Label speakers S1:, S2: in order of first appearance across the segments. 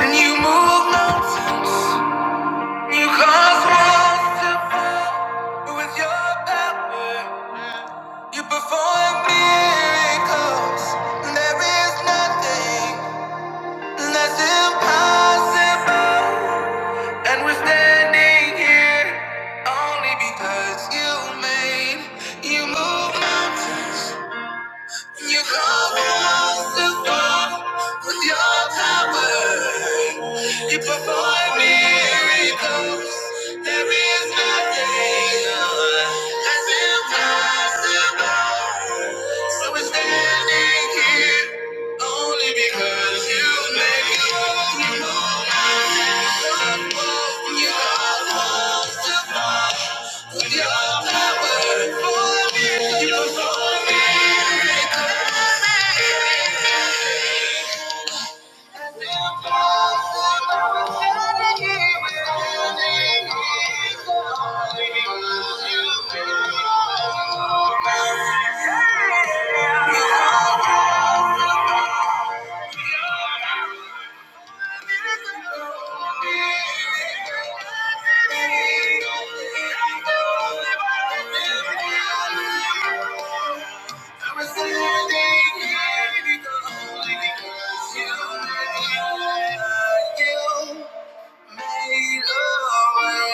S1: And you move mountains, you cause walls to fall with your power. You perform miracles, there is nothing that's impossible. And we're standing here only because you made you move mountains. You cover us with love, with your power. You perform miracles. There is nothing that's impossible. So we're standing here only because you made us. You cover us with your power. You perform Thank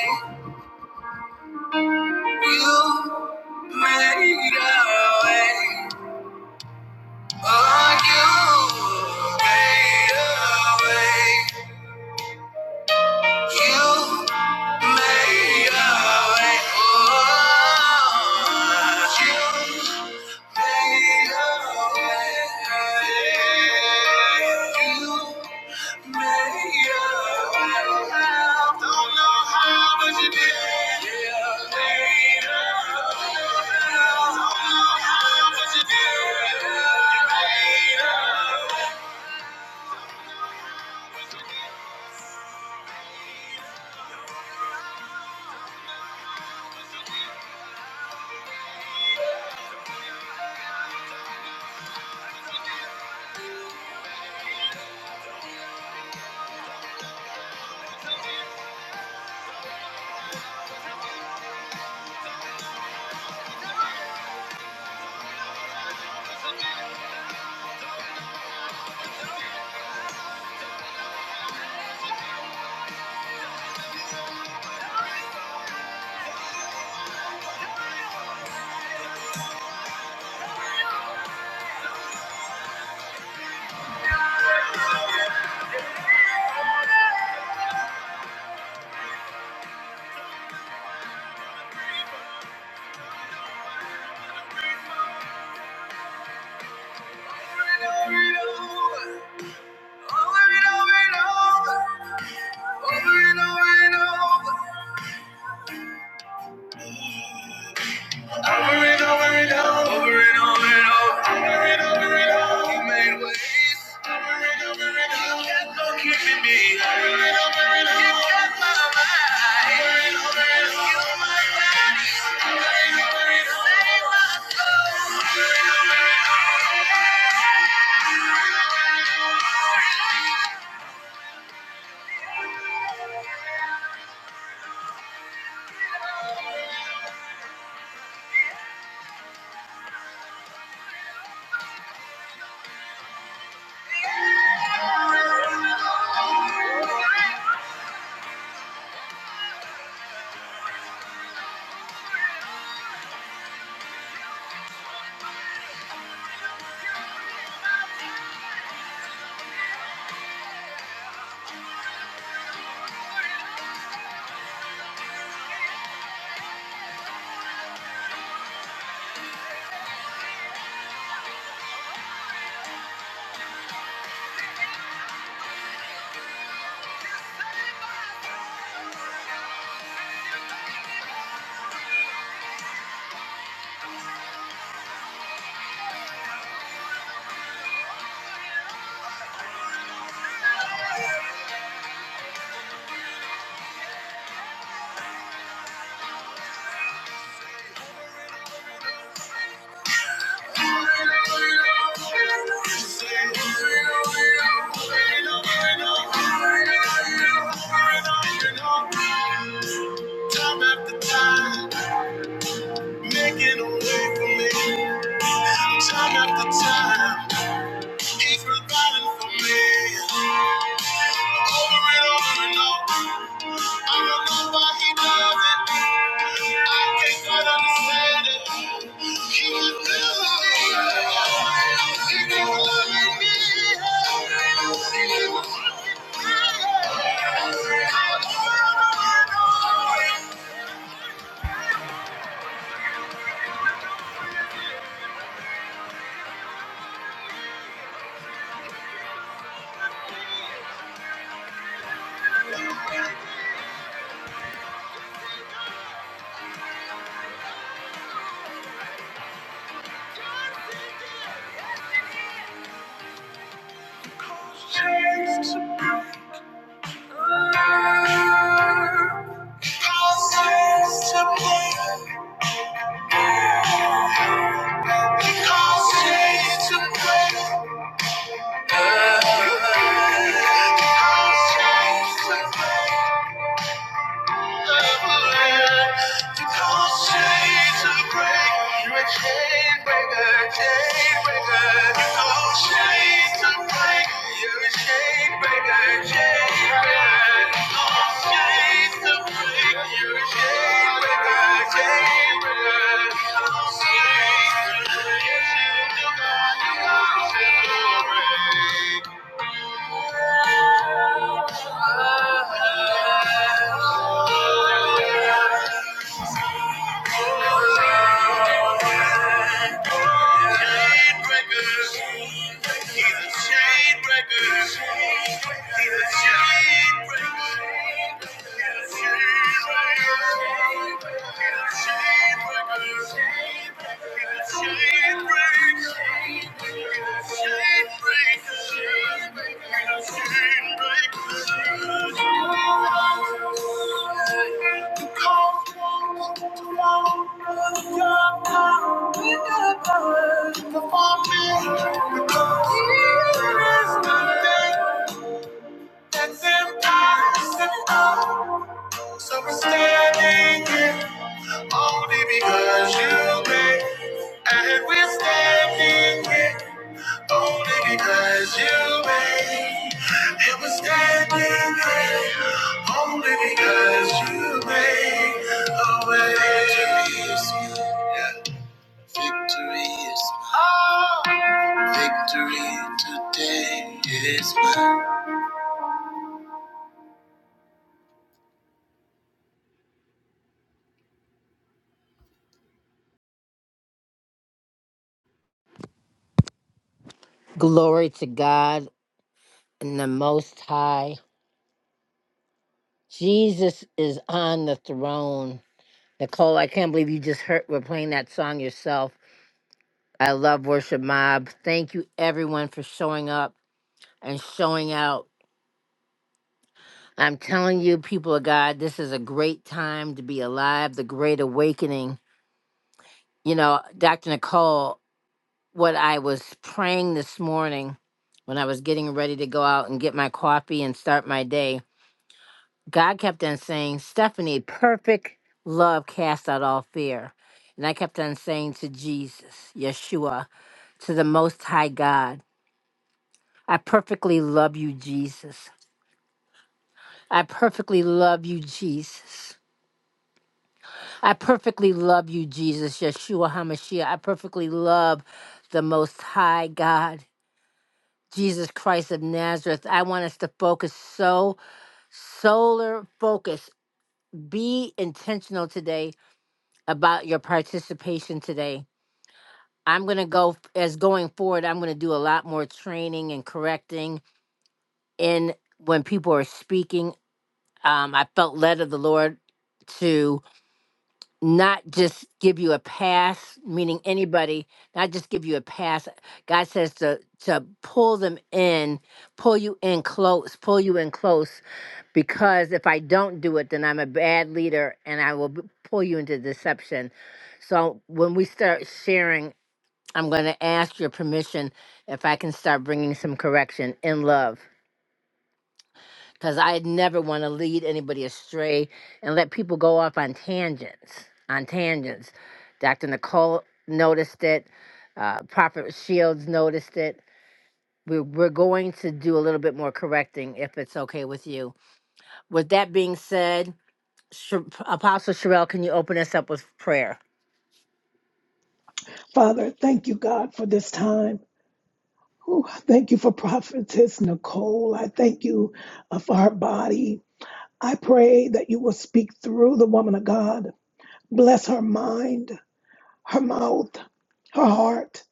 S1: you. You made a way. Oh, you made a way. You made a way. Oh, you made a way. I Don't know how, but you did. You made a way. I Don't know how, but you did. You made a way. Time after time. Making a way for me. Time after time. He's providing for me. Over and over and over. I don't know why he does it. I can't quite understand it. He is good. He is loving me. He is working through me. Over and over and over. You're a chain breaker, chain breaker. You're a chain breaker, chain breaker. Shades of gray. You're a chain breaker, chain breaker. Shades of breaker. He's a chain breaker. He's a chain breaker. He's a chain breaker. So we're standing here only because you made, and we're standing here. Only because you made it was standing there. Only because you made a way. Victory is mine. Victory is mine. Victory today is mine. Glory to God and the Most High. Jesus is on the throne. Nicole, I can't believe you just heard we're playing that song yourself. I love Worship Mob. Thank you everyone for showing up. and showing out. I'm telling you, people of God, this is a great time to be alive, the great awakening. You know, Dr. Nicole, what I was praying this morning when I was getting ready to go out and get my coffee and start my day, God kept on saying, Stephanie, perfect love casts out all fear. And I kept on saying to Jesus, Yeshua, to the Most High God, I perfectly love you, Jesus. I perfectly love you, Jesus. I perfectly love you, Jesus, Yeshua HaMashiach. I perfectly love the Most High God, Jesus Christ of Nazareth. I want us to focus so, solar focus. Be intentional today about your participation today. I'm going to go, as going forward, I'm going to do a lot more training and correcting in when people are speaking. Um, I felt led of the Lord to. not just give you a pass, meaning anybody, not just give you a pass. God says to to pull them in, pull you in close, pull you in close, because if I don't do it, then I'm a bad leader and I will b- pull you into deception. So when we start sharing, I'm going to ask your permission if I can start bringing some correction in love because I never want to lead anybody astray and let people go off on tangents. On tangents, Dr. Nicole noticed it. Uh, Prophet Shields noticed it. We're, we're going to do a little bit more correcting if it's okay with you. With that being said, Sh- Apostle Sherelle, can you open us up with prayer?
S2: Father, thank you, God, for this time. Ooh, I thank you for Prophetess Nicole. I thank you uh, for her body. I pray that you will speak through the woman of God. Bless her mind, her mouth, her heart.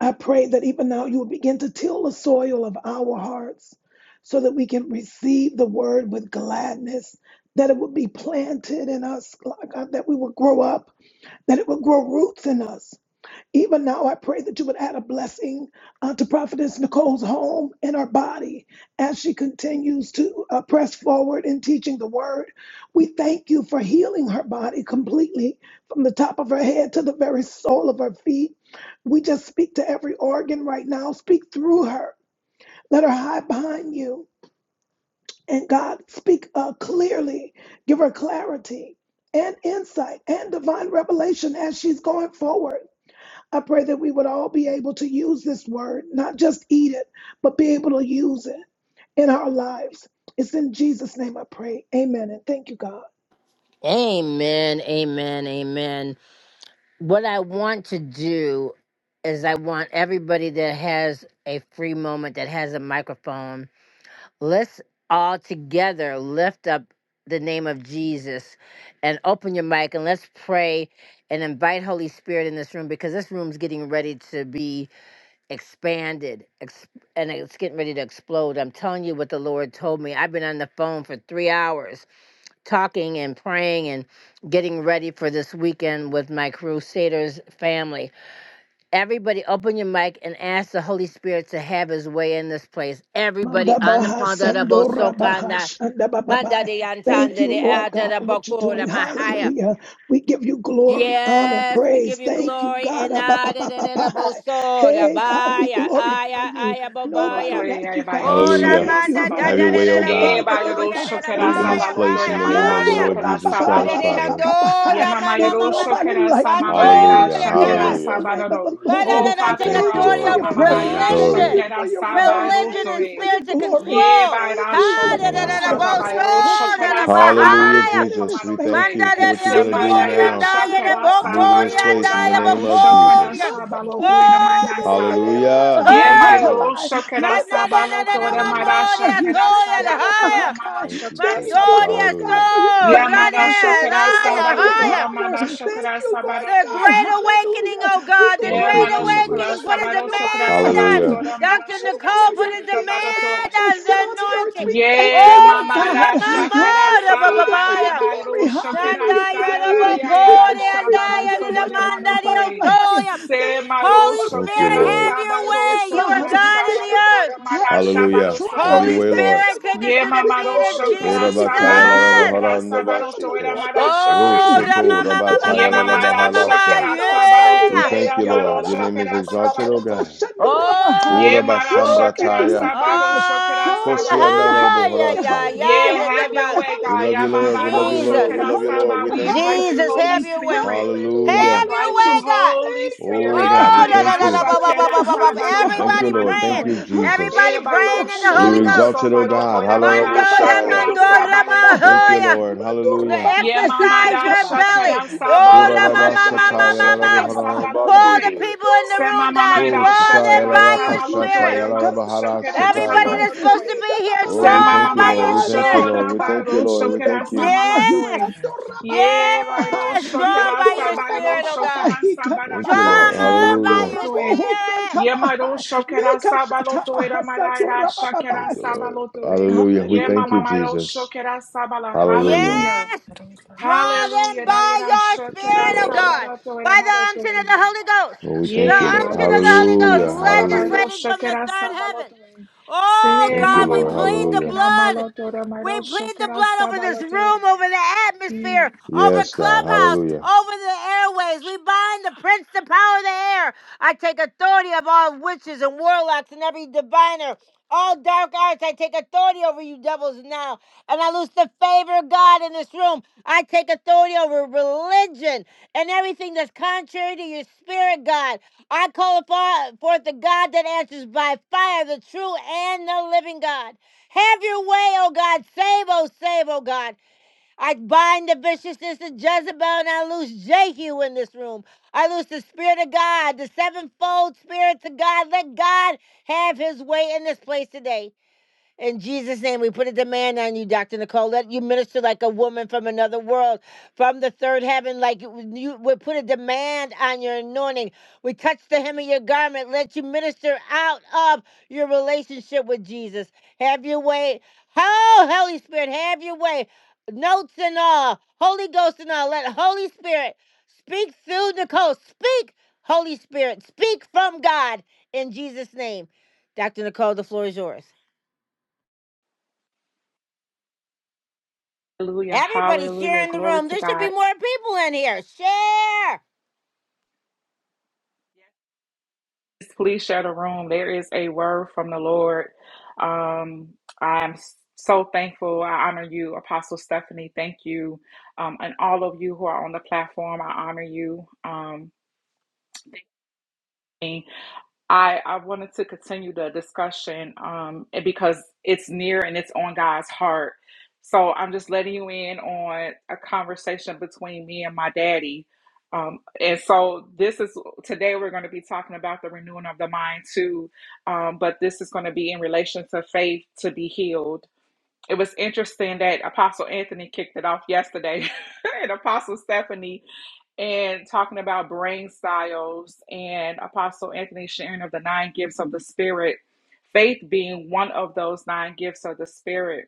S2: I pray that even now you will begin to till the soil of our hearts so that we can receive the word with gladness, that it will be planted in us, God, that we will grow up, that it will grow roots in us Even now, I pray that you would add a blessing uh, to Prophetess Nicole's home and her body as she continues to uh, press forward in teaching the word. We thank you for healing her body completely from the top of her head to the very sole of her feet. We just speak to every organ right now. Speak through her. Let her hide behind you. And God, speak uh, clearly. Give her clarity and insight and divine revelation as she's going forward I pray that we would all be able to use this word, not just eat it, but be able to use it in our lives. It's in Jesus' name I pray. Amen. And thank you, God.
S1: Amen, amen, amen. What I want to do is I want everybody that has a free moment, that has a microphone, Let's all together lift up the name of Jesus and open your mic and let's pray and invite Holy Spirit in this room because this room's getting ready to be expanded ex- and it's getting ready to explode. I'm telling you what the Lord told me. I've been on the phone for three hours talking and praying and getting ready for this weekend with my Crusaders family. Everybody, open your mic and ask the Holy Spirit to have His way in this place. Everybody on the
S2: Mandabaha
S1: phone, that about so
S2: Sandora
S1: kind
S2: Baha
S1: of- Manda
S2: Shandababai.
S1: de
S2: Thank
S1: antanda
S2: you,
S1: de
S2: Lord
S1: ada
S2: God,
S1: da
S2: for what you're doing.
S1: bokora mahaya.
S2: Hallelujah. We give you glory, honor,
S1: Yes, we
S2: praise.
S1: give you
S2: Thank you,
S1: glory
S2: God.
S1: and ada da da da
S2: Ababababai.
S1: bosora
S2: Hey, God, we
S1: baya
S2: glorify
S1: aya
S2: you.
S1: aya
S2: Nobody
S1: bobaya.
S2: like
S3: Sabalotoya
S2: you, God.
S3: Bayro
S1: Oh,
S2: We
S4: Hallelujah.
S3: Shokera
S2: thank
S1: ramanda
S2: you.
S1: da
S3: Sabala.
S4: Have
S2: Hey,
S4: your
S1: da da
S4: way,
S1: da
S4: O
S1: da
S3: E
S4: God.
S3: Bayro
S1: bokoya da
S2: Bashandadededebaha
S1: da
S3: Shokera
S4: Move in this
S1: baya
S2: Sandababai.
S4: place in
S3: Sabalotoya
S4: the name
S3: Mayra
S4: of the
S1: baya.
S4: Lord
S3: Shakera
S2: Mandora
S4: Jesus
S1: Ada
S4: Christ,
S1: de
S3: Sabalotoya.
S4: Father.
S2: Babababababai.
S1: andora
S3: Yema
S1: mama
S2: There's
S3: Mayro
S1: mama mama.
S2: nobody
S3: Shokera
S2: like
S3: Samama
S2: you, God.
S4: Hallelujah.
S2: We
S3: Shakera
S1: Mandore
S2: bless the
S4: Hallelujah.
S2: name of
S3: Sabaloro.
S2: the
S1: Right now,
S2: Lord.
S3: Oh
S1: that
S4: We
S1: I
S3: Father,
S1: take
S3: you're
S4: thank
S2: Thank
S4: you,
S2: you
S1: authority
S2: for
S3: awesome.
S2: your
S4: Lord.
S1: over
S3: Mama
S4: You give me
S2: presence.
S3: Mayra
S2: Thank
S4: glory.
S2: you
S1: religion,
S3: Shakera
S2: for your word.
S1: religion
S2: Thank
S1: and
S2: you for
S3: Sabalotoya.
S2: your
S1: spirits of
S2: glory.
S3: Ye
S4: Jesus,
S1: control.
S2: Thank
S3: Mayra
S4: Holy
S2: you,
S1: Ha,
S2: Lord
S4: Spirit,
S1: da, da,
S4: move
S3: Shakera
S4: in
S1: da,
S4: us,
S1: da,
S2: God.
S4: O
S1: bo,
S4: God.
S1: so,
S2: Oh,
S3: Sababayro
S2: precious
S1: da,
S3: Shokera
S1: da,
S2: Holy
S1: ba,
S2: Spirit, come
S4: Hallelujah,
S2: and
S1: hi,
S3: Sababayro
S2: sit in
S4: Jesus.
S2: this
S4: We
S2: space
S4: thank
S3: Kamarotoya.
S4: you
S1: banda,
S4: for
S2: today.
S1: da,
S4: what you're
S1: da,
S4: going
S2: We
S4: to
S1: so,
S3: Sema
S4: do
S1: di, and
S4: now.
S2: glorify you,
S1: I, da,
S2: Lord.
S3: Shakera
S1: bo,
S4: Move in
S1: ko, di,
S4: this
S1: and
S3: Sabayro
S4: place in the
S1: I, a bo,
S4: name
S3: Rabaro
S4: of
S3: Shokera
S1: ko, ya.
S4: Jesus.
S3: Sabalotoya Mayra Sa.
S1: Oh,
S4: Hallelujah.
S3: Ye
S4: Thank you,
S1: oh.
S3: mairo
S4: Lord.
S1: Ba,
S3: shakara
S1: na, na, na,
S3: sabalo
S1: na, na,
S3: tora
S4: glory,
S1: mando,
S3: mara
S4: God.
S1: di, a, to,
S3: shakara
S1: ya, da,
S3: sabalo
S1: hi,
S3: tora
S1: ya.
S3: mara
S4: Thank you,
S3: shakara
S2: Thank
S1: Mando,
S4: Jesus.
S2: you,
S1: di,
S3: sabalo.
S1: a,
S2: Lord God,
S1: so,
S4: Hallelujah.
S2: for your
S3: Ye
S1: ra,
S2: presence.
S3: mara
S1: da, ya,
S2: Thank
S1: la,
S3: shakara
S2: you, Lord,
S1: ya,
S2: for
S3: sabalo
S2: your
S1: hi,
S3: tora
S1: ya.
S2: power.
S3: mara
S2: Thank
S3: shakara
S2: you, Lord
S3: sabalo
S1: The
S3: toy.
S2: God.
S1: great awakening,
S2: Hallelujah.
S1: oh
S2: We
S1: God, the
S4: Thank
S3: Ye
S4: you,
S1: great
S3: mara
S2: glorify you,
S3: shakara
S1: awakening.
S2: Lord.
S4: Jesus.
S1: Put a
S2: There's
S3: sabalo
S2: nobody
S3: shakara
S1: demand
S2: like
S3: sabalo
S1: on
S2: you.
S4: Hallelujah.
S3: tora
S2: How
S3: mara
S1: Dr.
S3: shakara
S2: beautiful
S1: Nicole,
S2: are
S1: put
S2: your
S3: sabalo
S1: a
S2: feet,
S3: tora
S2: Lord
S3: toy.
S1: demand
S2: God. They
S1: on the
S2: sit on the earth.
S1: anointing.
S2: We thank
S3: Yeah,
S2: you, Lord
S1: Oh,
S3: mama
S2: God.
S3: rasha
S1: Ramama,
S2: Hallelujah
S3: kerasa,
S2: for your
S1: Rabababaya,
S3: baba
S2: glory.
S3: rosho
S2: Hallelujah
S3: kerasa,
S2: for your
S1: Tandaya,
S2: beauty.
S3: ya ya
S2: We
S1: Rabakore,
S3: rasha bado
S2: glorify
S1: Andaya,
S2: you,
S3: sodo
S2: Lord.
S3: de
S2: There's
S3: mano
S1: Nilamanda,
S2: nobody
S3: toe.
S2: like you.
S1: Diotoya.
S3: Se
S2: Thank you,
S3: maro
S1: Holy
S2: Lord, for
S4: Thank you,
S1: Spirit,
S4: Lord.
S2: everything.
S1: have
S3: kerasa,
S1: your
S2: Thank
S3: baro
S2: you,
S1: way. You are
S2: God.
S1: God
S3: kerasa,
S1: in
S2: Thank
S1: the
S2: you
S3: baro
S2: for
S1: earth.
S2: every test,
S3: marasha
S2: every
S3: baro
S4: Hallelujah. Have
S2: trial.
S4: your
S1: Holy
S3: sodoe.
S4: way,
S2: Thank
S4: Lord.
S2: you,
S1: Spirit, take
S2: Lord
S1: us
S3: Ye
S1: to
S2: God.
S1: the
S2: We
S3: mama
S1: feet of
S3: rosho
S2: glorify
S4: Ora
S2: you,
S3: kerasa,
S2: Lord.
S4: bataya
S3: baro
S4: la la
S2: We
S1: Jesus.
S2: bless the
S3: kerasa,
S2: name
S3: baro
S2: of the
S3: tore
S4: bashike.
S2: Lord. There's
S3: marasha
S2: nobody
S1: Oh,
S3: kerasa
S2: like
S3: ba.
S2: you.
S4: Rusoto
S1: Ramama,
S2: Bless
S3: Ye
S4: rabataya la
S2: the
S4: la
S2: name
S3: mama
S2: of the Lord
S3: rasha
S2: God
S3: kerasa, baro
S2: Almighty.
S1: yeah.
S4: We
S3: tore
S4: thank
S2: Thank
S4: you,
S2: you,
S3: maro
S2: Lord.
S4: Lord. Your name is
S3: kerasa,
S4: exalted, O
S3: baro
S4: God.
S3: toe.
S4: Ora
S3: Ye
S1: Oh,
S2: Woo!
S3: marasha
S2: Thank you, Lord
S4: bashamrataya.
S3: kerasa, baro
S2: Jesus.
S1: oh,
S3: kerasa,
S4: Kosi
S3: baro
S4: anda
S2: Hallelujah,
S4: la
S3: toe.
S1: yeah,
S2: hallelujah,
S1: yeah, yeah,
S2: hallelujah,
S3: Yeah,
S1: yeah, that
S3: have your
S1: about
S2: hallelujah,
S3: way,
S4: We
S3: God.
S4: love you,
S2: hallelujah,
S4: Lord. We
S3: Yamaba
S4: love
S3: don't
S4: you,
S3: show
S4: Lord.
S1: Jesus,
S4: We
S2: hallelujah,
S4: love you, Lord.
S3: Kedasaba.
S4: We
S2: hallelujah,
S3: We
S4: thank you.
S3: invite you,
S1: Jesus,
S2: hallelujah,
S3: Holy
S1: have your way,
S3: Spirit.
S2: hallelujah,
S3: We
S1: have
S4: Hallelujah.
S1: your
S3: invite
S1: way,
S2: hallelujah.
S3: you,
S1: God.
S3: Holy
S2: Thank you,
S4: Oh
S3: Spirit.
S2: Lord
S4: God, we
S1: Oh,
S2: God.
S1: da, da,
S4: thank
S3: Abayran
S1: da, da,
S4: you.
S1: ba, ba, ba,
S2: Hallelujah,
S1: ba, ba, ba. ba.
S3: Shakedasaba
S2: hallelujah,
S3: don't throw it
S4: Thank you,
S1: everybody
S4: Lord. Thank
S1: praying,
S4: you,
S2: hallelujah,
S3: amanotoe.
S4: Jesus.
S1: everybody
S2: hallelujah,
S3: Ebado
S1: praying in the
S4: You're
S1: Holy
S3: show
S2: hallelujah.
S3: don't
S1: Ghost.
S3: so
S4: exalted, O
S2: Manda ba
S4: God.
S3: barotoe.
S2: ba ba ba ba
S3: Amara
S2: ba,
S1: Mandora,
S4: Hallelujah.
S2: sando ra ba
S1: mandora,
S3: Shakedasaba
S2: ba ba
S4: Thank
S2: hai.
S4: you,
S3: erotoe.
S1: mahoya.
S4: Lord. Hallelujah.
S2: ba ba
S3: Ye
S2: ba,
S1: exercise
S3: mamada
S2: hikanda
S1: your
S2: ba
S1: belly.
S3: shakera
S2: Eda
S1: Oh, da,
S2: ba
S3: sabaloto
S2: ha,
S1: ma,
S4: Kuraraba
S3: era
S1: ma, ma,
S2: shanda
S3: mado
S1: ma,
S2: ba
S4: sataya
S2: ba
S1: ma,
S4: la
S2: ba ba
S3: shakera
S1: ma.
S2: ba ba
S4: buharan
S2: hai.
S3: sabaloto
S1: Pull the
S3: e.
S4: bandebe.
S1: people
S2: Mando
S1: in the
S3: Se
S2: ra ba
S1: room,
S2: ba ba
S1: God.
S2: ba
S4: So
S3: mamamada
S2: ba ba ba
S1: Draw
S2: ba
S4: sataya
S1: them
S4: la
S2: ba
S3: shakera
S2: ba
S4: la
S1: by
S2: ba
S1: your
S2: hi.
S3: sabaloto
S1: spirit.
S3: era
S4: kashataya
S2: Eka
S3: mado
S2: sata ba
S3: shakera
S1: Everybody
S4: sataya.
S1: that's
S3: sabaloto
S1: supposed to
S3: e.
S2: Mida
S1: be
S2: ba
S1: here,
S2: ba ba
S3: Se
S4: Oh,
S2: ba
S4: we
S2: ba
S4: thank
S1: drawn
S2: ba
S4: you,
S2: ba
S1: by
S2: ba
S4: Lord.
S3: mamamado
S1: your
S4: We thank you,
S1: spirit.
S2: ha
S4: Lord.
S3: shora
S4: We
S2: kai.
S4: thank you,
S3: baro
S4: Lord. We
S3: shakera
S4: thank you.
S2: Mandabababa,
S3: sabaloto
S1: Yes.
S3: e. Ye
S2: hisandorabababa,
S3: baro
S1: Yes. Drawn
S3: shakera
S1: by your
S3: sabaro
S1: spirit, oh God.
S3: shakera
S4: Thank
S3: sabarata
S4: you,
S3: ro
S4: Lord.
S3: shakera
S1: Drawn by
S4: Hallelujah.
S1: your
S3: maloto e.
S1: spirit.
S3: Yemaro shokera sabaloto era maraira shakera
S4: Thank you, Lord.
S3: sabaloto e.
S4: Hallelujah. We thank you,
S2: Hallelujah.
S3: Yemamamaro
S4: Jesus.
S3: shokera sabala.
S4: Hallelujah.
S3: Hallelujah.
S1: Yes. Draw them
S3: Hallelujah. Na
S1: by
S3: yera
S1: your
S4: Thank you,
S3: shakera
S1: Spirit, of
S4: Lord.
S1: God,
S3: sabaloto era
S1: by the unction of
S3: maroto.
S1: the Holy Ghost.
S4: Oh, we
S1: The
S4: thank you,
S3: Ye
S4: Lord.
S1: unction
S3: maro
S1: of the Holy Ghost
S3: shakera
S4: Hallelujah. Hallelujah.
S3: sababaro
S1: legislating from the
S3: shakera
S1: third heaven.
S3: sabaloto.
S1: Oh,
S3: Se
S4: Thank you,
S1: God,
S3: mama
S1: we
S4: Lord.
S1: plead
S3: maro
S1: the
S4: Hallelujah.
S3: kena
S1: blood.
S3: maloto era
S1: We
S3: maro
S1: plead the
S3: shakera
S1: blood over this
S3: sabaloto.
S1: room, over the
S3: Yeah.
S1: atmosphere, over
S4: Yes, God.
S1: Clubhouse,
S4: Hallelujah.
S1: over the airways. We bind the prince, the power of the air. I take authority of all witches and warlocks and every diviner, all dark arts. I take authority over you devils now and I lose the favor of God in this room. I take authority over religion and everything that's contrary to your spirit, God. I call upon forth the God that answers by fire, the true and the living God. Have your way, oh God. Save, oh, save, oh God. I bind the viciousness of Jezebel and I lose Jehu in this room. I lose the Spirit of God, the sevenfold Spirit of God. Let God have his way in this place today. In Jesus' name, we put a demand on you, Dr. Nicole. Let you minister like a woman from another world, from the third heaven. Like you, you- we put a demand on your anointing. We touch the hem of your garment. Let you minister out of your relationship with Jesus. Have your way. Oh, Holy Spirit, have your way. Notes and all, Holy Ghost and all. Let Holy Spirit speak through Nicole. Speak, Holy Spirit. Speak from God in Jesus' name. Dr. Nicole, the floor is yours.
S3: Hallelujah.
S1: Everybody share
S3: Hallelujah.
S1: in the
S3: Glory
S1: room.
S3: to
S1: There should be
S3: God.
S1: more people in here. Share.
S3: Please share the room. There is a word from the Lord. Um, I'm so thankful. I honor you, Apostle Stephanie. Thank you. Um, and all of you who are on the platform, I honor you. Um, I, I wanted to continue the discussion um, and because it's near and it's on God's heart. So I'm just letting you in on a conversation between me and my daddy. Um, and so this is today we're going to be talking about the renewing of the mind too. Um, but this is going to be in relation to faith to be healed it was interesting that Apostle Anthony kicked it off yesterday, and Apostle Stephanie, and talking about brain styles, and Apostle Anthony sharing of the nine gifts of the Spirit, faith being one of those nine gifts of the Spirit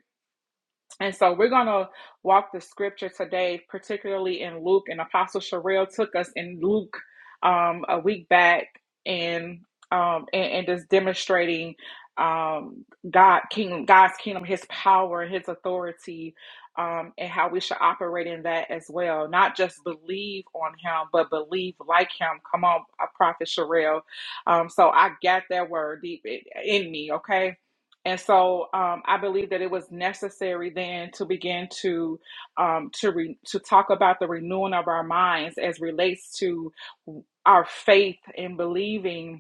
S3: and so we're going to walk the scripture today, particularly in Luke. And Apostle Sherelle took us in Luke um, a week back and um, and, and just demonstrating um, God kingdom, God's kingdom, His power, His authority, um, and how we should operate in that as well. Not just believe on Him, but believe like Him. Come on, uh, Prophet Sherelle. Um, so I got that word deep in in me. Okay and so um, I believe that it was necessary then to begin to um, to re- to talk about the renewing of our minds as relates to our faith in believing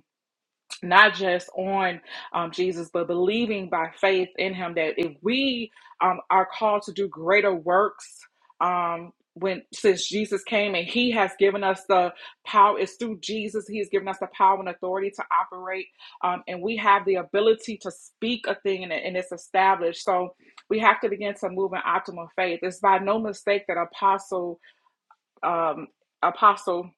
S3: not just on um, Jesus, but believing by faith in Him that if we um, are called to do greater works, um, when since Jesus came and He has given us the power, it's through Jesus He has given us the power and authority to operate, um, and we have the ability to speak a thing and, it- and it's established. So we have to begin to move in optimal faith. It's by no mistake that Apostle um, Apostle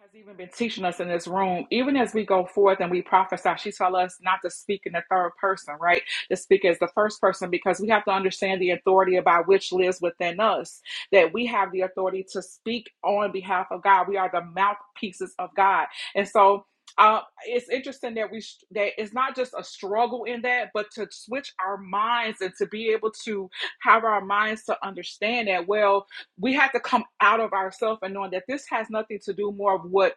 S3: has even been teaching us in this room, even as we go forth and we prophesy, she tell us not to speak in the third person, right? To speak as the first person because we have to understand the authority about which lives within us. That we have the authority to speak on behalf of God. We are the mouthpieces of God, and so. Uh, it's interesting that we that it's not just a struggle in that, but to switch our minds and to be able to have our minds to understand that well we have to come out of ourselves and knowing that this has nothing to do more of what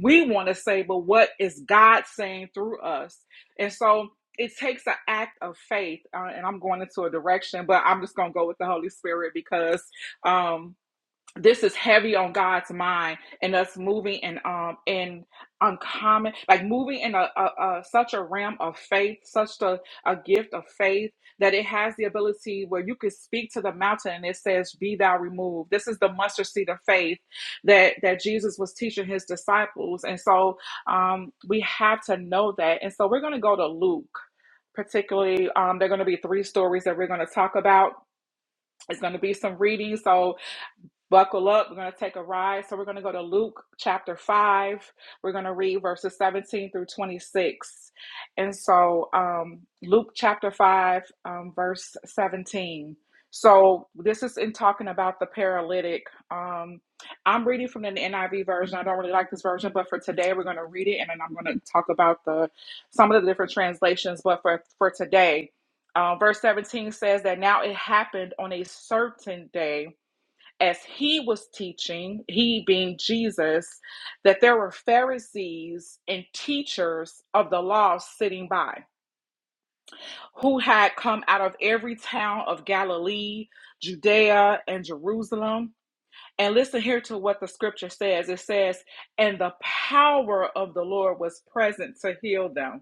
S3: we want to say, but what is God saying through us. And so it takes an act of faith. Uh, and I'm going into a direction, but I'm just going to go with the Holy Spirit because. um, this is heavy on God's mind and us moving in um in uncommon like moving in a, a, a such a realm of faith, such a, a gift of faith that it has the ability where you could speak to the mountain and it says, Be thou removed. This is the mustard seed of faith that that Jesus was teaching his disciples. And so um we have to know that. And so we're gonna go to Luke. Particularly, um, there are going to be three stories that we're going to talk about. It's going to be some reading. So Buckle up. We're going to take a ride. So we're going to go to Luke chapter 5. We're going to read verses 17 through 26. And so um, Luke chapter 5, um, verse 17. So this is in talking about the paralytic. Um, I'm reading from the NIV version. I don't really like this version, but for today we're going to read it and then I'm going to talk about the some of the different translations. But for, for today, uh, verse 17 says that now it happened on a certain day as he was teaching, he being Jesus, that there were Pharisees and teachers of the law sitting by who had come out of every town of Galilee, Judea, and Jerusalem. And listen here to what the scripture says it says, and the power of the Lord was present to heal them.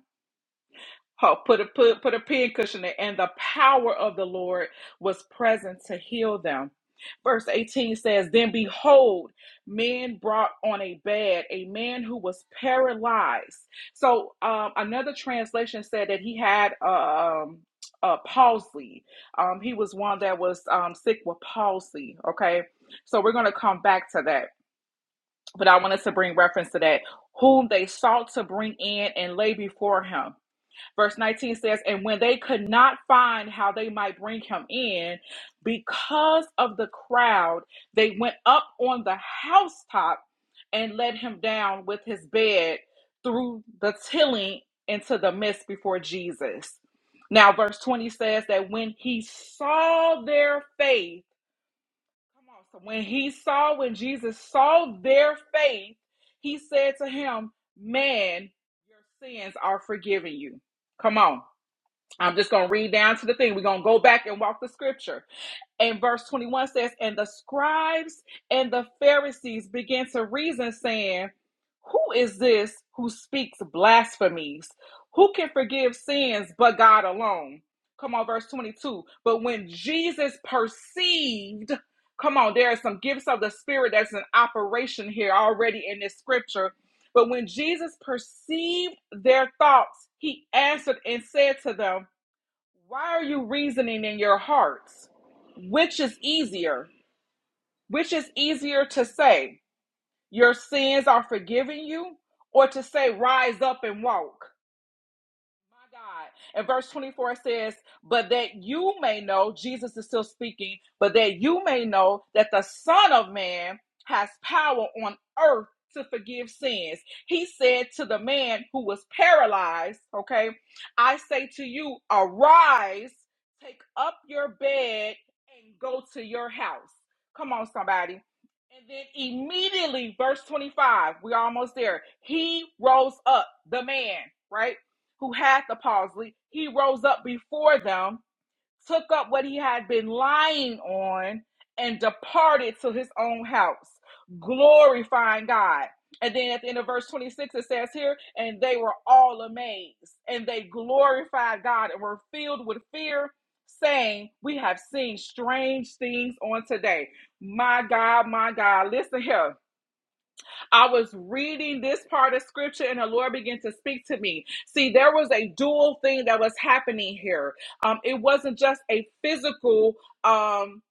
S3: Oh, put a put put a pin cushion there, and the power of the Lord was present to heal them. Verse 18 says, Then behold, men brought on a bed a man who was paralyzed. So um, another translation said that he had um, a palsy. Um, he was one that was um, sick with palsy. Okay, so we're going to come back to that, but I wanted to bring reference to that. Whom they sought to bring in and lay before him. Verse 19 says, And when they could not find how they might bring him in, because of the crowd, they went up on the housetop and let him down with his bed through the tilling into the midst before Jesus. Now, verse 20 says that when he saw their faith, come on, so when he saw, when Jesus saw their faith, he said to him, Man, your sins are forgiven you. Come on. I'm just going to read down to the thing. We're going to go back and walk the scripture. And verse 21 says, And the scribes and the Pharisees began to reason, saying, Who is this who speaks blasphemies? Who can forgive sins but God alone? Come on, verse 22. But when Jesus perceived, come on, there are some gifts of the Spirit that's in operation here already in this scripture. But when Jesus perceived their thoughts, he answered and said to them, why are you reasoning in your hearts? Which is easier? Which is easier to say, Your sins are forgiven you, or to say, Rise up and walk? My God. And verse 24 says, But that you may know, Jesus is still speaking, but that you may know that the Son of Man has power on earth to forgive sins. He said to the man who was paralyzed, Okay, I say to you, arise, take up your bed, and go to your house. Come on, somebody. And then immediately, verse 25, we're almost there. He rose up, the man, right? who had the palsy, he rose up before them, took up what he had been lying on, and departed to his own house, glorifying God. And then at the end of verse 26, it says here, and they were all amazed, and they glorified God and were filled with fear, saying, We have seen strange things on today. My God, my God, listen here I was reading this part of scripture and the Lord began to speak to me. See, there was a dual thing that was happening here. Um, it wasn't just a physical um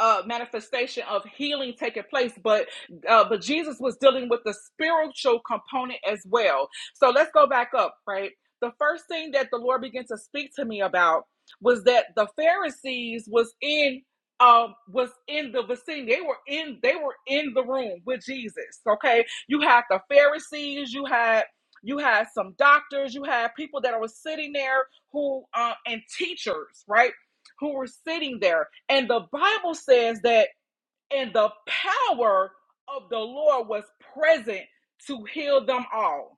S3: uh, manifestation of healing taking place, but uh, but Jesus was dealing with the spiritual component as well. So let's go back up, right? The first thing that the Lord began to speak to me about was that the Pharisees was in um was in the vicinity. They were in they were in the room with Jesus. Okay. You had the Pharisees. You had you had some doctors. You had people that were sitting there who uh, and teachers, right? Who were sitting there, and the Bible says that and the power of the Lord was present to heal them all.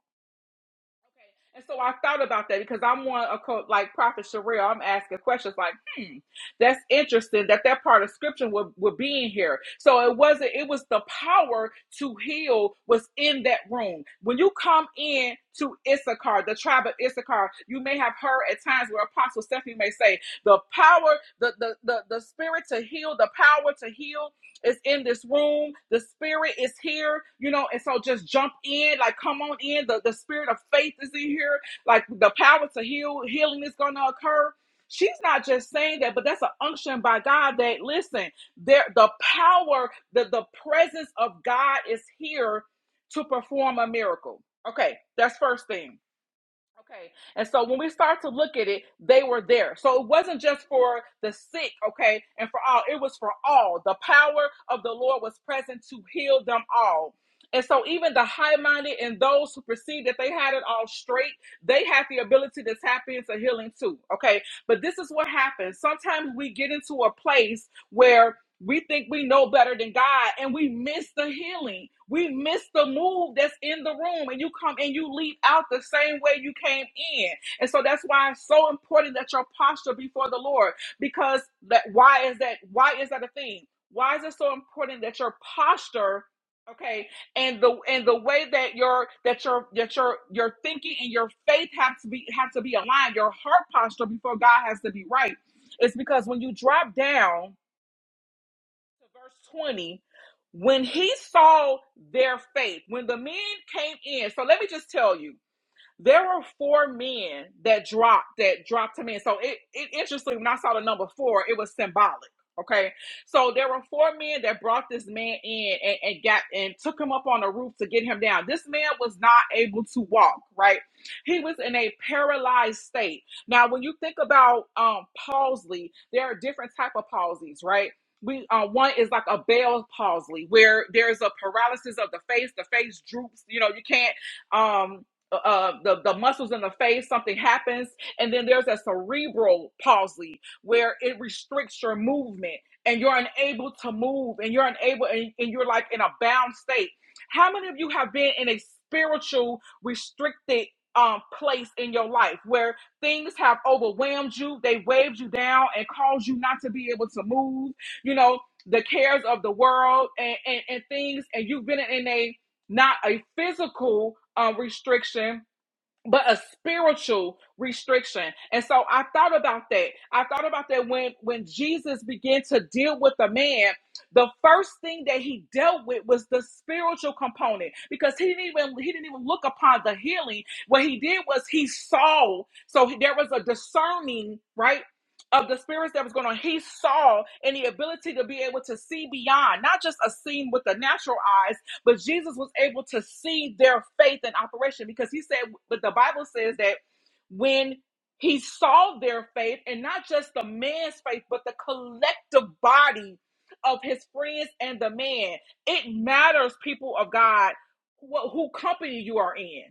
S3: Okay. And so I thought about that because I'm one of co- like Prophet Sherelle. I'm asking questions like, hmm, that's interesting that that part of scripture would, would be in here. So it wasn't, it was the power to heal was in that room. When you come in to Issachar, the tribe of Issachar, you may have heard at times where Apostle Stephanie may say, the power, the, the, the, the spirit to heal, the power to heal is in this room. The spirit is here, you know, and so just jump in, like come on in. The, the spirit of faith is in here, like the power to heal, healing is gonna occur. She's not just saying that, but that's an unction by God that listen, there the power, the, the presence of God is here to perform a miracle. Okay, that's first thing. Okay. And so when we start to look at it, they were there. So it wasn't just for the sick, okay, and for all. It was for all. The power of the Lord was present to heal them all. And so even the high-minded and those who perceived that they had it all straight, they had the ability to tap into healing too. Okay. But this is what happens. Sometimes we get into a place where we think we know better than God and we miss the healing. We miss the move that's in the room and you come and you leave out the same way you came in. And so that's why it's so important that your posture before the Lord because that why is that why is that a thing? Why is it so important that your posture okay and the and the way that your that your that your your thinking and your faith have to be have to be aligned your heart posture before god has to be right it's because when you drop down verse 20 when he saw their faith when the men came in so let me just tell you there were four men that dropped that dropped him in. So it, it interesting when I saw the number four, it was symbolic. Okay. So there were four men that brought this man in and, and got and took him up on the roof to get him down. This man was not able to walk, right? He was in a paralyzed state. Now, when you think about um palsy, there are different type of palsies, right? we uh, one is like a Bell palsy where there's a paralysis of the face the face droops you know you can't um uh, uh, the, the muscles in the face, something happens. And then there's a cerebral palsy where it restricts your movement and you're unable to move and you're unable and, and you're like in a bound state. How many of you have been in a spiritual restricted um, place in your life where things have overwhelmed you, they waved you down and caused you not to be able to move, you know, the cares of the world and, and, and things, and you've been in a not a physical um, restriction but a spiritual restriction and so i thought about that i thought about that when when jesus began to deal with the man the first thing that he dealt with was the spiritual component because he didn't even he didn't even look upon the healing what he did was he saw so there was a discerning right of the spirits that was going on he saw and the ability to be able to see beyond not just a scene with the natural eyes but Jesus was able to see their faith in operation because he said, but the Bible says that when he saw their faith, and not just the man's faith, but the collective body of his friends and the man, it matters, people of God, wh- who company you are in.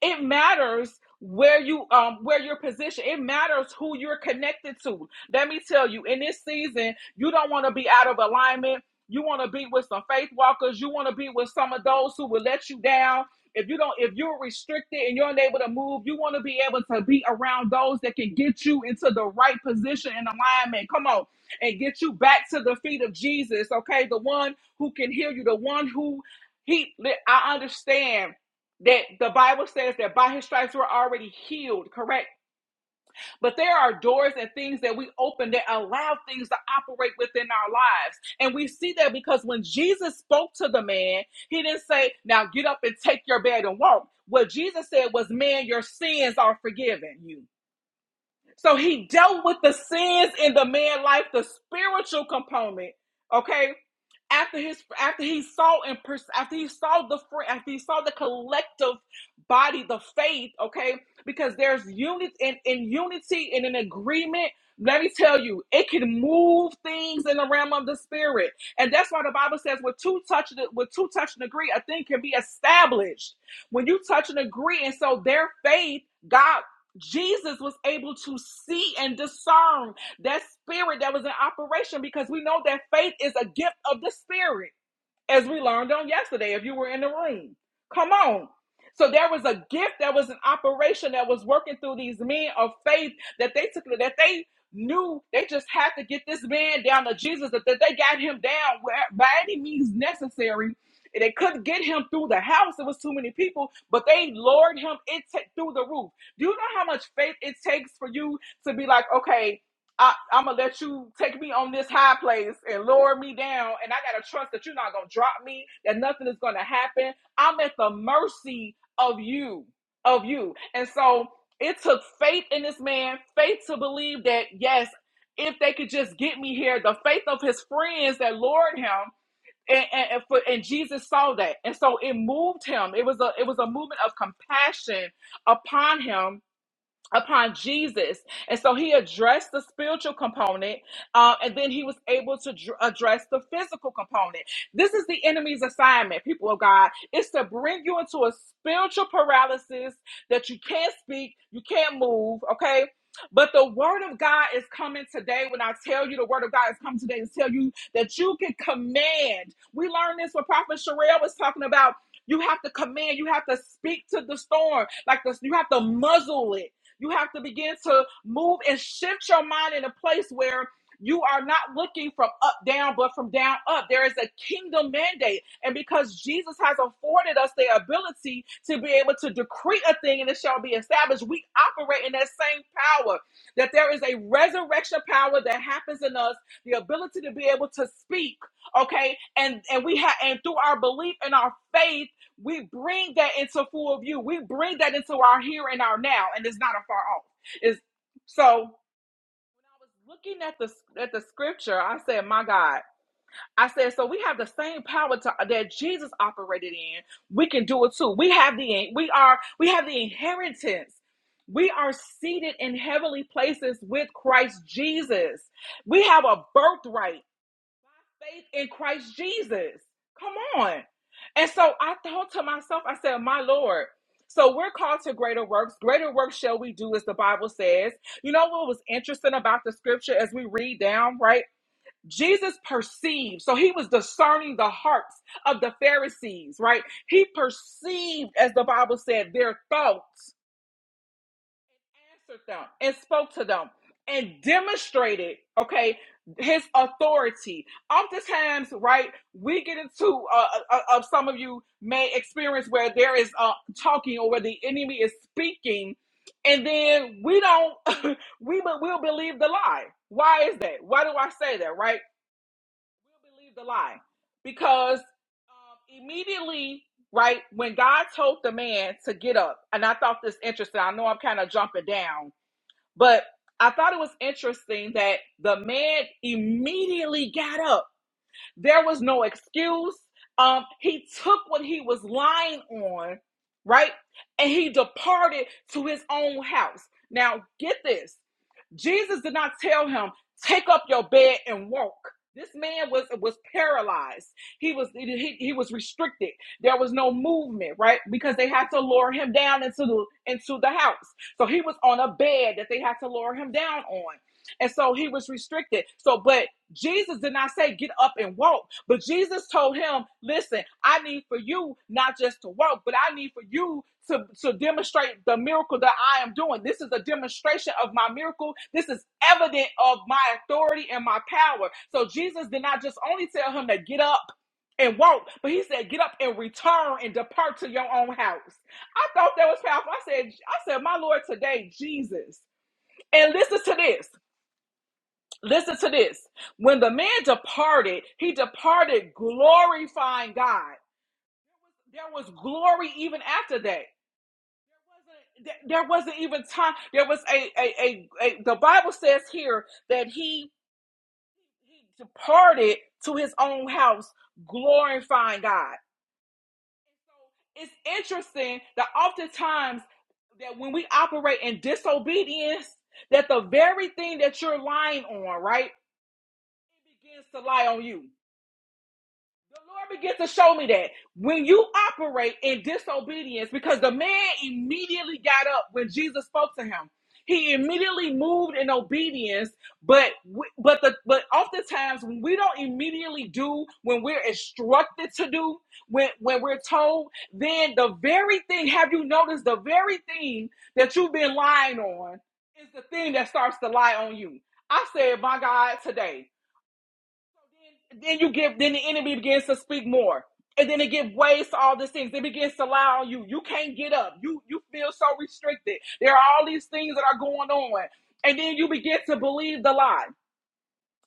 S3: It matters where you um where your position it matters who you're connected to let me tell you in this season you don't want to be out of alignment you want to be with some faith walkers. You want to be with some of those who will let you down. If you don't, if you're restricted and you're unable to move, you want to be able to be around those that can get you into the right position and alignment. Come on, and get you back to the feet of Jesus. Okay, the one who can hear you, the one who he. I understand that the Bible says that by His stripes we're already healed. Correct but there are doors and things that we open that allow things to operate within our lives. And we see that because when Jesus spoke to the man, he didn't say, Now get up and take your bed and walk. What Jesus said was, Man, your sins are forgiven you. So he dealt with the sins in the man life, the spiritual component, okay? after his after he saw and pers- after he saw the after he saw the collective body the faith okay because there's unity in, in unity and in agreement let me tell you it can move things in the realm of the spirit and that's why the bible says with two touch with two touch and agree a thing can be established when you touch and agree and so their faith god jesus was able to see and discern that spirit that was in operation because we know that faith is a gift of the spirit, as we learned on yesterday, if you were in the room. Come on. So there was a gift that was an operation that was working through these men of faith that they took that they knew they just had to get this man down to Jesus, that, that they got him down where, by any means necessary. And They couldn't get him through the house. It was too many people, but they lured him it ta- through the roof. Do you know how much faith it takes for you to be like, okay, I, I'm gonna let you take me on this high place and lower me down, and I gotta trust that you're not gonna drop me, that nothing is gonna happen. I'm at the mercy of you, of you. And so it took faith in this man, faith to believe that yes, if they could just get me here, the faith of his friends that lured him. And, and, and, for, and Jesus saw that, and so it moved him. It was a it was a movement of compassion upon him upon Jesus. And so he addressed the spiritual component, uh, and then he was able to dr- address the physical component. This is the enemy's assignment, people of God. It's to bring you into a spiritual paralysis that you can't speak, you can't move, okay? But the word of God is coming today. When I tell you the word of God is coming today to tell you that you can command. We learned this when Prophet Sherelle was talking about you have to command, you have to speak to the storm, like this, you have to muzzle it. You have to begin to move and shift your mind in a place where you are not looking from up down, but from down up. There is a kingdom mandate. And because Jesus has afforded us the ability to be able to decree a thing and it shall be established, we operate in that same power. That there is a resurrection power that happens in us, the ability to be able to speak, okay? And and we have and through our belief and our faith we bring that into full view. We bring that into our here and our now, and it's not a far off. Is so when I was looking at the at the scripture, I said, "My God." I said, so we have the same power to, that Jesus operated in. We can do it too. We have the we are we have the inheritance. We are seated in heavenly places with Christ Jesus. We have a birthright faith in Christ Jesus. Come on. And so I thought to myself, I said, My Lord, so we're called to greater works. Greater works shall we do, as the Bible says. You know what was interesting about the scripture as we read down, right? Jesus perceived, so he was discerning the hearts of the Pharisees, right? He perceived, as the Bible said, their thoughts answered them and spoke to them and demonstrated, okay, his authority. Oftentimes, right, we get into, uh, uh, uh, some of you may experience where there is uh, talking or where the enemy is speaking, and then we don't, we will we'll believe the lie. Why is that? Why do I say that, right? We'll believe the lie because um, immediately, right, when God told the man to get up, and I thought this interesting, I know I'm kind of jumping down but I thought it was interesting that the man immediately got up. There was no excuse. Um, he took what he was lying on, right? And he departed to his own house. Now, get this. Jesus did not tell him, take up your bed and walk. This man was was paralyzed. He was he, he was restricted. There was no movement, right? Because they had to lower him down into the into the house. So he was on a bed that they had to lower him down on. And so he was restricted. So but Jesus did not say get up and walk, but Jesus told him, listen, I need for you not just to walk, but I need for you to, to demonstrate the miracle that I am doing. This is a demonstration of my miracle. This is evident of my authority and my power. So Jesus did not just only tell him to get up and walk, but he said, get up and return and depart to your own house. I thought that was powerful. I said, I said, my Lord, today, Jesus. And listen to this. Listen to this. When the man departed, he departed glorifying God. There was glory even after that. There wasn't, there wasn't even time. There was a, a, a, a, the Bible says here that he, he departed to his own house glorifying God. It's interesting that oftentimes that when we operate in disobedience, that the very thing that you're lying on, right, begins to lie on you The Lord began to show me that when you operate in disobedience, because the man immediately got up when Jesus spoke to him. He immediately moved in obedience, but we- but the but oftentimes when we don't immediately do when we're instructed to do when when we're told, then the very thing have you noticed the very thing that you've been lying on is the thing that starts to lie on you. I said, my God, today. So Then you give, then the enemy begins to speak more. And then it give ways to all these things. It begins to lie on you. You can't get up. You you feel so restricted. There are all these things that are going on. And then you begin to believe the lie.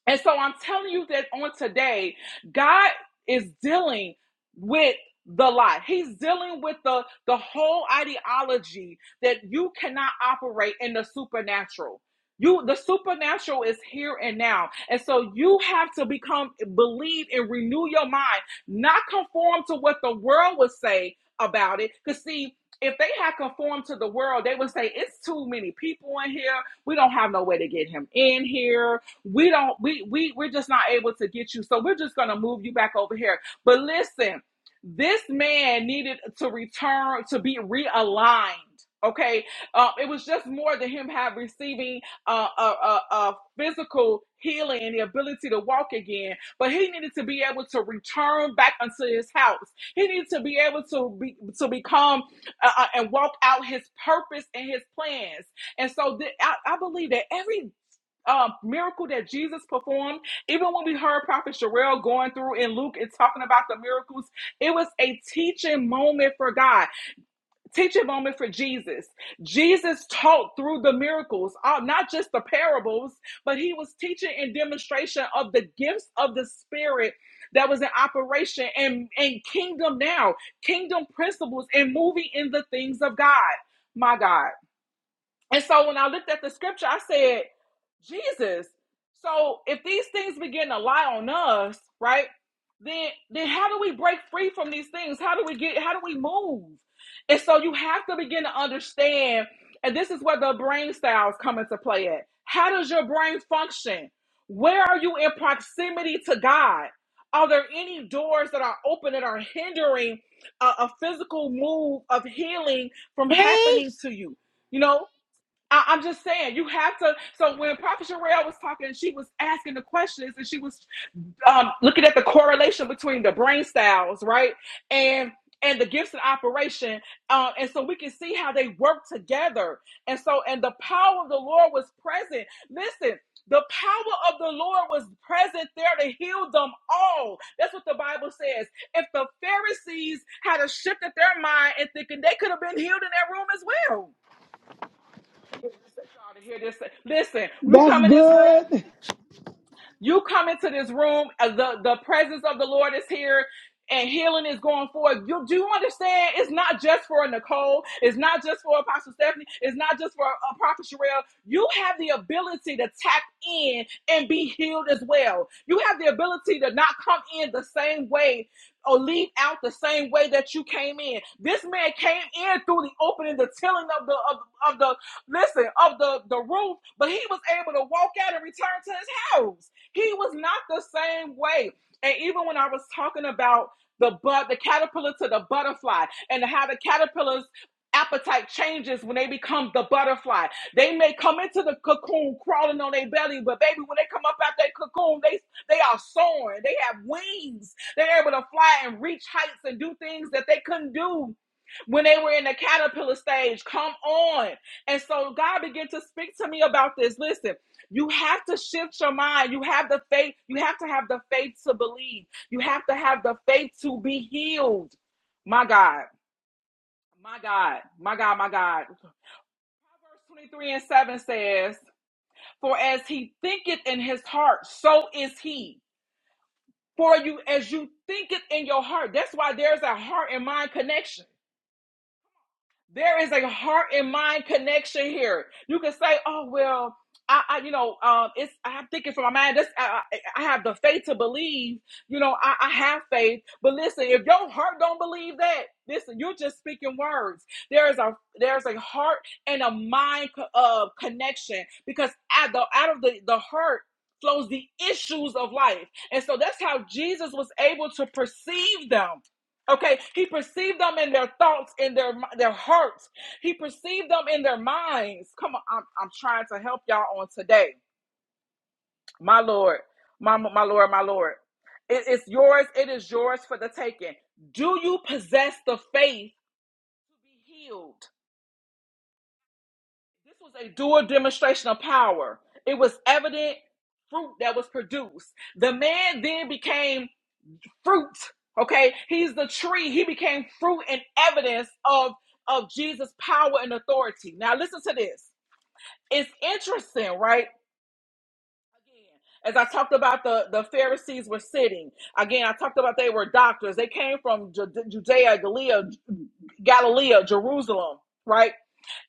S3: And so I'm telling you that on today, God is dealing with the lie. He's dealing with the, the whole ideology that you cannot operate in the supernatural. You the supernatural is here and now. And so you have to become believe and renew your mind, not conform to what the world would say about it. Because see, if they had conformed to the world, they would say it's too many people in here. We don't have no way to get him in here we don't, we, we, we're just not able to get you. So we're just going to move you back over here. But listen, this man needed to return to be realigned. Okay, uh, it was just more than him have receiving uh, a, a, a physical healing and the ability to walk again, but he needed to be able to return back unto his house. He needed to be able to be to become uh, uh, and walk out his purpose and his plans. And so th- I, I believe that every um, miracle that Jesus performed. Even when we heard Prophet Sherelle going through in Luke and talking about the miracles, it was a teaching moment for God, teaching moment for Jesus. Jesus taught through the miracles, uh, not just the parables, but he was teaching in demonstration of the gifts of the Spirit that was in operation and, and kingdom now, kingdom principles, and moving in the things of God. My God. And so when I looked at the scripture, I said, Jesus. So if these things begin to lie on us, right? Then then how do we break free from these things? How do we get how do we move? And so you have to begin to understand, and this is where the brain styles come into play at. How does your brain function? Where are you in proximity to God? Are there any doors that are open that are hindering a, a physical move of healing from
S1: Preach.
S3: happening to you? You know, I, I'm just saying, you have to. So when Prophet Sherelle was talking, she was asking the questions and she was um, looking at the correlation between the brain styles, right? And and the gifts in operation. Um, and so we can see how they work together. And so, and the power of the Lord was present. Listen, the power of the Lord was present there to heal them all. That's what the Bible says. If the Pharisees had a shift of their mind and thinking they could have been healed in that room as well I need y'all to hear this. Listen, you
S2: That's
S3: come in this room,
S2: good.
S3: you come into this room, uh, the, the presence of the Lord is here. And healing is going forward. You do you understand? It's not just for Nicole. It's not just for Apostle Stephanie. It's not just for uh, Prophet Sherelle. You have the ability to tap in and be healed as well. You have the ability to not come in the same way or leave out the same way that you came in. This man came in through the opening, the tilling of the of, of the listen of the the roof, but he was able to walk out and return to his house. He was not the same way. And even when I was talking about the but the caterpillar to the butterfly and how the caterpillar's appetite changes when they become the butterfly. They may come into the cocoon crawling on their belly, but baby, when they come up out that cocoon, they they are soaring. They have wings. They're able to fly and reach heights and do things that they couldn't do when they were in the caterpillar stage. Come on. And so God began to speak to me about this. Listen. You have to shift your mind. You have the faith. You have to have the faith to believe. You have to have the faith to be healed. My God, my God, my God, my God. Proverbs 23 and 7 says, For as he thinketh in his heart, so is he. For you, as you think it in your heart, that's why there's a heart and mind connection. There is a heart and mind connection here. You can say, "Oh well, I, I you know, um, it's I'm thinking from my mind. This, I, I have the faith to believe. You know, I, I have faith. But listen, if your heart don't believe that, listen, you're just speaking words. There is a there's a heart and a mind co- uh, connection because out the out of the the heart flows the issues of life, and so that's how Jesus was able to perceive them. Okay, he perceived them in their thoughts, in their their hearts. He perceived them in their minds. Come on, I'm, I'm trying to help y'all on today. My Lord, my my Lord, my Lord. It is yours. It is yours for the taking. Do you possess the faith to be healed? This was a dual demonstration of power. It was evident fruit that was produced. The man then became fruit. Okay, he's the tree. He became fruit and evidence of of Jesus' power and authority. Now listen to this. It's interesting, right? as I talked about the, the Pharisees were sitting. Again, I talked about they were doctors. They came from Ju- Judea, Galilea, Galilee, Jerusalem, right?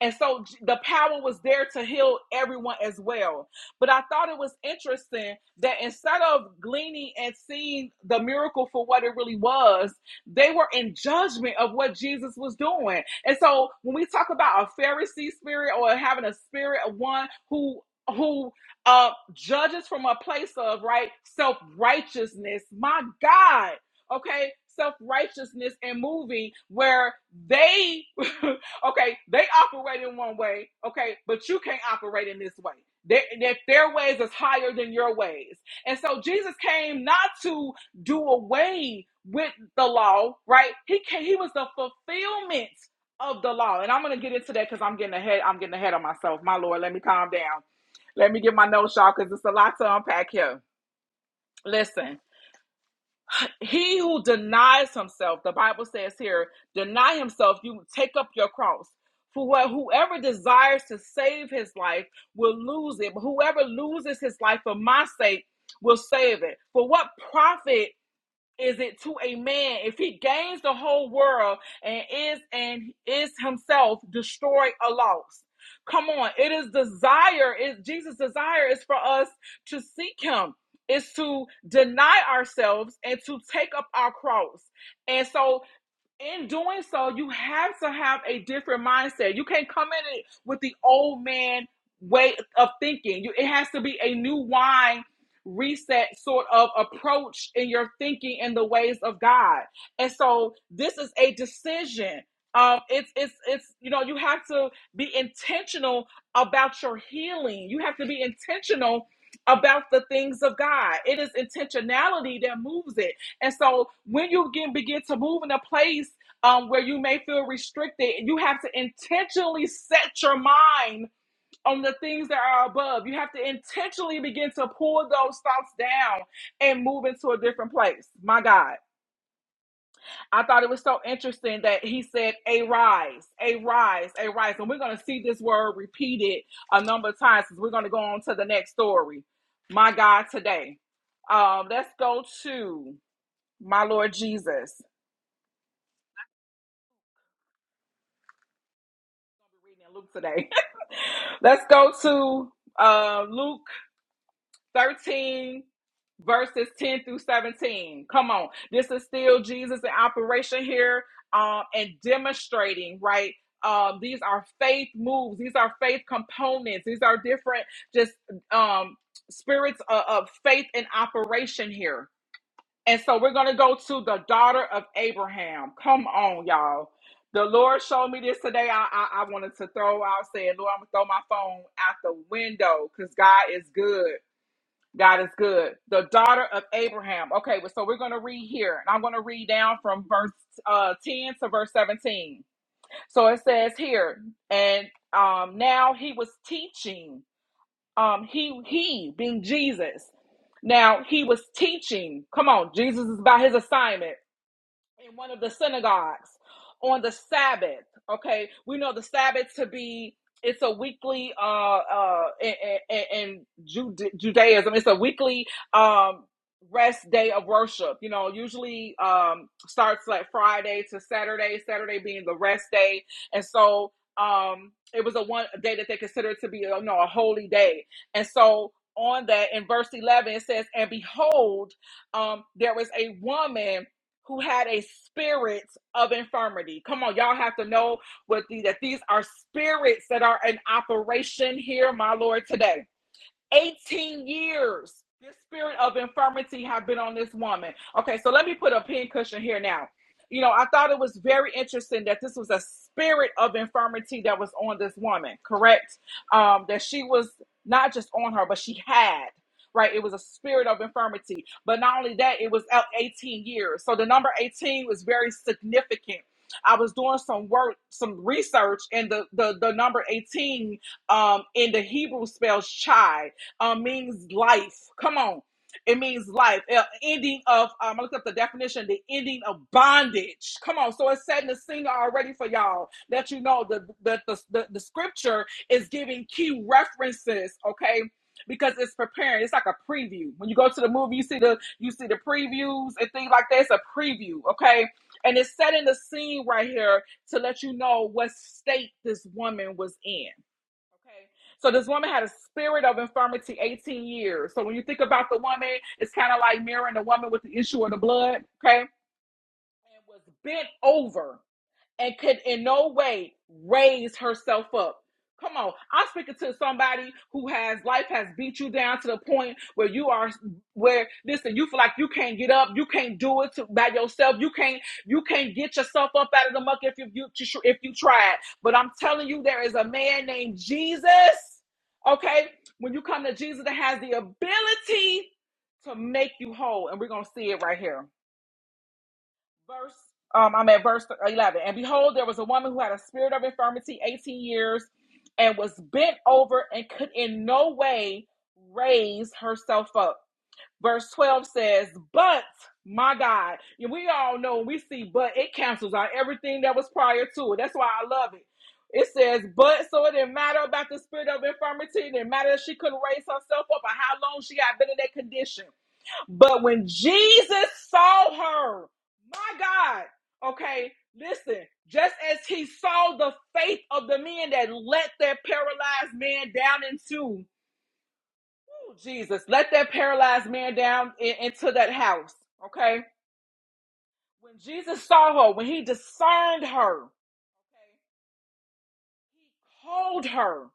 S3: And so J- the power was there to heal everyone as well. But I thought it was interesting that instead of gleaning and seeing the miracle for what it really was, they were in judgment of what Jesus was doing. And so when we talk about a Pharisee spirit or having a spirit of one who who uh, judges from a place of right self righteousness. My God, okay, self righteousness and moving where they, okay, they operate in one way, okay, but you can't operate in this way. Their, their, their ways is higher than your ways. And so Jesus came not to do away with the law, right? He came, he was the fulfillment of the law. And I'm going to get into that because I'm getting ahead. I'm getting ahead of myself. My Lord, let me calm down. Let me get my notes, y'all, because it's a lot to unpack here. Listen, he who denies himself, the Bible says here, deny himself, you take up your cross. For what whoever desires to save his life will lose it, but whoever loses his life for my sake will save it. For what profit is it to a man if he gains the whole world and is and is himself destroyed or lost come on it is desire is jesus desire is for us to seek him is to deny ourselves and to take up our cross and so in doing so, you have to have a different mindset. You can't come in it with the old man way of thinking. You, it has to be a new wine reset sort of approach in your thinking in the ways of God. And so this is a decision. Um, it's it's it's you know you have to be intentional about your healing. You have to be intentional about the things of God. It is intentionality that moves it and so when you begin begin to move in a place um, where you may feel restricted, you have to intentionally set your mind on the things that are above. You have to intentionally begin to pull those thoughts down and move into a different place. My God. I thought it was so interesting that he said, a rise, a rise, a rise. And we're going to see this word repeated a number of times because we're going to go on to the next story. My God, today. Um, let's go to my Lord Jesus. We're reading in Luke today. Let's go to uh, Luke 13, verses 10 through 17. Come on. This is still Jesus in operation here um, and demonstrating, right? Um, these are faith moves. These are faith components. These are different, just um, spirits of, of faith in operation here. And so we're going to go to the daughter of Abraham. Come on, y'all. The Lord showed me this today. I, I, I wanted to throw out saying, Lord, I'm going to throw my phone out the window because God is good. God is good. The daughter of Abraham. Okay, well, so we're going to read here. And I'm going to read down from verse uh, 10 to verse 17. So it says here, and um, now he was teaching um he he being jesus now he was teaching come on jesus is about his assignment in one of the synagogues on the Sabbath. Okay, we know the Sabbath to be it's a weekly uh uh in, in, in Jude- Judaism it's a weekly um rest day of worship. You know, usually um starts like Friday to Saturday, Saturday being the rest day, and so um it was a one a day that they considered to be you know a holy day, and so. On that, in verse 11, it says, And behold, um, there was a woman who had a spirit of infirmity. Come on, y'all have to know what the, that these are spirits that are in operation here, my Lord, today. 18 years this spirit of infirmity have been on this woman okay so let me put a pin cushion here now you know i thought it was very interesting that this was a spirit of infirmity that was on this woman correct um that she was not just on her but she had right it was a spirit of infirmity but not only that it was out 18 years so the number 18 was very significant i was doing some work some research and the the, the number 18 um, in the Hebrew spells chai uh, means life. Come on. It means life. Uh, ending of, um, I looked up the definition, the ending of bondage. Come on. So it's setting the singer already for y'all that you know that the, the, the, the scripture is giving key references, okay? Because it's preparing. It's like a preview. When you go to the movie, you see the you see the previews and things like that. It's a preview, okay? And it's setting the scene right here to let you know what state this woman was in. Okay. So this woman had a spirit of infirmity 18 years. So when you think about the woman, it's kind of like mirroring the woman with the issue of the blood. Okay. And was bent over and could in no way raise herself up. Come on, I'm speaking to somebody who has life has beat you down to the point where you are where listen, you feel like you can't get up, you can't do it to, by yourself, you can't you can't get yourself up out of the muck if you, you if you tried. But I'm telling you, there is a man named Jesus. Okay, when you come to Jesus, that has the ability to make you whole, and we're gonna see it right here verse um i'm at verse 11 and behold there was a woman who had a spirit of infirmity 18 years and was bent over and could in no way raise herself up verse 12 says but my god we all know we see but it cancels out everything that was prior to it that's why i love it it says, but so it didn't matter about the spirit of infirmity. It didn't matter if she couldn't raise herself up or how long she had been in that condition. But when Jesus saw her, my God, okay, listen, just as he saw the faith of the men that let their paralyzed man down into Ooh, Jesus, let that paralyzed man down in- into that house, okay? When Jesus saw her, when he discerned her, okay, called her.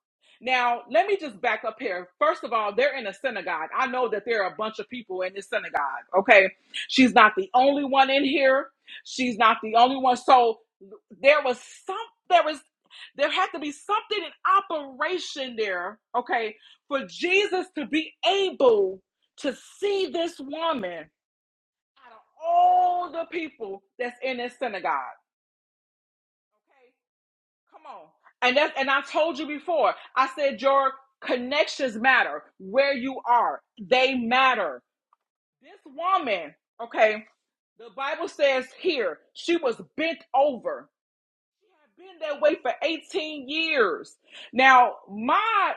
S3: Now, let me just back up here. First of all, they're in a synagogue. I know that there are a bunch of people in this synagogue. Okay. She's not the only one in here. She's not the only one. So there was some, there was, there had to be something in operation there. Okay. For Jesus to be able to see this woman out of all the people that's in this synagogue. Okay. Come on. And that's and I told you before. I said your connections matter. Where you are, they matter. This woman, okay, the Bible says here, she was bent over. She had been that way for 18 years. Now, my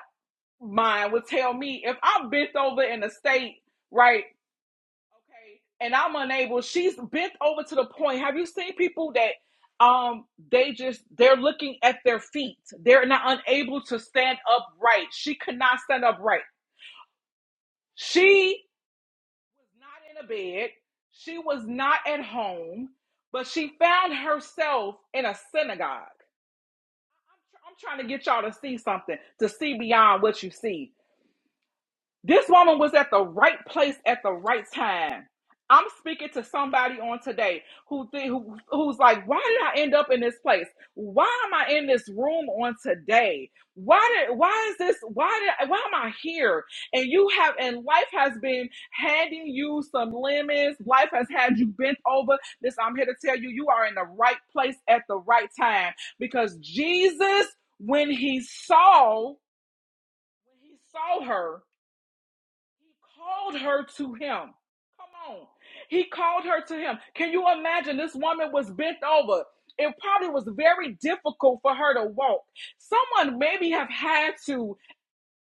S3: mind would tell me if I'm bent over in a state, right? Okay, and I'm unable. She's bent over to the point. Have you seen people that um they just they're looking at their feet. They're not unable to stand upright. She could not stand upright. She was not in a bed. She was not at home, but she found herself in a synagogue. I'm, tr- I'm trying to get y'all to see something, to see beyond what you see. This woman was at the right place at the right time. I'm speaking to somebody on today who, thi- who who's like, why did I end up in this place? Why am I in this room on today? Why did why is this why did why am I here? And you have and life has been handing you some lemons. Life has had you bent over. This I'm here to tell you, you are in the right place at the right time because Jesus, when he saw when he saw her. He called her to him. Come on. He called her to him. Can you imagine? This woman was bent over. It probably was very difficult for her to walk. Someone maybe have had to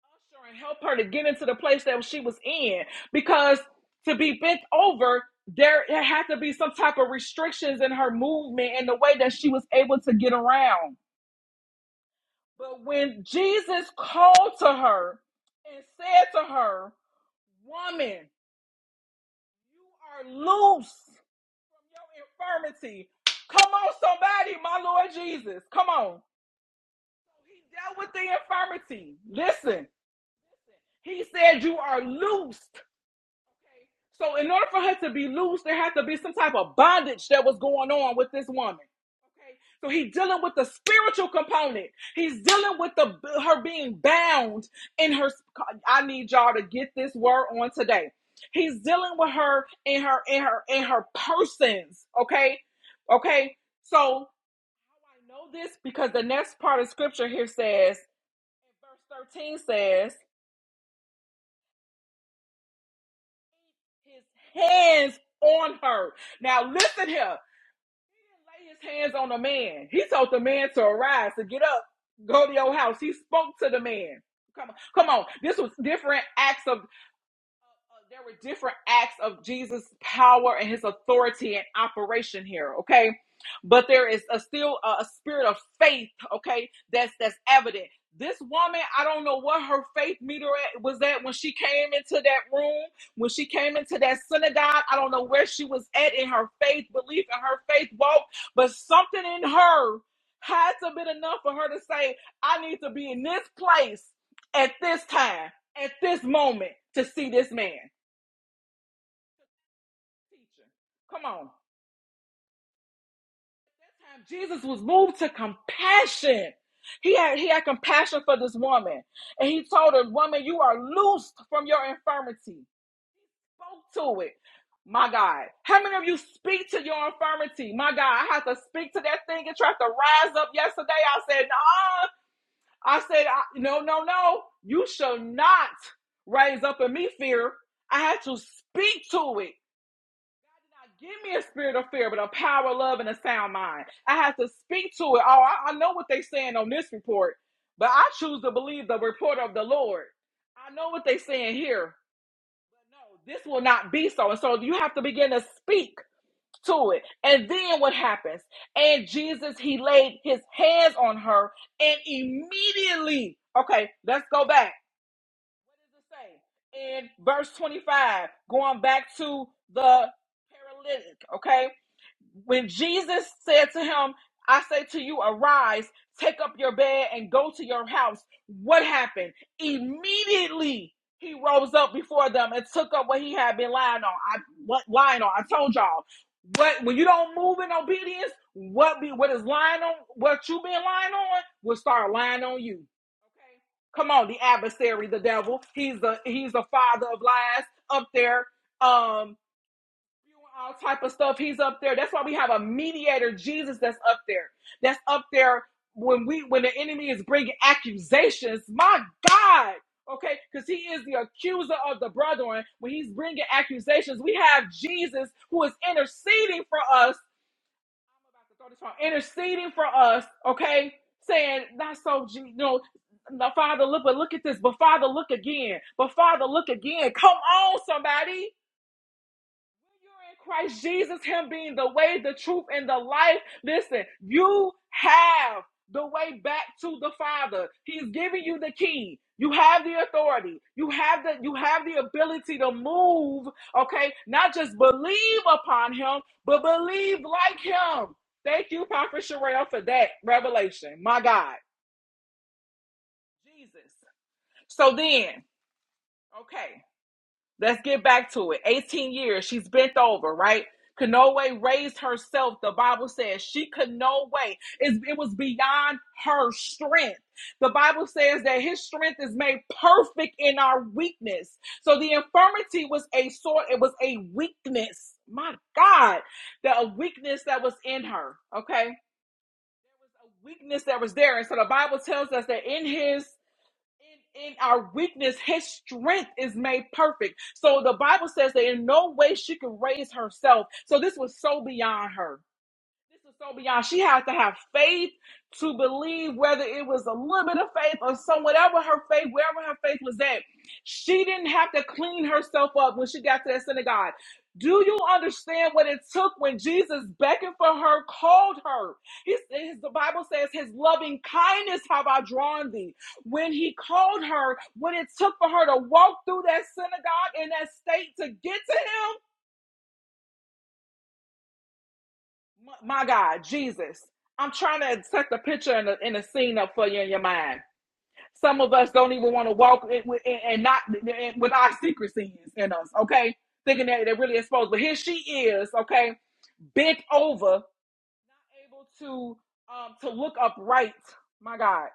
S3: usher and help her to get into the place that she was in because to be bent over, there had to be some type of restrictions in her movement and the way that she was able to get around. But when Jesus called to her and said to her, Woman, You are loose from your infirmity. Come on, somebody, my Lord Jesus. Come on. So He dealt with the infirmity. Listen, he said, You are loosed. Okay. So in order for her to be loose, there had to be some type of bondage that was going on with this woman. Okay. So he's dealing with the spiritual component. He's dealing with the her being bound in her. I need y'all to get this word on today. He's dealing with her in her in her in her persons. Okay. Okay. So I know this because the next part of scripture here says, verse 13 says. hands on her. Now listen here. He didn't lay his hands on the man. He told the man to arise, to get up, go to your house. He spoke to the man. Come on, come on. This was different acts of uh, uh, there were different acts of Jesus' power and his authority and operation here, okay? But there is a still a, a spirit of faith, okay? That's that's evident. This woman, I don't know what her faith meter at- was at when she came into that room, when she came into that synagogue. I don't know where she was at in her faith belief and her faith walk, but something in her had to have been enough for her to say, I need to be in this place at this time at this moment to see this man. come on. Jesus was moved to compassion. He had he had compassion for this woman, and he told her, "Woman, you are loosed from your infirmity." Spoke to it. My God, how many of you speak to your infirmity? My God, I had to speak to that thing. It tried to rise up yesterday. I said, "No." I said, "No, no, no. You shall not raise up in me fear." I had to speak to it. give me a spirit of fear, but a power, love, and a sound mind. I have to speak to it. Oh, I, I know what they're saying on this report, but I choose to believe the report of the Lord. I know what they're saying here, but no, this will not be so. And so you have to begin to speak to it. And then what happens? And Jesus, he laid his hands on her, and immediately, okay, let's go back. What does it say? In verse 25, going back to the paralytic, okay? when Jesus said to him, I say to you, arise, take up your bed, and go to your house, what happened? Immediately he rose up before them and took up what he had been lying on. I what lying on. I told y'all. What when you don't move in obedience, what be what is lying on what you been lying on will start lying on you. Okay. Come on, the adversary, the devil. He's the he's the father of lies up there. Um all type of stuff. He's up there. That's why we have a mediator, Jesus, that's up there. That's up there when we when the enemy is bringing accusations. My God. Okay, because he is the accuser of the brethren. When he's bringing accusations, we have Jesus who is interceding for us. I'm about to throw this on. Interceding for us, okay? Saying, not so, Je- you know, no, Father, look, but look at this. But Father, look again. But Father, look again. Come on, somebody. You're in Christ Jesus, Him being the way, the truth, and the life. Listen, you have the way back to the Father. He's giving you the key. You have the authority. You have the you have the ability to move, okay? Not just believe upon him, but believe like him. Thank you, Prophet Sherelle, for that revelation. My God. Jesus. So then, okay. Let's get back to it. 18 years, she's bent over, right? Could no way raised herself. The Bible says she could no way. It, it was beyond her strength. The Bible says that his strength is made perfect in our weakness. So the infirmity was a sort, it was a weakness. My God, the a weakness that was in her. Okay. weakness that was there. And so the Bible tells us that in his in our weakness, his strength is made perfect. So the Bible says that in no way she could raise herself. So this was so beyond her. This was so beyond. She had to have faith to believe, whether it was a little bit of faith or some whatever her faith, wherever her faith was at. She didn't have to clean herself up when she got to that synagogue. Do you understand what it took when Jesus beckoned for her, called her? He, his, the Bible says, His loving kindness have I drawn thee. When He called her, when it took for her to walk through that synagogue in that state to get to Him, My, God, Jesus. I'm trying to set the picture and the, and the scene up for you in your mind. Some of us don't even want to walk in, with- and not and with our secret sins in us, okay? Thinking that they're really exposed. But here she is, okay, bent over, able to um to look upright. My God.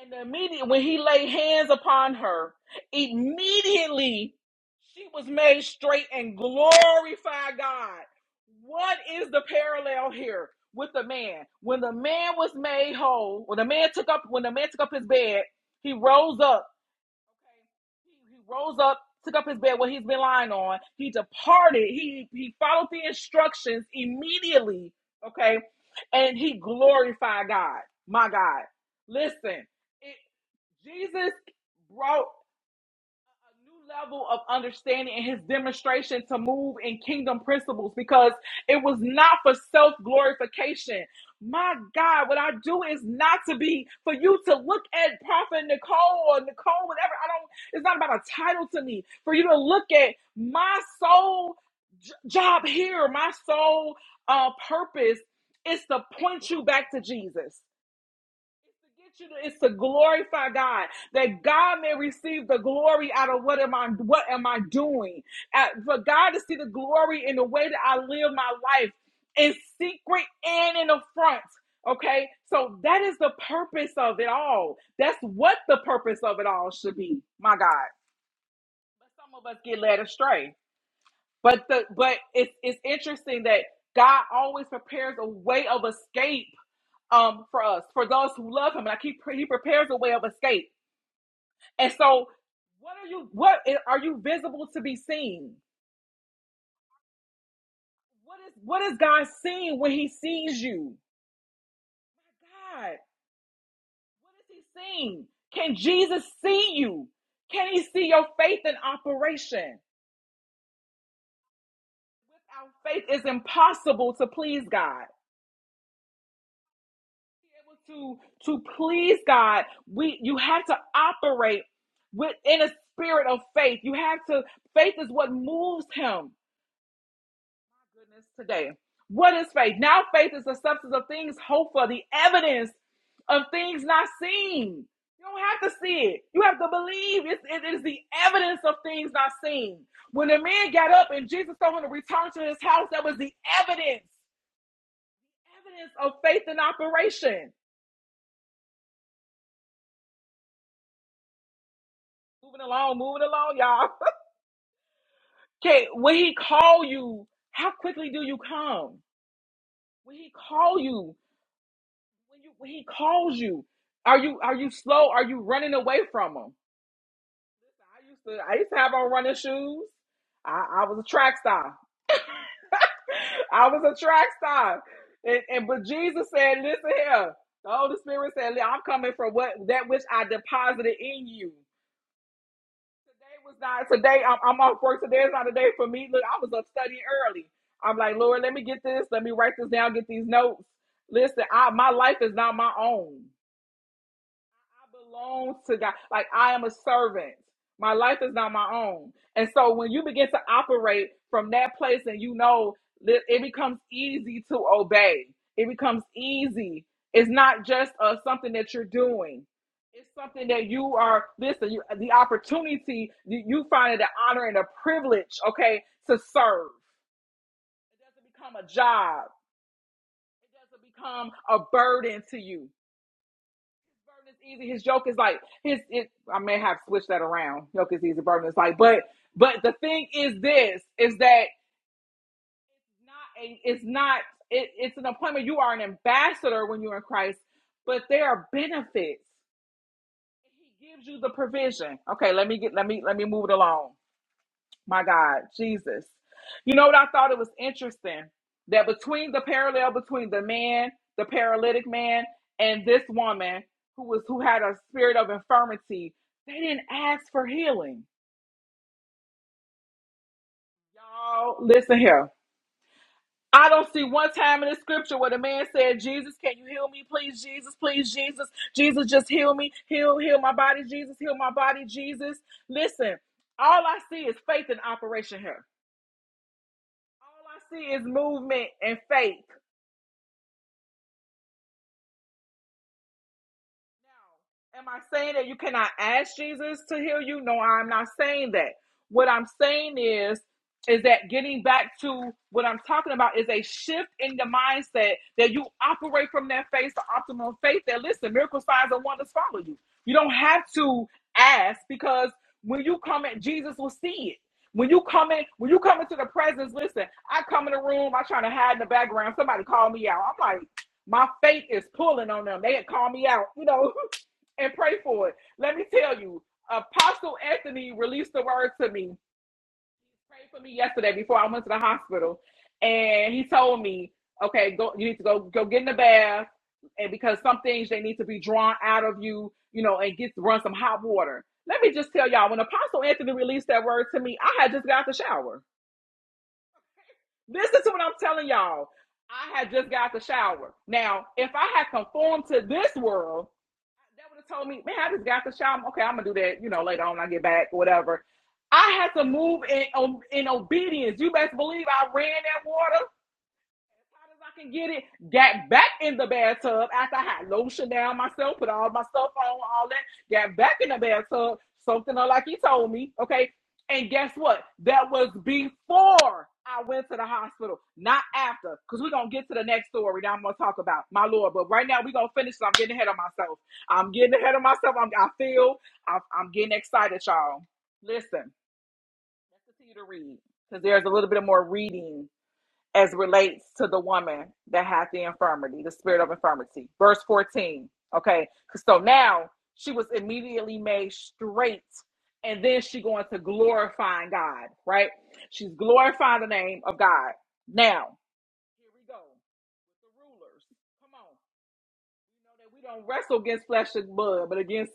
S3: And immediately, when he laid hands upon her, immediately she was made straight and glorified God. What is the parallel here with the man? When the man was made whole, when the man took up, when the man took up his bed, he rose up. Okay, He, he rose up, took up his bed, where he's been lying on. He departed. He he followed the instructions immediately. Okay, and he glorified God. My God, listen. It Jesus brought a new level of understanding in his demonstration to move in kingdom principles because it was not for self glorification. My God, what I do is not to be for you to look at Prophet Nicole or Nicole, whatever. I don't, it's not about a title to me. For you to look at my soul j- job here, my soul uh, purpose is to point you back to Jesus to get you to it's to glorify God that God may receive the glory out of what am I what am I doing Uh, for God to see the glory in the way that I live my life in secret and in the front okay so that is the purpose of it all that's what the purpose of it all should be my God but some of us get led astray but the but it's it's interesting that God always prepares a way of escape um, for us, for those who love him. and I keep he prepares a way of escape. And so, what are you? What are you visible to be seen? What is what is God seeing when He sees you? My God, what is He seeing? Can Jesus see you? Can He see your faith in operation? Without faith, it's impossible to please God. to to please God, we you have to operate within a spirit of faith. You have to faith is what moves him. My goodness, today. What is faith? Now faith is the substance of things hoped for, the evidence of things not seen. You don't have to see it. You have to believe. It's, it is the evidence of things not seen. When the man got up and Jesus told him to return to his house, that was the evidence. Evidence of faith in operation. Moving along, moving along, y'all. Okay, when he call you, how quickly do you come? When he call you, when you when he calls you, are you are you slow? Are you running away from him? I used to I used to have on running shoes. I, I was a track star. I was a track star. And, and but Jesus said, listen here. The Holy Spirit said, I'm coming for what that which I deposited in you. Today was not today. I'm, I'm off work. Today is not a day for me. Look, I was up studying early. I'm like, Lord, let me get this. Let me write this down. Get these notes. Listen, I, my life is not my own. I belong to God. Like I am a servant. My life is not my own. And so when you begin to operate from that place and you know that it becomes easy to obey. It becomes easy. It's not just uh, something that you're doing. It's something that you are, listen, you, the opportunity, you, you find it an honor and a privilege, okay, to serve. It doesn't become a job. It doesn't become a burden to you. Burden is easy. His joke is like his. It, I may have switched that around. Joke is easy. Burden is like. But but the thing is this is that not a. It's not. It, it's an appointment. You are an ambassador when you're in Christ, but there are benefits. He gives you the provision. Okay, let me get. Let me let me move it along. My God, Jesus. You know what I thought it was interesting? That between the parallel between the man, the paralytic man, and this woman who was who had a spirit of infirmity, they didn't ask for healing. Y'all, listen here. I don't see one time in the scripture where the man said, Jesus, can you heal me? Please, Jesus, please, Jesus, Jesus, just heal me. Heal, heal my body, Jesus, heal my body, Jesus. Listen, all I see is faith in operation here. All I see is movement and faith. Am I saying that you cannot ask Jesus to heal you? No, I'm not saying that. What I'm saying is, is that getting back to what I'm talking about is a shift in the mindset that you operate from that faith to optimal faith. That listen, miracle signs and wonders follow you. You don't have to ask because when you come in, Jesus will see it. When you come in, when you come into the presence, listen, I come in the room, I try to hide in the background, somebody call me out. I'm like, my faith is pulling on them. They had called me out, you know. and pray for it. Let me tell you, Apostle Anthony released the word to me. He Prayed for me yesterday before I went to the hospital, and he told me, "Okay, go. You need to go go get in the bath, and because some things they need to be drawn out of you, you know, and get run some hot water." Let me just tell y'all, when Apostle Anthony released that word to me, I had just got out the shower. Listen to what I'm telling y'all. I had just got out the shower. Now, if I had conformed to this world that would have told me, man, I just got the shower. Okay, I'm gonna do that, you know, later on when I get back or whatever. I had to move in um, in obedience. You best believe I ran that water hot as I can get it. Got back in the bathtub after I had lotion down myself, put all my stuff on, all that. Got back in the bathtub, something like he told me. Okay. And guess what? That was before I went to the hospital, not after. Because we're going to get to the next story that I'm going to talk about, my Lord. But right now, we're going to finish. So I'm getting ahead of myself. I'm getting ahead of myself. I'm, I feel I, I'm getting excited, y'all. Listen, let's continue to read because there's a little bit of more reading as relates to the woman that had the infirmity, the spirit of infirmity. Verse 14. Okay. So now she was immediately made straight. And then she going to glorifying God, right? She's glorifying the name of God. Now, here we go. The rulers. Come on. You know that we don't wrestle against flesh and blood, but against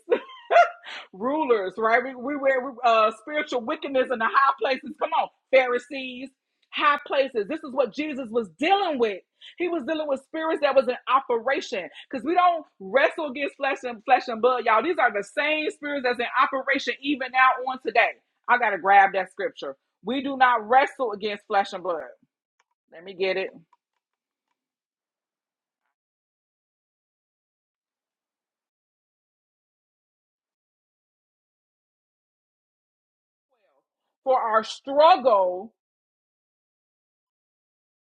S3: rulers, right? We, we wear uh, spiritual wickedness in the high places. Come on, Pharisees, high places. This is what Jesus was dealing with. He was dealing with spirits that was in operation because we don't wrestle against flesh and flesh and blood, y'all. These are the same spirits that's in operation even now on today. I gotta grab that scripture. We do not wrestle against flesh and blood. Let me get it. For our struggle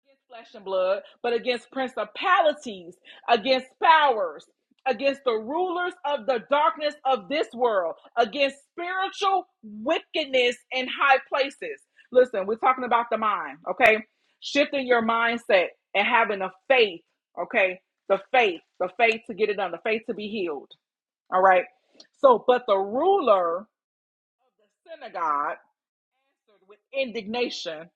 S3: against flesh and blood, but against principalities, against powers, against the rulers of the darkness of this world, against spiritual wickedness in high places. Listen, we're talking about the mind, okay? Shifting your mindset and having a faith, okay? The faith, the faith to get it done, the faith to be healed, all right? So, but the ruler of the synagogue answered with indignation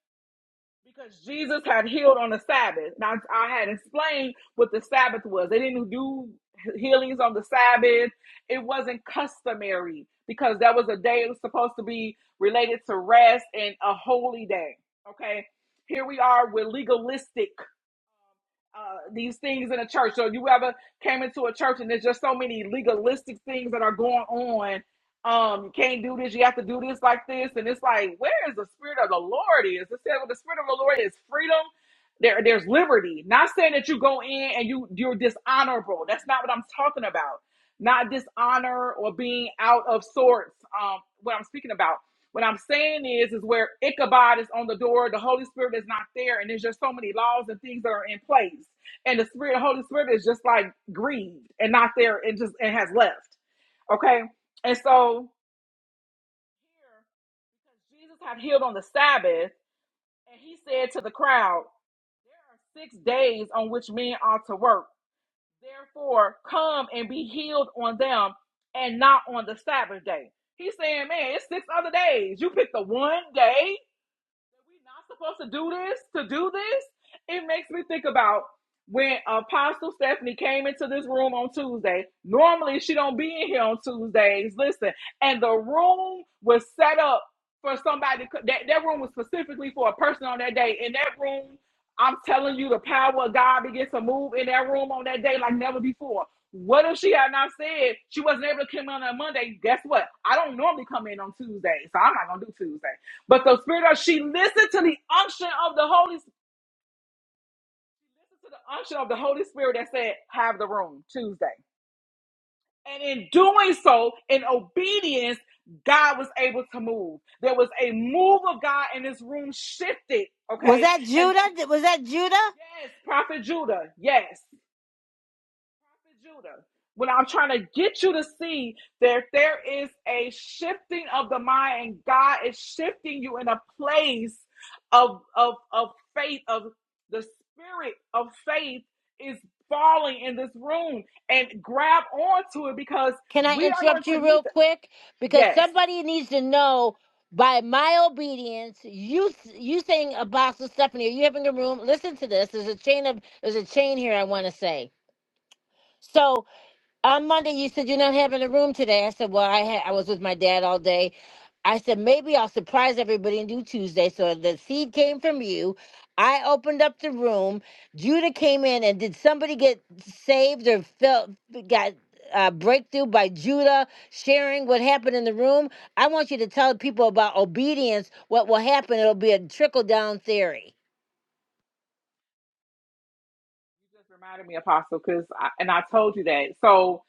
S3: because Jesus had healed on the Sabbath. Now I had explained what the Sabbath was. They didn't do healings on the Sabbath. It wasn't customary because that was a day it was supposed to be related to rest and a holy day. Okay. Here we are with legalistic uh, these things in a church. So you ever came into a church and there's just so many legalistic things that are going on. Um, you can't do this, you have to do this like this, and it's like, where is the spirit of the Lord is? It said, well, the spirit of the Lord is freedom. There, there's liberty. Not saying that you go in and you you're dishonorable. That's not what I'm talking about. Not dishonor or being out of sorts. Um, what I'm speaking about. What I'm saying is, is where Ichabod is on the door, the Holy Spirit is not there, and there's just so many laws and things that are in place. And the Spirit, the Holy Spirit is just like grieved and not there and just and has left. Okay. And so here, because Jesus had healed on the Sabbath, and he said to the crowd, There are six days on which men ought to work. Therefore, come and be healed on them and not on the Sabbath day. He's saying, Man, it's six other days. You pick the one day that we not supposed to do this to do this it makes me think about when apostle stephanie came into this room on tuesday normally she don't be in here on tuesdays listen and the room was set up for somebody that, that room was specifically for a person on that day in that room i'm telling you the power of god begins to move in that room on that day like never before what if she had not said she wasn't able to come in on Monday? Guess what? I don't normally come in on Tuesday, so I'm not gonna do Tuesday. But the Spirit of she listened to the unction of the Holy Spirit. to the unction of the Holy Spirit that said, "Have the room Tuesday." And in doing so, in obedience, God was able to move. There was a move of God, and this room shifted.
S1: Was
S3: Okay,
S1: that
S3: and
S1: Judah? Th- Was that Judah?
S3: yes, Prophet Judah, yes. Judah, what I'm trying to get you to see that there is a shifting of the mind, and God is shifting you in a place of of of faith, of the spirit of faith is falling in this room, and grab onto it because
S1: Can I
S3: we are going
S1: interrupt
S3: to
S1: you
S3: need
S1: real
S3: to.
S1: quick? Because
S3: Yes,
S1: somebody needs to know by my obedience, you you saying Apostle Stephanie, are you having a room? Listen to this. There's a chain of there's a chain here I want to say. So On Monday, you said you're not having a room today. I said, well, I had I was with my dad all day. I said maybe I'll surprise everybody and do Tuesday. So the seed came from you. I opened up the room. Judah came in, and did somebody get saved or felt got uh, breakthrough by Judah sharing what happened in the room? I want you to tell people about obedience. What will happen? It'll be a trickle down theory.
S3: you just reminded me, Apostle, because I, and I told you that. So,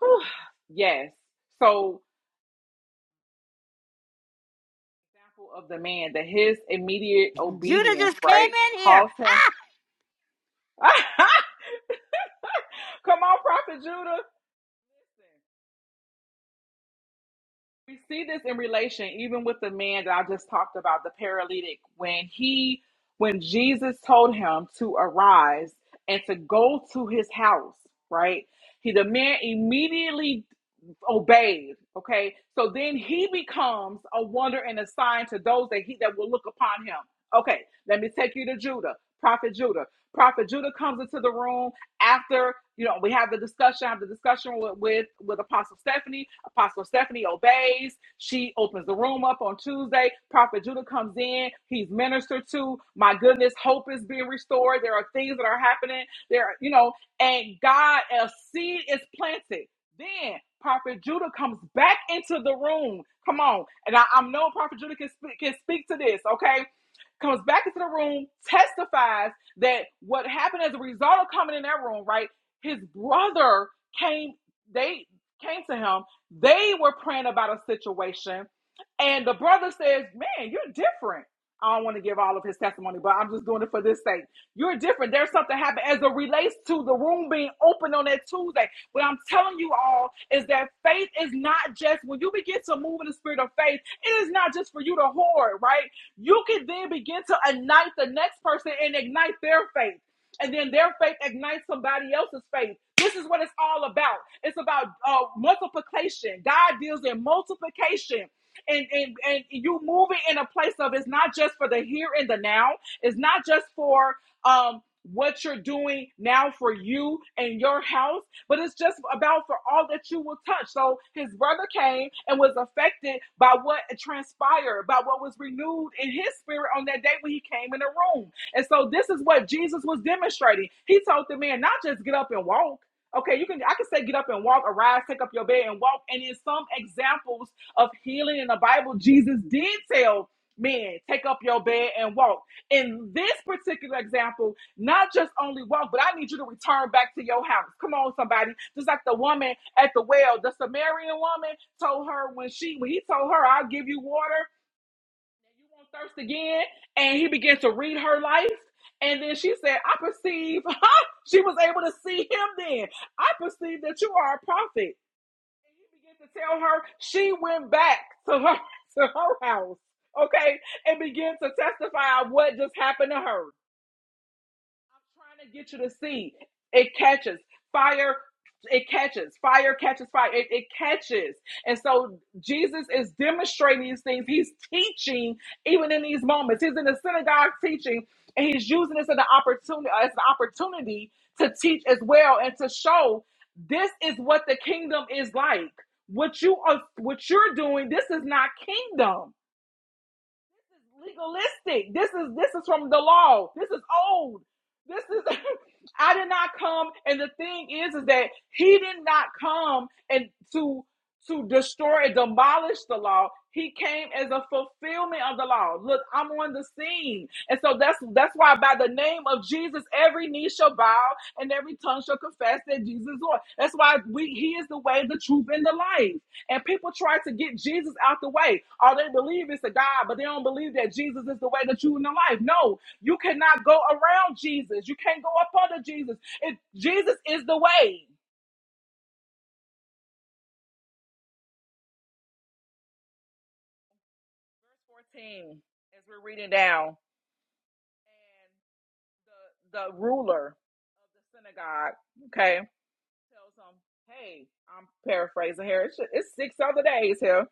S3: whew, yes, so example of the man that his immediate
S1: Judah
S3: obedience,
S1: just came
S3: right?
S1: in here.
S3: caused him. Come on, Prophet Judah. We see this in relation even with the man that I just talked about, the paralytic, when he when Jesus told him to arise and to go to his house, right? He the man immediately obeyed. Okay. So then he becomes a wonder and a sign to those that he that will look upon him. Okay, let me take you to Judah, Prophet Judah. Prophet Judah comes into the room after, you know, we have the discussion, have the discussion with with, with Apostle Stephanie Apostle Stephanie obeys. She opens the room up on Tuesday. Prophet Judah comes in. He's ministered to. My goodness, hope is being restored. There are things that are happening. There, are- you know, and God, a seed is planted. Then Prophet Judah comes back into the room. Come on, and I, I know Prophet Judah can speak, can speak to this. Okay, comes back into the room, testifies that what happened as a result of coming in that room, right? His brother came. They came to him they were praying about a situation, and the brother says, Man, you're different. I don't want to give all of his testimony, but I'm just doing it for this sake. You're different. There's something happened as it relates to the room being open on that Tuesday. What I'm telling you all is that faith is not just when you begin to move in the spirit of faith, it is not just for you to hoard, right? You can then begin to ignite the next person and ignite their faith and then their faith ignites somebody else's faith. This is what it's all about. It's about uh, multiplication. God deals in multiplication. And, and and you move it in a place of it's not just for the here and the now. It's not just for um what you're doing now for you and your house, but it's just about for all that you will touch. So his brother came and was affected by what transpired, by what was renewed in his spirit on that day when he came in the room. And so this is what Jesus was demonstrating. He told the man, not just get up and walk. Okay, you can I can say get up and walk, arise, take up your bed and walk. And in some examples of healing in the Bible, Jesus did tell men, take up your bed and walk. In this particular example, not just only walk, but I need you to return back to your house. Come on, somebody. Just like the woman at the well, the Samaritan woman told her when she when he told her, I'll give you water and you won't thirst again. And he began to read her life. And then she said, I perceive she was able to see him then. I perceive that you are a prophet. And he began to tell her she went back to her to her house, okay, and began to testify what just happened to her. I'm trying to get you to see. It catches fire. It catches fire. Catches fire. It, it catches. And so Jesus is demonstrating these things. He's teaching even in these moments. He's in the synagogue teaching, and he's using this as an opportunity as an opportunity to teach as well and to show this is what the kingdom is like. What you are, what you're doing, this is not kingdom legalistic. This is this is from the law. This is old. This is I did not come and the thing is is that he did not come and to to destroy and demolish the law. He came as a fulfillment of the law. Look, I'm on the scene. And so that's that's why by the name of Jesus every knee shall bow and every tongue shall confess that Jesus is Lord. That's why we he is the way, the truth and the life. And people try to get Jesus out the way. Or they believe it's a God, but they don't believe that Jesus is the way, the truth, and the life. No, you cannot go around Jesus. You can't go up under Jesus. It, Jesus is the way. Verse 14, as we're reading down, and the, the ruler of the synagogue, okay, tells him, hey, I'm paraphrasing here. It's, it's six other days here.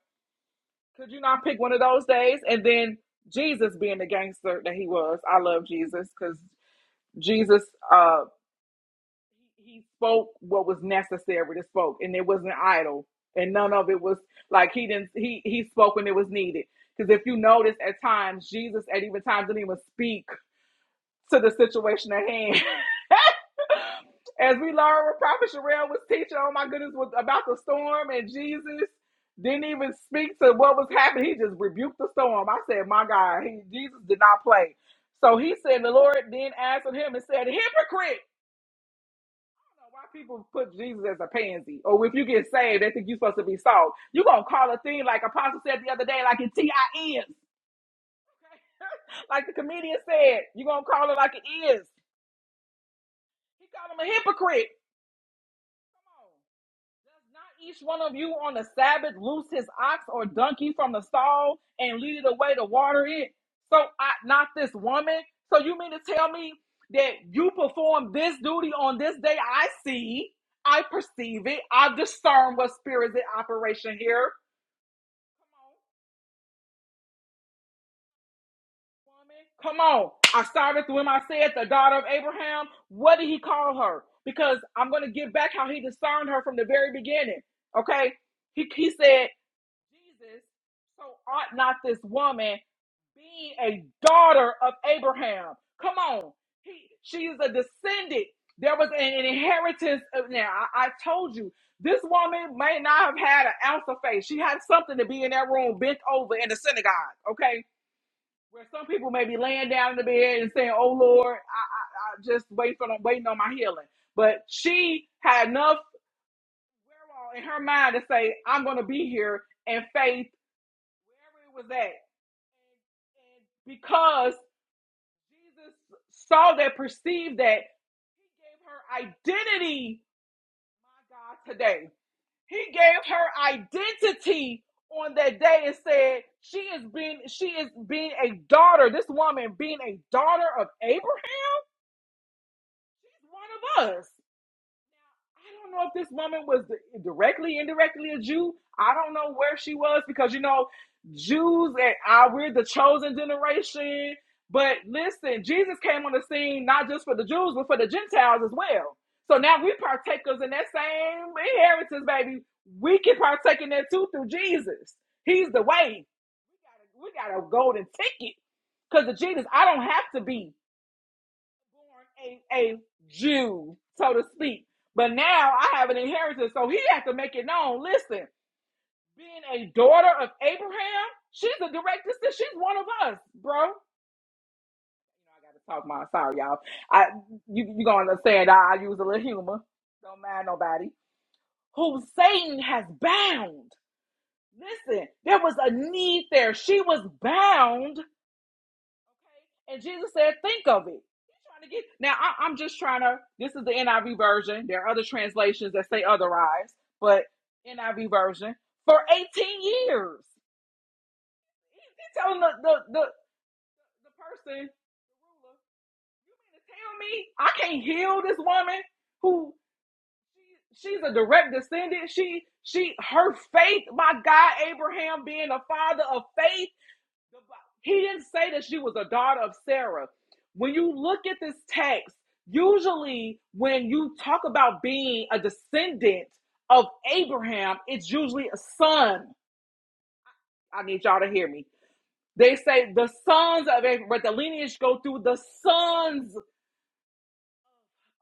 S3: Could you not pick one of those days? And then Jesus being the gangster that he was. I love Jesus because Jesus uh he spoke what was necessary to spoke and it wasn't idle and none of it was like he didn't he he spoke when it was needed because if you notice at times Jesus at even times didn't even speak to the situation at hand as we learned what Prophet Sherelle was teaching oh my goodness was about the storm and Jesus didn't even speak to what was happening he just rebuked the storm I said my God he Jesus did not play so he said the Lord then answered him and said hypocrite So why people put Jesus as a pansy? Or if you get saved, they think you're supposed to be salt. you going to call a thing like Apostle said the other day, like it T-I-is. like the comedian said, you going to call it like it is. He called him a hypocrite. Come on. Does not each one of you on the Sabbath loose his ox or donkey from the stall and lead it away to water it? So I, not this woman. So you mean to tell me that you perform this duty on this day? I see, I perceive it, I discern what spirit is in operation here. Come on, woman. Come on. I started with him. I said the daughter of Abraham. What did he call her? Because I'm going to give back how he discerned her from the very beginning. Okay. He, he said Jesus, so ought not this woman, being a daughter of Abraham. Come on. He, she is a descendant. There was an, an inheritance. Of, now, I, I told you, this woman may not have had an ounce of faith. She had something to be in that room bent over in the synagogue, okay? Where some people may be laying down in the bed and saying, oh, Lord, I, I, I just wait for, them, waiting on my healing. But she had enough wherewithal in her mind to say, I'm going to be here in faith wherever it was at. And, and because Jesus saw that, perceived that, he gave her identity, my God, today. He gave her identity on that day and said, She is being she is being a daughter, this woman being a daughter of Abraham, she's one of us. I don't know if this woman was directly, indirectly a Jew. I don't know where she was because you know, Jews and I we're the chosen generation. But listen, Jesus came on the scene not just for the Jews, but for the Gentiles as well. So now we partakers in that same inheritance, baby. We can partake in that too through Jesus. He's the way. We got a, we got a golden ticket because of Jesus. I don't have to be born a, a Jew, so to speak. But now I have an inheritance, so he has to make it known. Listen, being a daughter of Abraham, she's a direct sister; She's one of us, bro. You know, I gotta talk my sorry, y'all. I you you gonna understand? I, I use a little humor. Don't mind nobody. Who Satan has bound. Listen, there was a need there. She was bound okay? And Jesus said, think of it. He's trying to get now. I, I'm just trying to. This is the NIV version. There are other translations that say otherwise, but NIV version for 18 years. He's telling the the the, the person, you mean to tell me I can't heal this woman who she's a direct descendant. She she her faith, my God, Abraham being a father of faith He didn't say that she was a daughter of Sarah. When you look at this text, usually when you talk about being a descendant of Abraham, it's usually a son. I need y'all to hear me. They say the sons of Abraham, but the lineage go through the sons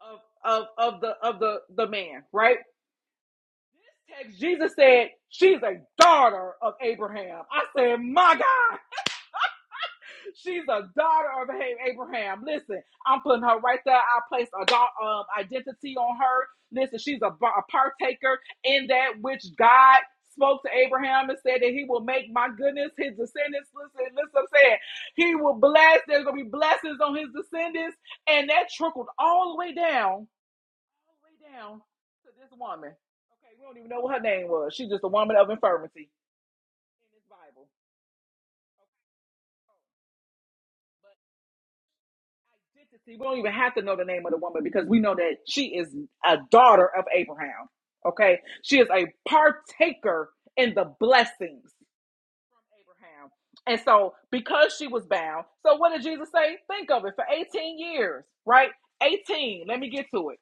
S3: of of, of the of the the man, right? This text, Jesus said she's a daughter of Abraham. I said, my God. She's a daughter of Abraham. Listen, I'm putting her right there. I place a um, identity on her. Listen, she's a, a partaker in that which God spoke to Abraham and said that he will make my goodness his descendants. Listen, listen, I'm saying he will bless. There's gonna be blessings on his descendants, and that trickled all the way down, all the way down to this woman. Okay, we don't even know what her name was. She's just a woman of infirmity in this Bible. Okay, so, but identity. We don't even have to know the name of the woman because we know that she is a daughter of Abraham. Okay. She is a partaker in the blessings from Abraham. And so, because she was bound, so what did Jesus say? Think of it for 18 years, right? 18. Let me get to it.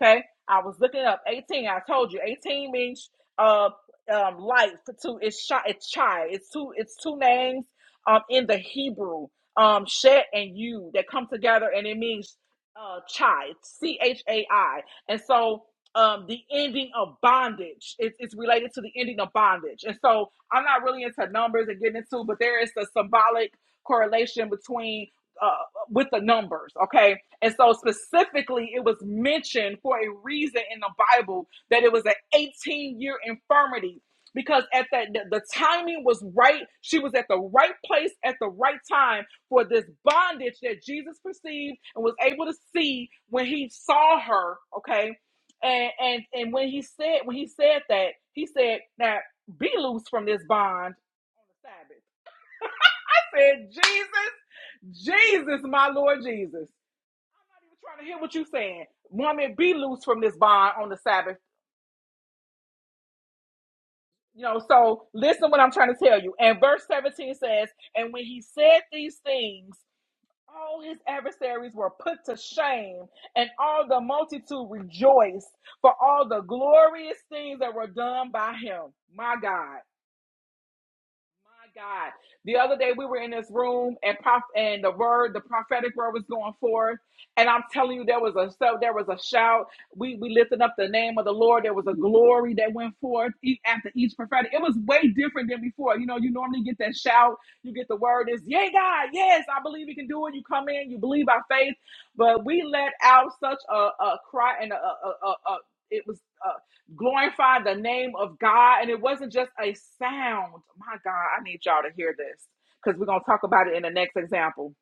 S3: Okay, I was looking up 18. I told you 18 means uh um light for two. It's shot. It's chai. It's two. It's two names um in the Hebrew um Shet and you that come together and it means uh chai. C H A I. And so um the ending of bondage is it's related to the ending of bondage. And so I'm not really into numbers and getting into, but there is a symbolic correlation between. uh with the numbers, okay? And so specifically, it was mentioned for a reason in the Bible that it was an 18 year infirmity because at that the, timing was right. She was at the right place at the right time for this bondage that Jesus perceived and was able to see when he saw her, okay? And and and when he said when he said that, he said, "Now be loose from this bond on the Sabbath." I said, "Jesus, Jesus, my Lord Jesus." I'm not even trying to hear what you're saying. Woman, be loose from this bond on the Sabbath. You know, so listen what I'm trying to tell you. And verse 17 says, And when he said these things, all his adversaries were put to shame, and all the multitude rejoiced for all the glorious things that were done by him. My God. My God. The other day we were in this room and prof- and the word, the prophetic word was going forth. And I'm telling you, there was a so there was a shout. We we lifted up the name of the Lord. There was a glory that went forth e- after each prophetic. It was way different than before. You know, you normally get that shout, you get the word is, yay, God, yes, I believe you can do it. You come in, you believe by faith. But we let out such a, a cry and a, a, a, a- a- it was glorify the name of God. And it wasn't just a sound. My God, I need y'all to hear this because we're going to talk about it in the next example.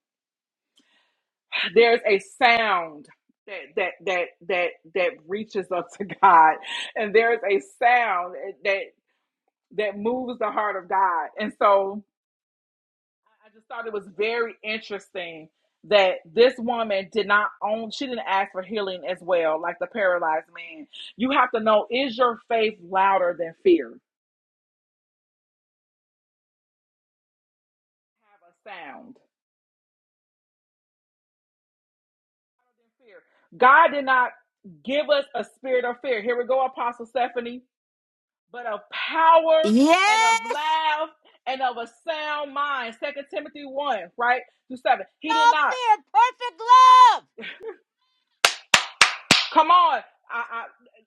S3: There's a sound. That, that that that that reaches up to God, and there's a sound that that moves the heart of God. And so, I just thought it was very interesting that this woman did not own; she didn't ask for healing as well, like the paralyzed man. You have to know: is your faith louder than fear? have a sound. God did not give us a spirit of fear. Here we go, Apostle Stephanie, but of power and of
S1: Yes,
S3: love and of a sound mind. Second Timothy 1, right? Through 7. He
S1: no
S3: did not.
S1: fear, perfect love.
S3: Come on. I,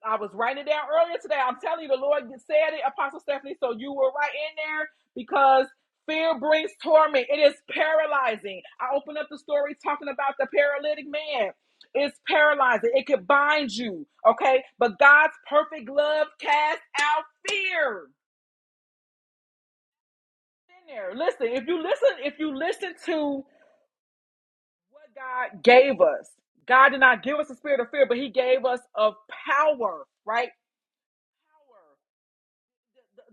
S3: I I was writing it down earlier today. I'm telling you, the Lord said it, Apostle Stephanie. So you were right in there because fear brings torment. It is paralyzing. I opened up the story talking about the paralytic man. It's paralyzing. It could bind you. Okay. But God's perfect love casts out fear. In there. Listen, if you listen, if you listen to what God gave us, God did not give us a spirit of fear, but He gave us of power, right?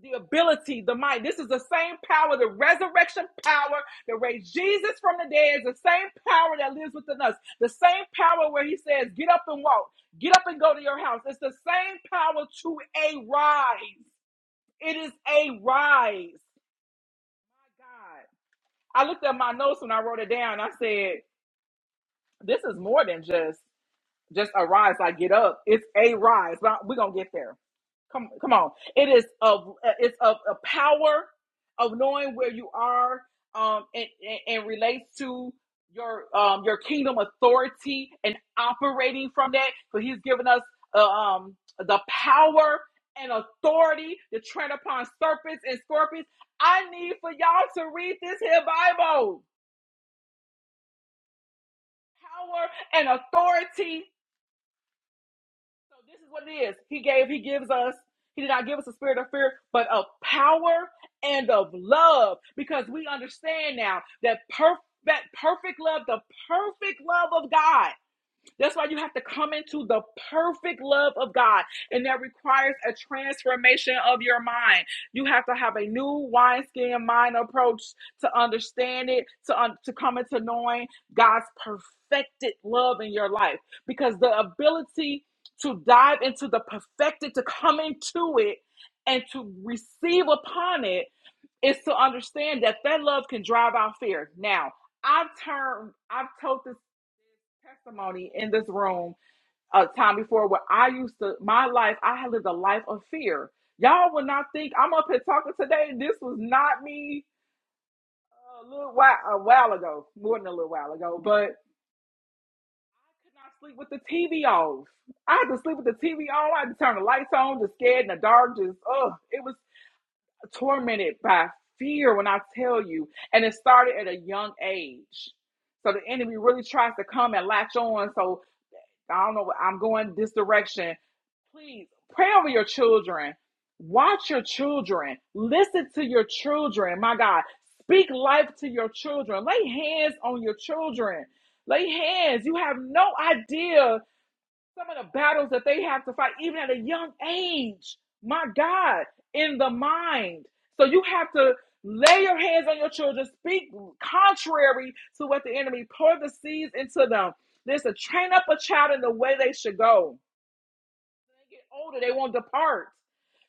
S3: the ability, the might. This is the same power, the resurrection power that raised Jesus from the dead, is the same power that lives within us. The same power where he says, Get up and walk, get up and go to your house. It's the same power to a rise. It is a rise. My God. I looked at my notes when I wrote it down. I said, This is more than just just a rise. I get up. It's a rise. But we're gonna get there. Come, come on. It is of it's of a power of knowing where you are, um, and, and, and relates to your um your kingdom authority and operating from that. So He's given us uh, um the power and authority to tread upon serpents and scorpions. I need for y'all to read this here Bible. Power and authority So this is what it is. He gave, he gives us, he did not give us a spirit of fear, but of power and of love. Because we understand now that perfect that perfect love, the perfect love of God that's why you have to come into the perfect love of God. And that requires a transformation of your mind. You have to have a new wineskin mind approach to understand it, to, un- to come into knowing God's perfected love in your life. Because the ability to dive into the perfected, to come into it, and to receive upon it is to understand that that love can drive out fear. Now, I've turned, I've told this testimony in this room a time before where I used to my life, I had lived a life of fear. Y'all would not think I'm up here talking today. This was not me a little while a while ago, more than a little while ago, but I could not sleep with the TV off. I had to sleep with the TV on. I had to turn the lights on, just scared in the dark, just oh, It was tormented by fear when I tell you. And it started at a young age. So the enemy really tries to come and latch on. So I don't know, I'm going this direction. Please pray over your children. Watch your children. Listen to your children. My God, speak life to your children. Lay hands on your children. Lay hands. You have no idea some of the battles that they have to fight, even at a young age. My God, in the mind. So you have to lay your hands on your children, speak contrary to what the enemy pour the seeds into them. Listen, train up a child in the way they should go they get older, they won't depart.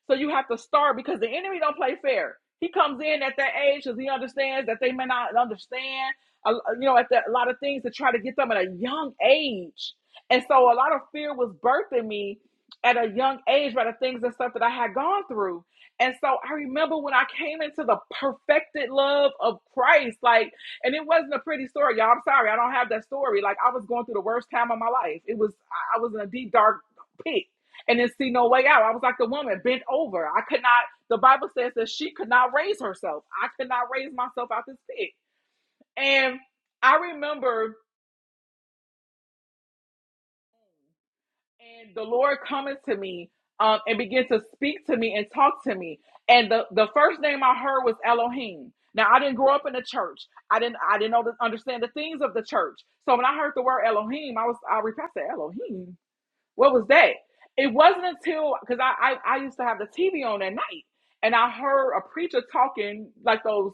S3: So you have to start because the enemy don't play fair. He comes in at that age because he understands that they may not understand, uh, you know, at that, a lot of things to try to get them at a young age. And so a lot of fear was birthed in me at a young age by the things and stuff that I had gone through. And so I remember when I came into the perfected love of Christ, like, and it wasn't a pretty story, y'all. I'm sorry, I don't have that story. Like, I was going through the worst time of my life. It was, I was in a deep, dark pit and then see no way out. I was like the woman bent over. I could not, the Bible says that she could not raise herself. I could not raise myself out this pit. And I remember and the Lord coming to me um, and began to speak to me and talk to me. And the, the first name I heard was Elohim. Now I didn't grow up in the church. I didn't I didn't know the, understand the things of the church. So when I heard the word Elohim, I was I repeated I said, Elohim. What was that? It wasn't until because I, I I used to have the TV on at night, and I heard a preacher talking like those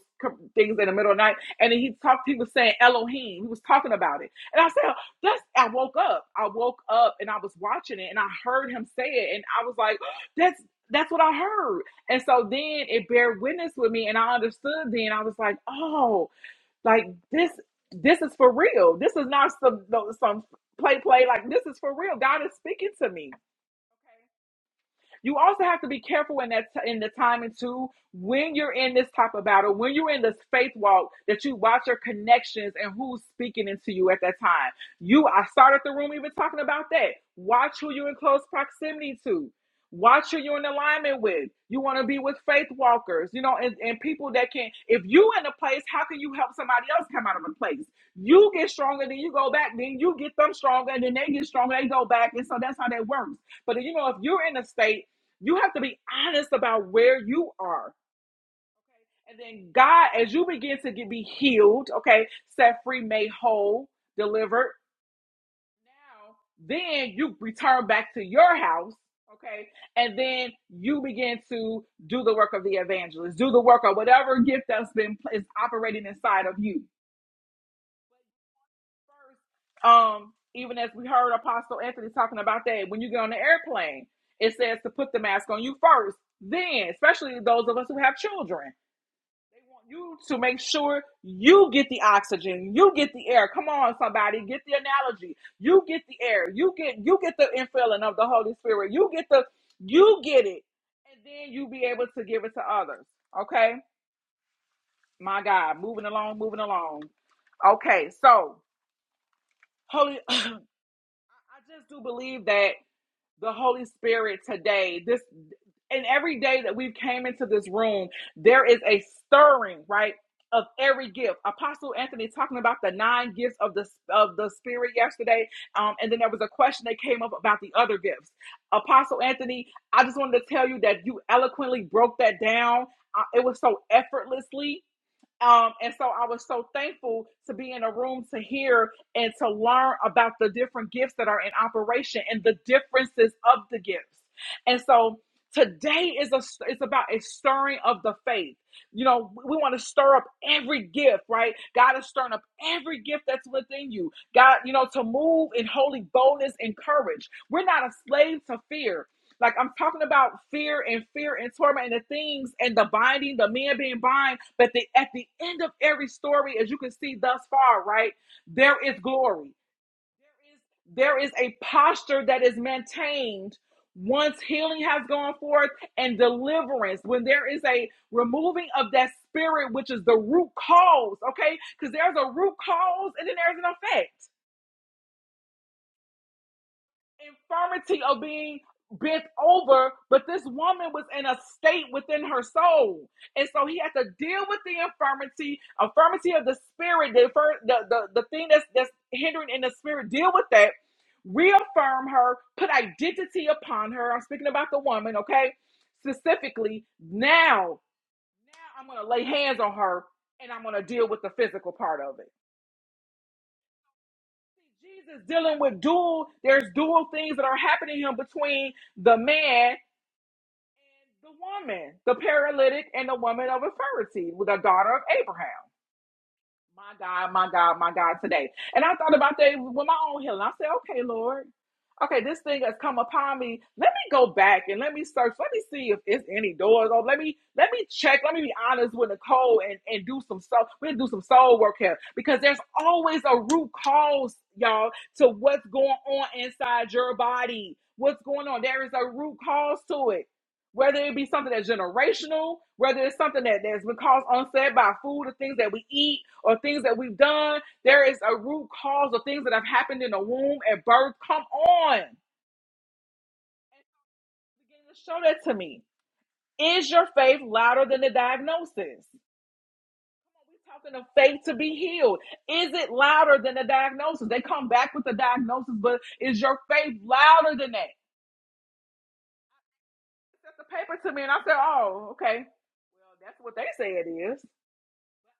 S3: things in the middle of the night, and he talked. He was saying Elohim. He was talking about it, and I said, "That's." I woke up. I woke up, and I was watching it, and I heard him say it, and I was like, "That's." That's what I heard. And so then it bear witness with me and I understood then. I was like, oh, like this, this is for real. This is not some no, some play play. Like this is for real. God is speaking to me. You also have to be careful in that t- in the timing too. When you're in this type of battle, when you're in this faith walk, that you watch your connections and who's speaking into you at that time. You, I started the room even talking about that. Watch who you're in close proximity to. Watch who you're in alignment with. You want to be with faith walkers, you know, and, and people that can. If you in a place, how can you help somebody else come out of a place? You get stronger, then you go back, then you get them stronger, and then they get stronger, they go back, and so that's how that works. But you know, if you're in a state you have to be honest about where you are. And then God, as you begin to get be healed, okay, set free, made whole, delivered, now then you return back to your house, okay, and then you begin to do the work of the evangelist, do the work of whatever gift that's been is operating inside of you. Um, even as we heard Apostle Anthony talking about that, when you get on the airplane, it says to put the mask on you first. Then, especially those of us who have children. They want you to make sure you get the oxygen, you get the air. Come on, somebody, get the analogy. You get the air. You get you get the infilling of the Holy Spirit. You get the you get it, and then you be able to give it to others. Okay, my God, moving along, moving along. Okay, so holy, I just do believe that. the Holy Spirit today. This and every day that we've came into this room, there is a stirring, right? Of every gift, Apostle Anthony talking about the nine gifts of the of the Spirit yesterday, um, and then there was a question that came up about the other gifts. Apostle Anthony, I just wanted to tell you that you eloquently broke that down. Uh, it was so effortlessly, um, and so I was so thankful to be in a room to hear and to learn about the different gifts that are in operation and the differences of the gifts. And so today is a it's about a stirring of the faith. You know, we want to stir up every gift, right? God is stirring up every gift that's within you. God, you know, to move in holy boldness and courage. We're not a slave to fear. Like I'm talking about fear and fear and torment and the things and the binding, the man being bind. But the, at the end of every story, as you can see thus far, right, there is glory. There is, there is a posture that is maintained once healing has gone forth and deliverance. When there is a removing of that spirit, which is the root cause, okay? Because there's a root cause and then there's an effect. infirmity of being bent over, but this woman was in a state within her soul. And so he had to deal with the infirmity, infirmity of the spirit, the the, the, the thing that's that's hindering in the spirit, deal with that, reaffirm her, put identity upon her. I'm speaking about the woman, okay? Specifically, now, now I'm gonna lay hands on her and I'm gonna deal with the physical part of it. Jesus dealing with dual, there's dual things that are happening to him between the man and the woman, the paralytic and the woman of authority, with the daughter of Abraham. My God, my God, my God today. And I thought about that with my own healing. I said, okay, Lord, okay, this thing has come upon me. Let me go back and let me search. Let me see if it's any doors open. Let me let me check. Let me be honest with Nicole and, and do some soul. We do some soul work here because there's always a root cause, y'all, to what's going on inside your body. What's going on? There is a root cause to it whether it be something that's generational, whether it's something that, that's been caused onset by food or things that we eat or things that we've done, there is a root cause of things that have happened in the womb at birth. Come on. Begin to show that to me. Is your faith louder than the diagnosis? We're talking of faith to be healed. Is it louder than the diagnosis? They come back with the diagnosis, but is your faith louder than that? They sent the paper to me and I said, oh, okay. Well, that's what they say it is.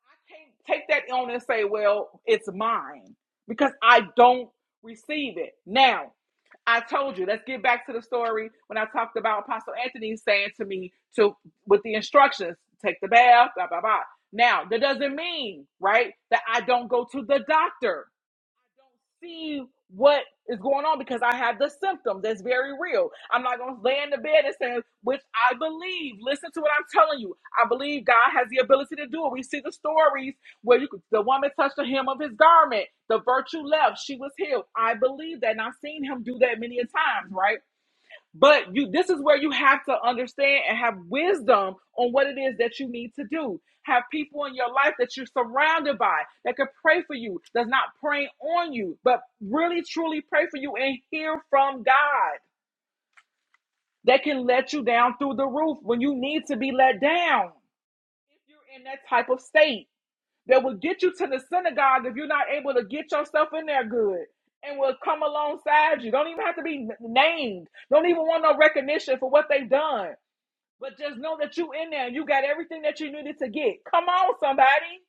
S3: I can't take that on and say, well, it's mine because I don't receive it. Now, I told you, let's get back to the story when I talked about Apostle Anthony saying to me to with the instructions, take the bath, blah blah blah. Now, that doesn't mean, right, that I don't go to the doctor see what is going on because I have the symptoms. That's very real. I'm not going to lay in the bed and say, which I believe. Listen to what I'm telling you. I believe God has the ability to do it. We see the stories where you, could- the woman touched the hem of his garment, the virtue left, she was healed. I believe that, and I've seen him do that many a times, right? But you this is where you have to understand and have wisdom on what it is that you need to do. Have people in your life that you're surrounded by that can pray for you, that's not praying on you, but really truly pray for you and hear from God. That can let you down through the roof when you need to be let down. If you're in that type of state that will get you to the synagogue if you're not able to get yourself in there good and will come alongside you. Don't even have to be n- named. Don't even want no recognition for what they've done but just know that you in there and you got everything that you needed to get. Come on, somebody.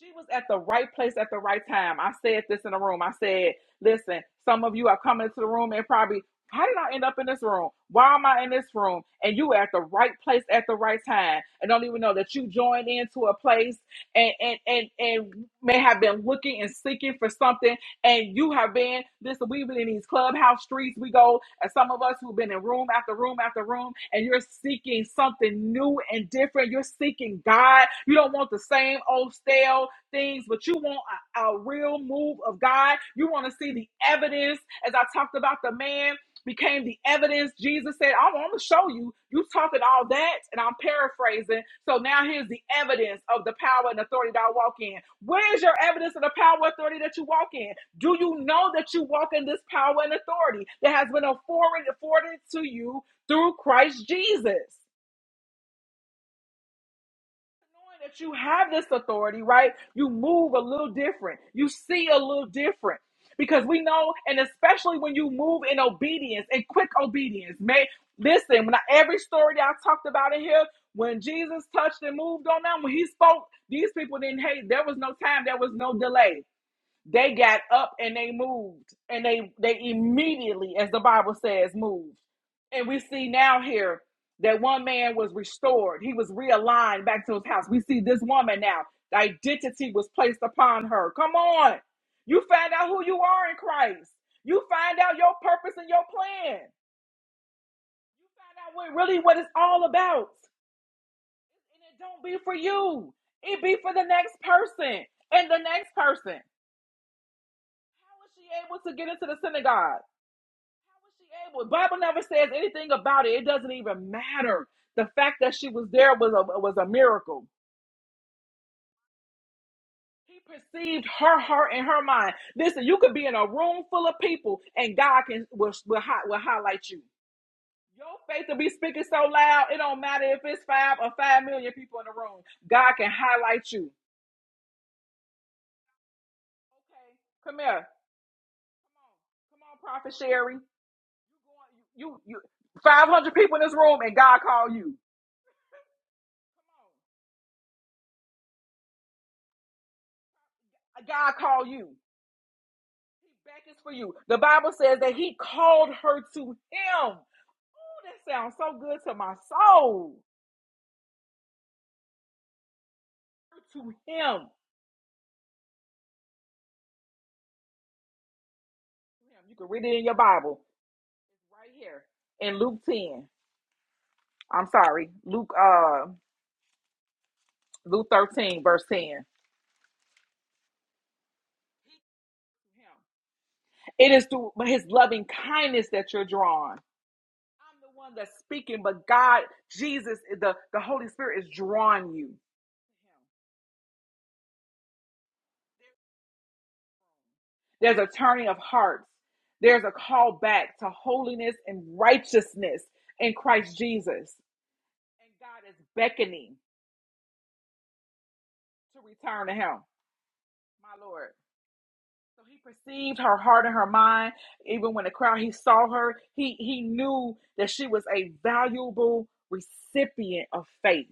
S3: She was at the right place at the right time. I said this in the room. I said, listen, some of you are coming into the room and probably, how did I end up in this room? Why am I in this room? And you were at the right place at the right time. And don't even know that you joined into a place and and and, and may have been looking and seeking for something and you have been this we've been in these clubhouse streets we go and some of us who've been in room after room after room and you're seeking something new and different you're seeking god you don't want the same old stale things but you want a, a real move of god you want to see the evidence as i talked about the man became the evidence jesus said i want to show you you talking all that and i'm paraphrasing so now here's the evidence of the power and authority that i walk in where's your evidence of the power and authority that you walk in do you know that you walk in this power and authority that has been afforded, afforded to you through Christ Jesus? Knowing that you have this authority, right? You move a little different, you see a little different. Because we know, and especially when you move in obedience and quick obedience, may listen. When I, every story that I talked about in here, when Jesus touched and moved on them, when He spoke, these people didn't hate. There was no time, there was no delay They got up and they moved, and they they immediately, as the Bible says, moved. And we see now here that one man was restored. He was realigned back to his house. We see this woman now. The identity was placed upon her. Come on. You find out who you are in Christ. You find out your purpose and your plan. You find out what really what it's all about. And it don't be for you. It be for the next person and the next person. How was she able to get into the synagogue? she able? The Bible never says anything about it. It doesn't even matter. The fact that she was there was a was a miracle. He perceived her heart and her mind. Listen, you could be in a room full of people, and God can will will, hi- will highlight you. Your faith will be speaking so loud, it don't matter if it's five or five million people in the room. God can highlight you. Okay, come here. Come on, come on, Prophet Sherry. You, you, you, 500 people in this room, and God call you. God call you. back is for you. The Bible says that he called her to him. Oh, that sounds so good to my soul. To him. You can read it in your Bible. Right here. In Luke 10. I'm sorry. Luke uh Luke 13, verse 10. It is through his loving kindness that you're drawn. I'm the one that's speaking, but God, Jesus, the, the Holy Spirit is drawing you. There's a turning of hearts. There's a call back to holiness and righteousness in Christ Jesus. And God is beckoning to return to Him, my Lord. So He perceived her heart and her mind. Even when the crowd, He saw her, He, he knew that she was a valuable recipient of faith.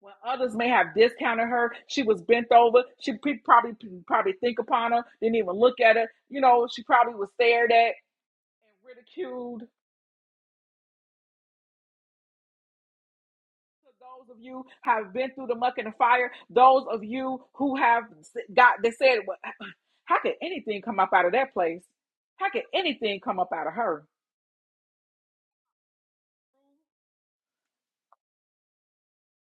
S3: When others may have discounted her, she was bent over. She probably probably think upon her, didn't even look at her. You know, she probably was stared at and ridiculed So those of you have been through the muck and the fire those of you who have got they said "Well, how could anything come up out of that place how could anything come up out of her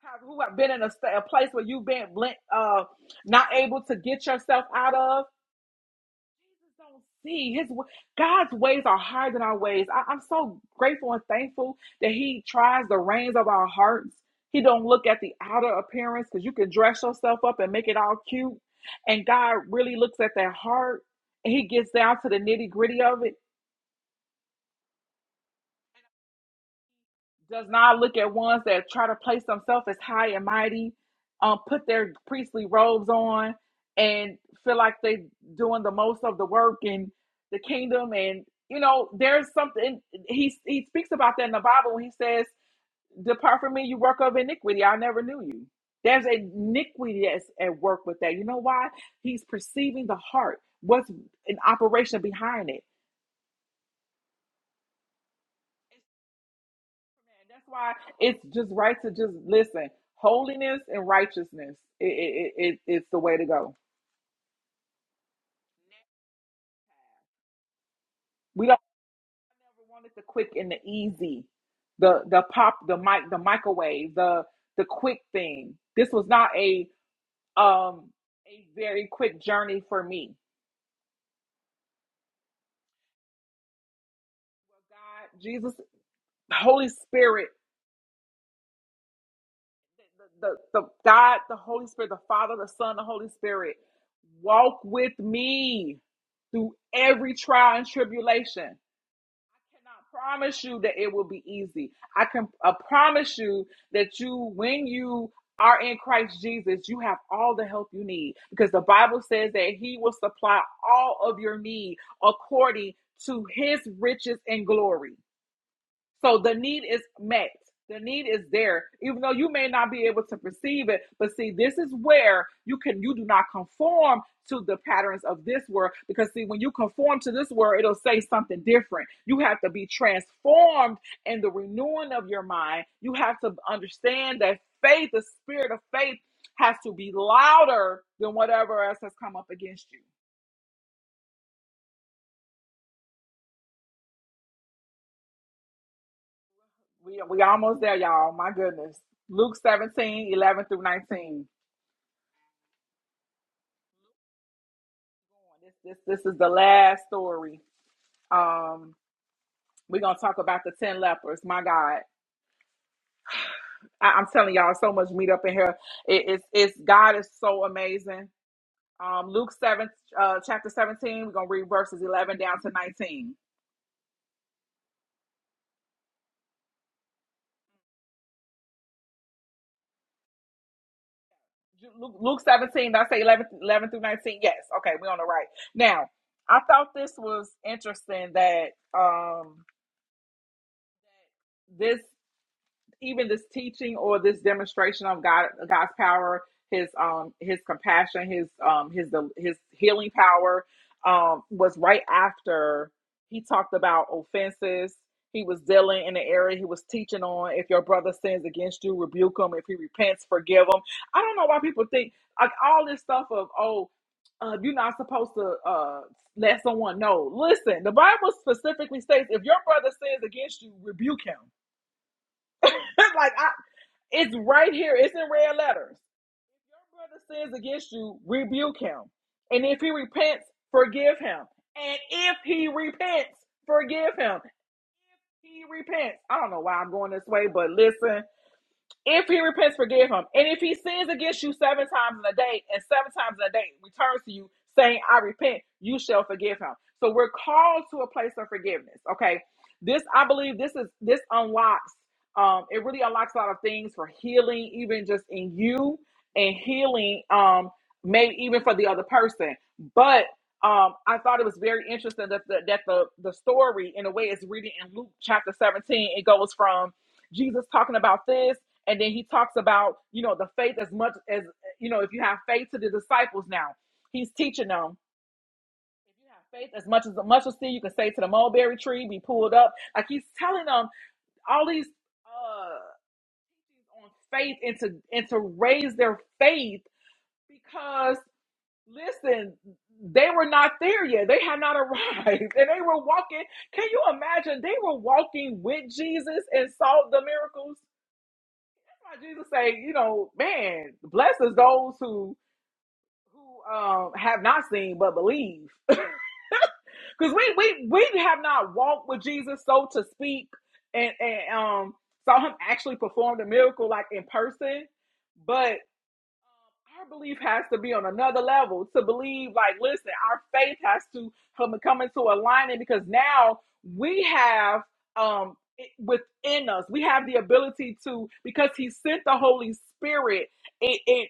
S3: Have- who have been in a, sta- a place where you've been blent, uh, not able to get yourself out of don't see his God's ways are higher than our ways. I, I'm so grateful and thankful that He tries the reins of our hearts. He don't look at the outer appearance because you can dress yourself up and make it all cute, and God really looks at that heart. And he gets down to the nitty gritty of it. does not look at ones that try to place themselves as high and mighty, um, put their priestly robes on, and feel like they doing the most of the work in the kingdom. And you know, there's something he he speaks about that in the Bible. when He says, "Depart from me, you work of iniquity. I never knew you." There's iniquity that's at work with that. You know why? He's perceiving the heart. What's an operation behind it? It's Man, that's why it's just right to just listen. Holiness and righteousness, it, it, it, it- it's the way to go. We don't never wanted the quick and the easy, the the pop, the mic, the microwave, the the quick thing. This was not a um a very quick journey for me. God, Jesus, the Holy Spirit, the, the the God, the Holy Spirit, the Father, the Son, the Holy Spirit, walk with me through every trial and tribulation I promise you that it will be easy. I can I promise you that you, when you are in Christ Jesus, you have all the help you need because the Bible says that He will supply all of your need according to His riches and glory. So the need is met. The need is there, even though you may not be able to perceive it. But see, this is where you can you do not conform to the patterns of this world. Because see, when you conform to this world, it'll say something different. You have to be transformed in the renewing of your mind. You have to understand that faith, the spirit of faith, has to be louder than whatever else has come up against you. We we almost there, y'all. My goodness. Luke 17 11 through 19. This this this is the last story. Um, we're gonna talk about the ten lepers. My God, I, I'm telling y'all, so much meat up in here. It, it's it's God is so amazing. Um, Luke seven, uh, chapter seventeen. We're gonna read verses eleven down to nineteen. Ju- Luke, Luke seventeen. Did I say 11 11 through nineteen? Yes. Okay, we're on the right now. I thought this was interesting that um this. even this teaching or this demonstration of God God's power, his um his compassion, his um his his healing power um was right after he talked about offenses. He was dealing in the area he was teaching on. If your brother sins against you, rebuke him. If he repents, forgive him. I don't know why people think like all this stuff of oh, uh, you're not supposed to uh, let someone know. Listen, the Bible specifically states if your brother sins against you, rebuke him. like I, it's right here. It's in red letters. Your brother sins against you, rebuke him. And if he repents, forgive him. And if he repents, forgive him. If he repents, I don't know why I'm going this way, but listen, if he repents, forgive him. And if he sins against you seven times in a day, and seven times in a day returns to you saying, I repent, you shall forgive him. So we're called to a place of forgiveness. Okay. This, I believe this is this unlocks, um, it really unlocks a lot of things for healing, even just in you and healing, um, maybe even for the other person. But um, I thought it was very interesting that the, that the the story, in a way, is reading in Luke chapter 17. It goes from Jesus talking about this and then he talks about, you know, the faith as much as, you know, if you have faith to the disciples now, he's teaching them. If you have faith as much as a mustard seed, you can say to the mulberry tree, be pulled up. Like he's telling them all these uh, on faith and to, and to raise their faith because, listen, they were not there yet. They had not arrived and they were walking. Can you imagine? They were walking with Jesus and saw the miracles Like Jesus say, you know, man, blessed is those who who um have not seen but believe. Because we we we have not walked with Jesus, so to speak, and and um saw him actually perform the miracle like in person. but our belief has to be on another level to believe like listen our faith has to come, come into alignment because now we have um within us we have the ability to because he sent the holy spirit it, it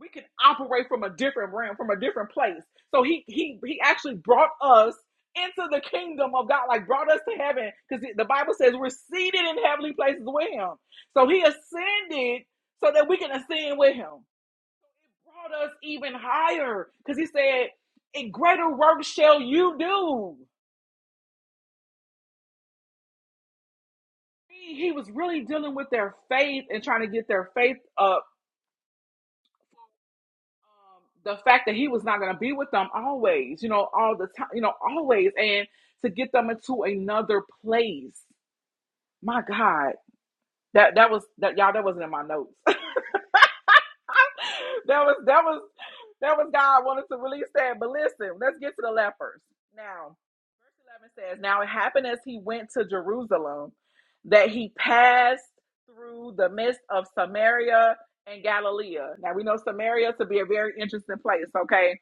S3: we can operate from a different realm from a different place so he he he actually brought us into the kingdom of god like brought us to heaven because the the bible says we're seated in heavenly places with him so he ascended so that we can ascend with him brought us even higher because he said, "In greater work shall you do." He, was really dealing with their faith and trying to get their faith up. Um, the fact that he was not going to be with them always, you know, all the time, you know, always, and to get them into another place. My God, that that was that y'all. That wasn't in my notes. that was that was that was God wanted to release that. But listen, let's get to the lepers. Now, verse 11 says, Now it happened as he went to Jerusalem that he passed through the midst of Samaria and Galilee. Now we know Samaria to be a very interesting place, okay?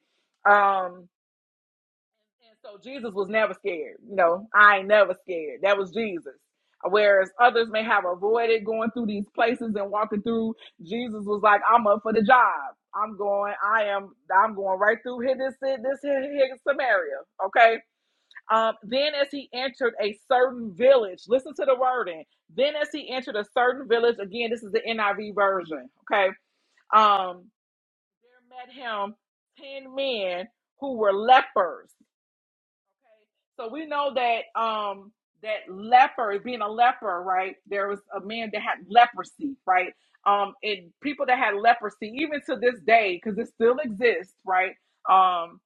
S3: Um, and so Jesus was never scared. You know, I ain't never scared. That was Jesus. Whereas others may have avoided going through these places and walking through, Jesus was like, I'm up for the job. I'm going, I am, I'm going right through here, this, here, this, here, here, Samaria. Okay. Um, then as he entered a certain village, listen to the wording. Then as he entered a certain village, again, this is the NIV version. Okay. Um, there met him 10 men who were lepers Okay. So we know that um that leper, being a leper, right? There was a man that had leprosy, right? Um, and people that had leprosy, even to this day, because it still exists, right? Um,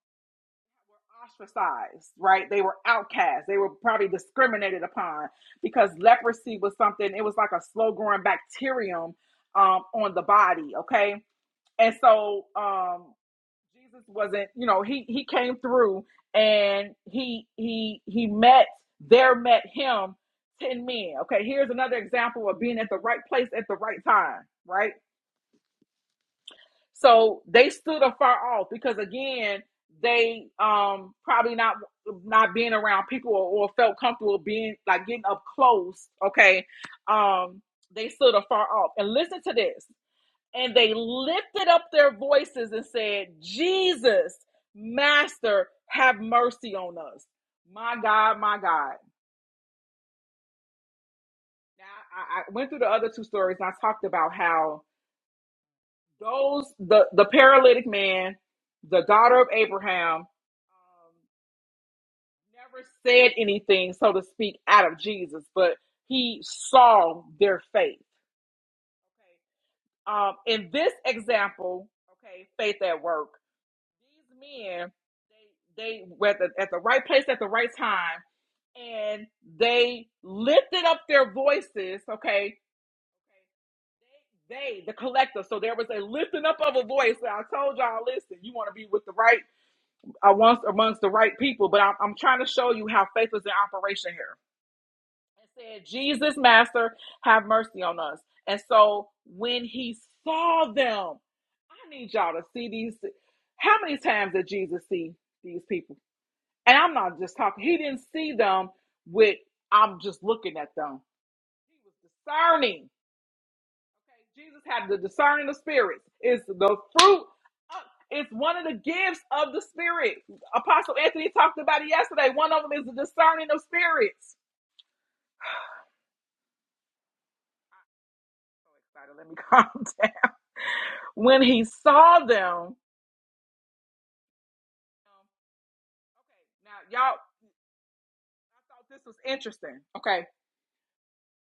S3: ostracized, right? They were outcast. They were probably discriminated upon because leprosy was something. It was like a slow growing bacterium um, on the body, okay? And so um, Jesus wasn't, you know, he he came through and he he he met there met him ten men. Okay, here's another example of being at the right place at the right time, right? So they stood afar off because again, they um probably not not being around people or, or felt comfortable being like getting up close, okay? Um they stood afar off. And listen to this and they lifted up their voices and said, Jesus, Master, have mercy on us. My God, my God. Now, I, I went through the other two stories and I talked about how those, the, the paralytic man, the daughter of Abraham, um, never said anything, so to speak, out of Jesus, but he saw their faith. Okay. Um, in this example, okay, faith at work. These men, they they were at the, at the right place at the right time, and they lifted up their voices. Okay, they the collective. So there was a lifting up of a voice. And I told y'all, listen, you want to be with the right, I uh, once amongst the right people, but I'm, I'm trying to show you how faith is in operation here and said, Jesus, Master, have mercy on us. And so when he saw them, I need y'all to see these. How many times did Jesus see these people? And I'm not just talking, he didn't see them with, I'm just looking at them. He was discerning. Okay, Jesus had the discerning of spirits. It's the fruit, of- it's one of the gifts of the spirit. Apostle Anthony talked about it yesterday. One of them is the discerning of spirits. so excited. Let me calm down. When he saw them, Um, okay, now y'all, I thought this was interesting. Okay,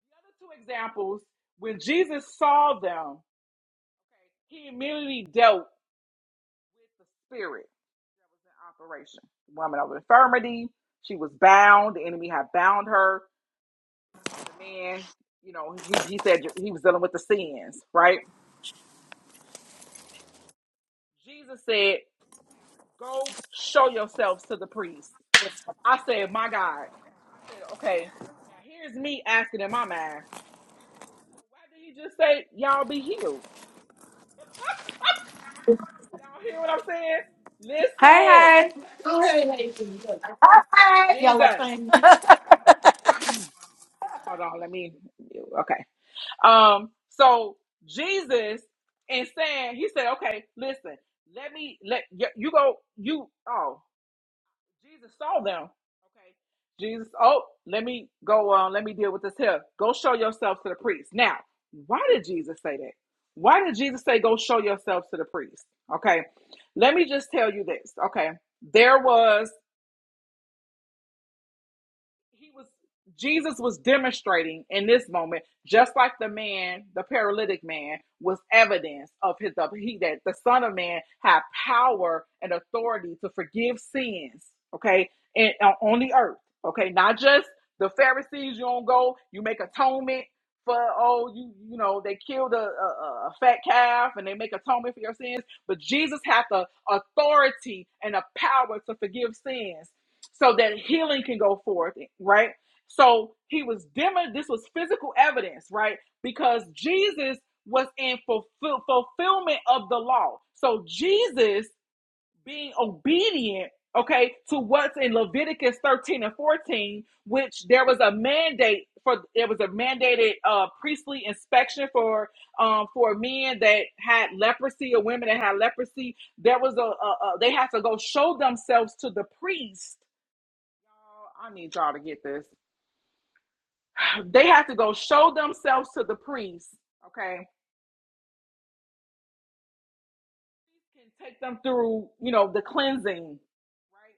S3: the other two examples, when Jesus saw them, okay, he immediately dealt with the spirit that was in operation. The woman of infirmity, she was bound. The enemy had bound her. The man, you know, he, he said he was dealing with the sins, right? Jesus said, Go show yourselves to the priest. I said, my God. I said, okay, now here's me asking in my mind, well, why did he just say, y'all be healed? Y'all hear what I'm saying?
S5: Hey,
S3: Listen,
S5: hey.
S3: listen.
S5: right, Hey, hey. Y'all are
S3: Jesus.
S5: funny.
S3: Hold on, let me, okay. Um, so Jesus and saying, he said, okay, listen, let me, let, you, you go, you, oh, Jesus saw them. Okay. Jesus, oh, let me go on. Uh, Let me deal with this here. Go show yourself to the priest. Now, why did Jesus say that? Why did Jesus say, go show yourselves to the priest? Okay. Let me just tell you this. Okay. There was he was Jesus was demonstrating in this moment, just like the man, the paralytic man, was evidence of his of he that the Son of Man had power and authority to forgive sins. Okay, and uh, on the earth. Okay, not just the Pharisees. You don't go. You make atonement for oh you you know they killed a, a, a a fat calf and they make atonement for your sins. But Jesus had the authority and the power to forgive sins so that healing can go forth, right? So he was demo. This was physical evidence, right? Because Jesus was in fulfill- fulfillment of the law. So Jesus being obedient, okay, to what's in Leviticus 13 and 14, which there was a mandate for. There was a mandated uh, priestly inspection for um, for men that had leprosy or women that had leprosy. There was a, a, a they had to go show themselves to the priest I need y'all to get this. They have to go show themselves to the priest, okay? Priest Can take them through, you know, the cleansing, right?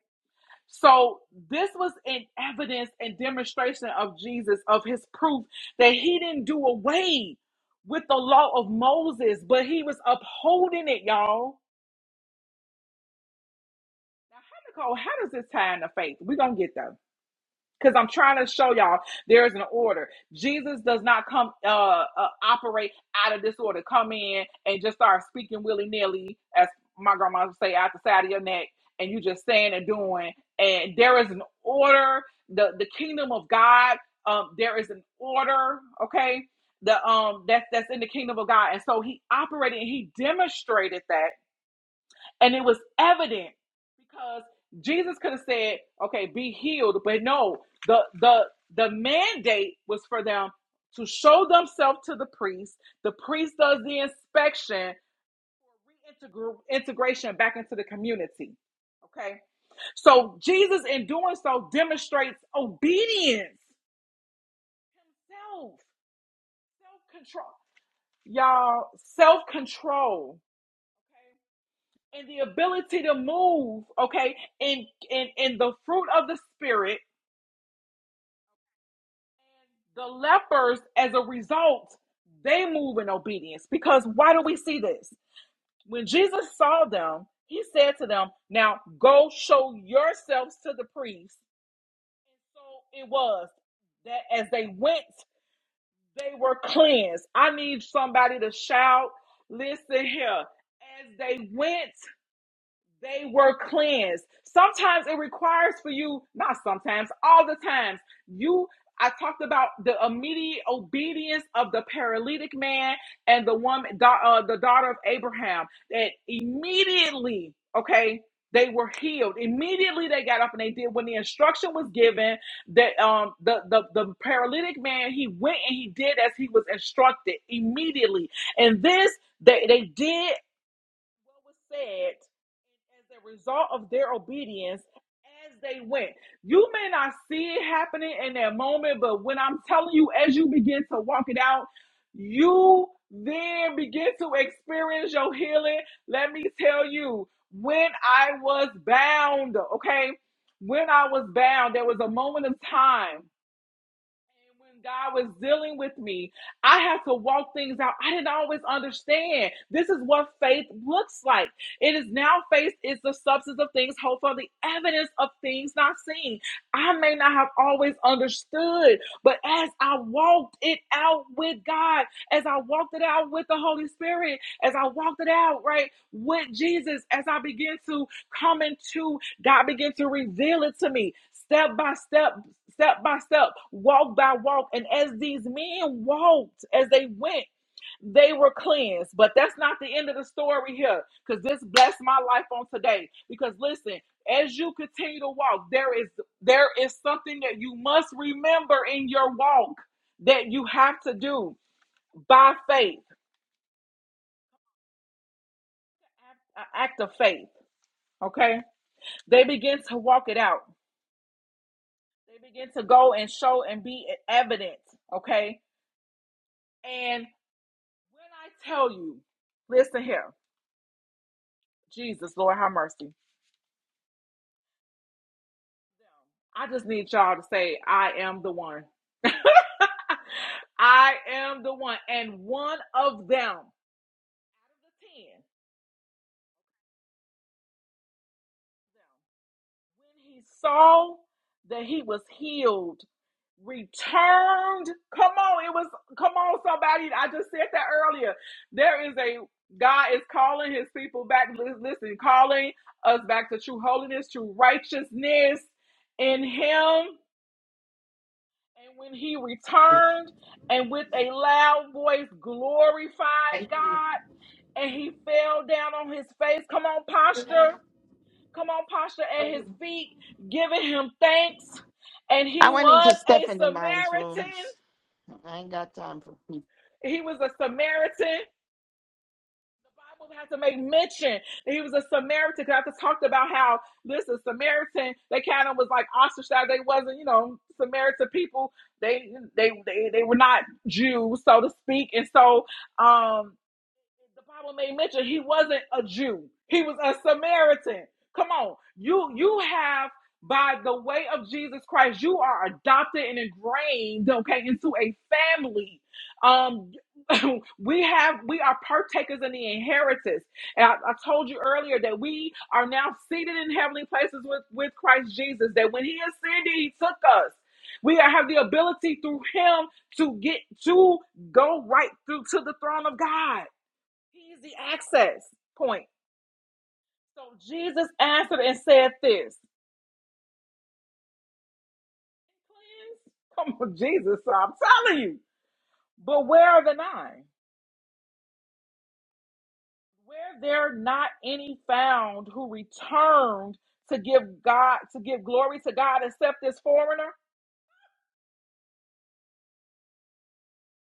S3: So this was an evidence and demonstration of Jesus, of his proof that he didn't do away with the law of Moses, but he was upholding it, y'all. Now, how, Nicole, how does this tie into faith? We're gonna get there. because I'm trying to show y'all there is an order. Jesus does not come uh, uh operate out of disorder. Come in and just start speaking willy nilly, as my grandma would say, out the side of your neck, and you just saying and doing. And there is an order. the The kingdom of God, um, there is an order. Okay, the um that's that's in the kingdom of God, and so he operated and he demonstrated that and it was evident because Jesus could have said, okay, be healed. But no, the the the mandate was for them to show themselves to the priest. The priest does the inspection for reintegr- integration back into the community. Okay. So Jesus in doing so demonstrates obedience, self, self-control. Y'all, self-control and the ability to move, okay, in in in the fruit of the spirit, the lepers as a result, they move in obedience. Because why do we see this? When Jesus saw them, he said to them, Now go show yourselves to the priest. So it was that as they went, they were cleansed. I need somebody to shout, listen here. As they went, they were cleansed. Sometimes it requires for you, not sometimes, all the times. You, I talked about the immediate obedience of the paralytic man and the woman, da- uh, the daughter of Abraham, that immediately, okay, they were healed. Immediately they got up and they did when the instruction was given that um the, the the paralytic man he went and he did as he was instructed immediately. And this they they did what was said and as a result of their obedience as they went. You may not see it happening in that moment, but when I'm telling you, as you begin to walk it out, you then begin to experience your healing. Let me tell you, when I was bound, okay, when I was bound, there was a moment of time and when God was dealing with me, I had to walk things out. I didn't always understand. This is what faith looks like. It is now faith is the substance of things hoped for, the evidence of things not seen. I may not have always understood, but as I walked it out with God, as I walked it out with the Holy Spirit, as I walked it out, right, with Jesus, as I began to come into, God began to reveal it to me step by step step by step, walk by walk. And as these men walked, as they went, they were cleansed. But that's not the end of the story here, because this blessed my life on today. Because listen, as you continue to walk, there is there is something that you must remember in your walk that you have to do by faith, an act of faith. Okay, they begin to walk it out. They begin to go and show and be evident. Okay, and. When I tell you, listen here, Jesus, Lord, have mercy. I just need y'all to say, I am the one. I am the one. And one of them, out of the ten, When he saw that he was healed, returned. Come on, it was come on, somebody. I just said that earlier. There is a God is calling his people back. Lis- Listen, calling us back to true holiness, to righteousness in him. And when he returned and with a loud voice glorified God and he fell down on his face. Come on, posture. Come on, posture at his feet, giving him thanks. And
S6: I
S3: he
S6: went into
S3: was a
S6: Stephanie Mine's room.
S3: Samaritan.
S6: I ain't got time for people.
S3: He was a Samaritan. The Bible has to make mention that he was a Samaritan. Cause I just talked about how listen, Samaritan, they kind of was like ostracized. They wasn't, you know, Samaritan people. They they they, they were not Jews, so to speak. And so um the Bible made mention he wasn't a Jew. He was a Samaritan. Come on. You you have by the way of Jesus Christ, you are adopted and ingrained, okay, into a family. Um we have we are partakers in the inheritance. And I, I told you earlier that we are now seated in heavenly places with, with Christ Jesus, that when he ascended, he took us. We are- have the ability through him to get to go right through to the throne of God. He's the access point. So Jesus answered and said this. Come on, Jesus, I'm telling you. But where are the nine? Where there are not any found who returned to give God to give glory to God except this foreigner?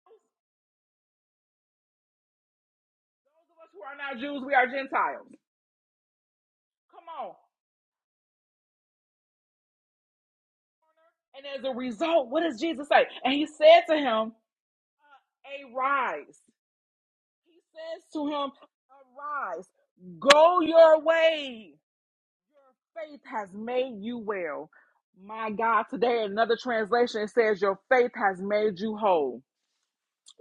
S3: Those of us who are not Jews, we are Gentiles. Come on. And as a result, what does Jesus say? And he said to him, uh, Arise. He says to him, Arise, go your way." faith has made you well. My God, today another translation says your faith has made you whole.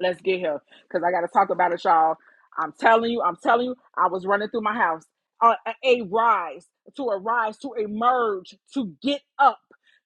S3: Let's get here because I got to talk about it, y'all. I'm telling you, I'm telling you, I was running through my house. Uh, a a rise, to arise, to emerge, to get up.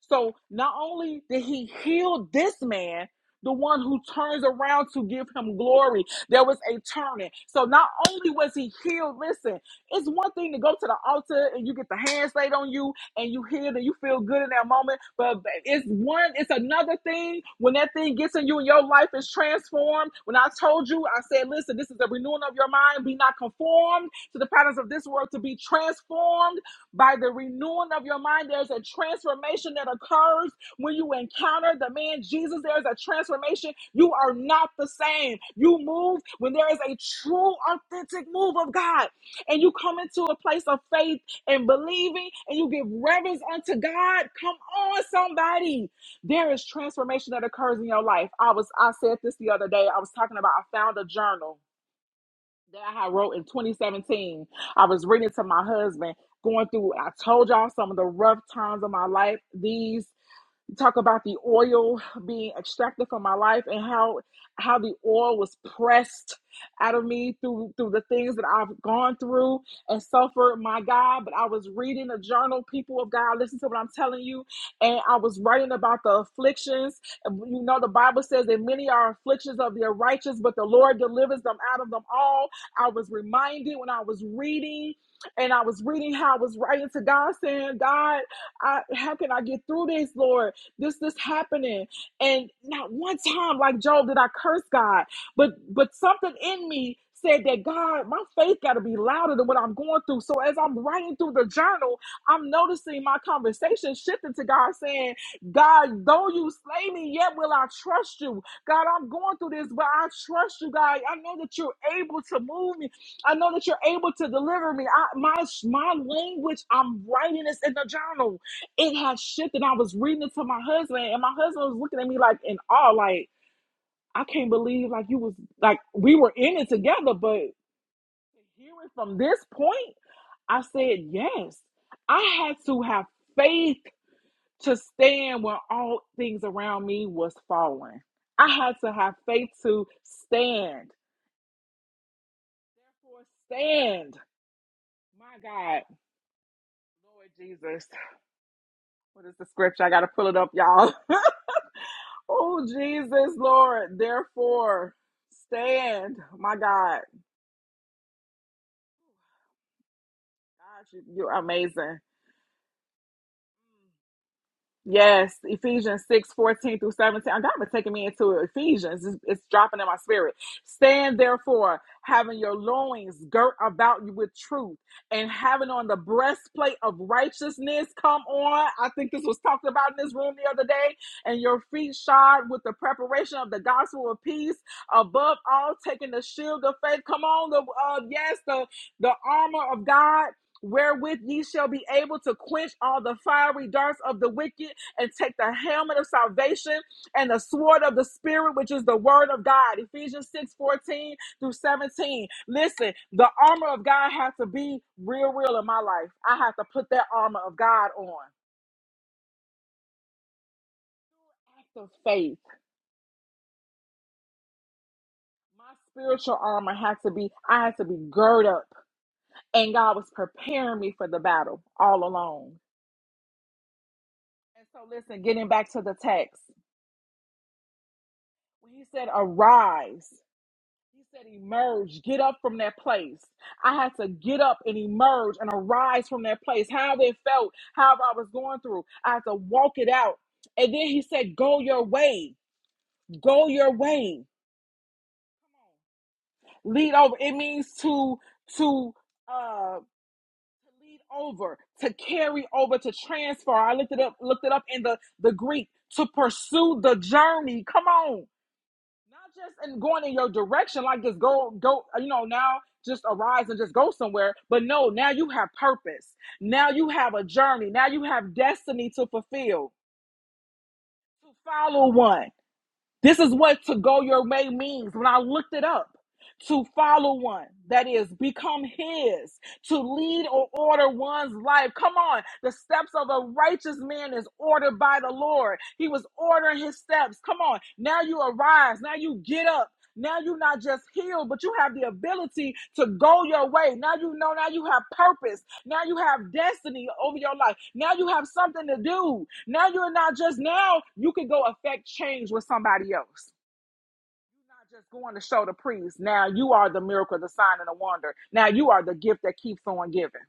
S3: So not only did he heal this man, the one who turns around to give him glory, there was a turning. So not only was he healed, listen, it's one thing to go to the altar and you get the hands laid on you and you hear that you feel good in that moment. But it's one, it's another thing when that thing gets in you and your life is transformed. When I told you, I said, listen, this is the renewing of your mind. Be not conformed to the patterns of this world, to be transformed by the renewing of your mind. There's a transformation that occurs when you encounter the man Jesus. There's a transformation. You are not the same. You move when there is a true, authentic move of God and you come into a place of faith and believing and you give reverence unto God, come on, somebody. There is transformation that occurs in your life. I was I said this the other day. I was talking about I found a journal that I had wrote in 2017. I was reading it to my husband, going through, I told y'all some of the rough times of my life. These you talk about the oil being extracted from my life and how how the oil was pressed out of me through through the things that I've gone through and suffered my God but I was reading a journal people of God listen to what I'm telling you and I was writing about the afflictions you know the Bible says that many are afflictions of the righteous but the Lord delivers them out of them all I was reminded when I was reading and I was reading how I was writing to God saying God I how can I get through this Lord this this happening and not one time like Job did i curse god but but something in me said that god my faith got to be louder than what i'm going through so as i'm writing through the journal i'm noticing my conversation shifting to god saying god though you slay me yet will i trust you god i'm going through this but i trust you god i know that you're able to move me i know that you're able to deliver me I, my my language i'm writing this in the journal it had shit that I was reading it to my husband, and my husband was looking at me like in awe, like I can't believe like you was like we were in it together, but hearing from this point, I said yes. I had to have faith to stand when all things around me was falling. I had to have faith to stand. Therefore, stand. My God, Lord Jesus. What is the scripture? I gotta pull it up, y'all. Oh, Jesus, Lord. Therefore, stand. My God. God, you, you're amazing. Yes, Ephesians 6 14 through 17. God been taking me into Ephesians. It's, it's dropping in my spirit. Stand therefore, having your loins girt about you with truth, and having on the breastplate of righteousness come on. I think this was talked about in this room the other day. And your feet shod with the preparation of the gospel of peace. Above all, taking the shield of faith. Come on, the uh, yes, the, the armor of God. Wherewith ye shall be able to quench all the fiery darts of the wicked, and take the helmet of salvation and the sword of the spirit, which is the word of God. Ephesians 6 14 through 17. Listen, the armor of God has to be real, real in my life. I have to put that armor of God on. Act of faith. My spiritual armor has to be, I had to be girded up. And God was preparing me for the battle all along. And so, listen, getting back to the text, when he said, Arise. He said, emerge, get up from that place. I had to get up and emerge and arise from that place. How it felt, how I was going through. I had to walk it out. And then he said, go your way, go your way. Lead over. It means to, to, uh, lead over to carry over to transfer i looked it up looked it up in the the greek to pursue the journey come on not just in going in your direction, like just go, go, you know, now just arise and just go somewhere. But no, now you have purpose. Now you have a journey. Now you have destiny to fulfill, to follow one. This is what to go your way means. When I looked it up, to follow one, that is, become his, to lead or order one's life. Come on, the steps of a righteous man is ordered by the Lord. He was ordering his steps. Come on, now you arise, now you get up. Now you're not just healed, but you have the ability to go your way. Now you know, now you have purpose. Now you have destiny over your life. Now you have something to do. Now you're not just now you can go affect change with somebody else. not just going to show the priest. Now you are the miracle, the sign, and the wonder. Now you are the gift that keeps on giving.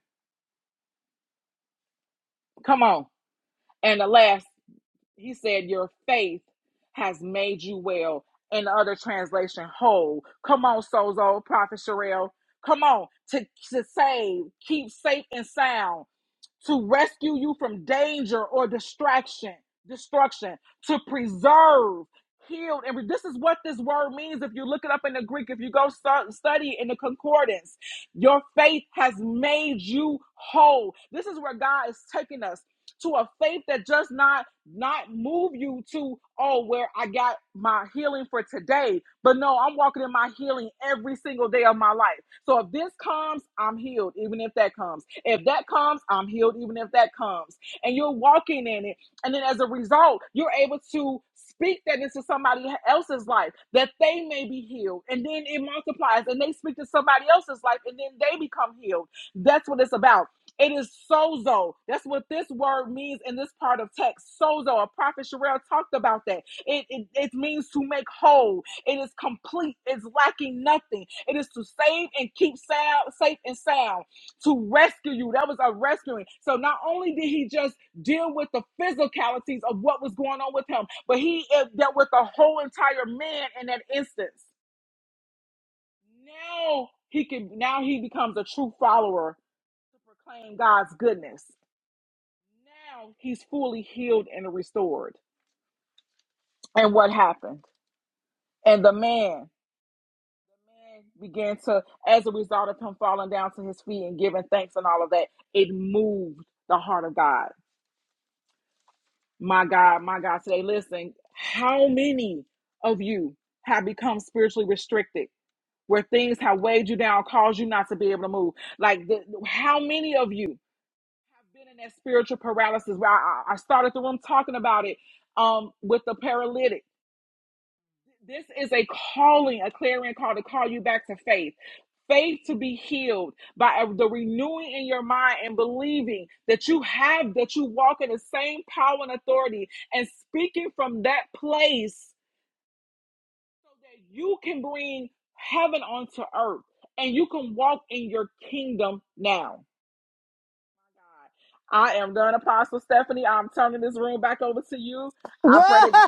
S3: Come on. And the last, he said, Your faith has made you well. In the other translation, whole. Come on, Sozo, Prophet Sherelle. Come on to, to save, keep safe and sound to rescue you from danger or distraction, destruction, to preserve, healed, And this is what this word means. If you look it up in the Greek, if you go start, study in the concordance, your faith has made you whole. This is where God is taking us to a faith that does not not move you to oh where I got my healing for today but no I'm walking in my healing every single day of my life so if this comes, I'm healed, even if that comes. If that comes, I'm healed, even if that comes. And you're walking in it. And then as a result, you're able to speak that into somebody else's life that they may be healed. And then it multiplies and they speak to somebody else's life and then they become healed. That's what it's about. It is sozo. That's what this word means in this part of text. Sozo. A prophet Sherelle talked about that. It, it, it means to make whole it is complete. It's lacking nothing. It is to save and keep sound, safe and sound, to rescue you. That was a rescuing. So not only did he just deal with the physicalities of what was going on with him, but he uh, dealt with the whole entire man in that instance. Now he can. Now he becomes a true follower to proclaim God's goodness. Now he's fully healed and restored. And what happened? And the man began to, as a result of him falling down to his feet and giving thanks and all of that, it moved the heart of God. My God, my God, today, listen, how many of you have become spiritually restricted where things have weighed you down, caused you not to be able to move? Like, the, how many of you have been in that spiritual paralysis where I, I I started the room talking about it um, with the paralytic? This is a calling, a clarion call to call you back to faith. Faith to be healed by a- the renewing in your mind and believing that you have, that you walk in the same power and authority and speaking from that place so that you can bring heaven onto earth and you can walk in your kingdom now. I am done, Apostle Stephanie. I'm turning this room back over to you. I
S1: Whoa!
S3: pray that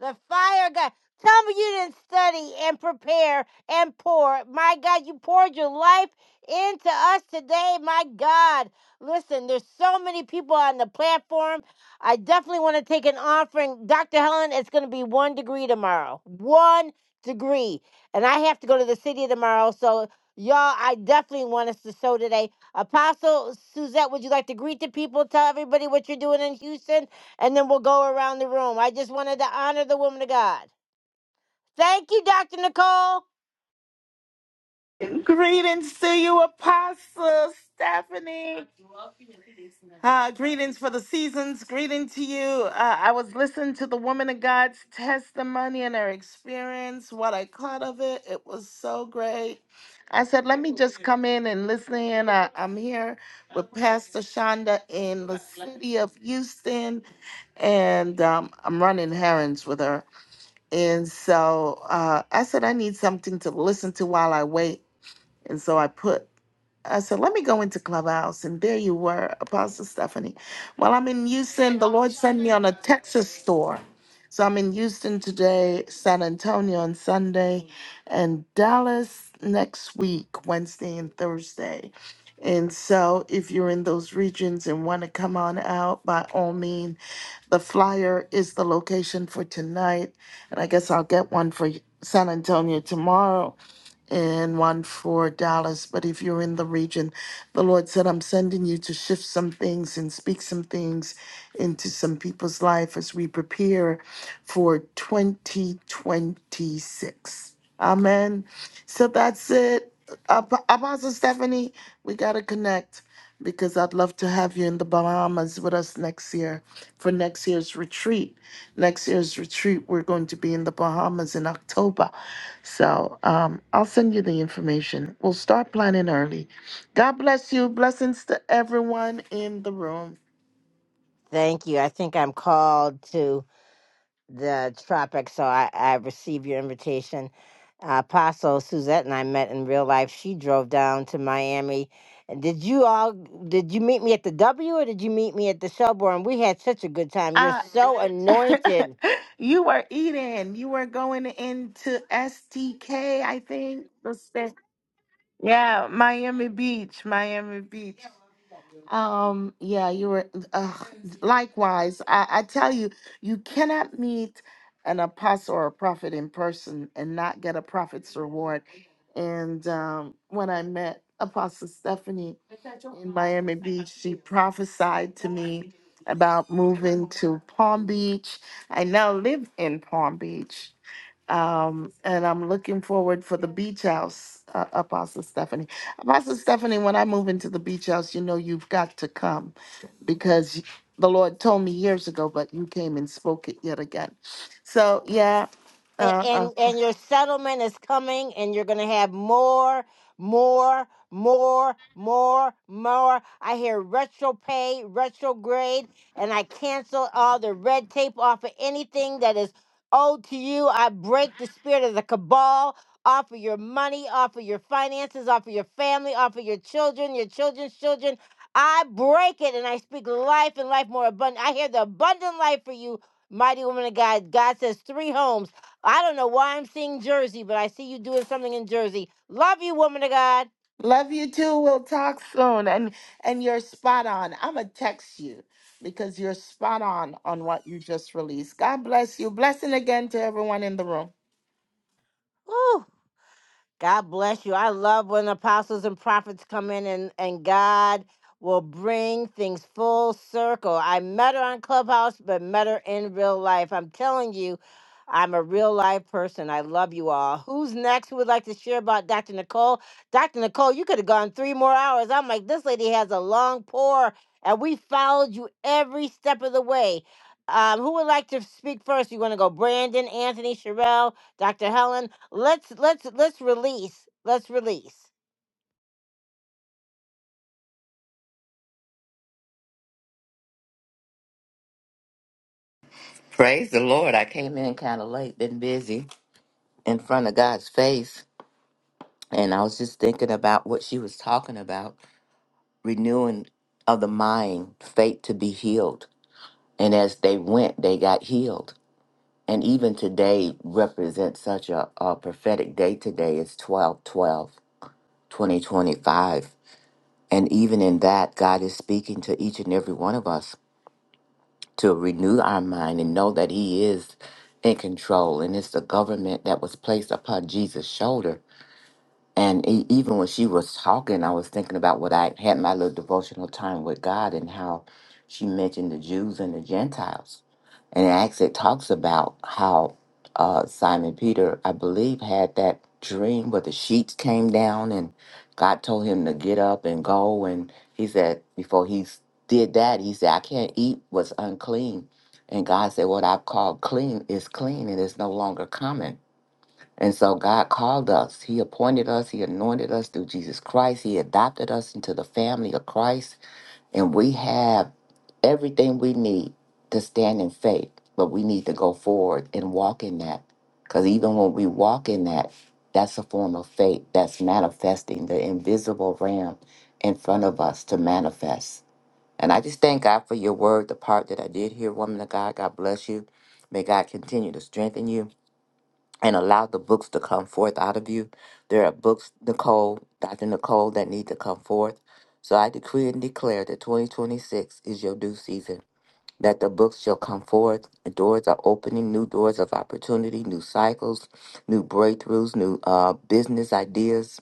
S1: The fire God. Tell me you didn't study and prepare and pour. My God, you poured your life into us today. My God. Listen, there's so many people on the platform. I definitely want to take an offering. Dr. Helen, it's going to be one degree tomorrow. One degree. And I have to go to the city tomorrow. So, y'all, I definitely want us to sow today. Apostle Suzette, would you like to greet the people, tell everybody what you're doing in Houston, and then we'll go around the room. I just wanted to honor the woman of God. Thank you, Dr. Nicole.
S6: Greetings to you, Apostle Stephanie. Uh, greetings for the seasons. Greeting to you. Uh, I was listening to the woman of God's testimony and her experience, what I caught of it. It was so great. I said, let me just come in and listen in. I, I'm here with Pastor Shonda in the city of Houston, and um, I'm running errands with her. And so uh, I said, I need something to listen to while I wait. And so I put, I said, let me go into Clubhouse. And there you were, Apostle Stephanie. Well, I'm in Houston. The Lord sent me on a Texas tour, So I'm in Houston today, San Antonio on Sunday, and Dallas next week, Wednesday and Thursday. And so if you're in those regions and want to come on out, by all means, the flyer is the location for tonight, and I guess I'll get one for San Antonio tomorrow and one for Dallas. But if you're in the region, the Lord said, I'm sending you to shift some things and speak some things into some people's life as we prepare for 2026. Amen. So that's it. Ap- Apostle Stephanie, we got to connect because I'd love to have you in the Bahamas with us next year for next year's retreat. Next year's retreat, we're going to be in the Bahamas in October. So um, I'll send you the information. We'll start planning early. God bless you. Blessings to everyone in the room.
S1: Thank you. I think I'm called to the tropics, so I, I received your invitation. Uh, Apostle Suzette and I met in real life. She drove down to Miami. And did you all did you meet me at the W or did you meet me at the Shelbourne? We had such a good time. You're
S6: I,
S1: so anointed.
S6: you were eating. You were going into STK, I think. the sta- Yeah, Miami Beach, Miami Beach. Um, yeah, you were. Uh, likewise, I, I tell you, you cannot meet an apostle or a prophet in person and not get a prophet's reward And um, when I met Apostle Stephanie in Miami Beach, she prophesied to me about moving to Palm Beach. I now live in Palm Beach. Um, and I'm looking forward for the beach house, uh, Apostle Stephanie. Apostle Stephanie, when I move into the beach house, you know you've got to come because the Lord told me years ago, but you came and spoke it yet again. So, yeah,
S1: A-
S6: uh, uh,
S1: and and your settlement is coming and you're going to have more more more more more i hear retro pay retrograde and i cancel all the red tape off of anything that is owed to you i break the spirit of the cabal off of your money off of your finances off of your family off of your children your children's children i break it and i speak life and life more abundant i hear the abundant life for you mighty woman of god god says three homes I don't know why I'm seeing Jersey, but I see you doing something in Jersey. Love you, woman of God.
S6: Love you too. We'll talk soon. And and you're spot on. I'ma text you because you're spot on on what you just released. God bless you. Blessing again to everyone in the room.
S1: Woo. God bless you. I love when apostles and prophets come in and, and God will bring things full circle. I met her on Clubhouse, but met her in real life. I'm telling you, I'm a real life person. I love you all. Who's next who would like to share about Dr. Nicole? Dr. Nicole, you could have gone three more hours. I'm like, this lady has a long pour, and we followed you every step of the way. Um, who would like to speak first? You want to go Brandon, Anthony, Sherelle, Dr. Helen? Let's let's let's release. Let's release.
S7: Praise the Lord. I came in kind of late, been busy in front of God's face. And I was just thinking about what she was talking about renewing of the mind, faith to be healed. And as they went, they got healed. And even today represents such a, a prophetic day today. is 12, 12, 2025. And even in that, God is speaking to each and every one of us to renew our mind and know that He is in control. And it's the government that was placed upon Jesus' shoulder and e- even when she was talking, I was thinking about what I had my little devotional time with God and how she mentioned the Jews and the Gentiles. And it actually talks about how uh, Simon Peter, I believe, had that dream where the sheets came down and God told him to get up and go. And he said, before he s- did that, he said, I can't eat what's unclean. And God said, What I've called clean is clean and it's no longer common. And so God called us. He appointed us. He anointed us through Jesus Christ. He adopted us into the family of Christ. And we have everything we need to stand in faith, but we need to go forward and walk in that. Because even when we walk in that, that's a form of faith that's manifesting the invisible realm in front of us to manifest. And I just thank God for your word, the part that I did hear, woman of God. God bless you. May God continue to strengthen you and allow the books to come forth out of you. There are books, Nicole, Dr. Nicole, that need to come forth. So I decree and declare that 2026 is your due season, that the books shall come forth, and doors are opening, new doors of opportunity, new cycles, new breakthroughs, new uh, business ideas,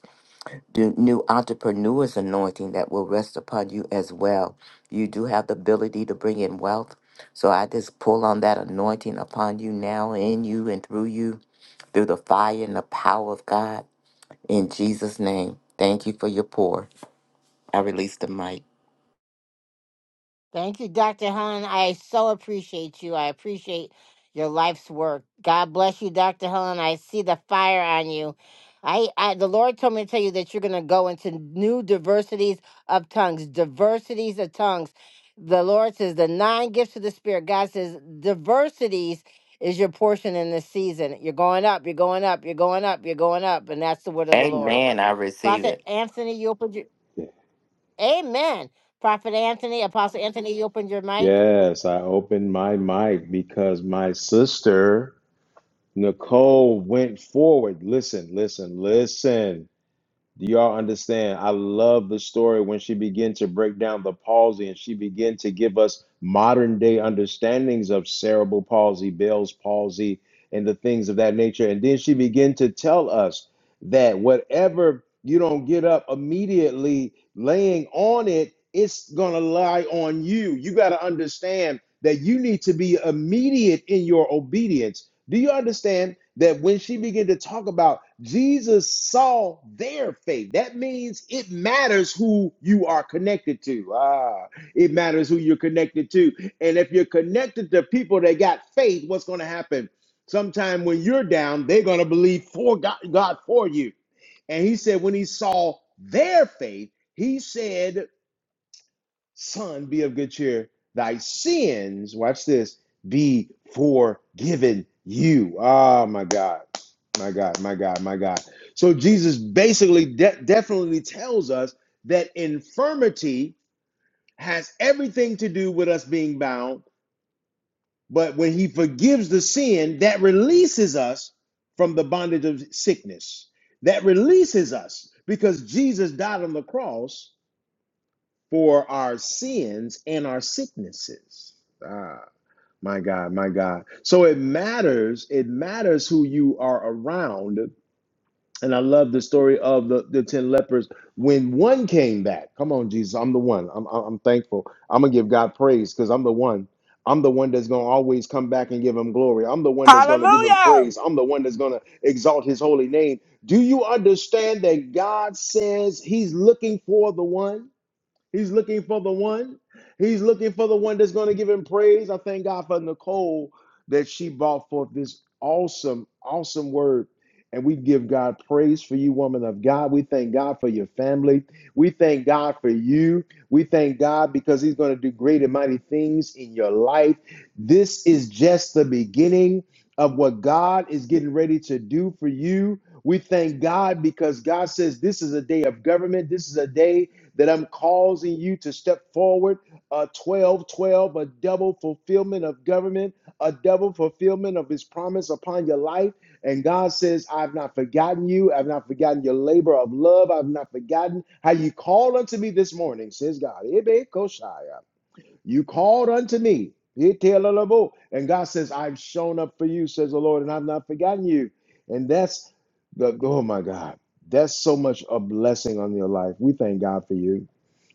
S7: the new entrepreneur's anointing that will rest upon you as well. You do have the ability to bring in wealth. So I just pull on that anointing upon you now, in you, and through you, through the fire and the power of God. In Jesus' name, thank you for your pour. I release the mic.
S1: Thank you, Dr. Helen. I so appreciate you. I appreciate your life's work. God bless you, Dr. Helen. I see the fire on you. I, I the Lord told me to tell you that you're gonna go into new diversities of tongues, diversities of tongues. The Lord says the nine gifts of the Spirit. God says diversities is your portion in this season. You're going up, you're going up, you're going up, you're going up, and that's the word of the Lord.
S7: Amen. I receive
S1: Prophet
S7: it.
S1: Anthony, you opened your Amen. Prophet Anthony, Apostle Anthony, you opened your mic.
S4: Yes, I opened my mic because my sister Nicole went forward. Listen, listen, listen. Do y'all understand? I love the story when she began to break down the palsy and she began to give us modern day understandings of cerebral palsy, Bell's palsy, and the things of that nature. And then she began to tell us that whatever you don't get up immediately laying on it, it's going to lie on you. You got to understand that you need to be immediate in your obedience do you understand that when she began to talk about Jesus saw their faith, that means it matters who you are connected to. Ah, it matters who you're connected to. And if you're connected to people that got faith, what's going to happen? Sometime when you're down, they're going to believe for God, God for you. And he said, when he saw their faith, he said Son, be of good cheer. Thy sins, watch this, be forgiven you. oh my God. My God, my God, my God. So Jesus basically de- definitely tells us that infirmity has everything to do with us being bound, but when he forgives the sin, that releases us from the bondage of sickness. That releases us because Jesus died on the cross for our sins and our sicknesses. Ah, my God, my God. So it matters, it matters who you are around. And I love the story of the, the 10 lepers when one came back. Come on, Jesus, I'm the one. I'm, I'm I'm thankful. I'm going to give God praise because I'm the one. I'm the one that's going to always come back and give him glory. I'm the one that's going to give him
S3: Hallelujah.
S4: praise. I'm the one that's going to exalt his holy name. Do you understand that God says he's looking for the one? He's looking for the one. He's looking for the one that's going to give him praise. I thank God for Nicole that she brought forth this awesome, awesome word. And we give God praise for you, woman of God. We thank God for your family. We thank God for you. We thank God because He's going to do great and mighty things in your life. This is just the beginning of what God is getting ready to do for you. We thank God because God says this is a day of government. This is a day that I'm causing you to step forward. A 12, 12, a double fulfillment of government, a double fulfillment of his promise upon your life. And God says, I've not forgotten you. I've not forgotten your labor of love. I've not forgotten how you called unto me this morning, says God. Ebe koshaya. You called unto me. Itelelebo. And God says, I've shown up for you, says the Lord, and I've not forgotten you. And that's the, oh my God, that's so much a blessing on your life. We thank God for you.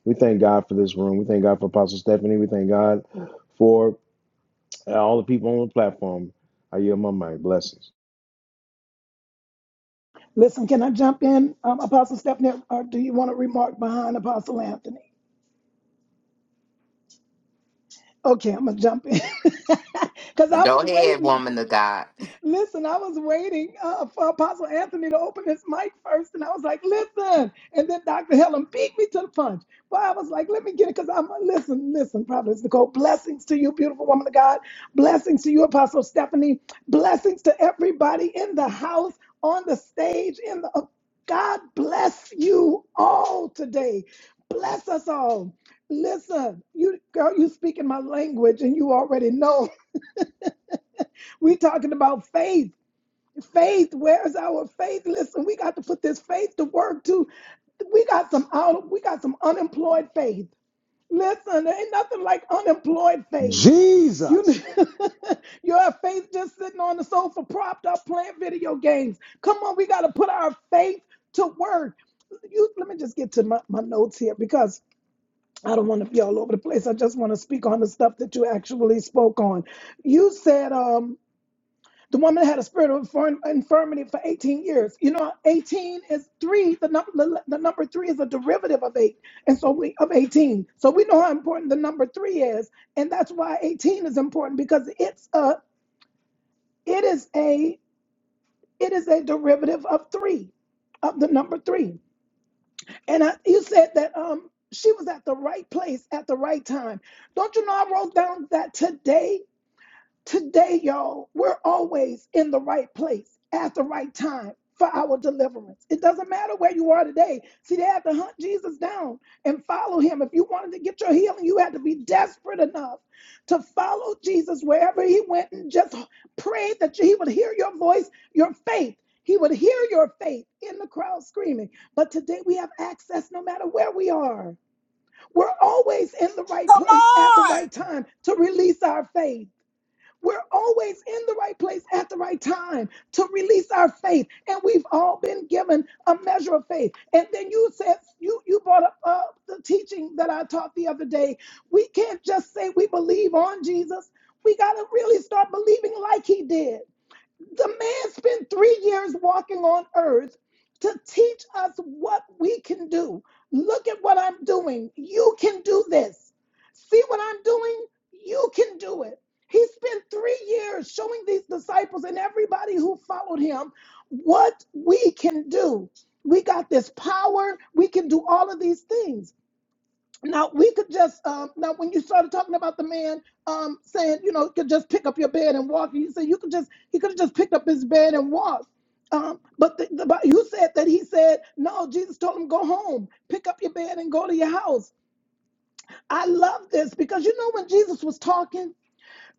S4: We thank God for this room. We thank God for Apostle Stephanie. We thank God for uh, all the people on the platform. I yield my mic. Blessings.
S2: Listen, can I jump in, um, Apostle Stephanie, or do you want to remark behind Apostle Anthony? Okay, I'm gonna jump in because I
S7: Go
S2: was
S7: ahead,
S2: waiting.
S7: woman of God.
S2: Listen, I was waiting uh, for Apostle Anthony to open his mic first, and I was like, "Listen!" And then Dr. Helen beat me to the punch. But I was like, "Let me get it," because I'm listen, listen, Providence Nicole. Blessings to you, beautiful woman of God. Blessings to you, Apostle Stephanie. Blessings to everybody in the house, on the stage, in the. uh, God bless you all today. Bless us all. Listen, you girl, you speaking my language, and you already know we talking about faith faith where's our faith listen we got to put this faith to work too we got some out we got some unemployed faith listen there ain't nothing like unemployed faith you
S4: Jesus.
S2: you have faith just sitting on the sofa propped up playing video games come on we got to put our faith to work you let me just get to my, my notes here because I don't want to be all over the place. I just want to speak on the stuff that you actually spoke on. You said, um, the woman had a spirit of infirm- infirmity for 18 years. You know, 18 is three. The number, the, the number three is a derivative of eight, and so we of 18. So we know how important the number three is, and that's why 18 is important because it's a, it is a, it is a derivative of three, of the number three. And I, you said that um she was at the right place at the right time. Don't you know I wrote down that today Today, y'all, we're always in the right place at the right time for our deliverance. It doesn't matter where you are today. See, they had to hunt Jesus down and follow him. If you wanted to get your healing, you had to be desperate enough to follow Jesus wherever he went and just pray that he would hear your voice, your faith. He would hear your faith in the crowd screaming. But today we have access no matter where we are. We're always in the right
S3: Come
S2: place at the
S3: on.
S2: right time to release our faith. We're always in the right place at the right time to release our faith. And we've all been given a measure of faith. And then you said, you, you brought up uh, the teaching that I taught the other day. We can't just say we believe on Jesus. We got to really start believing like he did. The man spent three years walking on earth to teach us what we can do. Look at what I'm doing. You can do this. See what I'm doing? You can do it. He spent three years showing these disciples and everybody who followed him what we can do. We got this power. We can do all of these things. Now we could just um, now when you started talking about the man um, saying you know could just pick up your bed and walk, you said you could just he could have just picked up his bed and walked. Um, but the, the, but you said that he said no. Jesus told him go home, pick up your bed and go to your house. I love this because you know when Jesus was talking,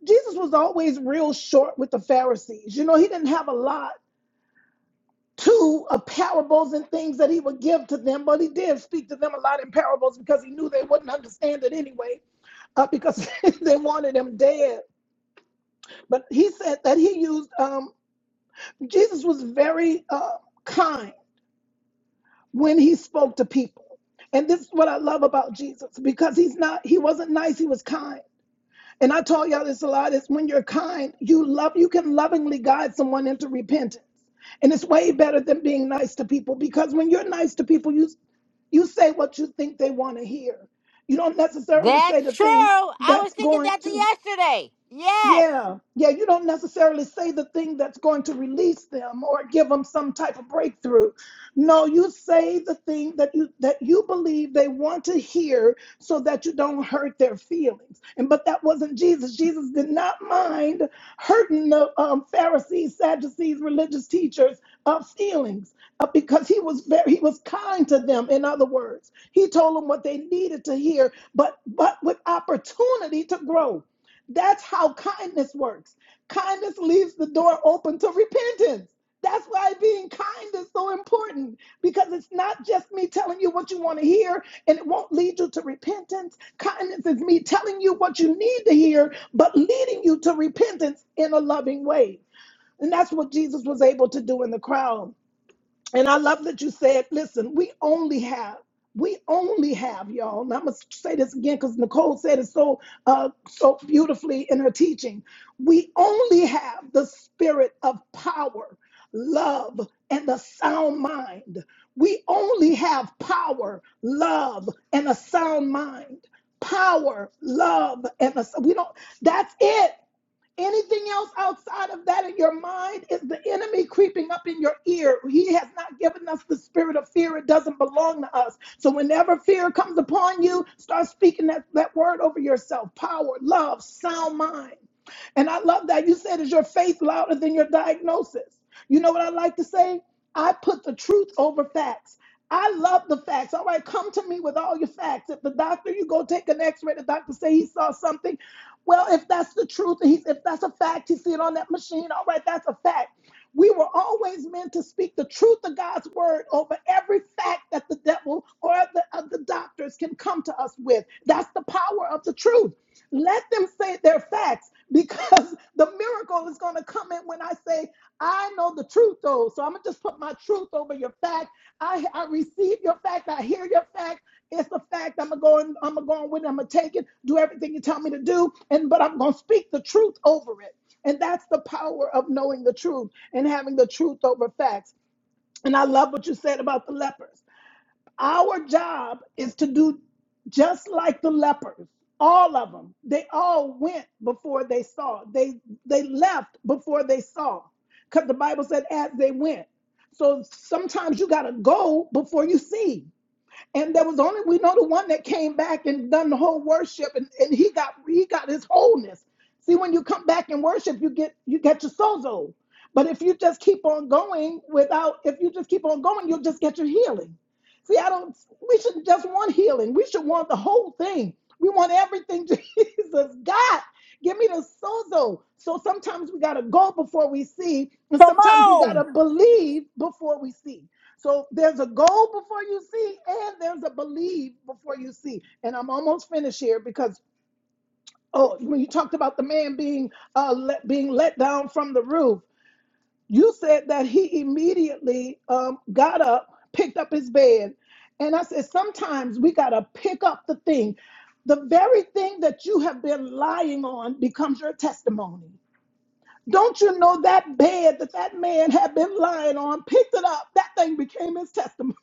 S2: Jesus was always real short with the Pharisees. You know he didn't have a lot to uh, parables and things that he would give to them, but he did speak to them a lot in parables because he knew they wouldn't understand it anyway, uh, because they wanted him dead. But he said that he used, um, Jesus was very uh, kind when he spoke to people. And this is what I love about Jesus because he's not, he wasn't nice, he was kind. And I told y'all this a lot is when you're kind, you love, you can lovingly guide someone into repentance. And it's way better than being nice to people because when you're nice to people, you you say what you think they want to hear. You don't necessarily say the
S1: That's true.
S2: thing
S1: I was
S2: that's
S1: thinking
S2: going
S1: that the
S2: to.
S1: yesterday. Yes.
S2: Yeah, yeah, you don't necessarily say the thing that's going to release them or give them some type of breakthrough. No, you say the thing that you that you believe they want to hear so that you don't hurt their feelings. And but that wasn't Jesus. Jesus did not mind hurting the um, Pharisees, Sadducees, religious teachers uh, feelings uh, because he was very he was kind to them. In other words, he told them what they needed to hear, but but with opportunity to grow. That's how kindness works. Kindness leaves the door open to repentance. That's why being kind is so important because it's not just me telling you what you want to hear and it won't lead you to repentance. Kindness is me telling you what you need to hear, but leading you to repentance in a loving way. And that's what Jesus was able to do in the crowd. And I love that you said, listen, we only have, we only have, y'all. And I'm gonna say this again because Nicole said it so uh so beautifully in her teaching. We only have the spirit of power, love, and a sound mind. We only have power, love, and a sound mind. Power, love, and a we don't that's it. Anything else outside of that in your mind is the enemy creeping up in your ear. He has not given us the spirit of fear. It doesn't belong to us. So whenever fear comes upon you, start speaking that, that word over yourself power, love, sound mind. And I love that you said, is your faith louder than your diagnosis? You know what I like to say? I put the truth over facts. I love the facts. All right, come to me with all your facts. If the doctor, you go take an x-ray, the doctor say he saw something. Well, if that's the truth, he's, if that's a fact, he see it on that machine. All right, that's a fact. We were always meant to speak the truth of God's word over every fact that the devil or the, uh, the doctors can come to us with. That's the power of the truth let them say their facts because the miracle is going to come in when I say, I know the truth, though. So I'm going to just put my truth over your fact. I, I receive your fact. I hear your fact. It's a fact. I'm going to go and I'm going to go on with it. I'm going to take it, do everything you tell me to do. And, but I'm going to speak the truth over it. And that's the power of knowing the truth and having the truth over facts. And I love what you said about the lepers. Our job is to do just like the lepers. All of them. They all went before they saw. They they left before they saw. Cuz the Bible said as they went. So sometimes you got to go before you see. And there was only we know the one that came back and done the whole worship and, and he got he got his wholeness. See, when you come back and worship, you get you get your sozo. But if you just keep on going without if you just keep on going, you'll just get your healing. See, I don't we shouldn't just want healing. We should want the whole thing. We want everything Jesus God, Give me the sozo. So sometimes we gotta go before we see, and
S3: Come
S2: sometimes we
S3: on.
S2: gotta believe before we see. So there's a goal before you see, and there's a believe before you see. And I'm almost finished here because oh, when you talked about the man being uh, let, being let down from the roof, you said that he immediately um, got up, picked up his bed, and I said sometimes we gotta pick up the thing. The very thing that you have been lying on becomes your testimony. Don't you know that bed that that man had been lying on, picked it up, that thing became his testimony.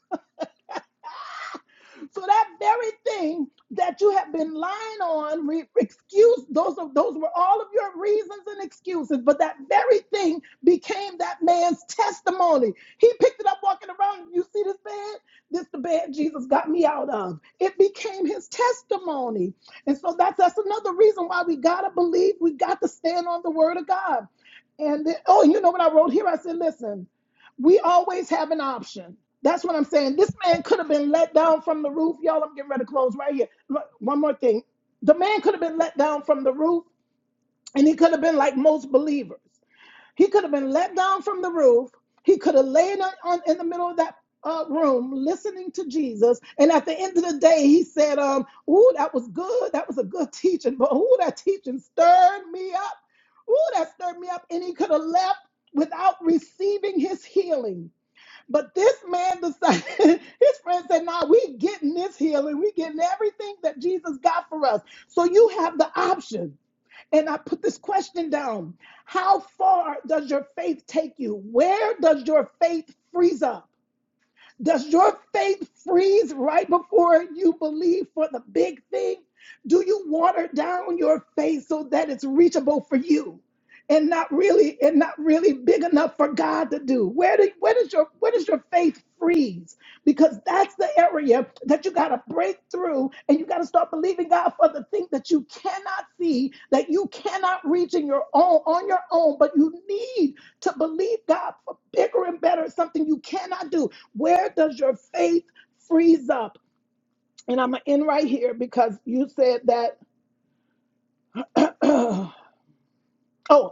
S2: So that very thing that you have been lying on, re- excuse those are those were all of your reasons and excuses, but that very thing became that man's testimony. He picked it up walking around. You see this bed? This the bed Jesus got me out of. It became his testimony. And so that's that's another reason why we gotta believe, we got to stand on the word of God. And then, oh, you know what I wrote here? I said, listen. We always have an option. That's what I'm saying. This man could have been let down from the roof. Y'all, I'm getting ready to close right here. Look, One more thing. The man could have been let down from the roof, and he could have been like most believers. He could have been let down from the roof. He could have laid on, on- in the middle of that uh, room listening to Jesus. And at the end of the day, he said, um, Ooh, that was good. That was a good teaching. But ooh, that teaching stirred me up. Ooh, that stirred me up. And he could have left without receiving his healing but this man decided, his friend said, nah, we getting this healing. We getting everything that Jesus got for us. So you have the option. And I put this question down. How far does your faith take you? Where does your faith freeze up? Does your faith freeze right before you believe for the big thing? Do you water down your faith so that it's reachable for you and not really and not really big enough for God to do? Where do where does your where does your faith freeze? Because that's the area that you got to break through and you got to start believing God for the thing that you cannot see, that you cannot reach in your own on your own, but you need to believe God for bigger and better, something you cannot do. Where does your faith freeze up? And I'm gonna end right here because you said that. oh,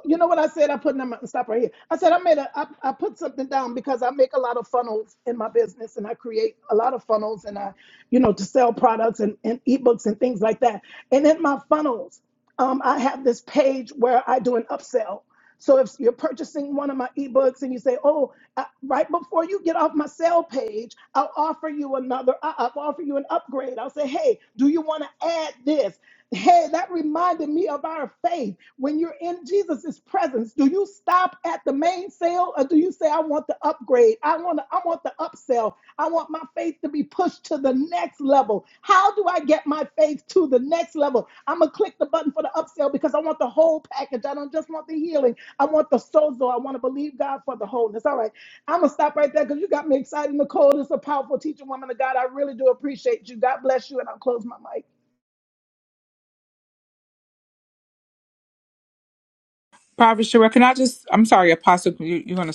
S2: you know what I said? I put them stop right here. I said I made a I, I put something down because I make a lot of funnels in my business and I create a lot of funnels and I, you know, to sell products and, and ebooks and things like that. And in my funnels, um, I have this page where I do an upsell. So if you're purchasing one of my ebooks and you say, "Oh, uh, right before you get off my sale page, I'll offer you another. I- I'll offer you an upgrade. I'll say, "Hey, do you want to add this?" Hey, that reminded me of our faith. When you're in Jesus's presence, do you stop at the main sale or do you say, "I want the upgrade. I want to, I want the upsell. I want my faith to be pushed to the next level. How do I get my faith to the next level? I'm gonna click the button for the upsell because I want the whole package. I don't just want the healing. I want the sozo. I want to believe God for the wholeness. All right. I'm going to stop right there because you got me excited. Nicole is a powerful teacher, woman of God. I really do appreciate you. God bless you. And I'll close my mic.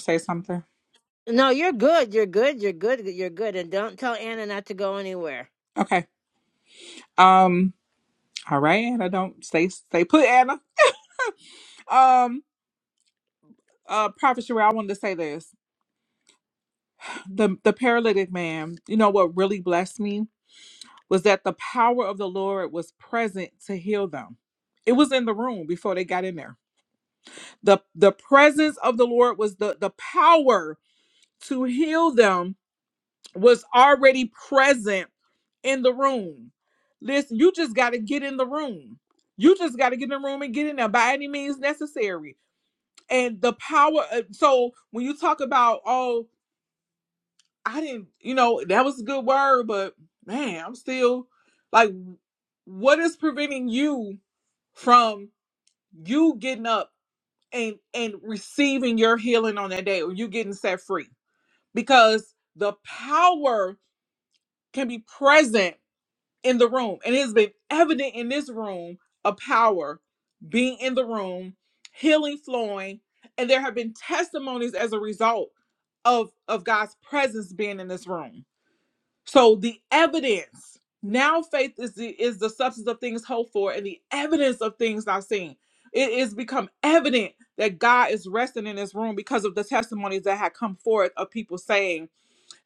S3: Say something.
S1: No, you're good. You're good. You're good. You're good. And don't tell Anna not to go anywhere.
S3: Okay. Um. All right, Anna. Don't stay stay put, Anna. Um. Uh, Prophet Sheree, I wanted to say this. The the paralytic man. You know what really blessed me was that the power of the Lord was present to heal them. It was in the room before they got in there. the The presence of the Lord was the the power to heal them was already present in the room. Listen, you just got to get in the room. You just got to get in the room and get in there by any means necessary. And the power. Of, so when you talk about, oh, I didn't, you know, that was a good word, but man, I'm still like, what is preventing you from you getting up and and receiving your healing on that day, or you getting set free? Because the power can be present in the room. And it has been evident in this room a power being in the room, healing flowing, and there have been testimonies as a result of of God's presence being in this room. So the evidence now faith is the is the substance of things hoped for and the evidence of things not seen. It has become evident that God is resting in this room because of the testimonies that had come forth of people saying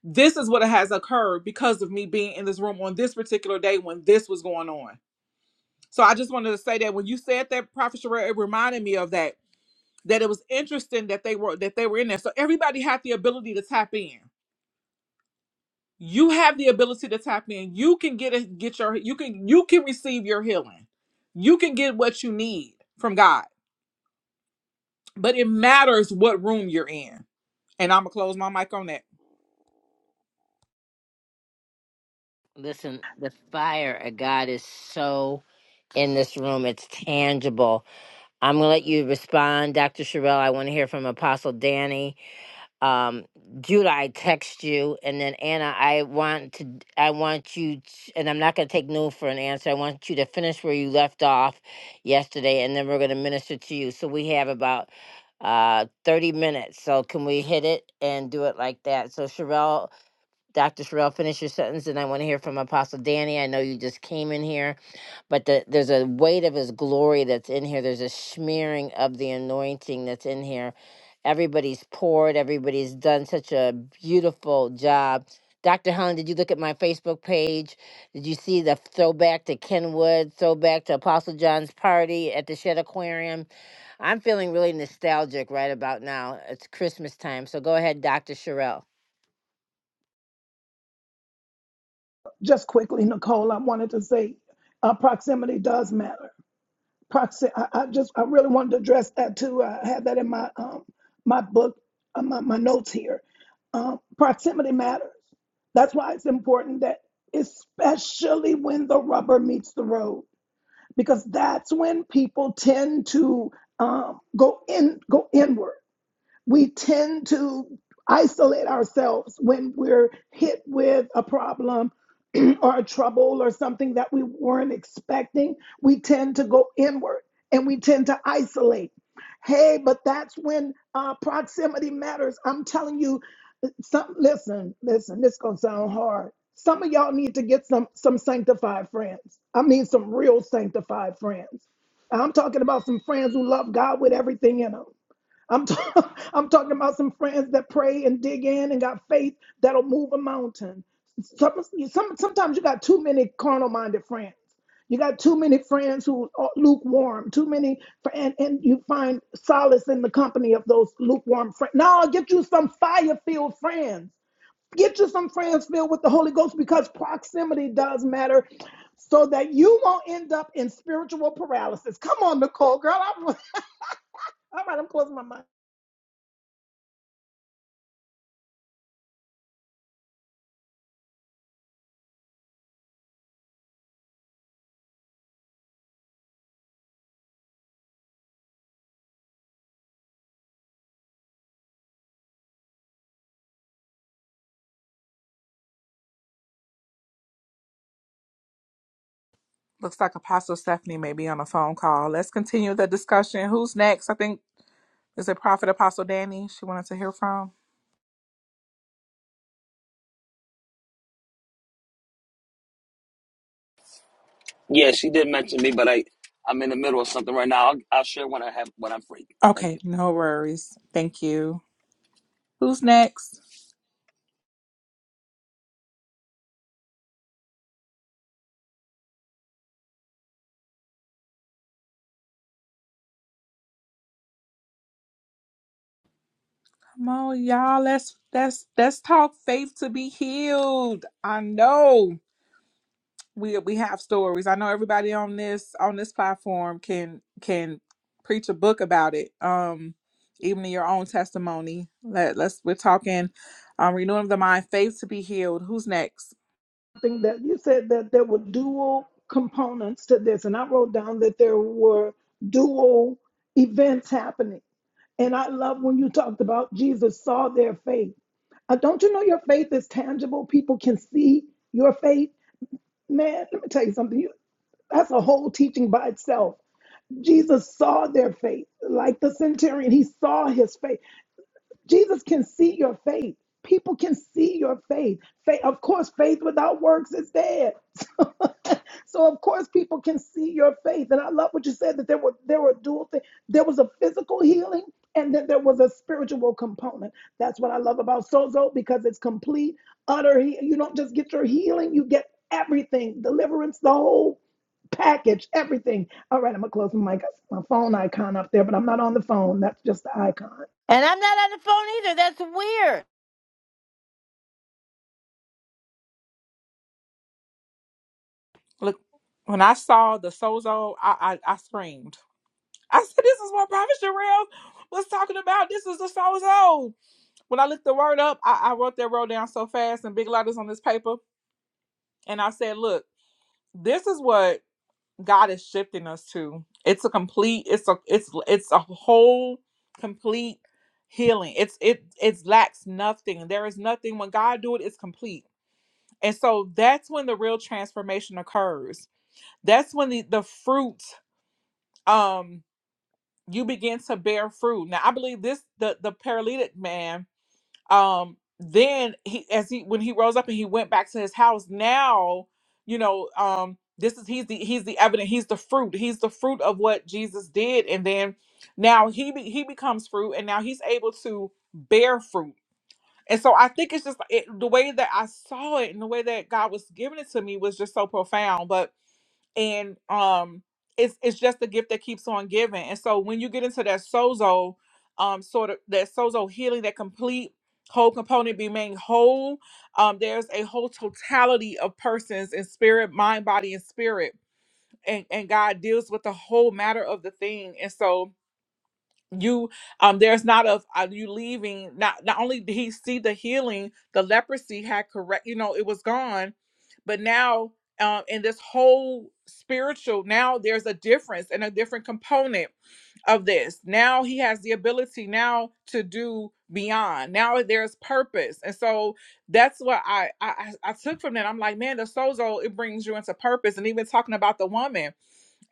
S3: this is what has occurred because of me being in this room on this particular day when this was going on. So I just wanted to say that when you said that, Prophet Sherelle, it reminded me of that. That it was interesting that they were that they were in there. So everybody had the ability to tap in. You have the ability to tap in. You can get it, get your you can you can receive your healing. You can get what you need from God. But it matters what room you're in And I'm gonna close my mic on that.
S1: Listen, the fire of God is so in this room. It's tangible. I'm gonna let you respond, Dr. Sherelle. I want to hear from Apostle Danny. um Judah I text you and then Anna I want to d- I want you t and I'm not going to take no for an answer I want you to finish where you left off yesterday and then we're going to minister to you so we have about uh 30 minutes so can we hit it and do it like that so Sherelle Dr. Sherelle finish your sentence and I want to hear from Apostle Danny I know you just came in here but the, there's a weight of his glory that's in here. There's a smearing of the anointing that's in here. Everybody's poured, everybody's done such a beautiful job. Dr. Helen, did you look at my Facebook page? Did you see the throwback to Kenwood, throwback to Apostle John's party at the Shed Aquarium? I'm feeling really nostalgic right about now. It's Christmas time. So go ahead, Dr. Sherelle.
S2: Just quickly, Nicole, I wanted to say uh, proximity does matter. Proxi- I, I just, I really wanted to address that too. I had that in my, um, my book, uh, my, my notes here. Um, proximity matters. That's why it's important that, especially when the rubber meets the road because that's when people tend to um, go in go inward. We tend to isolate ourselves when we're hit with a problem or a trouble or something that we weren't expecting. We tend to go inward and we tend to isolate. Hey, but that's when uh, proximity matters. I'm telling you, some listen, listen, this gonna sound hard. Some of y'all need to get some some sanctified friends. I mean some real sanctified friends. I'm talking about some friends who love God with everything in them. I'm, ta- I'm talking about some friends that pray and dig in and got faith that'll move a mountain. Some, some, sometimes you got too many carnal minded friends. You got too many friends who are lukewarm, too many, fr- and, and you find solace in the company of those lukewarm friends. Now, get you some fire filled friends. Get you some friends filled with the Holy Ghost because proximity does matter so that you won't end up in spiritual paralysis. Come on, Nicole, girl. I'm, all right, I'm closing my mic.
S3: Looks like Apostle Stephanie may be on a phone call. Let's continue the discussion. Who's next? I think is it Prophet Apostle Danny she wanted to hear from?
S8: Yeah, she did mention me, but I I'm in the middle of something right now. I'll, I'll share when I have when I'm free. Thank
S3: Okay,
S8: you.
S3: no worries. Thank you. Who's next? Come on, y'all. Let's let's let's talk faith to be healed. I know. we we have stories. I know everybody on this on this platform can can preach a book about it. Um, even in your own testimony. Let let's we're talking um renewing of the mind, faith to be healed. Who's next?
S2: something that you said that there were dual components to this, and I wrote down that there were dual events happening. And I love when you talked about Jesus saw their faith. Uh, don't you know your faith is tangible? People can see your faith. Man, let me tell you something. You, that's a whole teaching by itself. Jesus saw their faith, like the centurion. He saw his faith. Jesus can see your faith. People can see your faith. faith of course, faith without works is dead. So, of course, people can see your faith. And I love what you said that there were there were dual things. There was a physical healing, and then there was a spiritual component. That's what I love about Sozo because it's complete, utter. He- You don't just get your healing; you get everything, deliverance, the whole package, everything. All right, I'm gonna close my mic. I see my phone icon up there, but I'm not on the phone. That's just the icon.
S1: And I'm not on the phone either. That's weird.
S3: Look, when I saw the sozo, I I, I screamed. I said, "This is what Prophet Sherelle was talking about. This is the sozo." When I looked the word up, I, I wrote that word down so fast in big letters on this paper, and I said, "Look, this is what." God is shifting us to. It's a complete. It's a. It's it's a whole complete healing. It's it it lacks nothing. There is nothing when God do it. It's complete. And so that's when the real transformation occurs. That's when the the fruit um you begin to bear fruit. Now I believe this the the paralytic man um then he as he when he rose up and he went back to his house now you know um this is he's the he's the evidence he's the fruit he's the fruit of what jesus did and then now he be, he becomes fruit and now he's able to bear fruit and so i think it's just it, the way that i saw it and the way that god was giving it to me was just so profound but and um it's it's just a gift that keeps on giving and so when you get into that sozo um sort of that sozo healing that complete whole component being made whole um there's a whole totality of persons in spirit mind body and spirit and and god deals with the whole matter of the thing and so you um there's not of uh, you leaving not not only did he see the healing the leprosy had correct you know it was gone but now um, in this whole spiritual now there's a difference and a different component of this now he has the ability now to do beyond now there's purpose and so that's what i i, I I took from that i'm like man the sozo it brings you into purpose and even talking about the woman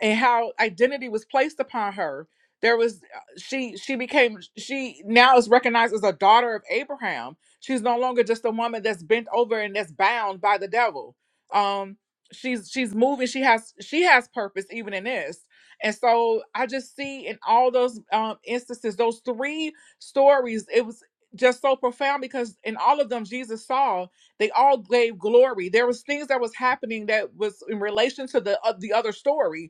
S3: and how identity was placed upon her there was uh, she she became she now is recognized as a daughter of abraham she's no longer just a woman that's bent over and that's bound by the devil um she's she's moving she has she has purpose even in this and so i just see in all those um instances those three stories it was just so profound because in all of them jesus saw they all gave glory there was things that was happening that was in relation to the uh, the other story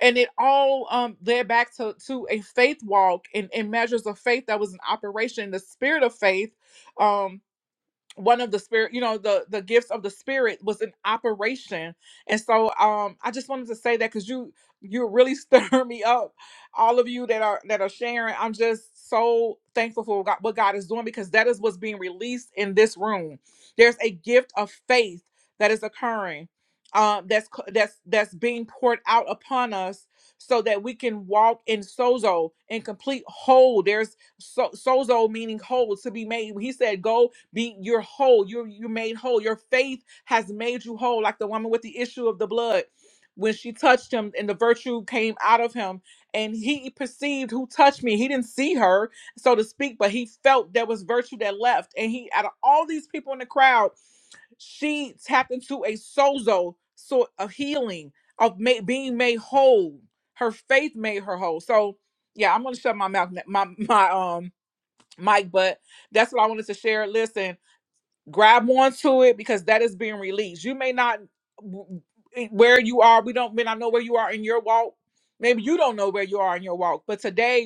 S3: and it all um, led back to, to a faith walk and, and measures of faith that was in operation the spirit of faith um, one of the spirit you know the the gifts of the spirit was in operation and so um i just wanted to say that because you you really stir me up all of you that are that are sharing i'm just so thankful for god, what god is doing because that is what's being released in this room there's a gift of faith that is occurring um that's co- that's that's being poured out upon us so that we can walk in sozo in complete whole there's so sozo meaning whole to be made he said go be you're whole. You're you're made whole. Your faith has made you whole, like the woman with the issue of the blood. When she touched him and the virtue came out of him, and he perceived who touched me. He didn't see her, so to speak, but he felt there was virtue that left. And he, out of all these people in the crowd, she tapped into a sozo sort of healing, of ma- being made whole. Her faith made her whole. So, yeah, I'm gonna shut my mouth, my my um mic, but that's what I wanted to share. Listen, grab onto it because that is being released. You may not where you are. We don't may not know where you are in your walk. Maybe you don't know where you are in your walk. But today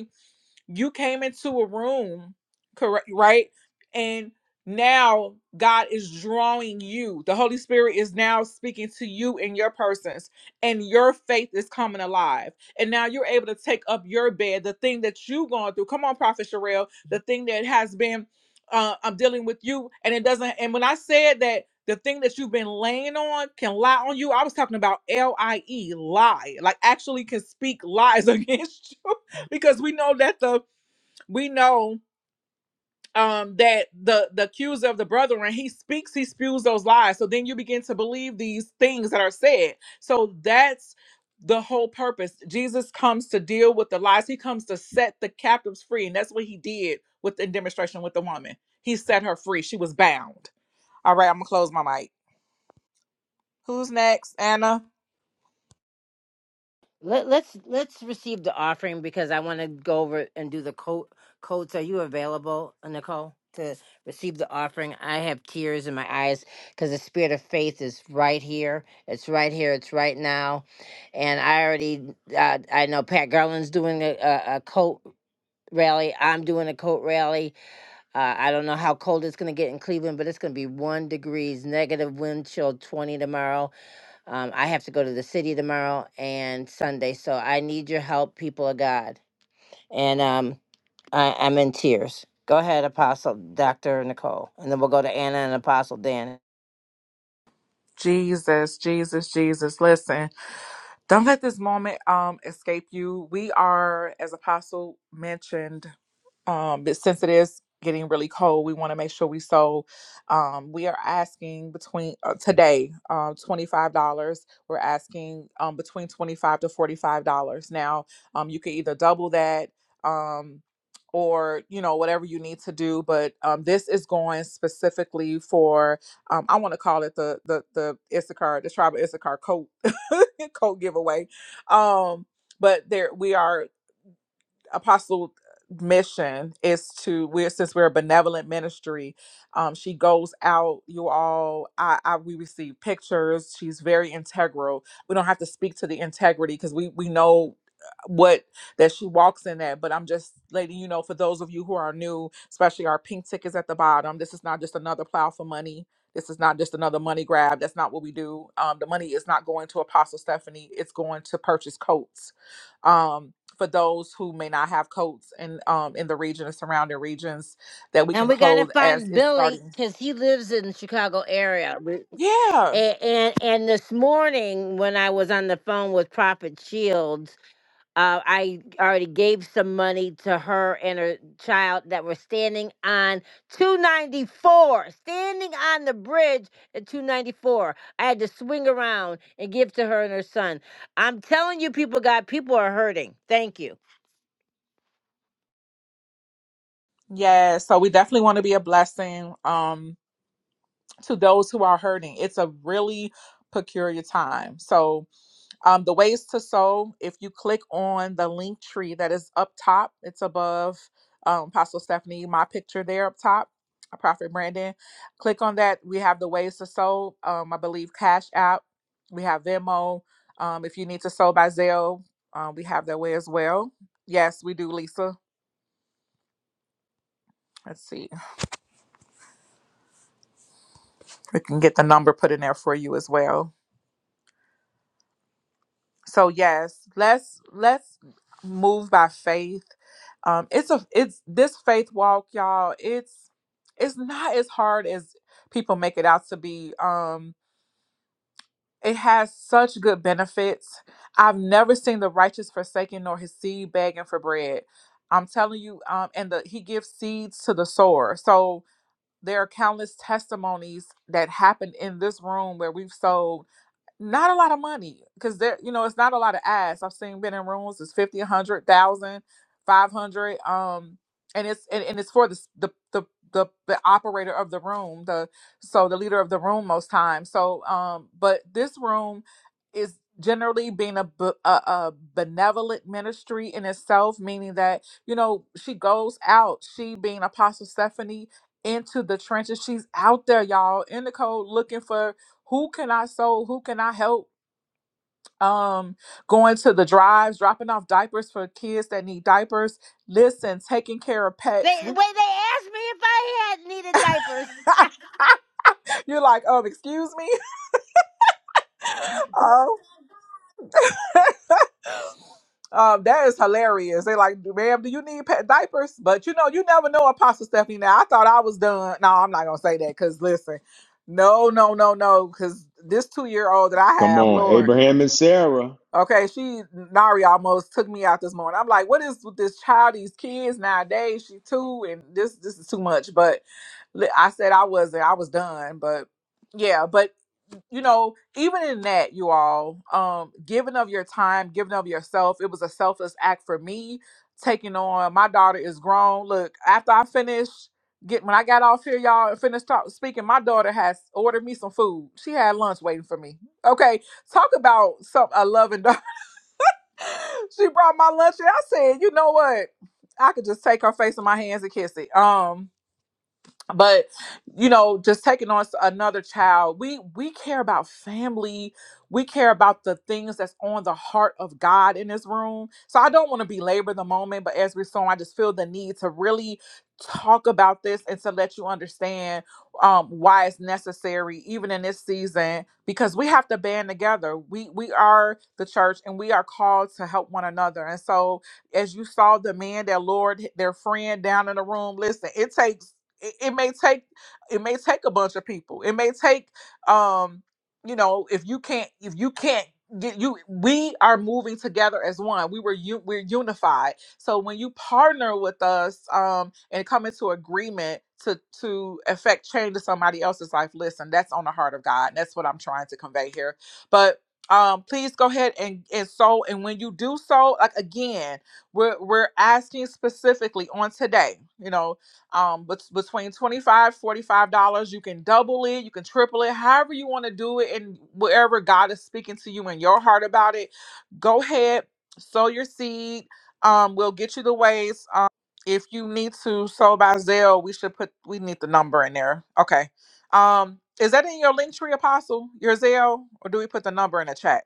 S3: you came into a room correct right and now god is drawing you the holy spirit is now speaking to you in your persons and your faith is coming alive and now you're able to take up your bed the thing that you have gone through come on prophet Sherelle, the thing that has been uh i'm dealing with you and it doesn't and when i said that the thing that you've been laying on can lie on you. I was talking about L I E, lie, like actually can speak lies against you because we know that the we know um that the the accuser of the brethren he speaks he spews those lies so then you begin to believe these things that are said so that's the whole purpose jesus comes to deal with the lies he comes to set the captives free and that's what he did with the demonstration with the woman he set her free she was bound all right i'm gonna close my mic who's next anna
S1: Let, let's let's receive the offering because I want to go over and do the code codes. Are you available, Nicole, to receive the offering? I have tears in my eyes because the spirit of faith is right here. It's right here. It's right now, and I already uh, I know Pat Garland's doing a, a, a coat rally. I'm doing a coat rally. Uh, I don't know how cold it's going to get in Cleveland, but it's going to be one degrees, negative wind chill, twenty tomorrow um, I have to go to the city tomorrow and Sunday, so I need your help, people of God. And um, I, I'm in tears. Go ahead, Apostle Dr. Nicole, and then we'll go to Anna and Apostle Dan.
S3: jesus jesus jesus listen don't let this moment um escape you we are as apostle mentioned um, but since it is getting really cold, we want to make sure we sold. Um, we are asking between uh, today um, twenty five dollars. We're asking um, between twenty five to forty five dollars. Now um, you can either double that. Um, or you know whatever you need to do but um, this is going specifically for um, i want to call it the the the issachar the tribal issachar coat coat giveaway um but there we are apostle mission is to we're since we're a benevolent ministry um she goes out you all i, I we receive pictures she's very integral we don't have to speak to the integrity because we we know uh, what that she walks in at but i'm just letting you know for those of you who are new especially our pink tickets at the bottom this is not just another plow for money this is not just another money grab that's not what we do um the money is not going to apostle stephanie it's going to purchase coats um for those who may not have coats in um in the region and surrounding regions that we
S1: And
S3: can
S1: we gotta
S3: clothe as
S1: find
S3: it's
S1: Billy
S3: starting.
S1: because he lives in the Chicago area. We-
S3: Yeah.
S1: And, and and this morning when I was on the phone with Prophet Shields, Uh, I already gave some money to her and her child that were standing on 294, standing on the bridge at 294. I had to swing around and give to her and her son. I'm telling you, people, God, people are hurting. Thank you.
S3: Yeah. So we definitely want to be a blessing um to those who are hurting. It's a really peculiar time. So Um, the ways to sow, if you click on the link tree that is up top, it's above um, Apostle Stephanie, my picture there up top, uh, Prophet Brandon. Click on that. We have the ways to sow. Um, I believe Cash App, we have Venmo. Um, if you need to sow by Zelle, um, we have that way as well. Yes, we do, Lisa. Let's see. We can get the number put in there for you as well. so yes let's let's move by faith um it's a it's this faith walk y'all it's it's not as hard as people make it out to be um it has such good benefits i've never seen the righteous forsaken nor his seed begging for bread i'm telling you um and the he gives seeds to the sower so there are countless testimonies that happened in this room where we've sowed not a lot of money because there you know it's not a lot of ads i've seen been in rooms it's 50 a hundred thousand, five hundred. um and it's and, and it's for the, s- the the the the operator of the room the so the leader of the room most times so um but this room is generally being a, b- a a benevolent ministry in itself meaning that you know she goes out she being apostle stephanie into the trenches she's out there y'all in the cold looking for who can I so who can I help? Um, going to the drives, dropping off diapers for kids that need diapers. Listen, taking care of
S1: They
S3: pets. We,
S1: wait. They asked me if I had needed diapers.
S3: you're like, um, excuse me, um, um, that is hilarious. They like, ma'am, do you need pet diapers? But you know, you never know, Apostle Stephanie. Now I thought I was done. No, I'm not gonna say that because listen, no, no, no, no, because this two year old that I
S4: Come
S3: have,
S4: on,
S3: Lord.
S4: Abraham and Sarah.
S3: Okay, she Nari almost took me out this morning. I'm like, what is with this child, these kids nowadays? She too, and this this is too much. But li- I said I wasn't. I was done. But yeah, but you know, even in that, you all, um, giving of your time, giving of yourself, it was a selfless act for me. Taking on my daughter is grown. Look, after I finished get when I got off here, y'all, and finished talk, speaking, my daughter has ordered me some food. She had lunch waiting for me. Okay, talk about some a loving dog she brought my lunch and I said, you know what? I could just take her face in my hands and kiss it. Um but you know just taking on s- another child we we care about family we care about the things that's on the heart of god in this room so i don't want to belabor the moment but as we're sowing i just feel the need to really talk about this and to let you understand um, why it's necessary even in this season because we have to band together we we are the church and we are called to help one another and so as you saw the man their Lord, their friend down in the room listen it takes it, it may take it may take a bunch of people it may take um you know if you can't if you can't get you we are moving together as one we were you we're unified so when you partner with us um and come into agreement to to affect change to somebody else's life listen that's on the heart of god and that's what i'm trying to convey here but um please go ahead and and so and when you do so like again we're we're asking specifically on today you know um but between 25, 45 dollars you can double it you can triple it however you want to do it and wherever god is speaking to you in your heart about it go ahead sow your seed um we'll get you the ways um if you need to sow by Zelle, we should put we need the number in there okay um is that in your link tree apostle your Zelle, or do we put the number in the chat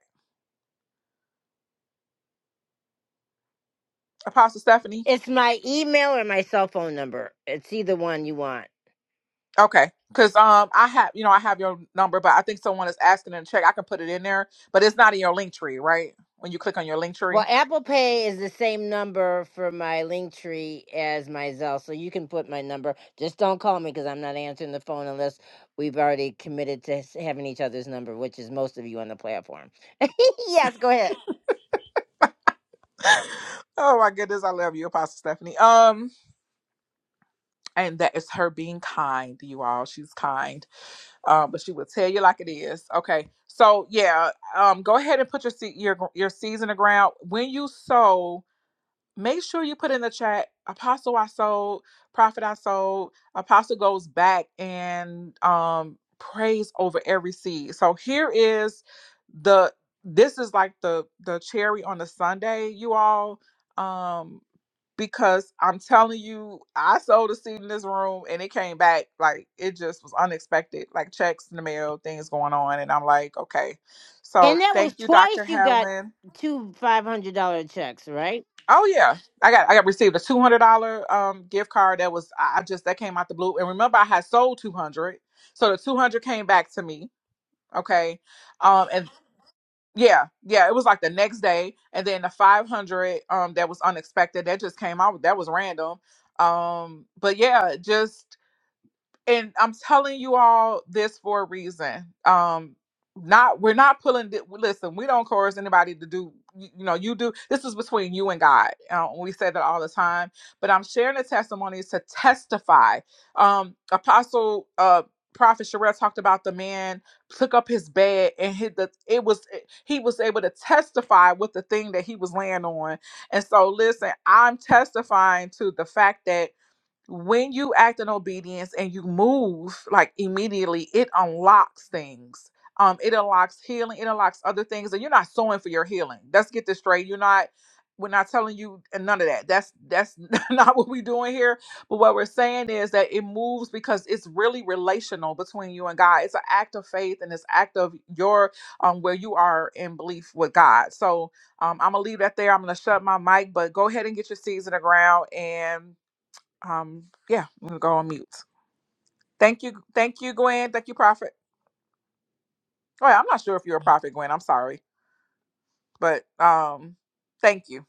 S3: apostle stephanie
S1: it's my email or my cell phone number. It's either one you want.
S3: Okay. Cause um I have you know I have your number, but I think someone is asking in the check. I can put it in there, but it's not in your link tree, right? When you click on your link
S1: Well,
S3: tree.
S1: Apple Pay is the same number for my Linktree as my Zelle, so you can put my number. Just don't call me because I'm not answering the phone unless we've already committed to s- having each other's number, which is most of you on the platform. yes, go ahead.
S3: oh my goodness, I love you, Apostle Stephanie. Um, and that is her being kind, you all. She's kind. Um, but she will tell you like it is. Okay. So yeah, um, go ahead and put your se- your your seeds in the ground. When you sow, make sure you put in the chat apostle i sold prophet i sold apostle goes back and um prays over every seed so here is the this is like the the cherry on the sunday you all um because i'm telling you i sold a seed in this room and it came back like it just was unexpected like checks in the mail things going on and i'm like okay so
S1: And that
S3: thank
S1: was
S3: you dr
S1: twice you got
S3: Helen.
S1: two five hundred dollar checks, right?
S3: Oh yeah, I got I got received a two hundred dollar um gift card that was I I just that came out the blue. And remember, I had sold two hundred, so the two hundred came back to me. Okay, um and yeah, yeah, it was like the next day, and then the five hundred um that was unexpected that just came out that was random. Um, but yeah, just and I'm telling you all this for a reason. Um, not we're not pulling. The, listen, we don't coerce anybody to do. You, you know, you do. This is between you and God. Um, we say that all the time. But I'm sharing the testimonies to testify. Um, Apostle, uh, Prophet Sherelle talked about the man took up his bed and hit the. It was eh, he was able to testify with the thing that he was laying on. And so, listen, I'm testifying to the fact that when you act in obedience and you move like immediately, it unlocks things. Um, it unlocks healing, it unlocks other things, and you're not sowing for your healing. Let's get this straight. You're not, we're not telling you and none of that. That's that's not what we're doing here. But what we're saying is that it moves because it's really relational between you and God. It's an act of faith and it's act of your um where you are in belief with God. So um, I'm gonna leave that there. I'm gonna shut my mic, but go ahead and get your seeds in the ground and um yeah i'm gonna go on mute thank you thank you gwen thank you prophet oh yeah, i'm not sure if you're a prophet gwen i'm sorry but um thank you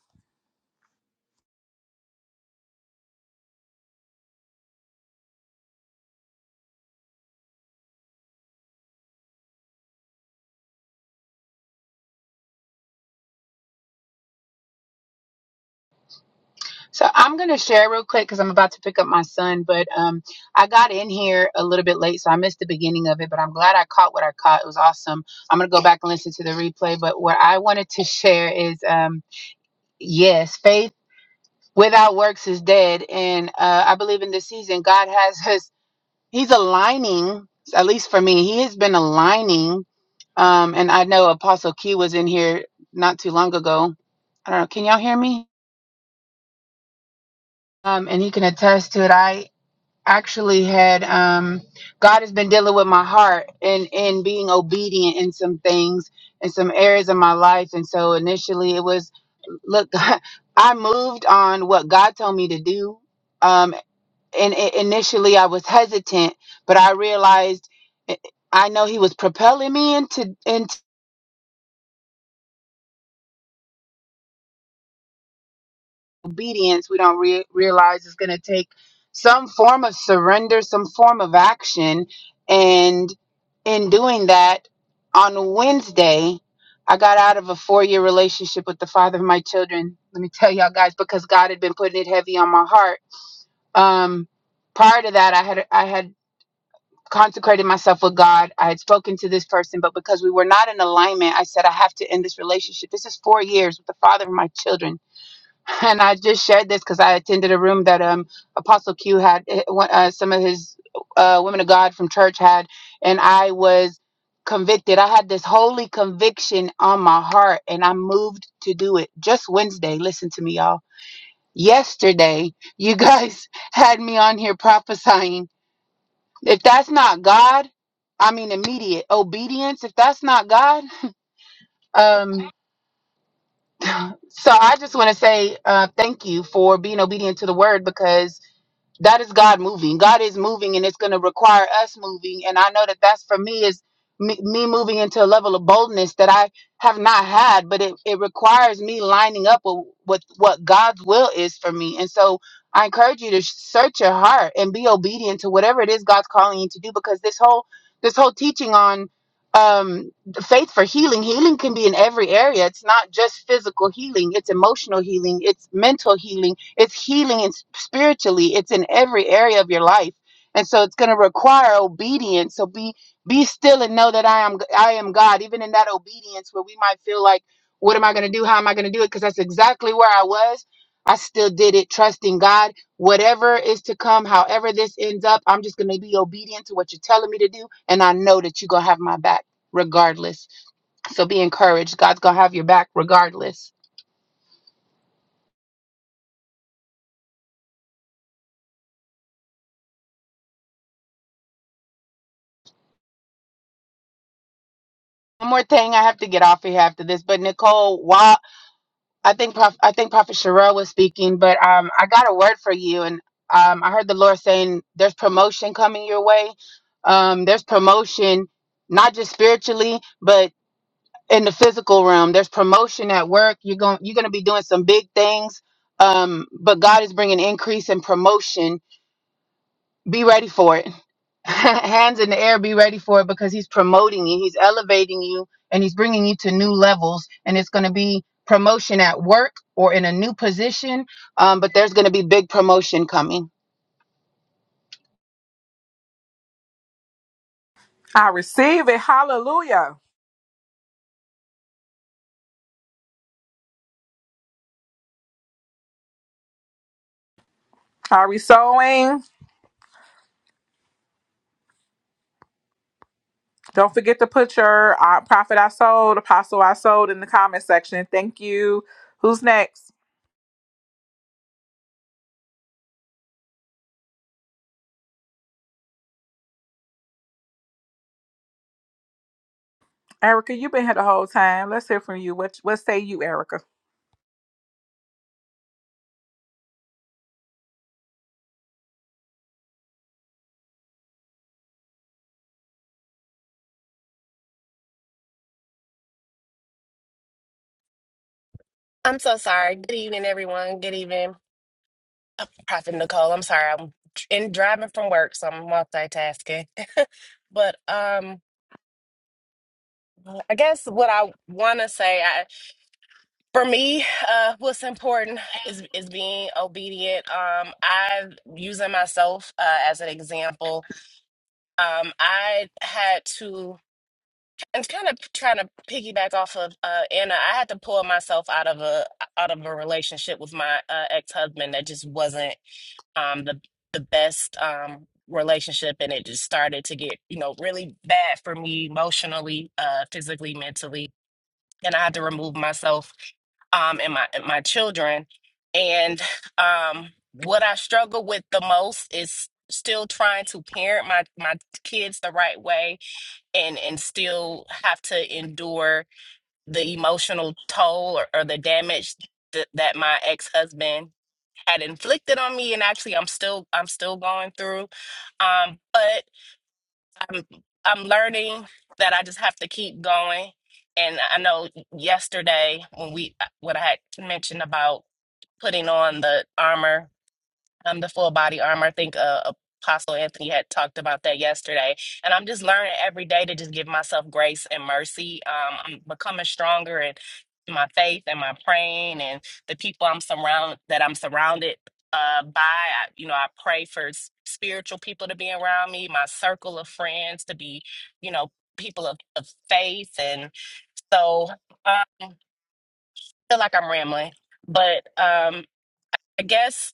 S9: So I'm going to share real quick because I'm about to pick up my son, but um, I got in here a little bit late, so I missed the beginning of it. But I'm glad I caught what I caught. It was awesome. I'm going to go back and listen to the replay. But what I wanted to share is, um, yes, faith without works is dead, and uh, I believe in this season God has His. He's aligning, at least for me, He has been aligning. Um, and I know Apostle Key was in here not too long ago. I don't know. Can y'all hear me? Um, and he can attest to it. I actually had um God has been dealing with my heart and and being obedient in some things in some areas of my life and so initially it was look I moved on what God told me to do um and i initially I was hesitant but I realized I I know he was propelling me into into obedience we don't re- realize is going to take some form of surrender some form of action and in doing that on wednesday i got out of a four-year relationship with the father of my children let me tell y'all guys because god had been putting it heavy on my heart um prior to that i had i had consecrated myself with god i had spoken to this person but because we were not in alignment i said i have to end this relationship this is four years with the father of my children and I just shared this because I attended a room that um Apostle Q had eh, one- uh, some of his uh, women of God from church had, and I was convicted. I had this holy conviction on my heart, and I moved to do it just Wednesday. Listen to me, y'all. Yesterday, you guys had me on here prophesying. If that's not God, I mean immediate obedience. If that's not God, um. So I just want to say uh, thank you for being obedient to the word because that is God moving. God is moving, and it's going to require us moving. And I know that that's for me is me, me moving into a level of boldness that I have not had, but it, it requires me lining up with, with what God's will is for me. And so I encourage you to search your heart and be obedient to whatever it is God's calling you to do, because this whole this whole teaching on um faith for healing healing can be in every area it's not just physical healing it's emotional healing it's mental healing it's healing and spiritually it's in every area of your life and so it's going to require obedience so be be still and know that i am i am god even in that obedience where we might feel like what am i going to do how am i going to do it because that's exactly where i was i still did it trusting god whatever is to come however this ends up i'm just going to be obedient to what you're telling me to do and i know that you're going to have my back regardless. So be encouraged. God's gonna have your back regardless. One more thing, I have to get off of here after this. But Nicole, while I think Prof, I think Prophet Sherelle was speaking, but um, I got a word for you, and um, I heard the Lord saying there's promotion coming your way. Um, there's promotion, not just spiritually, but in the physical realm. There's promotion at work. You're going you're gonna be doing some big things. Um, but God is bringing increase and promotion. Be ready for it hands in the air be ready for it because he's promoting you he's elevating you and he's bringing you to new levels and it's going to be promotion at work or in a new position um, but there's going to be big promotion coming
S3: i receive it hallelujah are we sowing don't forget to put your uh, prophet i sold apostle i sold in the comment section thank you who's next erica you've been here the whole time let's hear from you what what say you erica
S10: I'm so sorry. Good evening, everyone. Good evening, Uh, Prophet Nicole. I'm sorry. I'm in driving from work, so I'm multitasking. but um, I guess what I want to say, I, for me, uh, what's important is is being obedient. Um, I using myself uh, as an example. Um, I had to and kind of trying to piggyback off of uh, Anna. I had to pull myself out of a out of a relationship with my uh, ex husband that just wasn't um the the best um relationship and it just started to get you know really bad for me emotionally uh physically mentally and I had to remove myself um and my and my children and um what I struggle with the most is still trying to parent my my kids the right way and and still have to endure the emotional toll or, or the damage th- that my ex-husband had inflicted on me and actually I'm still I'm still going through um but I'm I'm learning that I just have to keep going and I know yesterday when we when I had mentioned about putting on the armor um, the full body armor. I think uh, Apostle Anthony had talked about that yesterday. And I'm just learning every day to just give myself grace and mercy. Um, I'm becoming stronger in my faith and my praying and the people I'm surround that I'm surrounded uh, by. I, you know, I pray for s- spiritual people to be around me, my circle of friends to be, you know, people of, of faith. And so uh, I feel like I'm rambling, but um, I guess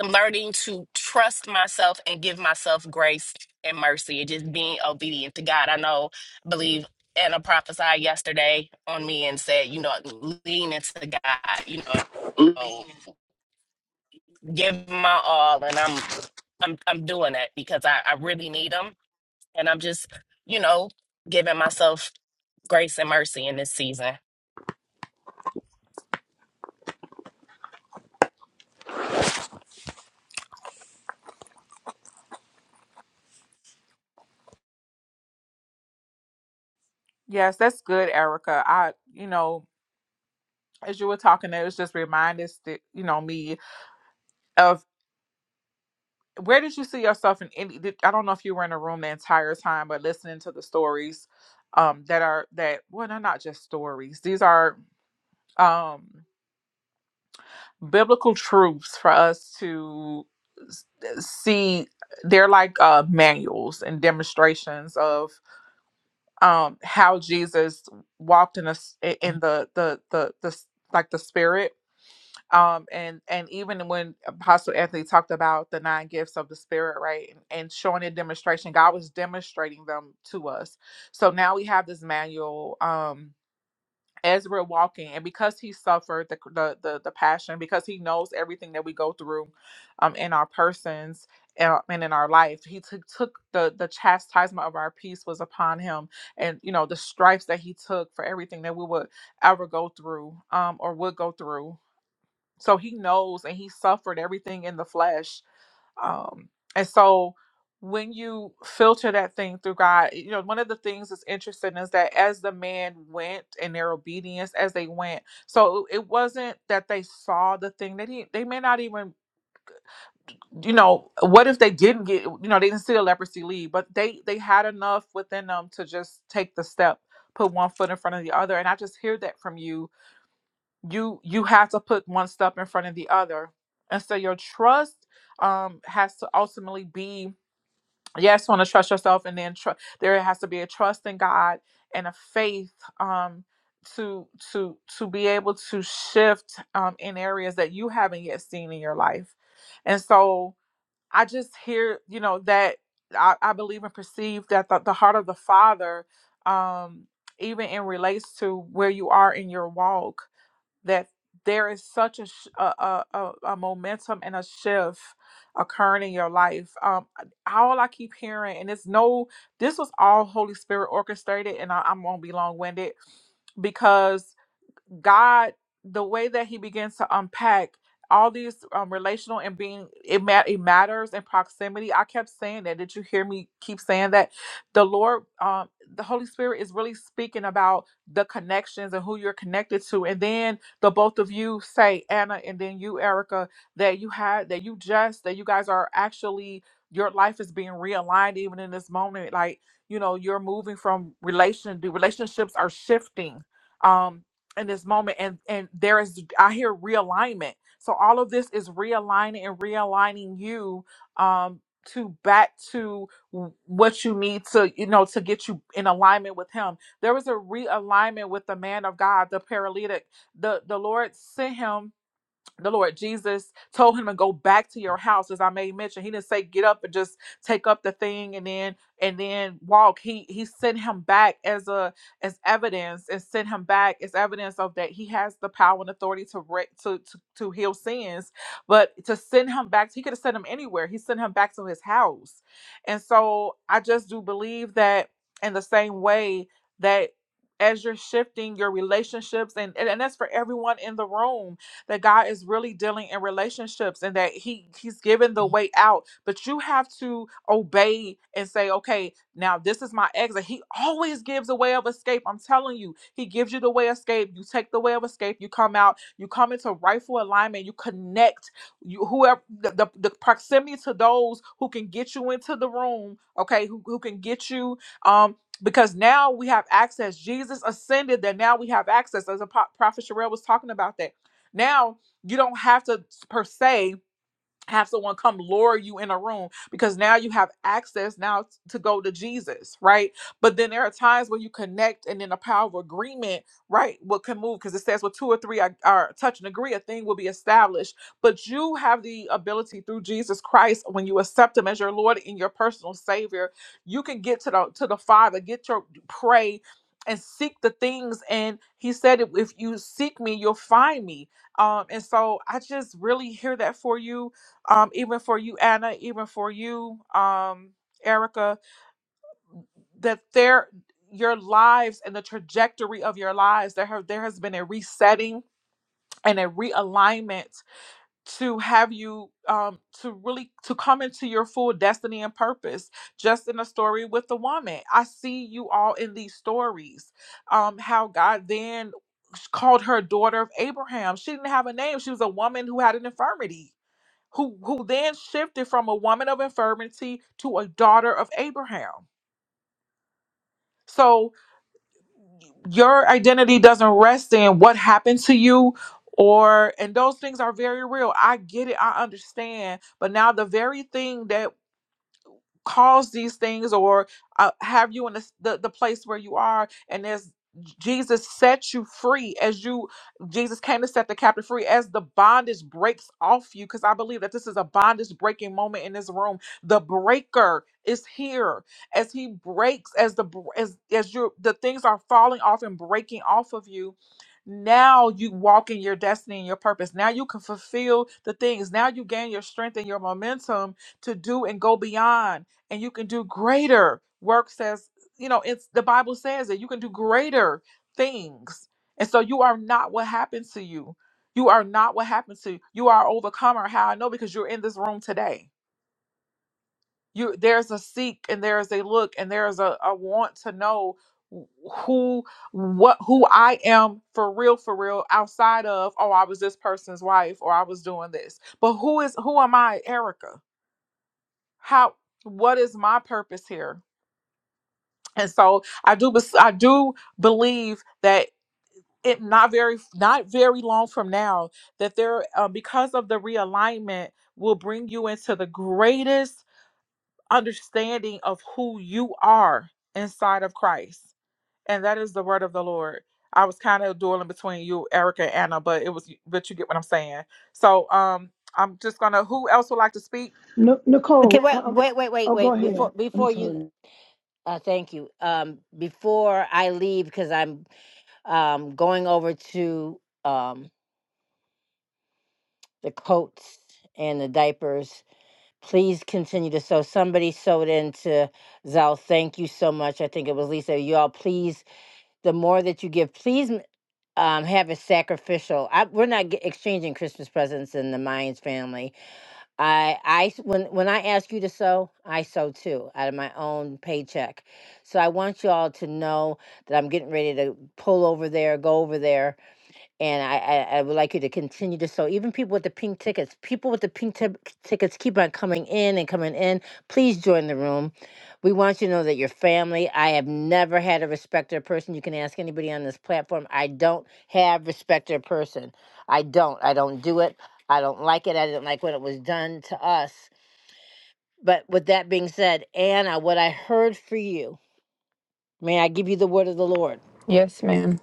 S10: I'm learning to trust myself and give myself grace and mercy and just being obedient to God. I know, I believe, Anna prophesied yesterday on me and said, you know, lean into God, you know, give my all. And I'm I'm I'm doing that because I, I really need them, and I'm just you know giving myself grace and mercy in this season.
S3: yes that's good erica i you know as you were talking it was just reminded st- you know me of. where did you see yourself in any did, i don't know if you were in a room the entire time but listening to the stories um that are that well they're not just stories these are um biblical truths for us to s- uh, see they're like uh manuals and demonstrations of um how jesus walked in us in the the the the s- like the spirit um and and even when apostle anthony talked about the nine gifts of the spirit right and, and showing a demonstration god was demonstrating them to us so now we have this manual um as we're walking and because he suffered the the the, the passion because he knows everything that we go through um in our persons and and in our life he took took the the chastisement of our peace was upon him and you know the stripes that he took for everything that we would ever go through um or would go through so he knows and he suffered everything in the flesh um and so when you filter that thing through god you know one of the things that's interesting is that as the man went in their obedience as they went so it wasn't that they saw the thing they didn't they may not even you know what if they didn't get you know they didn't see the leprosy leave but they they had enough within them to just take the step put one foot in front of the other and i just hear that from you you you have to put one step in front of the other and so your trust um has to ultimately be yes want to trust yourself and then tr- there has to be a trust in god and a faith um to to to be able to shift um in areas that you haven't yet seen in your life and so i just hear you know that i, I believe and perceive that the, the heart of the father um even in relates to where you are in your walk that there is such a, sh- a, a, a a momentum and a shift occurring in your life. Um, all I keep hearing, and it's no, this was all Holy Spirit orchestrated, and I, I'm gonna be long winded because God, the way that He begins to unpack all these um, relational and being, it, ma- it matters and proximity. I kept saying that. Did you hear me keep saying that? The Lord, um, the Holy Spirit is really speaking about the connections and who you're connected to. And then the both of you say, Anna, and then you, Erica, that you had, that you just, that you guys are actually, your life is being realigned even in this moment. Like, you know, you're moving from relation, the relationships are shifting. Um, in this moment and and there is i hear realignment so all of this is realigning and realigning you um to back to w- what you need to you know to get you in alignment with him there was a realignment with the man of god the paralytic the the lord sent him the Lord Jesus told him to go back to your house, as I made mention. He didn't say get up and just take up the thing and then and then walk. He he sent him back as a as evidence and sent him back as evidence of that he has the power and authority to re- to, to to heal sins. But to send him back, he could have sent him anywhere. He sent him back to his house, and so I just do believe that in the same way that as you're shifting your relationships and and, and that's for everyone in the room that God is really dealing in relationships and that he he's given the way out, but you have to obey and say, "Okay, now this is my exit." He always gives a way of escape. I'm telling you. He gives you the way of escape. You take the way of escape, you come out, you come into rightful alignment, you connect you whoever the, the, the proximity to those who can get you into the room, okay, who, who can get you um because now we have access. Jesus ascended, that now we have access. As a pro- prophet Sherelle was talking about that now you don't have to per se have someone come lure you in a room because now you have access now t- to go to Jesus, right? But then there are times where you connect and then the power of agreement, right, what can move because it says well two or three are, are touch and agree, a thing will be established. But you have the ability through Jesus Christ when you accept him as your Lord and your personal savior, you can get to the to the Father, get your pray and seek the things and he said if if you seek me you'll find me um and so i just really hear that for you um, even for you, Anna, even for you, um, Erica, that there your lives and the trajectory of your lives there have there has been a resetting and a realignment to have you um to really to come into your full destiny and purpose just in a story with the woman i see you all in these stories um how god then called her daughter of abraham she didn't have a name she was a woman who had an infirmity who who then shifted from a woman of infirmity to a daughter of Abraham. So your identity doesn't rest in what happened to you or and those things are very real. I get it, I understand. But now the very thing that cause these things or uh, have you in the, the the place where you are and as Jesus set you free as you Jesus came to set the captive free as the bondage breaks off you because I believe that this is a bondage breaking moment in this room the breaker is here as he breaks as the br- as as you the things are falling off and breaking off of you now you walk in your destiny and your purpose now you can fulfill the things now you gain your strength and your momentum to do and go beyond and you can do greater work says you know it's the bible says that you can do greater things and so you are not what happened to you you are not what happened to you you are overcomer how i know because you're in this room today you there's a seek and there's a look and there's a, a want to know who what who i am for real for real outside of oh i was this person's wife or i was doing this but who is who am i erica how what is my purpose here and so i do bes- i do believe that it not very not very long from now that there uh, because of the realignment will bring you into the greatest understanding of who you are inside of christ and that is the word of the lord i was kind of dueling between you erica and anna but it was but you get what i'm saying so um i'm just gonna who else would like to speak
S2: N-
S1: Okay,
S2: Nicole,
S1: wait,
S2: um,
S1: wait, wait, wait,
S2: oh, go
S1: wait.
S2: ahead.
S1: Before
S2: I'm
S1: before you,
S2: sorry.
S1: uh, thank you. Um, before I leave, because I'm um going over to um the coats and the diapers Please continue to sow. Somebody sewed into Zal. Thank you so much. I think it was Lisa. You all, please, the more that you give, please um, have it sacrificial. I, we're not get, exchanging Christmas presents in the Mayans family. I, I, when when I ask you to sow, I sow too out of my own paycheck. So I want you all to know that I'm getting ready to pull over there, go over there, and I, I, I would like you to continue to so even people with the pink tickets people with the pink tip tickets keep on coming in and coming in please join the room we want you to know that your family i have never had a respecter person you can ask anybody on this platform i don't have respecter person i don't i don't do it i don't like it i didn't like when it was done to us but with that being said anna what i heard for you may i give you the word of the lord
S9: Yes, ma'am.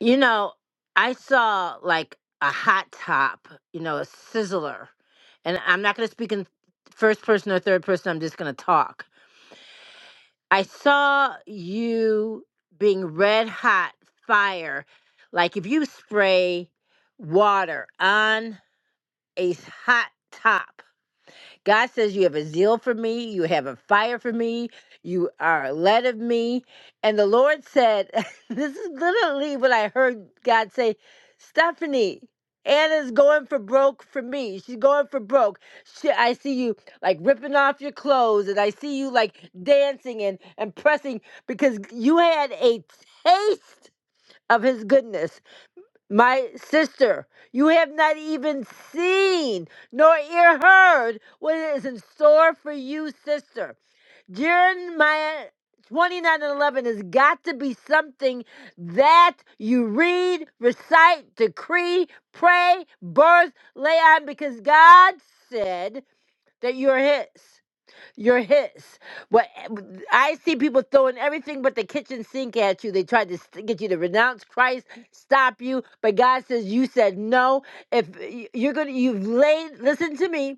S1: You know, I saw like a hot top, you know, a sizzler. And I'm not going to speak in first person or third person. I'm just going to talk. I saw you being red hot fire. Like if you spray water on a hot top, God says you have a zeal for me, you have a fire for me, you are led of me. And the Lord said, This is literally what I heard God say, Stephanie, Anna's going for broke for me. She's going for broke. She, I see you like ripping off your clothes and I see you like dancing and, and pressing because you had a taste of his goodness my sister, you have not even seen nor ear heard what is in store for you, sister. Jeremiah 29 and 11 has got to be something that you read, recite, decree, pray, birth, lay on, because God said that you're His. You're his. What I see people throwing everything but the kitchen sink at you. They tried to st- get you to renounce Christ, stop you, but God says you said no. If y- you're gonna, you've laid. Listen to me.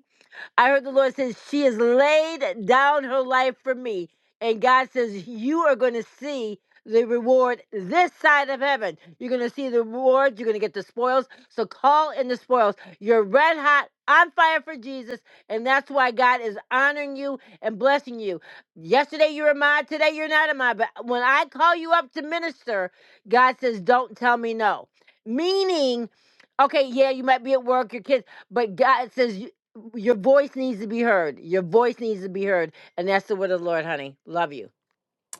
S1: I heard the Lord says, She has laid down her life for me. And God says, You are going to see the reward this side of heaven. You're going to see the rewards. You're going to get the spoils. So call in the spoils. You're red hot, on fire for Jesus. And that's why God is honoring you and blessing you. Yesterday you were mine. Today you're not a mine. But when I call you up to minister, God says, Don't tell me no. Meaning, okay, yeah, you might be at work, your kids, but God says, your voice needs to be heard. Your voice needs to be heard. And that's the word of the Lord, honey. Love you.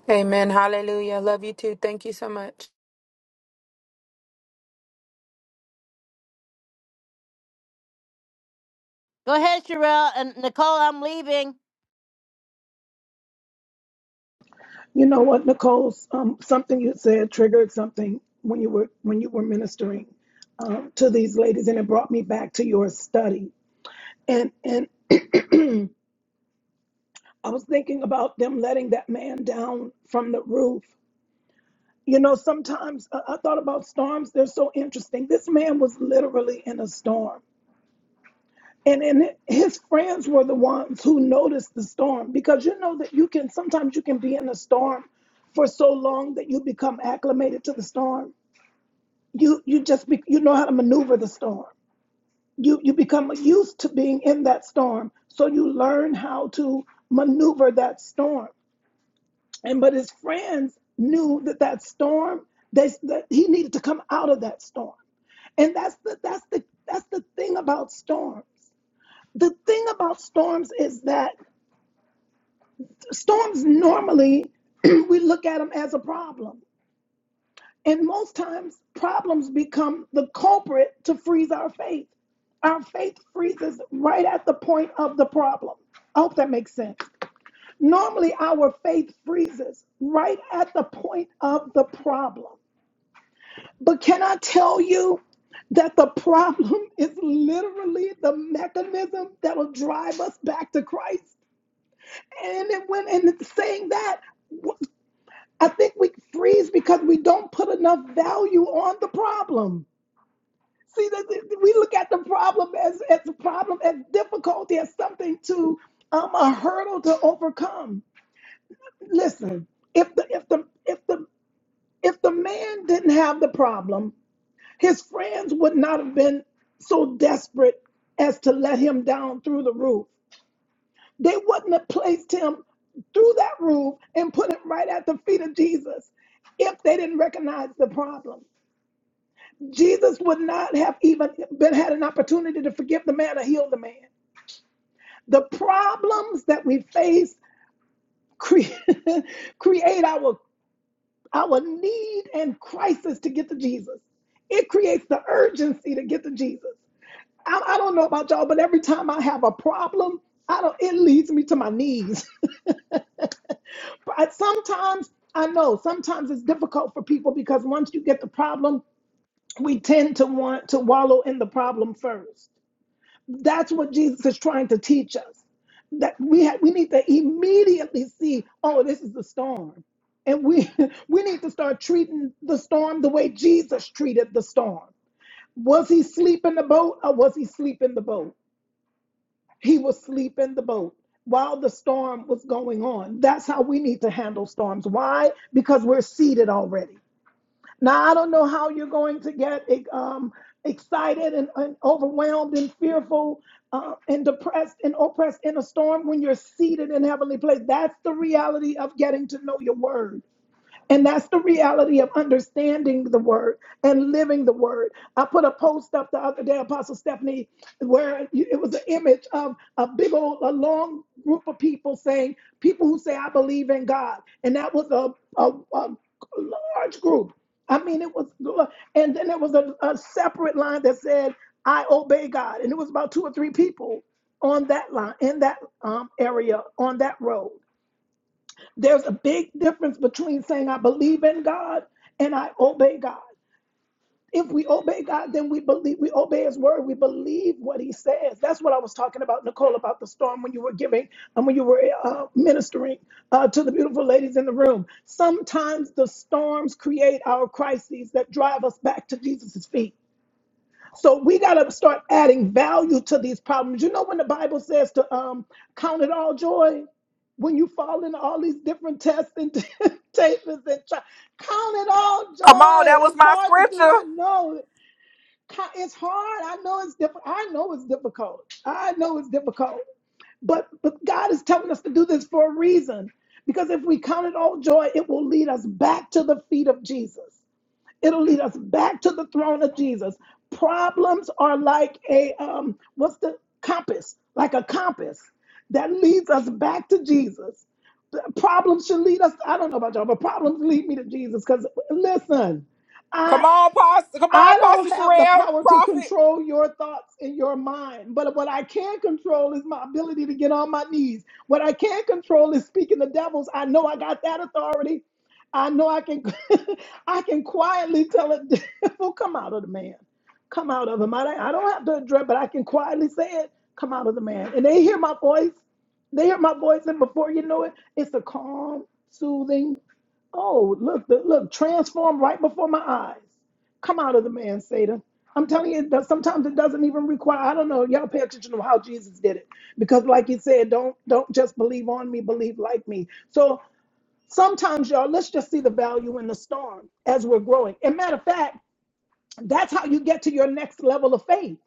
S9: Amen. Hallelujah. Love you too. Thank you so much.
S1: Go ahead, Sherelle. And Nicole, I'm leaving.
S2: You know what, Nicole? Um, something you said triggered something when you were when you were ministering um, to these ladies, and it brought me back to your study. And and I was thinking about them letting that man down from the roof. You know, sometimes I, I thought about storms. They're so interesting. This man was literally in a storm And then his friends were the ones who noticed the storm because you know that you can sometimes you can be in a storm for so long that you become acclimated to the storm. You you just be, you know how to maneuver the storm. You you become used to being in that storm, so you learn how to maneuver that storm. And but his friends knew that that storm they that he needed to come out of that storm. And that's the that's the that's the thing about storms the thing about storms is that storms normally we look at them as a problem and most times problems become the culprit to freeze our faith our faith freezes right at the point of the problem i hope that makes sense normally our faith freezes right at the point of the problem but can i tell you that the problem is literally the mechanism that'll drive us back to christ and when went and saying that I think we freeze because we don't put enough value on the problem. See, we look at the problem as, as a problem, as difficulty, as something to um, a hurdle to overcome. Listen, if the if the if the if the man didn't have the problem, his friends would not have been so desperate as to let him down through the roof. They wouldn't have placed him through that roof and put him right at the feet of Jesus if they didn't recognize the problem. Jesus would not have even been had an opportunity to forgive the man or heal the man. The problems that we face cre- create our our need and crisis to get to Jesus. It creates the urgency to get to Jesus. I, I don't know about y'all, but every time I have a problem, I don't. It leads me to my knees. But sometimes I know sometimes it's difficult for people because once you get the problem, we tend to want to wallow in the problem first. That's what Jesus is trying to teach us. That we ha- we need to immediately see, oh, this is the storm, and we we need to start treating the storm the way Jesus treated the storm. Was he asleep in the boat, or was he asleep in the boat? He was asleep in the boat while the storm was going on. That's how we need to handle storms. Why? Because we're seated already. Now, I don't know how you're going to get um, excited and, and overwhelmed and fearful uh, and depressed and oppressed in a storm when you're seated in heavenly place. That's the reality of getting to know your word. And that's the reality of understanding the word and living the word. I put a post up the other day, Apostle Stephanie, where it was an image of a big old, a long group of people saying, people who say, I believe in God. And that was a, a, a large group. I mean, it was, and then there was a, a separate line that said, I obey God. And it was about two or three people on that line, in that um, area, on that road. There's a big difference between saying I believe in God and I obey God. If we obey God, then we believe we obey his word. We believe what he says. That's what I was talking about, Nicole, about the storm when you were giving and when you were uh, ministering uh, to the beautiful ladies in the room. Sometimes the storms create our crises that drive us back to Jesus' feet. So we got to start adding value to these problems. You know, when the Bible says to um, count it all joy, when you fall into all these different tests and temptations and try, count it all
S3: come on that
S2: joy.
S3: was
S2: It's
S3: my
S2: hard to do.
S3: scripture
S2: I know Ca- it's hard. I know it's difficult. I know it's difficult. I know it's difficult. But but God is telling us to do this for a reason. Because if we count it all joy, it will lead us back to the feet of Jesus. It'll lead us back to the throne of Jesus. Problems are like a um, what's the compass? Like a compass that leads us back to Jesus. The Problems should lead us. I don't know about y'all, but problems lead me to Jesus. Because listen,
S3: come
S2: I.
S3: on pastor come on
S2: I
S3: pastor
S2: don't have the
S3: Sherelle,
S2: power to
S3: prophet
S2: control your thoughts in your mind, but what I can control is my ability to get on my knees. What I can control is speaking to devils. I know I got that authority. I know I can I can quietly tell a devil, come out of the man. Come out of him. I don't, I don't have to address, but I can quietly say it, come out of the man. And they hear my voice. They hear my voice, and before you know it, it's a calm, soothing, Oh, look, the, look, transformed right before my eyes. Come out of the man, Satan. I'm telling you, it does, sometimes it doesn't even require. I don't know. Y'all pay attention to how Jesus did it, because like he said, don't don't just believe on me, believe like me. So sometimes, y'all, let's just see the value in the storm as we're growing. And matter of fact, that's how you get to your next level of faith.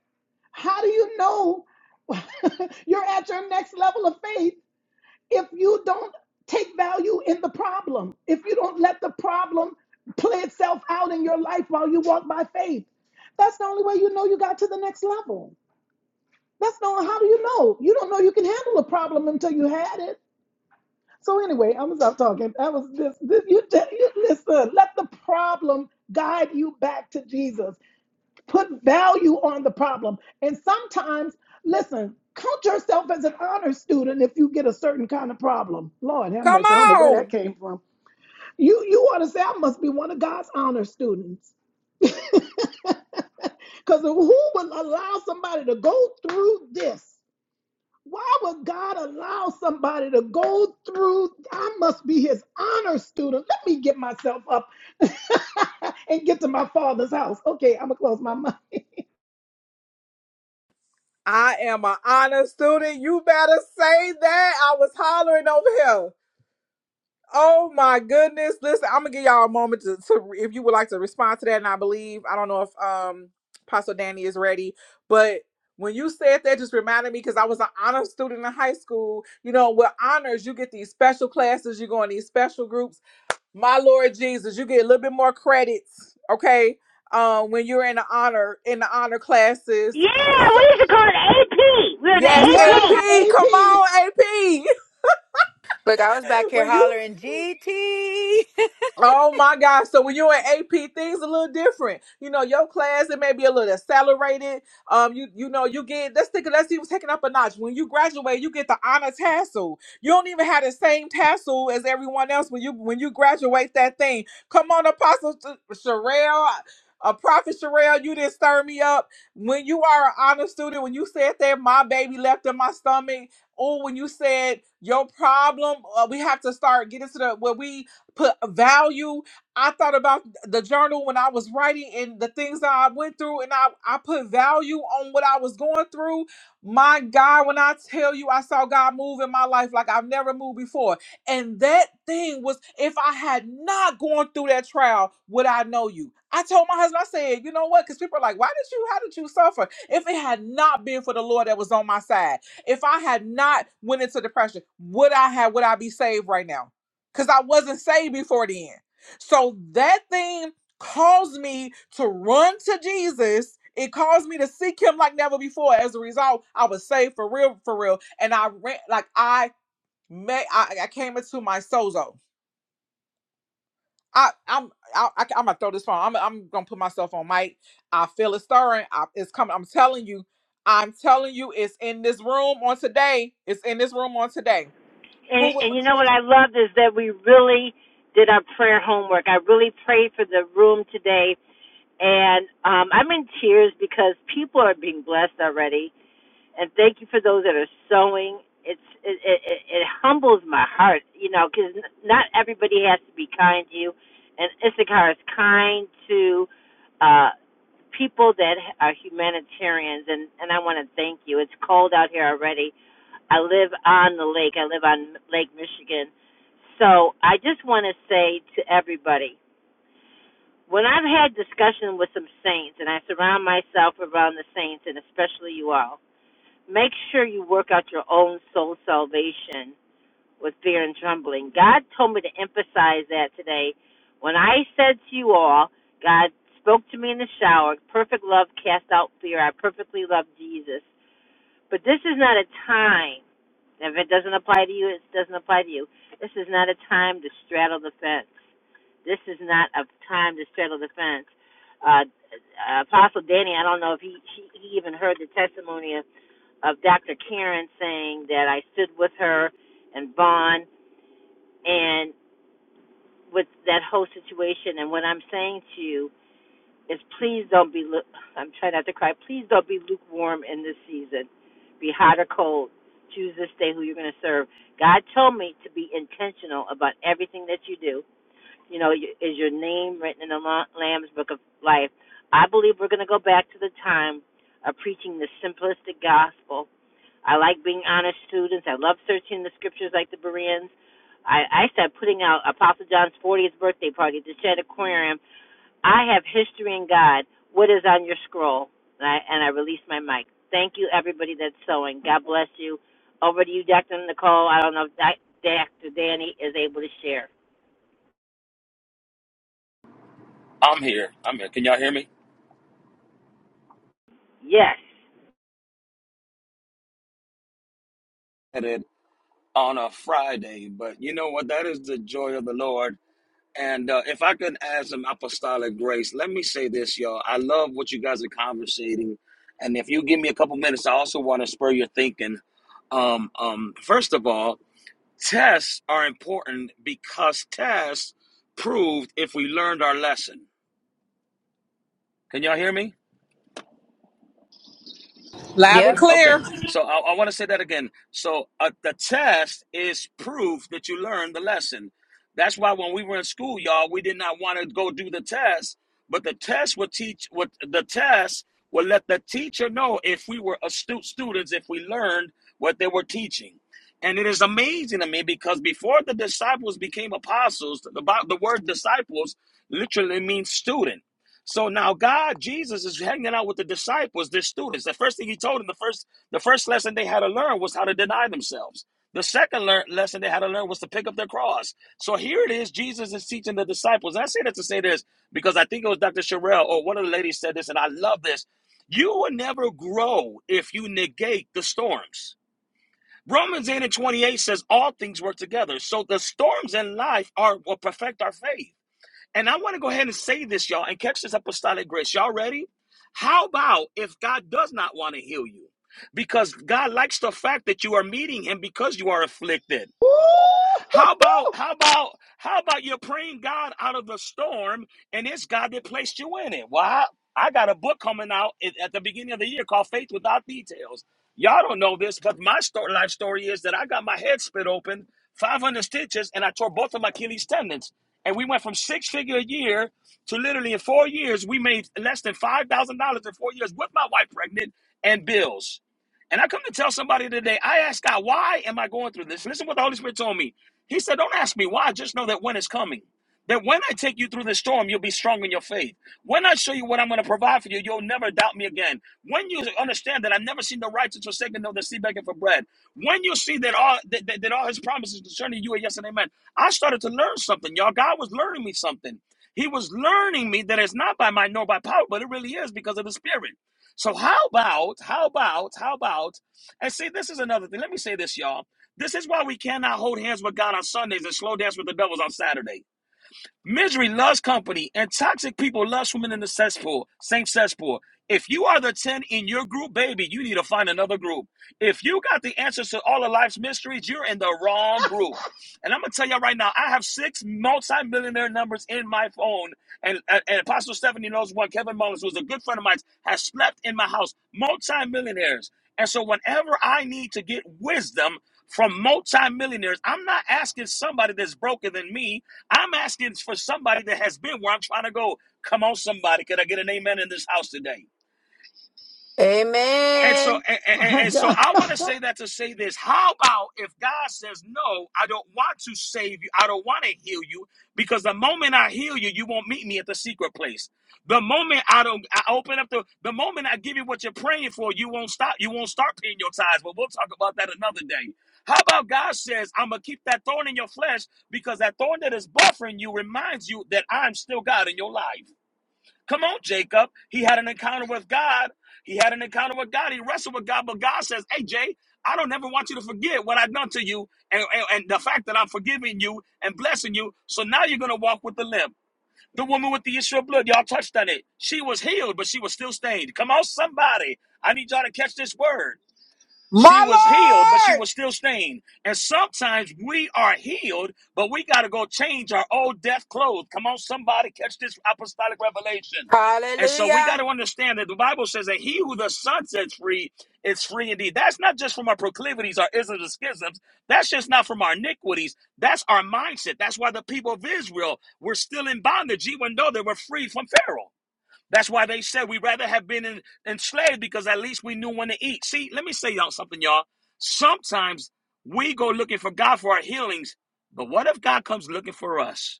S2: How do you know you're at your next level of faith if you don't take value in the problem, if you don't let the problem play itself out in your life while you walk by faith, that's the only way you know you got to the next level. That's not how do you know? You don't know you can handle a problem until you had it. So anyway, I'm gonna stop talking. That was this. this you, you listen. Let the problem guide you back to Jesus. Put value on the problem. And sometimes, listen, count yourself as an honor student if you get a certain kind of problem. Lord have
S3: Come
S2: mercy. I don't know where that
S3: on.
S2: came from. You you want to say I must be one of God's honor students. Because who would allow somebody to go through this? Why would God allow somebody to go through? I must be his honor student. Let me get myself up and get to my father's house. Okay, I'm going to close my mouth.
S3: I am an honor student. You better say that. I was hollering over here. Oh my goodness. Listen, I'm gonna give y'all a moment to, to if you would like to respond to that. And I believe I don't know if um Pastor Danny is ready, but when you said that just reminded me because I was an honor student in high school. You know, with honors, you get these special classes, you go in these special groups. My Lord Jesus, you get a little bit more credits, okay? Um, when you're in the honor in the honor classes.
S1: Yeah,
S3: So,
S1: what is it called?
S3: Yes,
S2: Yes,
S3: AP. Come
S2: AP.
S3: on, AP.
S9: Look, I was back here
S3: When you
S9: hollering GT.
S3: Oh my gosh. So when you're in AP, things a little different. You know, your class, it may be a little accelerated. Um, you you know, you get let's think let's even take it up a notch. When you graduate, you get the honor tassel. You don't even have the same tassel as everyone else when you when you graduate that thing. Come on, Apostle Sh- Sherelle. A prophet Sherelle, you didn't stir me up. When you are an honor student, when you said that my baby left in my stomach, or when you said your problem, uh, we have to start getting to the where we put value. I thought about the journal when I was writing and the things that I went through, and I, I put value on what I was going through. My God, when I tell you, I saw God move in my life like I've never moved before. And that thing was, if I had not gone through that trial, would I know you? I told my husband, I said, you know what? Because people are like, why did you, how did you suffer? If it had not been for the Lord that was on my side, if I had not went into depression, would I have, would I be saved right now? because I wasn't saved before then. So that thing caused me to run to Jesus. It caused me to seek him like never before. As a result, I was saved for real, for real. And I ran like I may I, I came into my sozo. I, I'm I, I, I'm gonna throw this phone. I'm I'm gonna put myself on mic. I feel it stirring. I, it's coming. I'm telling you. I'm telling you. It's in this room on today. It's in this room on today. Who
S1: And,
S3: will
S1: and you know what I loved is that we really did our prayer homework. I really prayed for the room today, and um, I'm in tears because people are being blessed already. and thank you for those that are sewing. It's it it, it humbles my heart, you know, because not everybody has to be kind to you, and Issachar is kind to uh people that are humanitarians, and and I want to thank you. It's cold out here already. I live on the lake. I live on Lake Michigan, so I just want to say to everybody. When I've had discussion with some saints, and I surround myself around the saints, and especially you all, Make sure you work out your own soul salvation with fear and trembling. God told me to emphasize that today. When I said to you all, God spoke to me in the shower, perfect love casts out fear. I perfectly love Jesus. But this is not a time, if it doesn't apply to you, it doesn't apply to you. This is not a time to straddle the fence. This is not a time to straddle the fence. Uh, uh, Apostle Danny, I don't know if he, he, even heard the testimony of Dr. Karen saying that I stood with her and Vaughn and with that whole situation. And what I'm saying to you is please don't be, lu- I'm trying not to cry, please don't be lukewarm in this season. Be hot or cold. Choose this day who you're going to serve. God told me to be intentional about everything that you do you know, is your name written in the Lamb's Book of Life. I believe we're going to go back to the time of preaching the simplistic gospel. I like being honest students. I love searching the scriptures like the Bereans. I, I started putting out Apostle John's 40th birthday party at the Shed Aquarium. I have history in God. What is on your scroll? And I, and I release my mic. Thank you, everybody that's sewing. God bless you. Over to you, Dr. Nicole. I don't know if Dr. Danny is able to share.
S8: I'm here. I'm here. Can y'all hear me?
S1: Yes.
S8: At it on a Friday, but you know what? That is the joy of the Lord. And uh, if I could add some apostolic grace, let me say this, y'all. I love what you guys are conversating, and if you give me a couple minutes, I also want to spur your thinking. Um, um, first of all, tests are important because tests proved if we learned our lesson. Can y'all hear me?
S3: loud and
S9: Yep.
S3: clear?
S8: Okay, so I, I want to say that again. So uh, the test is proof that you learned the lesson. That's why when we were in school, y'all, we did not want to go do the test, but the test would teach. What the test would let the teacher know if we were astute students, if we learned what they were teaching. And it is amazing to me because before the disciples became apostles, the, the word disciples literally means student. So now God, Jesus, is hanging out with the disciples, their students. The first thing he told them, the first, the first lesson they had to learn was how to deny themselves. The second lear- lesson they had to learn was to pick up their cross. So here it is, Jesus is teaching the disciples. And I say that to say this because I think it was Dr. Sherelle or one of the ladies said this, and I love this. You will never grow if you negate the storms. Romans 8 and 28 says all things work together. So the storms in life are will perfect our faith. And I want to go ahead and say this, y'all, and catch this apostolic grace. Y'all ready? How about if God does not want to heal you? Because God likes the fact that you are meeting Him because you are afflicted. How about
S2: Ooh,
S8: how about how about you're praying God out of the storm and it's God that placed you in it? Well, I, I got a book coming out at, at the beginning of the year called Faith Without Details. Y'all don't know this, but my story, life story is that I got my head split open, 500 stitches, and I tore both of my Achilles tendons. And we went from six figure a year to literally in four years, we made less than five thousand dollars in four years with my wife pregnant and bills. And I come to tell somebody today, I asked God, why am I going through this? Listen to what the Holy Spirit told me. He said, Don't ask me why. Just know that when is coming. That when I take you through the storm, you'll be strong in your faith. When I show you what I'm going to provide for you, you'll never doubt me again. When you understand that I've never seen the righteous forsaken, nor the seed begging for bread. When you see that all that, that, that all His promises concerning you are yes and amen. I started to learn something, y'all. God was learning me something. He was learning me that it's not by might nor by power, but it really is because of the Spirit. So how about how about how about? And see, this is another thing. Let me say this, y'all this is why we cannot hold hands with God on Sundays and slow dance with the devils on Saturday. Misery loves company, and toxic people love swimming in the cesspool, same cesspool. If you are the 10 in your group, baby, you need to find another group. If you got the answers to all of life's mysteries, you're in the wrong group. And I'm going to tell you right now, I have six multi-millionaire numbers in my phone. And, and, and Apostle Stephanie knows one. Kevin Mullins, who's a good friend of mine, has slept in my house, multi-millionaires. And so whenever I need to get wisdom from multi-millionaires, I'm not asking somebody that's broken than me I'm asking for somebody that has been where I'm trying to go. Come on, somebody. Could I get an amen in this house today? And so,
S9: Amen.
S8: and, and,
S2: my
S8: and so,
S2: God.
S8: I want to say that to say this. How about if God says, "No, I don't want to save you. I don't want to heal you, because the moment I heal you, you won't meet me at the secret place. The moment I don't, I open up the, the moment I give you what you're praying for, you won't stop. You won't start paying your tithes. But we'll talk about that another day. How about God says, "I'm gonna keep that thorn in your flesh, because that thorn that is buffering you reminds you that I'm still God in your life." Come on, Jacob. He had an encounter with God. He had an encounter with God. He wrestled with God, but God says, Hey, Jay, I don't ever want you to forget what I've done to you and, and, and the fact that I'm forgiving you and blessing you. So now you're going to walk with the limp. The woman with the issue of blood, y'all touched on it. She was healed, but she was still stained. Come on, somebody. I need y'all to catch this word. She
S3: My
S8: was healed, but
S3: Lord.
S8: she was still stained. And sometimes we are healed, but we got to go change our old death clothes. Come on, somebody, catch this apostolic revelation. And so we got
S9: Hallelujah.
S8: to understand that the Bible says that he who the Son sets free is free indeed. That's not just from our proclivities, our isms, and schisms. That's just not from our iniquities. That's our mindset. That's why the people of Israel were still in bondage, even though they were free from Pharaoh. That's why they said we'd rather have been in, enslaved because at least we knew when to eat. See, let me say y'all something, y'all. Sometimes we go looking for God for our healings, but what if God comes looking for us?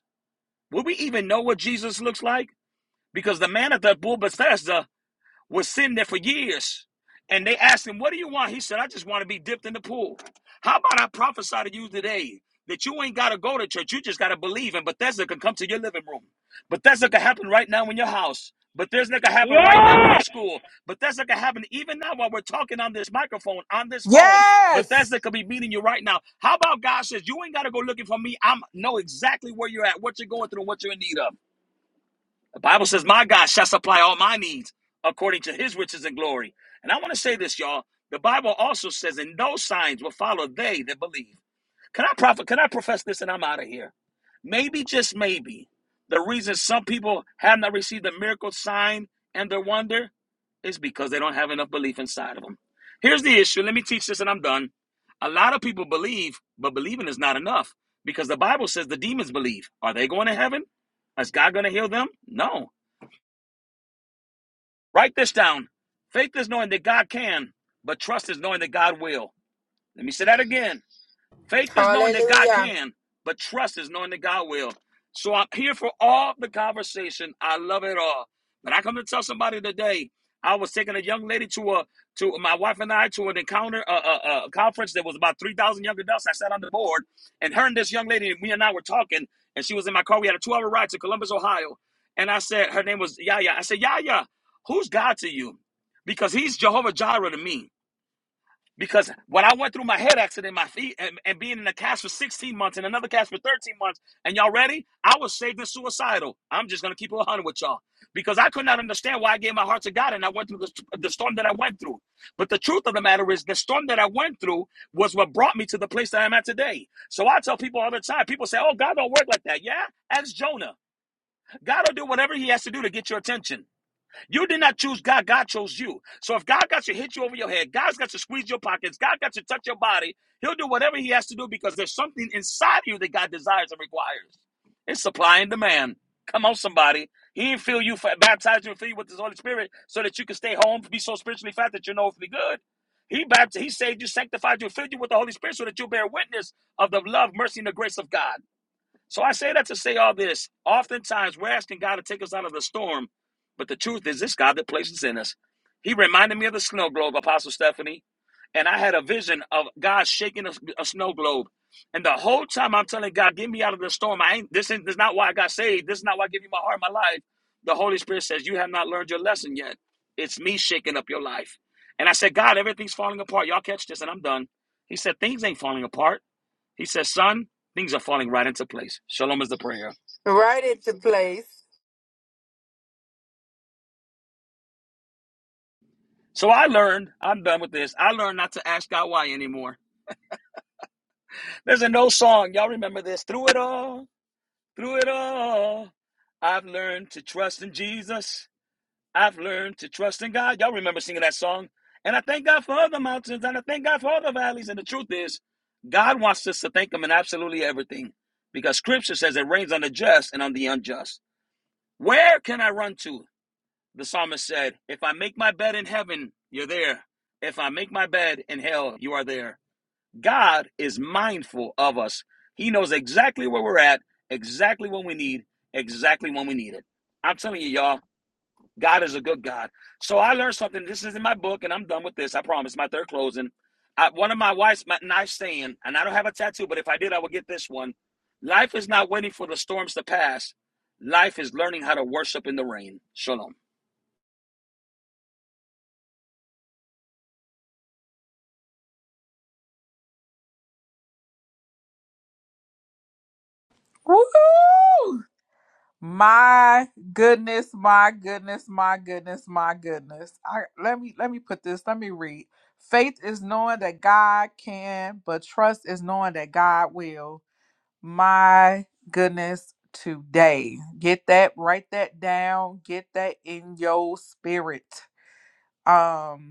S8: Will we even know what Jesus looks like? Because the man at the pool of Bethesda was sitting there for years. And they asked him, What do you want? He said, I just want to be dipped in the pool. How about I prophesy to you today that you ain't got to go to church? You just got to believe. And Bethesda can come to your living room. Bethesda can happen right now in your house. Bethesda can happen right
S1: Yeah,
S8: now in your school. Bethesda can happen even now while we're talking on this microphone, on this phone.
S3: Yes!
S8: Bethesda could be meeting you right now. How about God says, You ain't got to go looking for me. I know exactly where you're at, what you're going through, and what you're in need of. The Bible says, My God shall supply all my needs according to his riches and glory. And I want to say this, y'all. The Bible also says, And no signs will follow they that believe. Can I prophet? Can I profess this and I'm out of here? Maybe, just maybe, the reason some people have not received the miracle sign and their wonder is because they don't have enough belief inside of them. Here's the issue. Let me teach this and I'm done. A lot of people believe, but believing is not enough because the Bible says the demons believe. Are they going to heaven? Is God going to heal them? No. Write this down. Faith is knowing that God can, but trust is knowing that God will. Let me say that again. Faith is knowing that God
S9: Hallelujah.
S8: can, but trust is knowing that God will. So I'm here for all the conversation. I love it all. But I come to tell somebody today. I was taking a young lady to a to my wife and I to an encounter a, a, a conference that was about three thousand young adults. I sat on the board, and her and this young lady, me and I were talking, and she was in my car. We had a two hour ride to Columbus, Ohio, and I said her name was Yaya. I said Yaya, who's God to you? Because he's Jehovah Jireh to me. Because when I went through my head accident, my feet, and, and being in a cast for 16 months and another cast for 13 months, and y'all ready? I was saved and suicidal. I'm just going to keep it 100 with y'all because I could not understand why I gave my heart to God and I went through the, the storm that I went through. But the truth of the matter is, the storm that I went through was what brought me to the place that I'm at today. So I tell people all the time people say, Oh, God don't work like that. Yeah? Ask Jonah. God will do whatever he has to do to get your attention. You did not choose God. God chose you. So if God got to hit you over your head, God's got to squeeze your pockets, God got to touch your body, He'll do whatever He has to do because there's something inside you that God desires and requires. It's supply and demand. Come on, somebody. He didn't fill you, for, baptize you, and fill you with His Holy Spirit so that you can stay home, be so spiritually fat that you're no earthly good. He baptized, He saved you, sanctified you, filled you with the Holy Spirit so that you bear witness of the love, mercy, and the grace of God. So I say that to say all this. Oftentimes we're asking God to take us out of the storm, but the truth is this God that places in us. He reminded me of the snow globe, Apostle Stephanie, and I had a vision of God shaking a, a snow globe. And the whole time I'm telling God, get me out of the storm. I ain't this, ain't this is not why I got saved. This is not why I give you my heart, my life. The Holy Spirit says, You have not learned your lesson yet. It's me shaking up your life. And I said, God, everything's falling apart. Y'all catch this, and I'm done. He said, Things ain't falling apart. He says, Son, things are falling right into place. Shalom is the prayer.
S9: Right into place.
S8: So I learned, I'm done with this. I learned not to ask God why anymore. There's an old song. Y'all remember this? Through it all, through it all, I've learned to trust in Jesus. I've learned to trust in God. Y'all remember singing that song? And I thank God for all the mountains and I thank God for all the valleys. And the truth is, God wants us to thank Him in absolutely everything because Scripture says it rains on the just and on the unjust. Where can I run to? The psalmist said, If I make my bed in heaven, you're there. If I make my bed in hell, you are there. God is mindful of us. He knows exactly where we're at, exactly when we need, exactly when we need it. I'm telling you, y'all, God is a good God. So I learned something. This is in my book, and I'm done with this. I promise. My third closing. I, one of my wife's my knife saying, and I don't have a tattoo, but if I did, I would get this one. Life is not waiting for the storms to pass. Life is learning how to worship in the rain. Shalom.
S3: Woo! My goodness, my goodness, my goodness, my goodness. I let me let me put this, let me read. Faith is knowing that God can, but trust is knowing that God will. My goodness, today. Get that, write that down, get that in your spirit. Um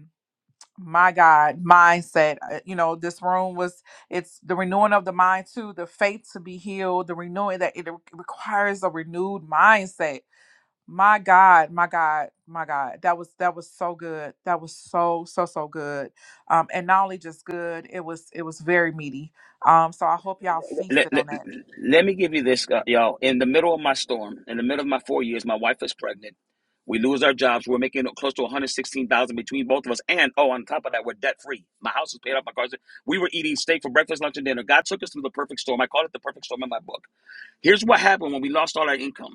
S3: my God, mindset. Uh, You know, this room was it's the renewing of the mind too, the faith to be healed, the renewing that it re- requires a renewed mindset. My God, my God, my God. That was that was so good. That was so, so, so good. Um, and not only just good, it was it was very meaty. Um, so I hope y'all
S8: let,
S3: feasted on
S8: let,
S3: that.
S8: let me give you this, uh, y'all. In the middle of my storm, in the middle of my four years, my wife is pregnant. We lose our jobs. We're making close to 116000 between both of us. And, oh, on top of that, we're debt free. My house is paid off. My car's. We were eating steak for breakfast, lunch, and dinner. God took us through the perfect storm. I call it the perfect storm in my book. Here's what happened when we lost all our income.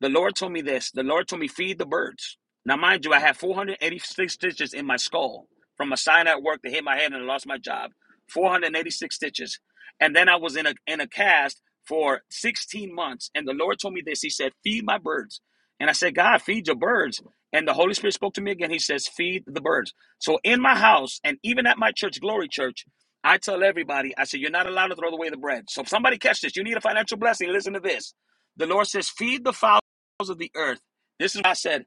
S8: The Lord told me this. The Lord told me, feed the birds. Now, mind you, I had 486 stitches in my skull from a sign at work that hit my head and I lost my job. 486 stitches. And then I was in a in a cast for 16 months. And the Lord told me this. He said, Feed my birds. And I said, God, feed your birds. And the Holy Spirit spoke to me again. He says, Feed the birds. So in my house and even at my church, Glory Church, I tell everybody, I say, You're not allowed to throw away the bread. So if somebody catch this, you need a financial blessing. Listen to this. The Lord says, Feed the fowl of the earth. This is what I said.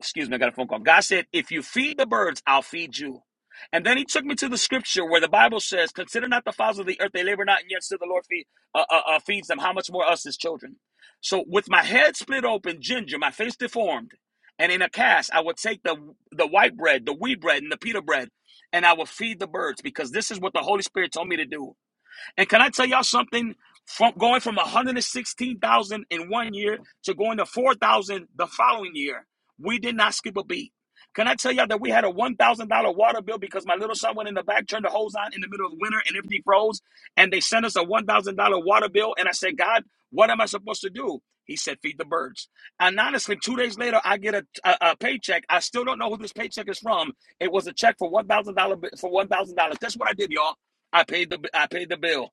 S8: Excuse me, I got a phone call. God said, If you feed the birds, I'll feed you. And then he took me to the scripture where the Bible says, Consider not the fowls of the earth, they labor not, and yet still the Lord feed, uh, uh, uh, feeds them. How much more us, his children? So, with my head split open, ginger, my face deformed, and in a cast, I would take the, the white bread, the wheat bread, and the pita bread, and I would feed the birds because this is what the Holy Spirit told me to do. And can I tell y'all something? From going from 116,000 in one year to going to 4,000 the following year, we did not skip a beat. Can I tell y'all that we had a $1,000 water bill because my little son went in the back, turned the hose on in the middle of winter, and everything froze? And they sent us a $1,000 water bill. And I said, God, what am I supposed to do? He said, feed the birds. And honestly, two days later, I get a, a, a paycheck. I still don't know who this paycheck is from. It was a check for $1,000 for $1,000. That's what I did, y'all. I paid the I paid the bill.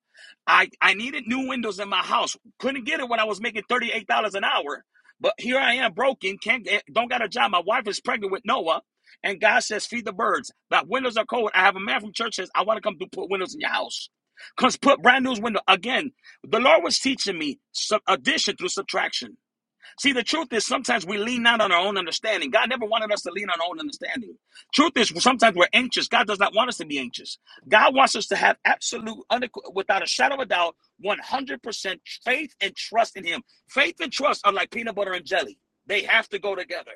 S8: I I needed new windows in my house. Couldn't get it when I was making thirty eight dollars an hour. But here I am, broken. Can't get, don't got a job. My wife is pregnant with Noah, and God says, "Feed the birds." The windows are cold. I have a man from church says, "I want to come to put windows in your house." Cause put brand new window again. The Lord was teaching me sub- addition through subtraction. See, the truth is sometimes we lean not on our own understanding. God never wanted us to lean on our own understanding. Truth is sometimes we're anxious. God does not want us to be anxious. God wants us to have absolute, unequ- without a shadow of a doubt, 100% faith and trust in Him. Faith and trust are like peanut butter and jelly, they have to go together.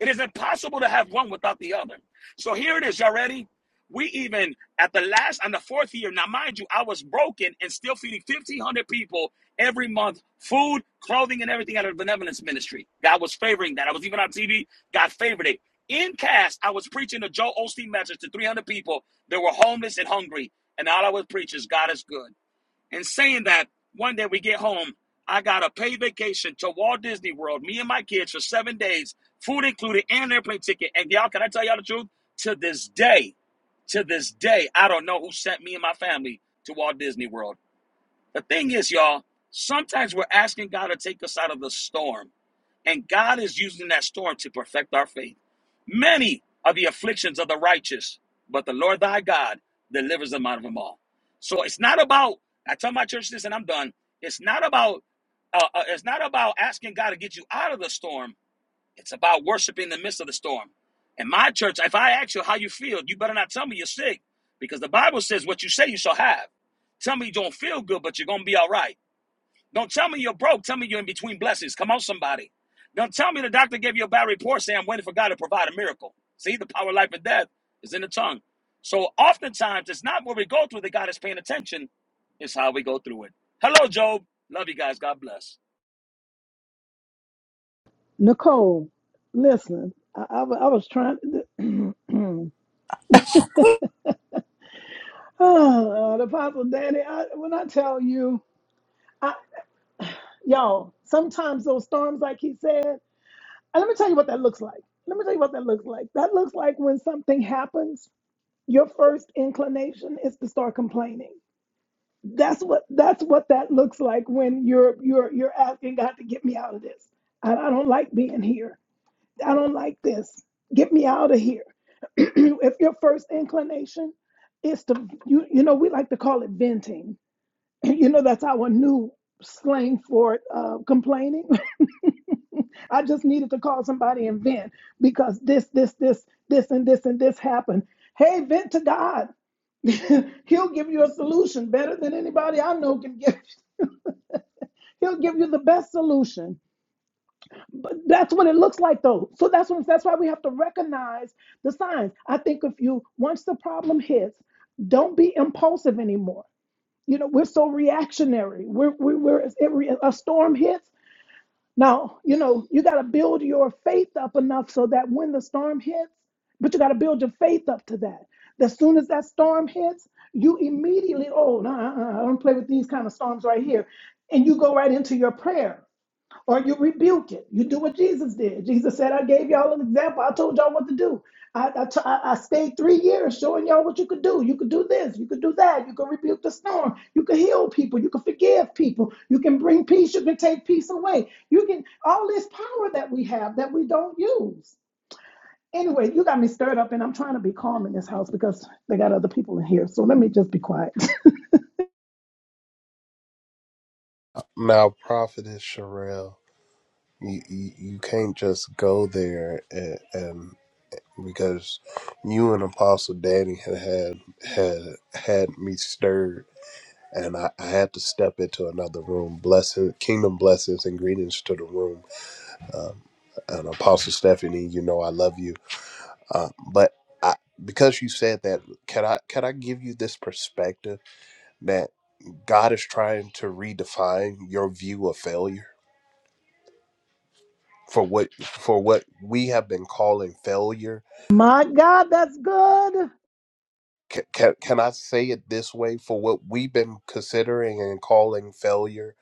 S8: It is impossible to have one without the other. So here it is. Y'all ready? We even at the last on the fourth year. Now, mind you, I was broken and still feeding 1,500 people every month food, clothing, and everything out of the benevolence ministry. God was favoring that. I was even on TV. God favored it. In cast, I was preaching the Joel Osteen message to 300 people that were homeless and hungry. And all I would preach is God is good. And saying that, one day we get home, I got a paid vacation to Walt Disney World, me and my kids for seven days, food included and an airplane ticket. And y'all, can I tell y'all the truth? To this day, to this day, I don't know who sent me and my family to Walt Disney World. The thing is, y'all, sometimes we're asking God to take us out of the storm, and God is using that storm to perfect our faith. Many are the afflictions of the righteous, but the Lord thy God delivers them out of them all. So it's not about, I tell my church this and I'm done. It's not about, uh, uh, it's not about asking God to get you out of the storm. It's about worshiping in the midst of the storm. In my church, if I ask you how you feel, you better not tell me you're sick because the Bible says what you say you shall have. Tell me you don't feel good, but you're going to be all right. Don't tell me you're broke. Tell me you're in between blessings. Come on, somebody. Don't tell me the doctor gave you a bad report saying I'm waiting for God to provide a miracle. See, the power of life and death is in the tongue. So oftentimes, it's not what we go through that God is paying attention. It's how we go through it. Hello, Job. Love you guys. God bless.
S2: Nicole, listen, I, I, wa- I was trying to. oh, the Apostle Danny, I, when I tell you, I, y'all, sometimes those storms, like he said, and let me tell you what that looks like. Let me tell you what that looks like. That looks like when something happens, your first inclination is to start complaining. That's what that's what that looks like when you're you're you're asking God to get me out of this. I, I don't like being here. I don't like this. Get me out of here. if your first inclination is to, you, you know, we like to call it venting. You know, that's our new slang for it, uh, complaining. I just needed to call somebody and vent because this, this, this, this, and this, and this happened. Hey, vent to God. He'll give you a solution better than anybody I know can give. He'll give you the best solution. But that's what it looks like, though. So that's what, that's why we have to recognize the signs. I think if you once the problem hits, don't be impulsive anymore. You know, we're so reactionary. We're we're, we're it's- it, re- a storm hits. Now, you know, you got to build your faith up enough so that when the storm hits, but you got to build your faith up to that. As soon as that storm hits, you immediately, oh, no, uh-uh, I don't play with these kind of storms right here. And you go right into your prayer or you rebuke it. You do what Jesus did. Jesus said, I gave y'all an example. I told y'all what to do. I, I, t- I I stayed three years showing y'all what you could do. You could do this. You could do that. You could rebuke the storm. You could heal people. You could forgive people. You can bring peace. You can take peace away. You can, all this power that we have that we don't use. Anyway, you got me stirred up, and I'm trying to be calm in this house because they got other people in here. So let me just be quiet.
S11: Now, Prophetess Sherelle, you, you, you can't just go there and, and because you and Apostle Danny had had had, had me stirred, and I, I had to step into another room. Blessing, kingdom blessings and greetings to the room. Um, and Apostle Stephanie, you know I love you, uh, but I, because you said that, can I can I give you this perspective that God is trying to redefine your view of failure? for what for what we have been calling failure.
S2: My God, that's good.
S11: Can, can, can I say it this way? For what we've been considering and calling failure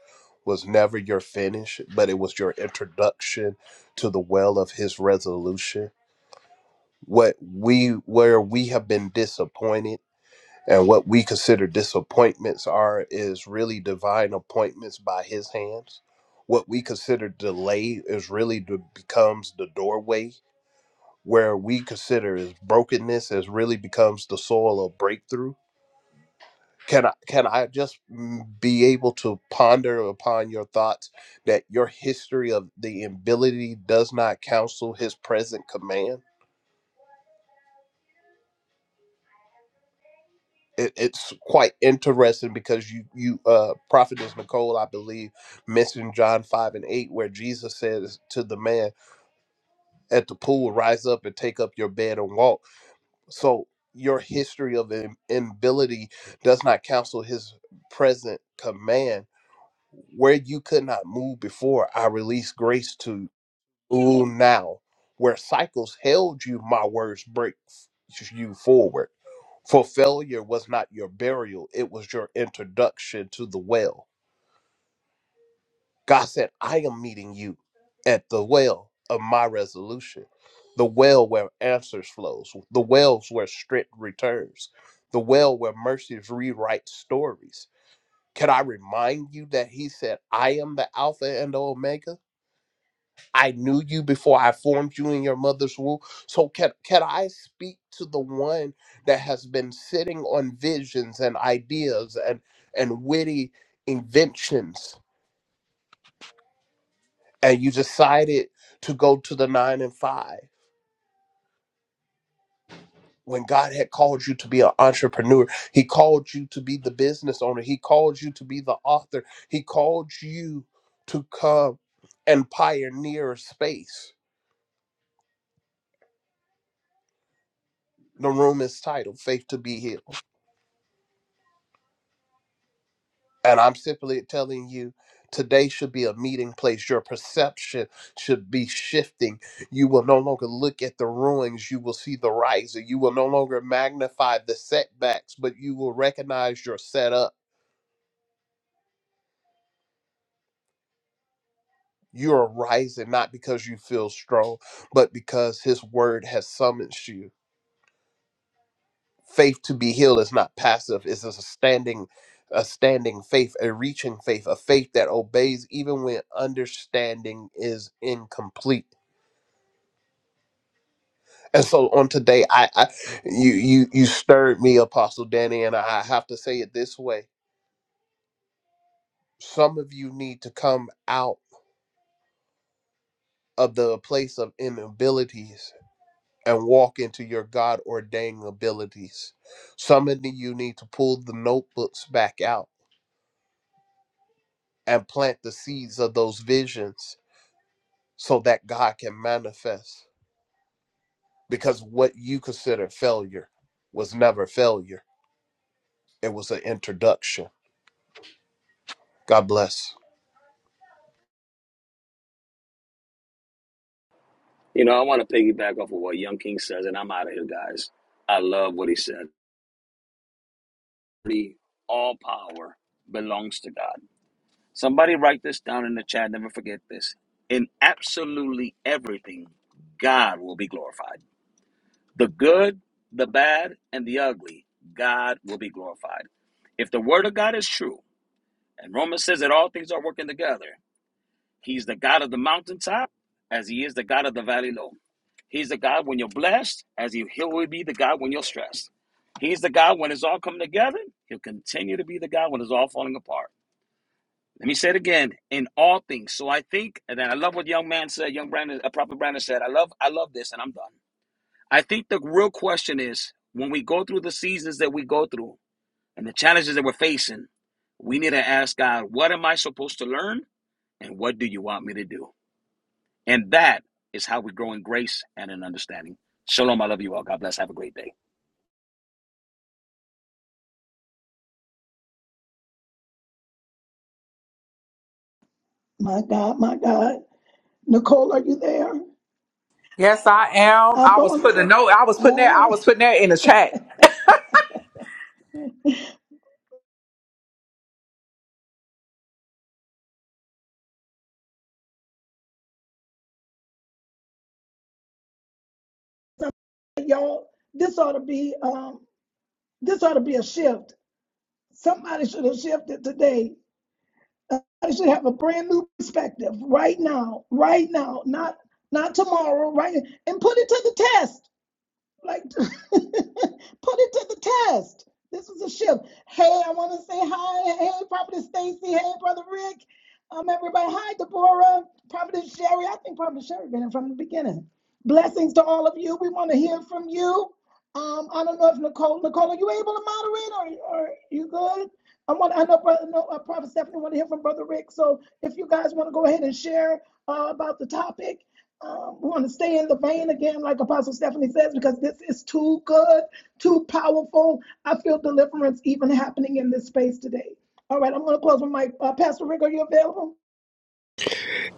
S11: was never your finish, but it was your introduction to the well of His resolution. What we where we have been disappointed and what we consider disappointments are is really divine appointments by His hands. What we consider delay is really the becomes the doorway where we consider as brokenness as really becomes the soil of breakthrough can i can i just mm, be able to ponder upon your thoughts that your history of the ability does not counsel his present command it, it's quite interesting because you you uh prophetess nicole i believe mentioned john 5 and 8 where jesus says to the man at the pool rise up and take up your bed and walk So your history of im- inability does not cancel his present command. Where you could not move before, I release grace to move now. Where cycles held you, my words break f- you forward. For failure was not your burial, it was your introduction to the well God said, I am meeting you at the well of my resolution, the well where answers flows, the wells where strength returns, the well where mercies rewrite stories. Can I remind you that he said, I am the Alpha and the Omega? I knew you before I formed you in your mother's womb. So can, can I speak to the one that has been sitting on visions and ideas and, and witty inventions and you decided to go to the nine and five when God had called you to be an entrepreneur. He called you to be the business owner. He called you to be the author. He called you to come and pioneer a space. The room is titled Faith to Be Healed. And I'm simply telling you, today should be a meeting place. Your perception should be shifting. You will no longer look at the ruins, you will see the rising. You will no longer magnify the setbacks, but you will recognize your setup. You are rising not because you feel strong, but because His word has summoned you. Faith to be healed is not passive; it's a standing, a standing faith, a reaching faith, a faith that obeys even when understanding is incomplete. And so on today, I, I you you you stirred me, Apostle Danny, and I have to say it this way. Some of you need to come out of the place of inabilities and walk into your God ordained abilities. Some of you need to pull the notebooks back out and plant the seeds of those visions so that God can manifest. Because what you consider failure was never failure. It was an introduction. God bless.
S8: You know, I want to piggyback off of what Young King says, and I'm out of here, guys. I love what he said. All power belongs to God. Somebody write this down in the chat. Never forget this. In absolutely everything, God will be glorified. The good, the bad, and the ugly, God will be glorified. If the word of God is true, and Romans says that all things are working together, he's the God of the mountaintop as he is the God of the valley low. He's the God when you're blessed, as he, he will be the God when you're stressed. He's the God when it's all coming together. He'll continue to be the God when it's all falling apart. Let me say it again. In all things. So I think, and then I love what young man said, young Brandon, uh, Prophet Brandon said. I love, I love this, and I'm done. I think the real question is when we go through the seasons that we go through and the challenges that we're facing, we need to ask God, what am I supposed to learn? And what do you want me to do? And that is how we grow in grace and in understanding. Shalom. I love you all. God bless. Have a great day.
S2: My God, my God. Nicole, are you there?
S3: Yes, I am.
S2: Up
S3: I was
S2: on the
S3: putting a
S2: seven.
S3: note. I was putting that. I
S2: All
S3: was putting that in the chat.
S2: right. So, y'all, this ought to be um, this ought to be a shift. Somebody should have shifted today. I should have a brand new perspective right now, right now, not not tomorrow, right? And put it to the test. Like, put it to the test. This was a shift. Hey, I want to say hi. Hey, Prophetess Stacy. Hey, Brother Rick. Um, everybody. Hi, Deborah. Prophetess Sherry. I think Prophetess Sherry been in from the beginning. Blessings to all of you. We want to hear from you. Um, I don't know if Nicole, Nicole, are you able to moderate or, or you good? I want. I know, brother, no, uh, Prophet Stephanie want to hear from Brother Rick. So if you guys want to go ahead and share uh, about the topic, um, we're to stay in the vein again, like Apostle Stephanie says, because this is too good, too powerful. I feel deliverance even happening in this space today. All right, I'm going to close with my uh, Pastor Rick. Are you available?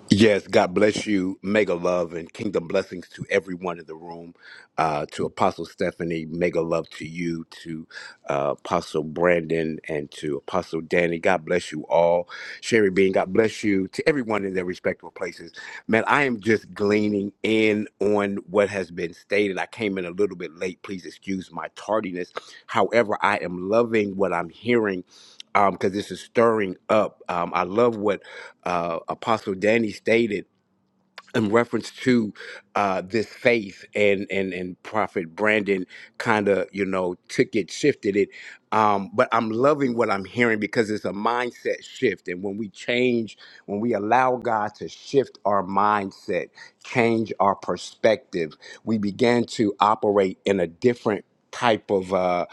S12: Yes, God bless you. Mega love and kingdom blessings to everyone in the room. Uh, to Apostle Stephanie, mega love to you, to uh, Apostle Brandon, and to Apostle Danny. God bless you all. Sherry Bean, God bless you. To everyone in their respective places. Man, I am just gleaning in on what has been stated. I came in a little bit late. Please excuse my tardiness. However, I am loving what I'm hearing because this is stirring up. Um, I love what uh, Apostle Danny stated in reference to uh, this faith and and and prophet brandon kind of you know took it shifted it um, but i'm loving what i'm hearing because it's a mindset shift and when we change when we allow god to shift our mindset change our perspective we begin to operate in a different type of uh,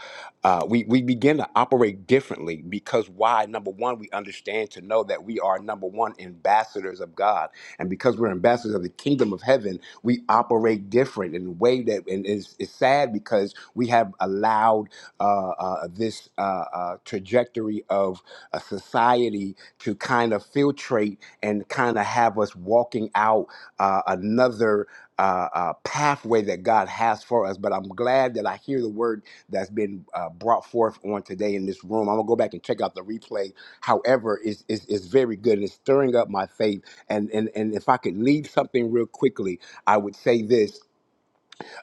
S12: uh, we, we begin to operate differently because why number one we understand to know that we are number one ambassadors of god and because we're ambassadors of the kingdom of heaven, we operate different in a way that, and it's, it's sad because we have allowed uh, uh, this uh, uh, trajectory of a society to kind of filtrate and kind of have us walking out uh, another uh, uh, pathway that God has for us. But I'm glad that I hear the word that's been uh, brought forth on today in this room. I'm gonna go back and check out the replay. However, it's, it's, it's very good it's stirring up my faith and, and, and if I could leave something real quickly, I would say this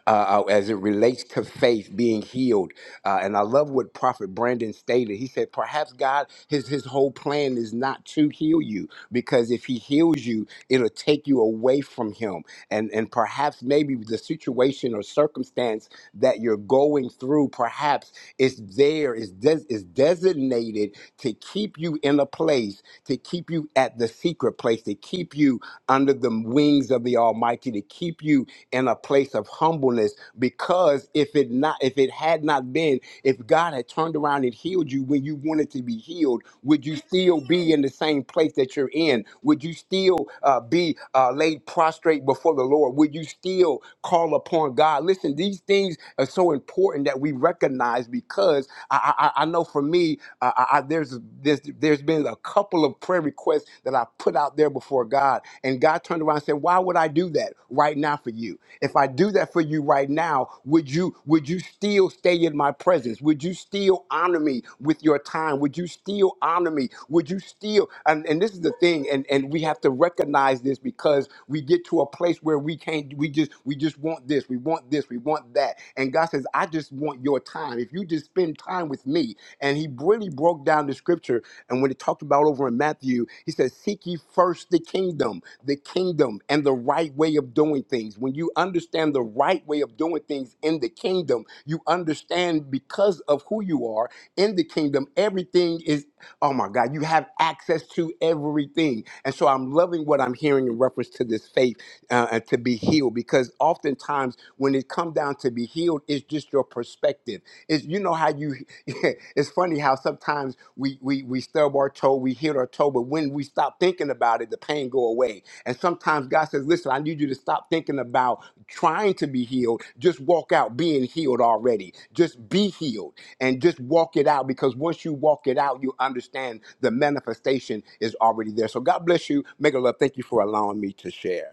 S12: uh, uh, as it relates to faith being healed. Uh, and I love what Prophet Brandon stated. He said, perhaps God, his, his whole plan is not to heal you, because if he heals you, it'll take you away from him. And, and perhaps maybe the situation or circumstance that you're going through, perhaps it's there, it's, des- it's designated to keep you in a place, to keep you at the secret place, to keep you under the wings of the Almighty, to keep you in a place of humbleness because if it not if it had not been if God had turned around and healed you when you wanted to be healed, would you still be in the same place that you're in? Would you still uh, be uh, laid prostrate before the Lord? Would you still call upon God? Listen, these things are so important that we recognize because I, I, I know for me, uh, I, I, there's, there's there's been a couple of prayer requests that I put out there before God, and God turned around and said, "Why would I do that right now for you?" If I do that for you right now, would you would you still stay in my presence? Would you still honor me with your time? Would you still honor me? Would you still and, and this is the thing, and, and we have to recognize this because we get to a place where we can't we just we just want this, we want this, we want that. And God says, I just want your time. If you just spend time with me, and He brilliantly really broke down the scripture. And when he talked about over in Matthew, he says, Seek ye first the kingdom, the kingdom, and the right way of doing things. When you understand the right way of doing things in the kingdom, you understand because of who you are in the kingdom, everything is, oh my God, you have access to everything. And so I'm loving what I'm hearing in reference to this faith faith uh, uh, to be healed because oftentimes when it comes down to be healed it's just your perspective it's you know how you it's funny how sometimes we we we stub our toe we hit our toe but when we stop thinking about it the pain go away and sometimes god says listen i need you to stop thinking about trying to be healed just walk out being healed already just be healed and just walk it out because once you walk it out you understand the manifestation is already there so god bless you make a love thank you for allowing me to share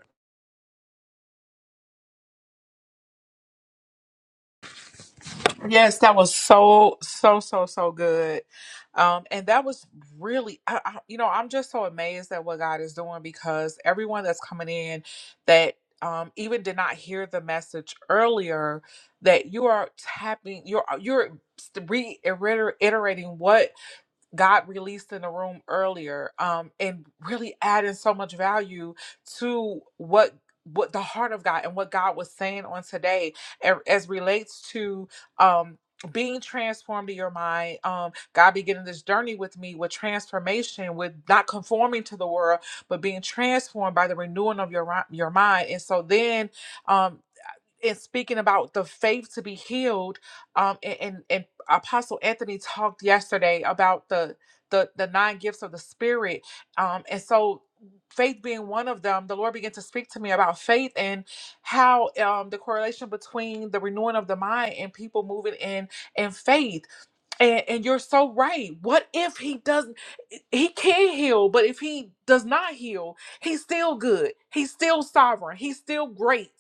S3: Yes, that was so, so, so, so good. Um, and that was really, I, I, you know, I'm just so amazed at what God is doing because everyone that's coming in that um, even did not hear the message earlier, that you are tapping, you're, you're reiterating what God released in the room earlier, um, and really adding so much value to what what the heart of God and what God was saying on today a- as relates to um being transformed in your mind, um, God beginning this journey with me with transformation, with not conforming to the world, but being transformed by the renewing of your ri- your mind. And so then, um, in speaking about the faith to be healed, um, and, and, and Apostle Anthony talked yesterday about the the the nine gifts of the Spirit, um, and so faith being one of them, the Lord began to speak to me about faith and how um, the correlation between the renewing of the mind and people moving in in faith. And and you're so right. What if He doesn't? He can heal, but if He does not heal, He's still good. He's still sovereign. He's still great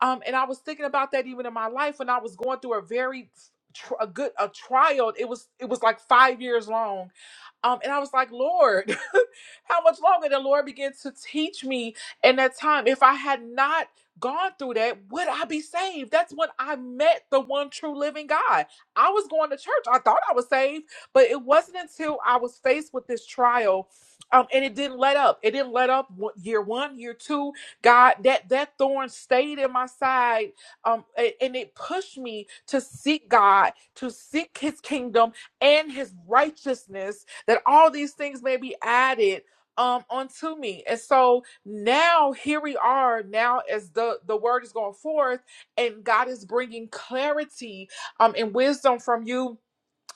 S3: um, and I was thinking about that even in my life when I was going through a very tr- a good a trial. It was it was like five years long. Um, and I was like, Lord, how much longer? The Lord began to teach me in that time. If I had not gone through that, would I be saved? That's when I met the one true living God. I was going to church. I thought I was saved, but it wasn't until I was faced with this trial. Um, and it didn't let up. It didn't let up one- year one, year two. God, that that thorn stayed in my side, um, a- and it pushed me to seek God, to seek His kingdom and His righteousness. That all these things may be added um onto me. And so now here we are. Now as the the word is going forth, and God is bringing clarity um and wisdom from you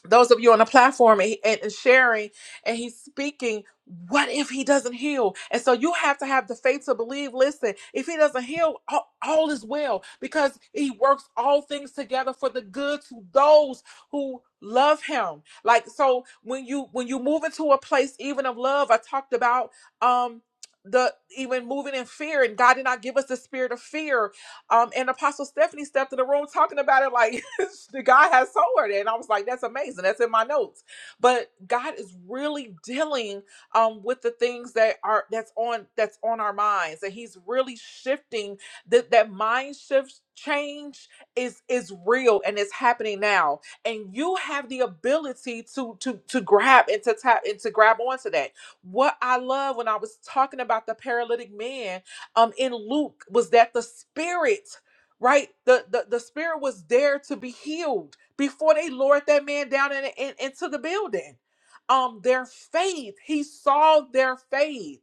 S3: those of you on the platform and, and and sharing and he's speaking what if he doesn't heal and so you have to have the faith to believe listen if he doesn't heal all, all is well because he works all things together for the good to those who love him like so when you when you move into a place even of love i talked about um the even moving in fear and god did not give us the spirit of fear um, and Apostle Stephanie stepped in the room talking about it like the guy has sold her. there. And I was like, that's amazing. That's in my notes. But God is really dealing um with the things that are that's on that's on our minds. And He's really shifting that that mind shift change is is real and it's happening now. And you have the ability to to to grab and to tap and to grab onto that. What I love when I was talking about the paralytic man um in Luke was that the spirit, right? The the, the spirit was there to be healed before they lowered that man down in, in- into the building. Um, their faith, he saw their faith,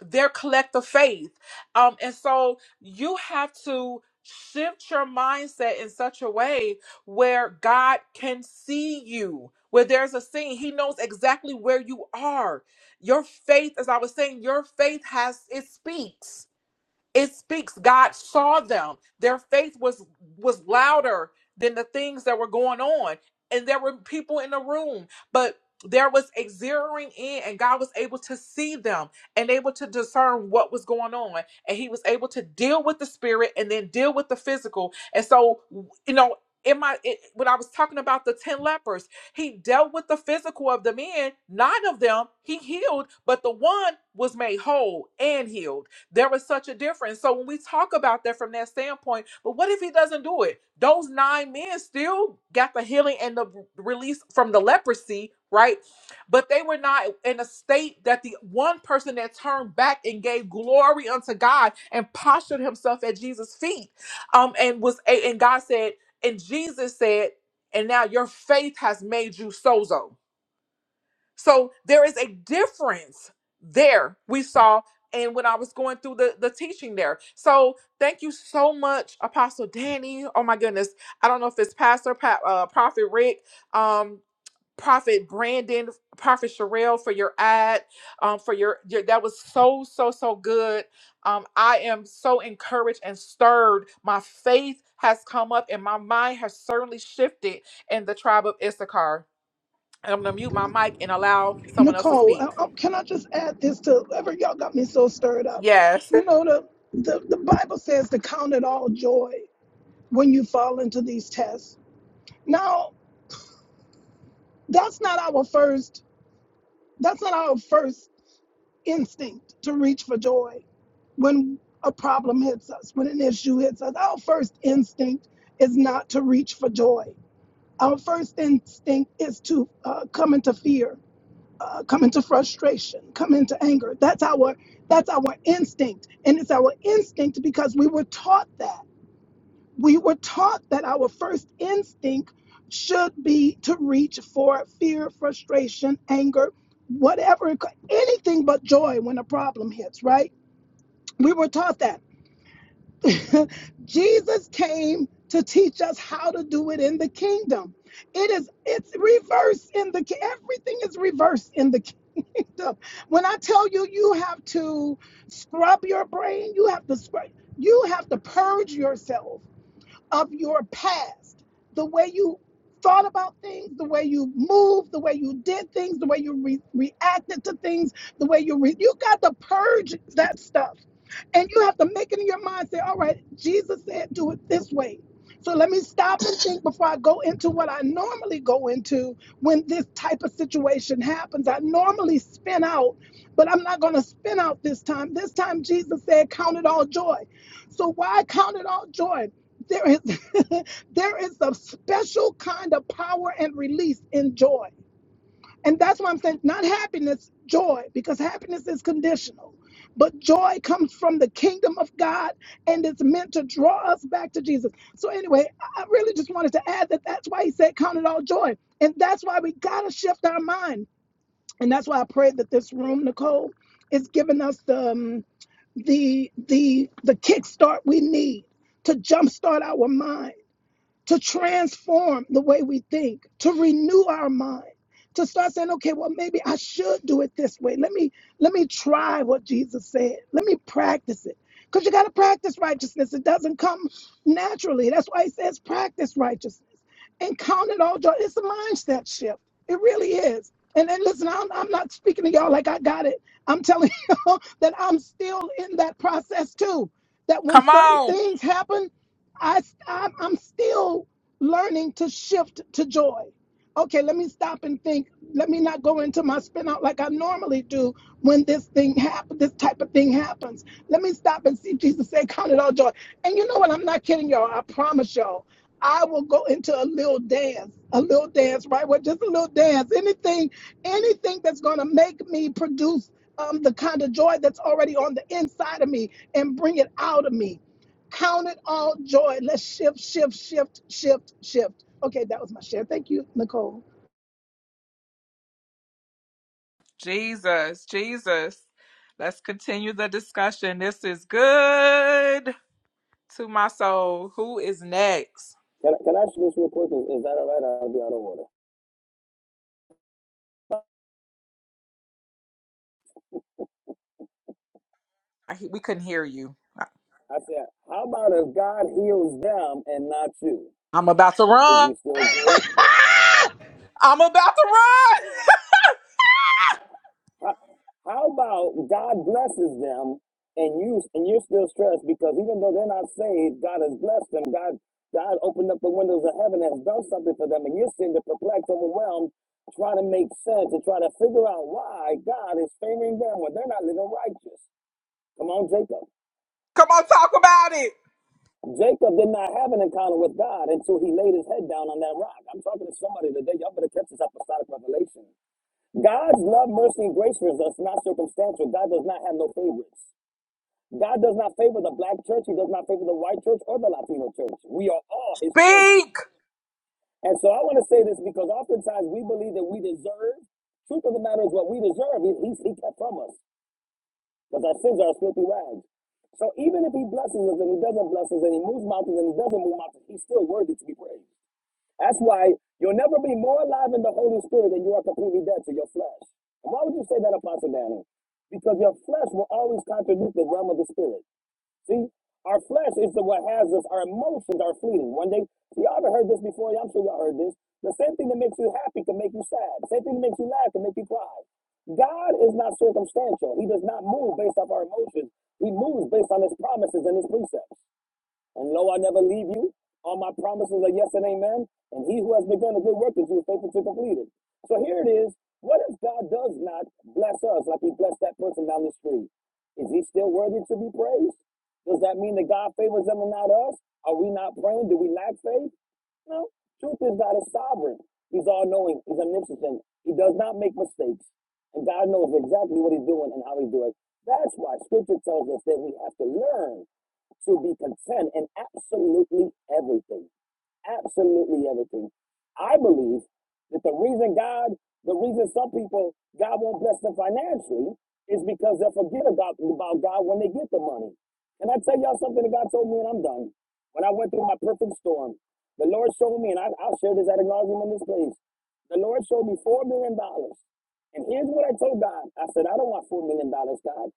S3: their collective faith. Um, and so you have to shift your mindset in such a way where God can see you. Where there's a scene, he knows exactly where you are. Your faith, as I was saying, your faith has it speaks it speaks god saw them their faith was was louder than the things that were going on and there were people in the room but there was a zeroing in and god was able to see them and able to discern what was going on and he was able to deal with the spirit and then deal with the physical and so you know in my it, when i was talking about the 10 lepers he dealt with the physical of the men nine of them he healed but the one was made whole and healed there was such a difference. So when we talk about that from that standpoint, but what if he doesn't do it? Those nine men still got the healing and the release from the leprosy, right? But they were not in a state that the one person that turned back and gave glory unto God and postured himself at Jesus' feet. Um, and was a and God said, and Jesus said, and now your faith has made you sozo. So there is a difference there we saw and when I was going through the, the teaching there. So thank you so much, Apostle Danny. Oh my goodness. I don't know if it's Pastor pa- uh, Prophet Rick, um, Prophet Brandon, Prophet Sherelle for your ad, um, for your, your that was so, so, so good. Um, I am so encouraged and stirred. My faith has come up and my mind has certainly shifted in the tribe of Issachar. I'm gonna mute my mic and allow someone else to
S2: Nicole,
S3: speak.
S2: I, I, can I just add this to ever y'all got me so stirred up?
S3: Yes.
S2: You know, the, the, the Bible says to count it all joy when you fall into these tests. Now, that's not our first. That's not our first instinct to reach for joy when a problem hits us, when an issue hits us. Our first instinct is not to reach for joy. Our first instinct is to uh, come into fear, uh, come into frustration, come into anger. That's our that's our instinct, and it's our instinct because we were taught that. We were taught that our first instinct should be to reach for fear, frustration, anger, whatever, anything but joy when a problem hits, right? We were taught that. Jesus came to teach us how to do it in the kingdom. It is, it's reverse in the, everything is reverse in the kingdom. When I tell you, you have to scrub your brain, you have to scrub, you have to purge yourself of your past, the way you thought about things, the way you moved, the way you did things, the way you re- reacted to things, the way you re- you got to purge that stuff. And you have to make it in your mind say, all right, Jesus said do it this way. So let me stop and think before I go into what I normally go into when this type of situation happens. I normally spin out, but I'm not going to spin out this time. This time, Jesus said, Count it all joy. So, why count it all joy? There is there is a special kind of power and release in joy. And that's why I'm saying not happiness, joy, because happiness is conditional. But joy comes from the kingdom of God and it's meant to draw us back to Jesus. So, anyway, I I really just wanted to add that that's why he said, Count it all joy. And that's why we got to shift our mind. And that's why I pray that this room, Nicole, is giving us the, um, the, the, the kickstart we need to jumpstart our mind to transform the way we think, to renew our mind, to start saying, okay, well, maybe I should do it this way. Let me let me try what Jesus said. Let me practice it. Because you got to practice righteousness. It doesn't come naturally. That's why he says practice righteousness and count it all joy. It's a mindset shift. It really is. And then listen, I'm, I'm not speaking to y'all like I got it. I'm telling y'all that I'm still in that process too. That when
S3: Come
S2: certain
S3: on.
S2: things happen, I, I'm, I'm still learning to shift to joy. Okay, let me stop and think. Let me not go into my spin out like I normally do when this thing happens, this type of thing happens. Let me stop and see Jesus say, Count it all joy. And you know what? I'm not kidding y'all. I promise y'all. I will go into a little dance, a little dance, right? Well, just a little dance. Anything, anything that's gonna make me produce um, the kind of joy that's already on the inside of me and bring it out of me Count it all joy. Let's shift, shift, shift, shift, shift. Okay, that was my share. Thank you, Nicole.
S3: Jesus, Jesus. Let's continue the discussion. This is good to my soul. Who is next?
S8: Can, I- can I ask you this real quick? Is, that all right? I'll be out of order.
S3: I, we couldn't hear you. I-
S8: I said, how about if God heals them and not you?
S3: I'm about to
S8: Is
S3: run.
S8: he still good?
S3: I'm about to run.
S8: How, how about God blesses them and you and you're still stressed because even though they're not saved, God has blessed them. God God opened up the windows of heaven and has done something for them, and you're sitting there perplexed, overwhelmed, trying to make sense and try to figure out why God is favoring them when they're not living righteous. Come on, Jacob.
S3: Come on, talk about it.
S8: Jacob did not have an encounter with God until he laid his head down on that rock. I'm talking to somebody today. Y'all better catch this apostolic revelation. God's love, mercy, and grace for us is not circumstantial. God does not have no favorites. God does not favor the black church. He does not favor the white church or the Latino church. We are all his children.
S3: Speak.
S8: And so I want to say this because oftentimes we believe that we deserve. Truth of the matter is what we deserve. He, he, he kept from us because our sins are as filthy rags. So even if he blesses us and he doesn't bless us and he moves mountains and he doesn't move mountains, he's still worthy to be praised. That's why you'll never be more alive in the Holy Spirit than you are completely dead to your flesh. And why would you say that, Apostle Daniel? Because your flesh will always contradict the realm of the Spirit. See, our flesh is the what has us. Our emotions are fleeting. One day, see, y'all ever heard this before? Yeah, I'm sure y'all heard this. The same thing that makes you happy can make you sad. The same thing that makes you laugh can make you cry. God is not circumstantial. He does not move based off our emotions. He moves based on his promises and his precepts. And lo, I never leave you. All my promises are yes and amen. And he who has begun a good work in you is faithful to complete it. So here it is. What if God does not bless us like he blessed that person down the street? Is he still worthy to be praised? Does that mean that God favors them and not us? Are we not praying? Do we lack faith? No. Truth is God is sovereign. He's all knowing. He's omniscient. He does not make mistakes. And God knows exactly what he's doing and how he's doing. it. That's why scripture tells us that we have to learn to be content in absolutely everything. Absolutely everything. I believe that the reason God, the reason some people, God won't bless them financially is because they'll forget about, about God when they get the money. And I tell y'all something that God told me and I'm done. When I went through my perfect storm, the Lord showed me, and I, I'll share this at nauseam in this place. The Lord showed me $4 million. dollars. And here's what I told God. I said, I don't want $4 million, dollars, God.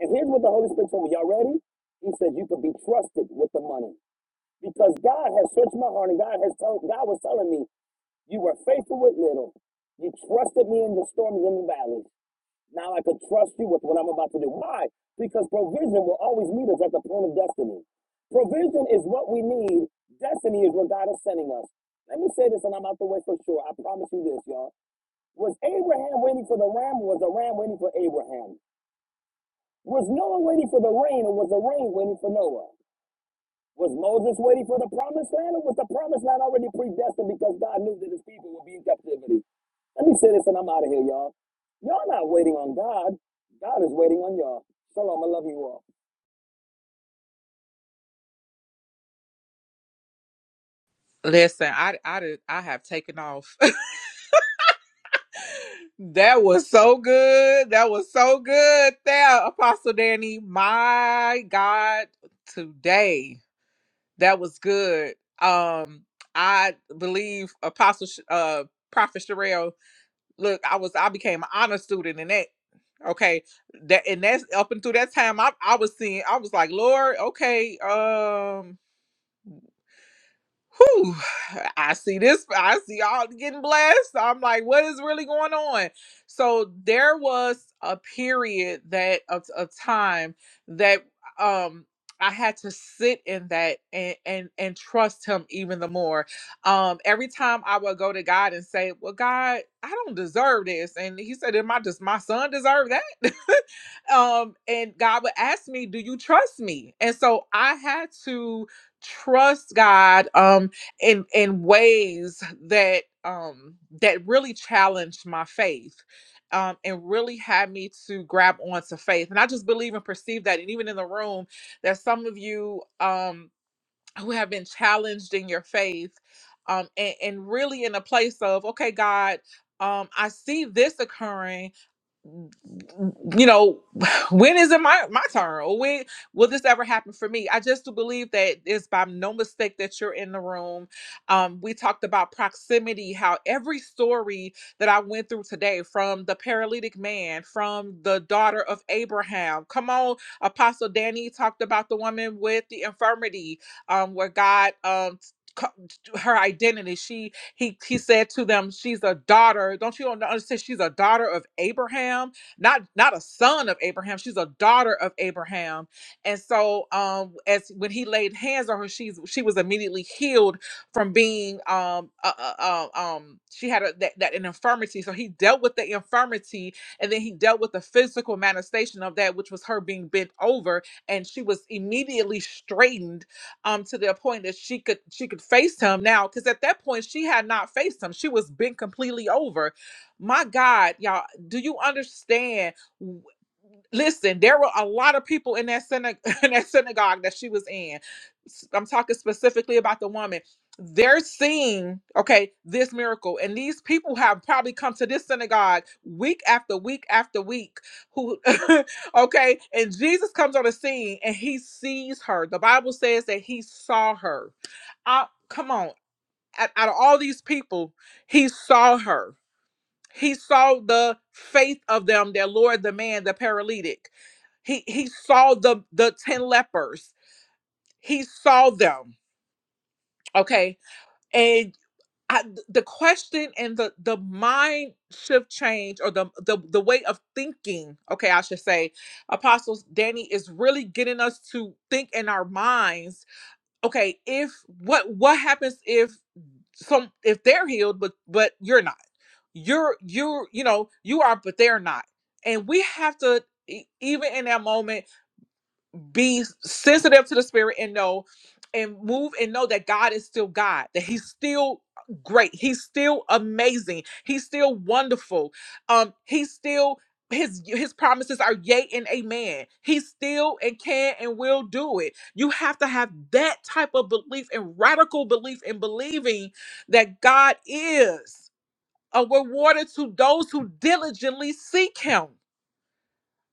S8: And here's what the Holy Spirit told me. Y'all ready? He said, you could be trusted with the money because God has searched my heart and God has told God was telling me, you were faithful with little. You trusted me in the storms and the valleys. Now I can trust you with what I'm about to do. Why? Because provision will always meet us at the point of destiny. Provision is what we need. Destiny is what God is sending us. Let me say this and I'm out the way for sure. I promise you this, y'all. Was Abraham waiting for the ram or was the ram waiting for Abraham? Was Noah waiting for the rain or was the rain waiting for Noah? Was Moses waiting for the promised land, or was the promised land already predestined because God knew that his people would be in captivity? Let me say this and I'm out of here, y'all. Y'all not waiting on God. God is waiting on y'all. Shalom, I love you all.
S3: Listen, I I did, I have taken off. that was so good. That was so good. There, Apostle Danny. My God, today that was good. Um, I believe Apostle Sh- uh Prophet Sherelle. Look, I was I became an honor student in that. Okay, that and that's up until that time. I I was seeing. I was like, Lord, okay, um. whew, I see this, I see you all getting blessed. I'm like, what is really going on? So there was a period that of a time that um I had to sit in that and, and and trust him even the more. Um every time I would go to God and say, Well, God, I don't deserve this. And he said, "Did my just my son deserve that? um and God would ask me, Do you trust me? And so I had to trust God um in in ways that um that really challenged my faith um and really had me to grab onto faith and I just believe and perceive that and even in the room that some of you um who have been challenged in your faith um and, and really in a place of okay God um I see this occurring you know, when is it my my turn? Or when will this ever happen for me? I just do believe that it's by no mistake that you're in the room. Um, we talked about proximity, how every story that I went through today, from the paralytic man, from the daughter of Abraham, come on, Apostle Danny talked about the woman with the infirmity, um, where God um co- her identity she he he said to them she's a daughter don't you understand she's a daughter of abraham not not a son of Abraham. She's a daughter of Abraham. And so um as when he laid hands on her, she's she was immediately healed from being um uh, uh, uh, um she had a, that, that an infirmity. So he dealt with the infirmity and then he dealt with the physical manifestation of that, which was her being bent over, and she was immediately straightened um to the point that she could she could face him now because at that point she had not faced him. She was bent completely over my God, y'all, do you understand? W- Listen, there were a lot of people in that synag- in that synagogue that she was in. S- I'm talking specifically about the woman. They're seeing, okay, this miracle. And these people have probably come to this synagogue week after week after week. Who okay, and Jesus comes on the scene and he sees her. The Bible says that he saw her. I, come on. Out out of all these people, he saw her he saw the faith of them their Lord, the man, the paralytic. He he saw the the ten lepers. He saw them. Okay, and I, the question and the the mind shift change or the the the way of thinking. Okay, I should say, apostles Danny is really getting us to think in our minds. Okay, if what what happens if some if they're healed but but you're not you're you're you know you are but they're not and we have to e- even in that moment be sensitive to the spirit and know and move and know that God is still God, that He's still great, He's still amazing, He's still wonderful. Um, He's still his his promises are yea and amen. He still and can and will do it. You have to have that type of belief and radical belief in believing that God is a rewarder to those who diligently seek him.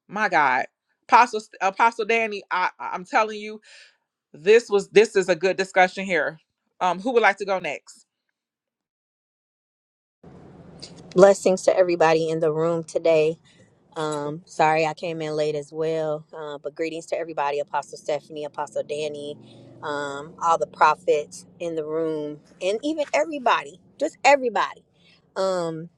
S3: My God. Apostle Apostle Danny, I I'm telling you, this was this is a good discussion here. Um, who would like to go next?
S13: Blessings to everybody in the room today. Um, sorry I came in late as well, uh, but greetings to everybody Apostle Stephanie, Apostle Danny, um, all the prophets in the room, and even everybody, just everybody. Um,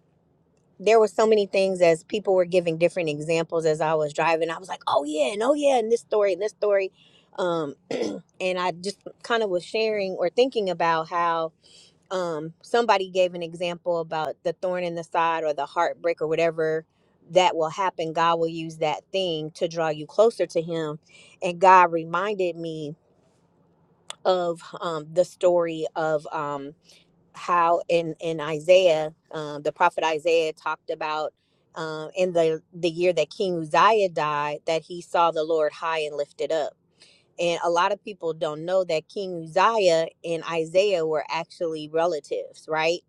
S13: there were so many things as people were giving different examples as I was driving. I was like, oh yeah, and oh yeah, and this story, and this story. Um, and I just kind of was sharing or thinking about how um somebody gave an example about the thorn in the side or the heartbreak or whatever that will happen god will use that thing to draw you closer to him and god reminded me of um the story of um how in in isaiah um the prophet isaiah talked about um in the the year that king uzziah died that he saw the lord high and lifted up and a lot of people don't know that King Uzziah and Isaiah were actually relatives, right?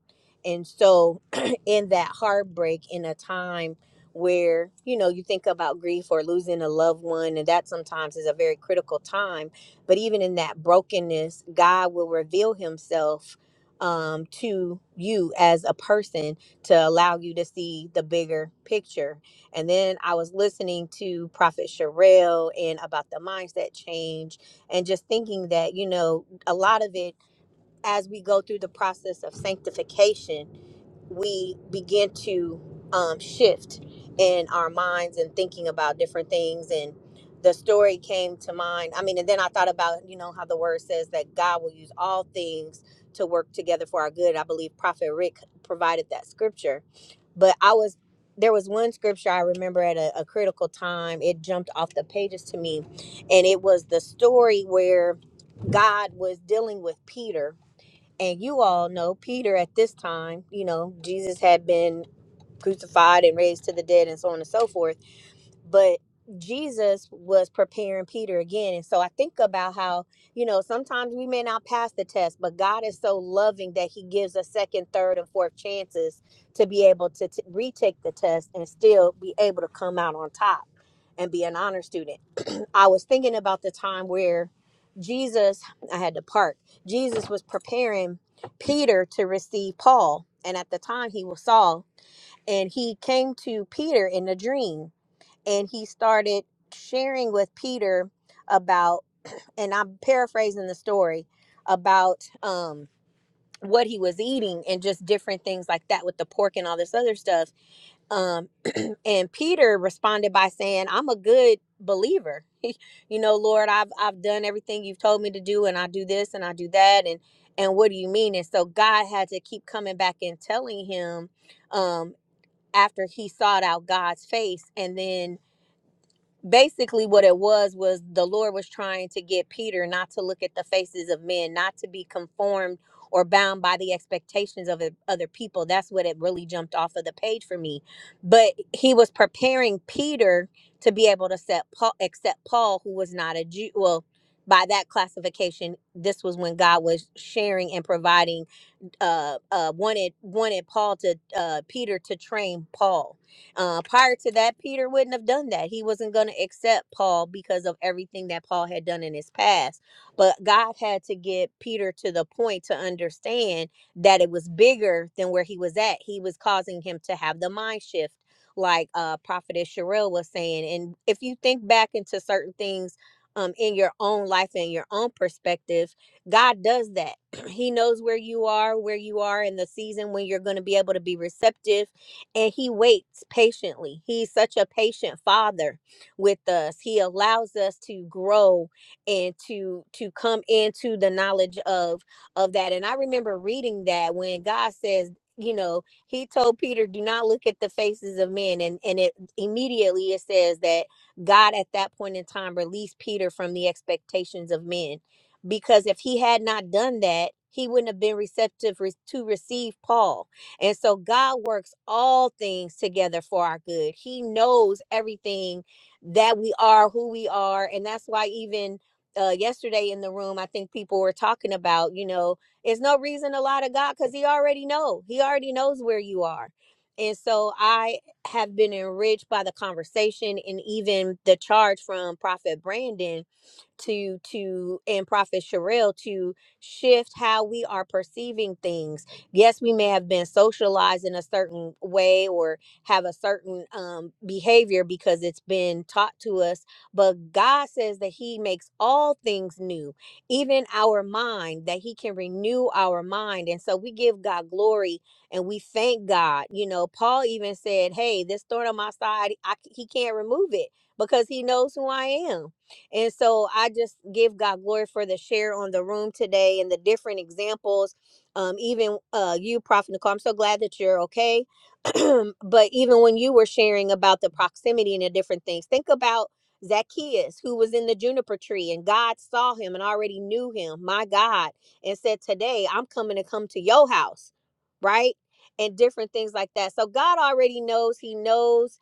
S13: And so, in that heartbreak, in a time where, you know, you think about grief or losing a loved one, and that sometimes is a very critical time. But even in that brokenness, God will reveal himself um, to you as a person to allow you to see the bigger picture and then I was listening to Prophet Sherelle and about the mindset change and just thinking that, you know, a lot of it as we go through the process of sanctification, we begin to um, shift in our minds and thinking about different things. And the story came to mind. I mean, and then I thought about, you know, how the word says that God will use all things to work together for our good. I believe Prophet Rick provided that scripture but I was there was one scripture I remember at a, a critical time. It jumped off the pages to me, and it was the story where God was dealing with Peter. And you all know Peter at this time, you know, Jesus had been crucified and raised to the dead and so on and so forth but Jesus was preparing Peter again. And so I think about how, you know, sometimes we may not pass the test, but God is so loving that he gives us second, third, and fourth chances to be able to t- retake the test and still be able to come out on top and be an honor student. I was thinking about the time where Jesus, I had to park, Jesus was preparing Peter to receive Paul. And at the time he was Saul, and he came to Peter in a dream and he started sharing with Peter about, and I'm paraphrasing the story about um, what he was eating and just different things like that with the pork and all this other stuff. Um, and Peter responded by saying, "I'm a good believer. you know, Lord, I've I've done everything you've told me to do, and I do this and I do that, and and what do you mean?" And so God had to keep coming back and telling him. Um, after he sought out God's face and then basically what it was was the lord was trying to get peter not to look at the faces of men not to be conformed or bound by the expectations of oth- other people that's what it really jumped off of the page for me but he was preparing peter to be able to set paul, accept paul who was not a jew well by that classification this was when god was sharing and providing uh, uh, wanted wanted Paul to uh, Peter to train Paul. Uh, prior to that, Peter wouldn't have done that. He wasn't going to accept Paul because of everything that Paul had done in his past. But God had to get Peter to the point to understand that it was bigger than where he was at. He was causing him to have the mind shift, like uh, Prophetess Sherelle was saying. And if you think back into certain things um, in your own life and your own perspective. God does that. he knows where you are, where you are in the season when you're going to be able to be receptive. And he waits patiently. He's such a patient father with us. He allows us to grow and to to come into the knowledge of of that. And I remember reading that when God says, you know, he told Peter, do not look at the faces of men. And and it immediately it says that God at that point in time released Peter from the expectations of men because if he had not done that, he wouldn't have been receptive re- to receive Paul. And so God works all things together for our good. He knows everything that we are, who we are. And that's why, even uh, yesterday in the room, I think people were talking about, you know, it's no reason to lie to God because He already know. He already knows where you are. And so I have been enriched by the conversation and even the charge from Prophet Brandon to to and prophet Sherelle to shift how we are perceiving things yes we may have been socialized in a certain way or have a certain um, behavior because it's been taught to us but god says that he makes all things new even our mind that he can renew our mind and so we give god glory and we thank god you know paul even said hey this thorn on my side I, c- he can't remove it because he knows who i am and so I just give God glory for the share on the room today and the different examples. Um, even uh, you, Prophet Nicole, I'm so glad that you're okay. but even when you were sharing about the proximity and the different things, think about Zacchaeus, who was in the juniper tree, and God saw him and already knew him, my God, and said, Today I'm coming to come to your house, right? And different things like that. So God already knows, He knows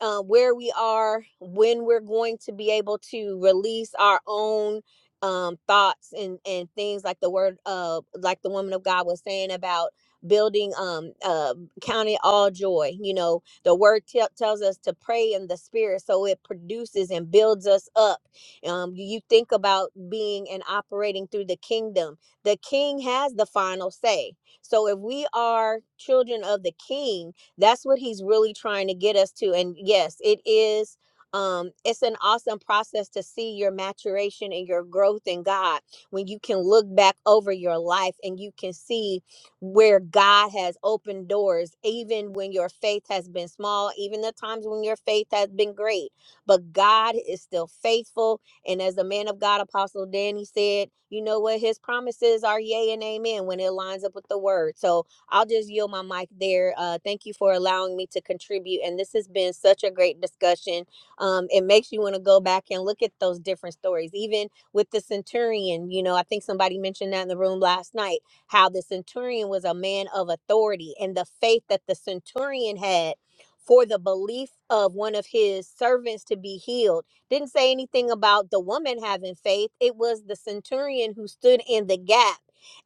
S13: uh, where we are, when we're going to be able to release our own um, thoughts and and things like the word uh like the woman of God was saying about building um uh counting all joy you know the word tell tells us to pray in the spirit so it produces and builds us up um you think about being and operating through the kingdom the king has the final say so if we are children of the king that's what he's really trying to get us to. And yes, it is um it's an awesome process to see your maturation and your growth in God when you can look back over your life and you can see where God has opened doors even when your faith has been small, even the times when your faith has been great. But God is still faithful and as the man of God apostle Danny said, you know what his promises are yea and amen when it lines up with the word. So I'll just yield my mic there. Uh, thank you for allowing me to contribute. And this has been such a great discussion. Um, it makes you want to go back and look at those different stories, even with the centurion. You know, I think somebody mentioned that in the room last night how the centurion was a man of authority and the faith that the centurion had for the belief of one of his servants to be healed didn't say anything about the woman having faith. It was the centurion who stood in the gap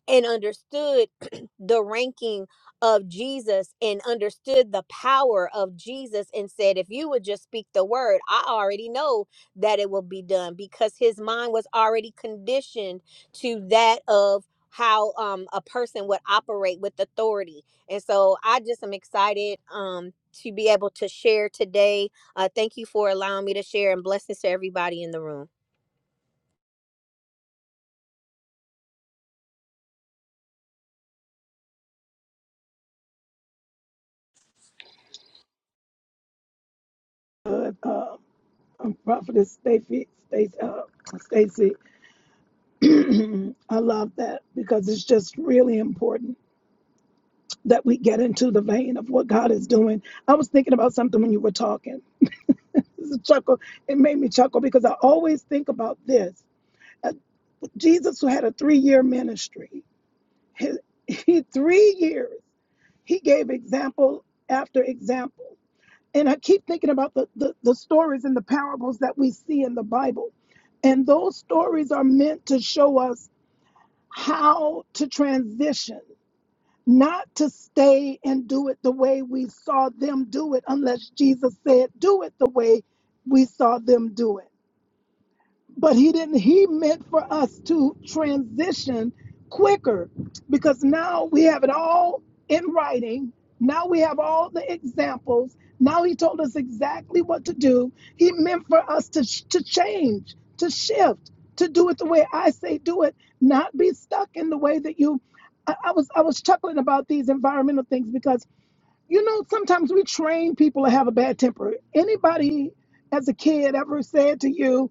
S13: and understood the ranking of Jesus and understood the power of Jesus and said, if you would just speak the word, I already know that it will be done because his mind was already conditioned to that of how um, a person would operate with authority. And so I just am excited um, to be able to share today uh, thank you for allowing me to share and blessings to everybody in the room.
S2: Good. Uh, um, Prophetess Stacy, Stacy, uh, Stacy, I love that because it's just really important that we get into the vein of what God is doing. I was thinking about something when you were talking. This is a chuckle. It made me chuckle because I always think about this. Uh, Jesus, who had a three-year ministry, his, he three years, he gave example after example and I keep thinking about the, the, the stories and the parables that we see in the Bible. And those stories are meant to show us how to transition, not to stay and do it the way we saw them do it, unless Jesus said, do it the way we saw them do it. But he didn't, he meant for us to transition quicker because now we have it all in writing. Now we have all the examples. Now he told us exactly what to do. He meant for us to, sh- to change, to shift, to do it the way I say do it, not be stuck in the way that you. I, I was I was chuckling about these environmental things because you know sometimes we train people to have a bad temper. Anybody as a kid ever said to you,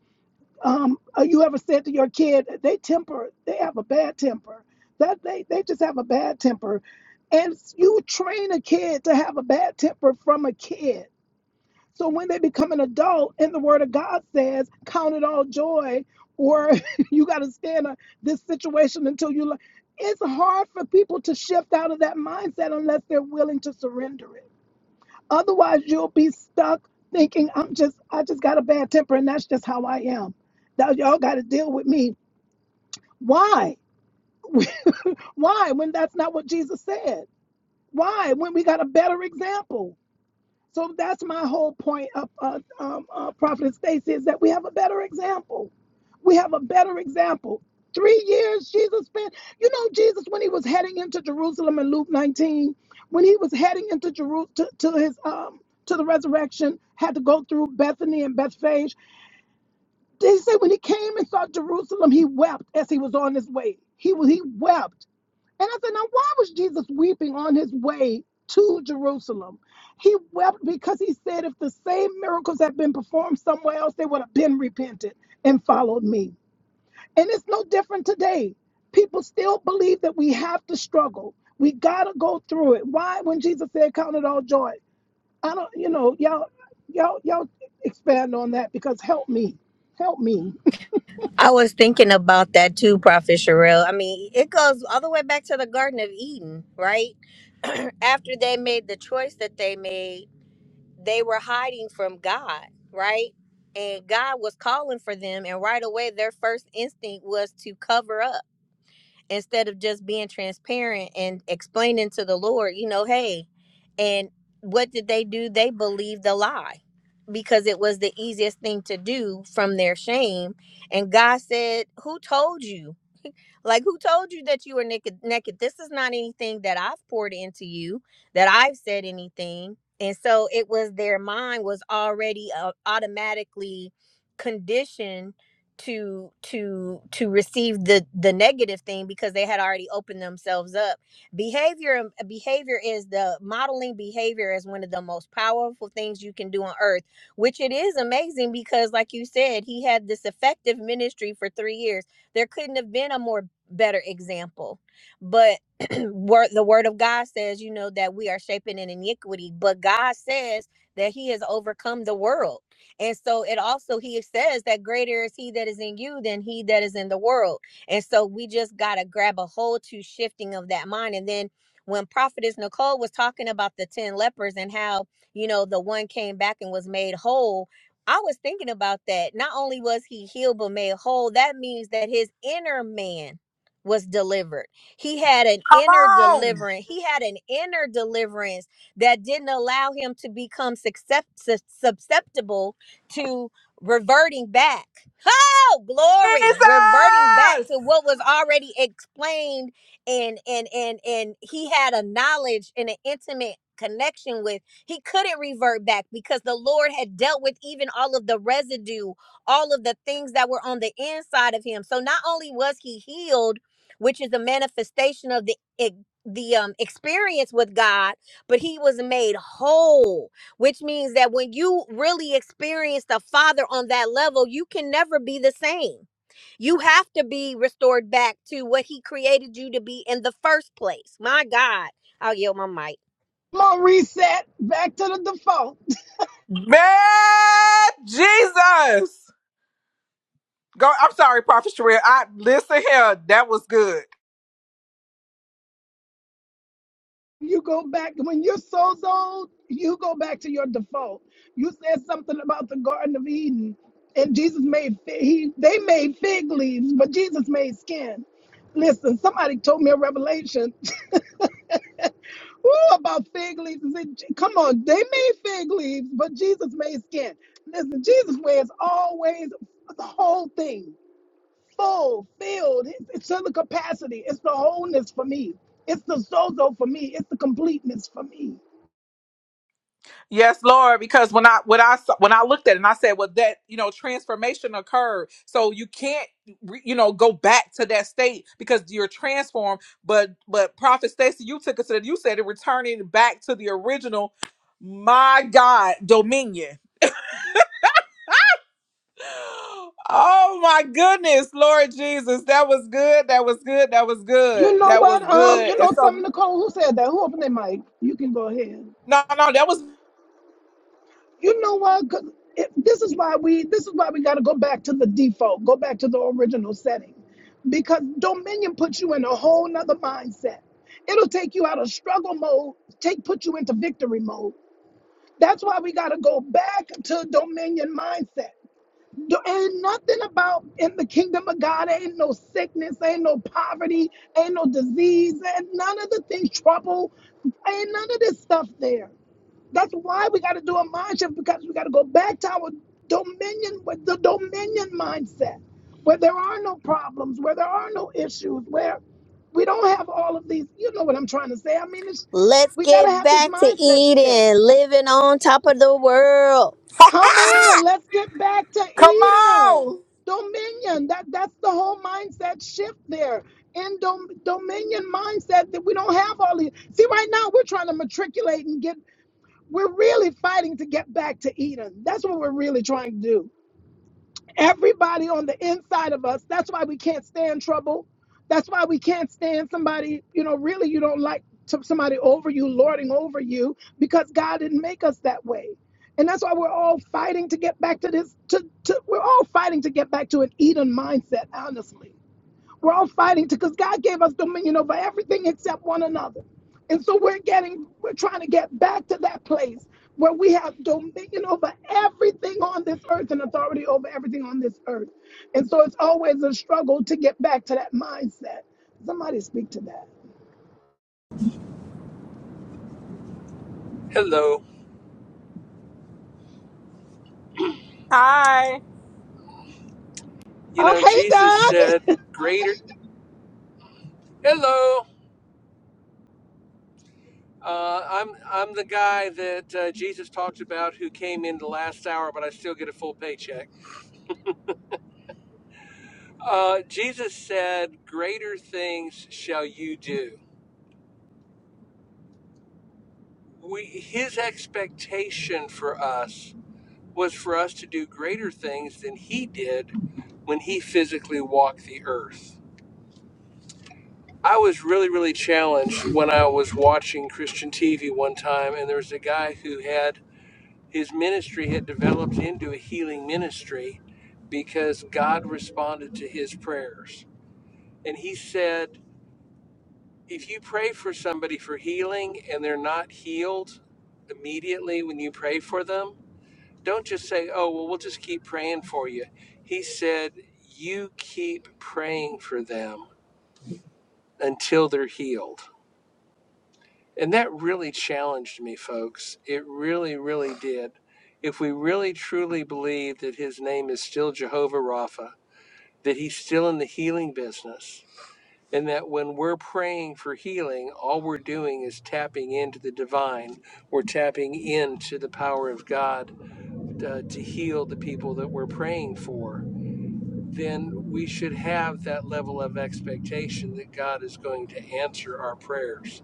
S2: um, uh, you ever said to your kid, they temper, they have a bad temper. That they, they just have a bad temper. And you train a kid to have a bad temper from a kid. So when they become an adult and the word of God says, count it all joy, or you got to stand a, this situation until you, learn." it's hard for people to shift out of that mindset unless they're willing to surrender it. Otherwise, you'll be stuck thinking I'm just I just got a bad temper and that's just how I am. That y'all got to deal with me. Why? Why when that's not what Jesus said? Why when we got a better example? So that's my whole point of uh, um, uh, Prophet Stacy is that we have a better example. We have a better example. Three years Jesus spent, you know, Jesus, when he was heading into Jerusalem in Luke 19, when he was heading into Jerusalem to, to his um to the resurrection, had to go through Bethany and Bethphage. They say when he came and saw Jerusalem, he wept as he was on his way. He was he wept and I said, now why was Jesus weeping on his way to Jerusalem? He wept because he said, if the same miracles had been performed somewhere else, they would have been repented and followed me. And it's no different today. People still believe that we have to struggle. We gotta go through it. Why? When Jesus said, count it all joy. I don't, you know, y'all, y'all, y'all expand on that because help me. Help me.
S13: I was thinking about that too, Prophet Sherelle. I mean, it goes all the way back to the Garden of Eden, right? After they made the choice that they made. they were hiding from God, right? And God was calling for them, and right away, their first instinct was to cover up instead of just being transparent and explaining to the Lord, you know, hey. And what did they do? They believed the lie because it was the easiest thing to do from their shame. And God said, Who told you? Like, who told you that you were naked? Naked. This is not anything that I've poured into you, that I've said anything. And so it was their mind was already uh, automatically conditioned to to to receive the the negative thing because they had already opened themselves up behavior um, behavior is the modeling behavior is one of the most powerful things you can do on earth which it is amazing because like you said he had this effective ministry for three years there couldn't have been a more better example. But word the word of God says, you know, that we are shaping in iniquity, but God says that he has overcome the world. And so it also he says that greater is he that is in you than he that is in the world. And so we just gotta grab a hold to shifting of that mind. And then when Prophetess Nicole was talking about the ten lepers and how, you know, the one came back and was made whole, I was thinking about that. Not only was he healed but made whole, that means that his inner man was delivered. He had an
S3: Come
S13: inner
S3: on.
S13: deliverance. He had an inner deliverance that didn't allow him to become succep- sus- susceptible to reverting back. Oh, glory! Reverting back
S3: Jesus.
S13: to what was already explained, and and and and he had a knowledge and an intimate connection with. He couldn't revert back because the Lord had dealt with even all of the residue all of the things that were on the inside of him. So not only was he healed, which is a manifestation of the e- the um experience with God, but he was made whole, which means that when you really experience the Father on that level, you can never be the same. You have to be restored back to what he created you to be in the first place. My God. I'll yield my mic.
S2: Come on, reset back to the default.
S3: Man, Jesus. Go. I'm sorry, Prophet Sherelle. I listen here. That was good.
S2: you go back when your soul's old you go back to your default you said something about the garden of eden and jesus made fi- he they made fig leaves but jesus made skin listen somebody told me a revelation Ooh, about fig leaves Is it- come on they made fig leaves but jesus made skin listen jesus wears always the whole thing full filled it's, it's to the capacity it's the wholeness for me it's the sozo for me it's the completeness for me
S3: Yes, Lord, because when I when I saw- when I looked at it and I said, "Well, that you know transformation occurred, so you can't re- you know go back to that state because you're transformed." But but Prophet Stacy, you took us to the, you said it returning back to the original. My God, dominion. Oh my goodness, Lord Jesus, that was good. That was good. That was
S2: You
S3: good.
S2: know
S3: That was
S2: what? Um,
S3: good.
S2: you
S3: And
S2: know something,
S3: so
S2: Nicole. Who said that? Who opened their mic? You can go ahead.
S3: no, no, that was
S2: You know what? 'Cause It, this is why we. This is why we got to go back to the default. Go back to the original setting, because Dominion puts you in a whole nother mindset. It'll take you out of struggle mode. Take put you into victory mode. That's why we got to go back to Dominion mindset. There ain't nothing about in the kingdom of God. There Ain't no sickness, ain't no poverty, ain't no disease, and none of the things, trouble, ain't none of this stuff there. That's why we got to do a mind shift because we got to go back to our dominion with the dominion mindset, where there are no problems, where there are no issues, where we don't have all of these. You know what I'm trying to say? I mean, it's,
S13: Let's
S2: we got
S13: get
S2: to have this
S13: back to
S2: mindset shift.
S13: Eden, living on top of the world.
S2: Come on, let's get back to
S3: come
S2: Eden.
S3: on.
S2: Dominion. That that's the whole mindset shift there. In dom- dominion mindset that we don't have all these. See, right now we're trying to matriculate and get we're really fighting to get back to Eden. That's what we're really trying to do everybody on the inside of us. That's why we can't stand trouble. That's why we can't stand somebody, you know, really you don't like to somebody over you, lording over you, because God didn't make us that way. And that's why we're all fighting to get back to this, to, to we're all fighting to get back to an Eden mindset, honestly. We're all fighting because God gave us dominion over everything except one another. And so we're getting, we're trying to get back to that place where we have dominion over everything on this earth and authority over everything on this earth. And so it's always a struggle to get back to that mindset. Somebody speak to that.
S14: Hello.
S3: Hi.
S14: You
S2: Oh,
S14: know,
S2: hey,
S14: Jesus
S2: God.
S14: said, "Greater." Hello. Uh, I'm I'm the guy that uh, Jesus talked about who came in the last hour, but I still get a full paycheck. Uh, Jesus said, "Greater things shall you do." We his expectation for us was for us to do greater things than he did when he physically walked the earth. I was really, really challenged when I was watching Christian TV one time, and there was a guy who had his ministry had developed into a healing ministry because God responded to his prayers. And he said, if you pray for somebody for healing and they're not healed immediately when you pray for them, don't just say, oh, well, we'll just keep praying for you. He said, you keep praying for them until they're healed. And that really challenged me, folks. It really, really did. If we really truly believe that his name is still Jehovah Rapha, that he's still in the healing business, and that when we're praying for healing, all we're doing is tapping into the divine, we're tapping into the power of God uh, to heal the people that we're praying for, then we should have that level of expectation that God is going to answer our prayers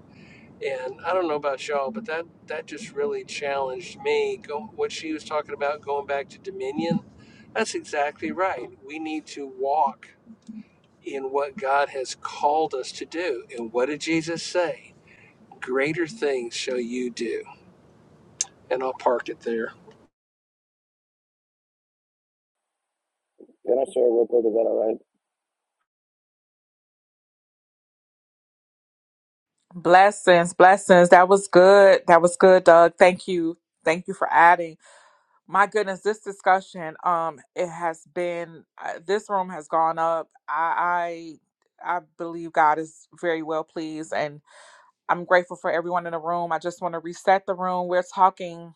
S14: and I don't know about y'all, but that that just really challenged me. Go, what she was talking about going back to Dominion, that's exactly right. We need to walk in what God has called us to do. And what did Jesus say? Greater things shall you do. And I'll park it there.
S8: Can I share real quick? Is that all right?
S3: Blessings, blessings. That was good. That was good, Doug. Thank you. Thank you for adding. My goodness, this discussion, um, it has been, uh, this room has gone up. I, I, I believe God is very well pleased, and I'm grateful for everyone in the room. I just want to reset the room. We're talking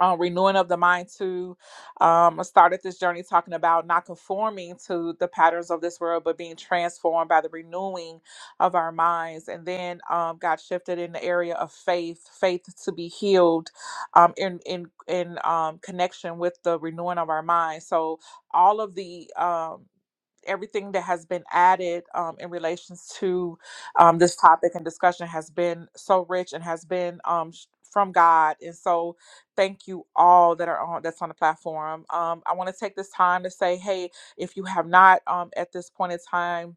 S3: um, renewing of the mind too. Um, I started this journey talking about not conforming to the patterns of this world, but being transformed by the renewing of our minds. And then um, got shifted in the area of faith, faith to be healed, um, in in in um, connection with the renewing of our minds. So all of the um, everything that has been added um, in relations to um, this topic and discussion has been so rich and has been um, sh- from God. And so Thank you all that are on that's on the platform. Um, I want to take this time to say, hey, if you have not um, at this point in time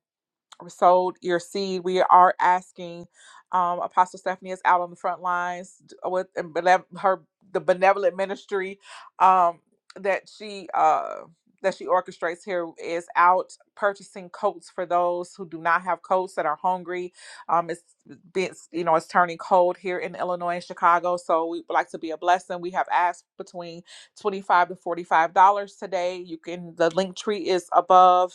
S3: sowed your seed. We are asking um, Apostle Stephanie is out on the front lines with and benev- her the benevolent ministry um, that she uh, that she orchestrates here is out purchasing coats for those who do not have coats that are hungry. Um, it's it's you know it's turning cold here in Illinois and Chicago, so we would like to be a blessing. We have asked between 25 to 45 dollars today you can the link tree is above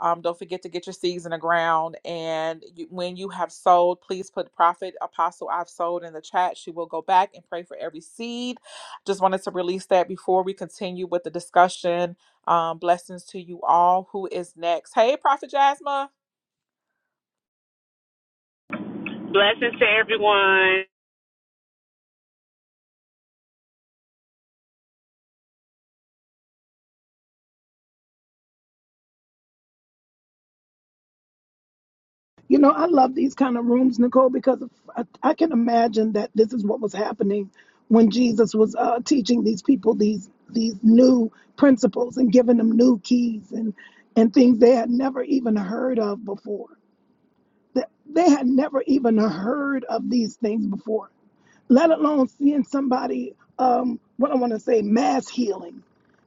S3: um, don't forget to get your seeds in the ground. And you, when you have sold, please put Prophet Apostle I've sold in the chat. She will go back and pray for every seed. Just wanted to release that before we continue with the discussion. Um, blessings to you all. Who is next? Hey, Prophet Jasmine.
S15: Blessings to everyone.
S2: You know, I love these kind of rooms, Nicole, because I, I can imagine that this is what was happening when Jesus was uh, teaching these people these these new principles and giving them new keys and and things they had never even heard of before. That they had never even heard of these things before, let alone seeing somebody. Um, what I want to say, mass healing,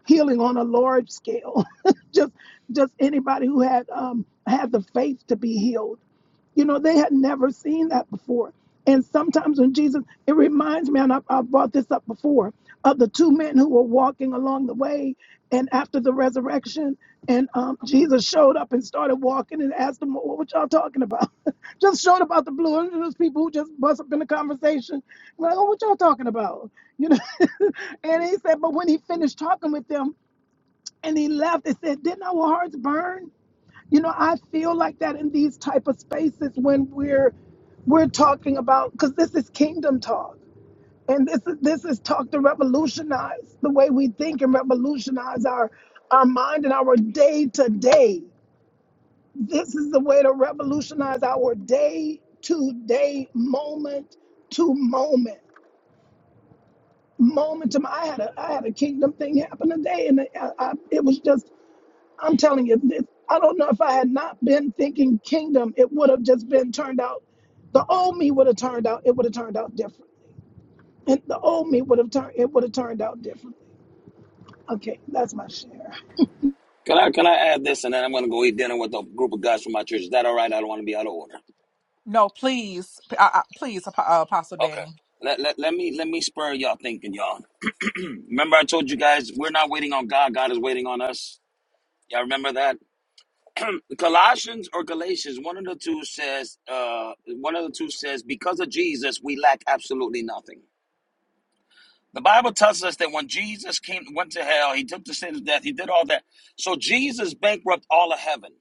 S2: healing on a large scale. just just anybody who had um, had the faith to be healed you know, they had never seen that before. And sometimes when Jesus, it reminds me, and I, I brought this up before, of the two men who were walking along the way. And after the resurrection, and um, Jesus showed up and started walking and asked them, What, what y'all talking about? just showed up out the blue. And those people who just bust up in the conversation, like, Oh, what y'all talking about? You know, and he said, But when he finished talking with them and he left, they said, Didn't our hearts burn? you know i feel like that in these type of spaces when we're we're talking about because this is kingdom talk and this is this is talk to revolutionize the way we think and revolutionize our our mind and our day to day this is the way to revolutionize our day to day moment to moment moment to i had a i had a kingdom thing happen today and I, I, it was just I'm telling you, this, I don't know if I had not been thinking kingdom, it would have just been turned out. The old me would have turned out. It would have turned out different. And the old me would have turned. It would have turned out different. Okay, that's my share.
S8: Can I can I add this and then I'm gonna go eat dinner with a group of guys from my church. Is that all right? I don't want to be out of order.
S3: No, please, p- uh, uh, please, Ap- uh, Apostle
S8: Okay.
S3: Danny.
S8: Let, let, let me let me spur y'all thinking, y'all. Remember I told you guys we're not waiting on God, God is waiting on us. Y'all remember that? Colossians or Galatians, one of the two says, uh, one of the two says, because of Jesus, we lack absolutely nothing. The Bible tells us that when Jesus came, went to hell, he took the sin of death, he did all that. So Jesus bankrupt all of heaven.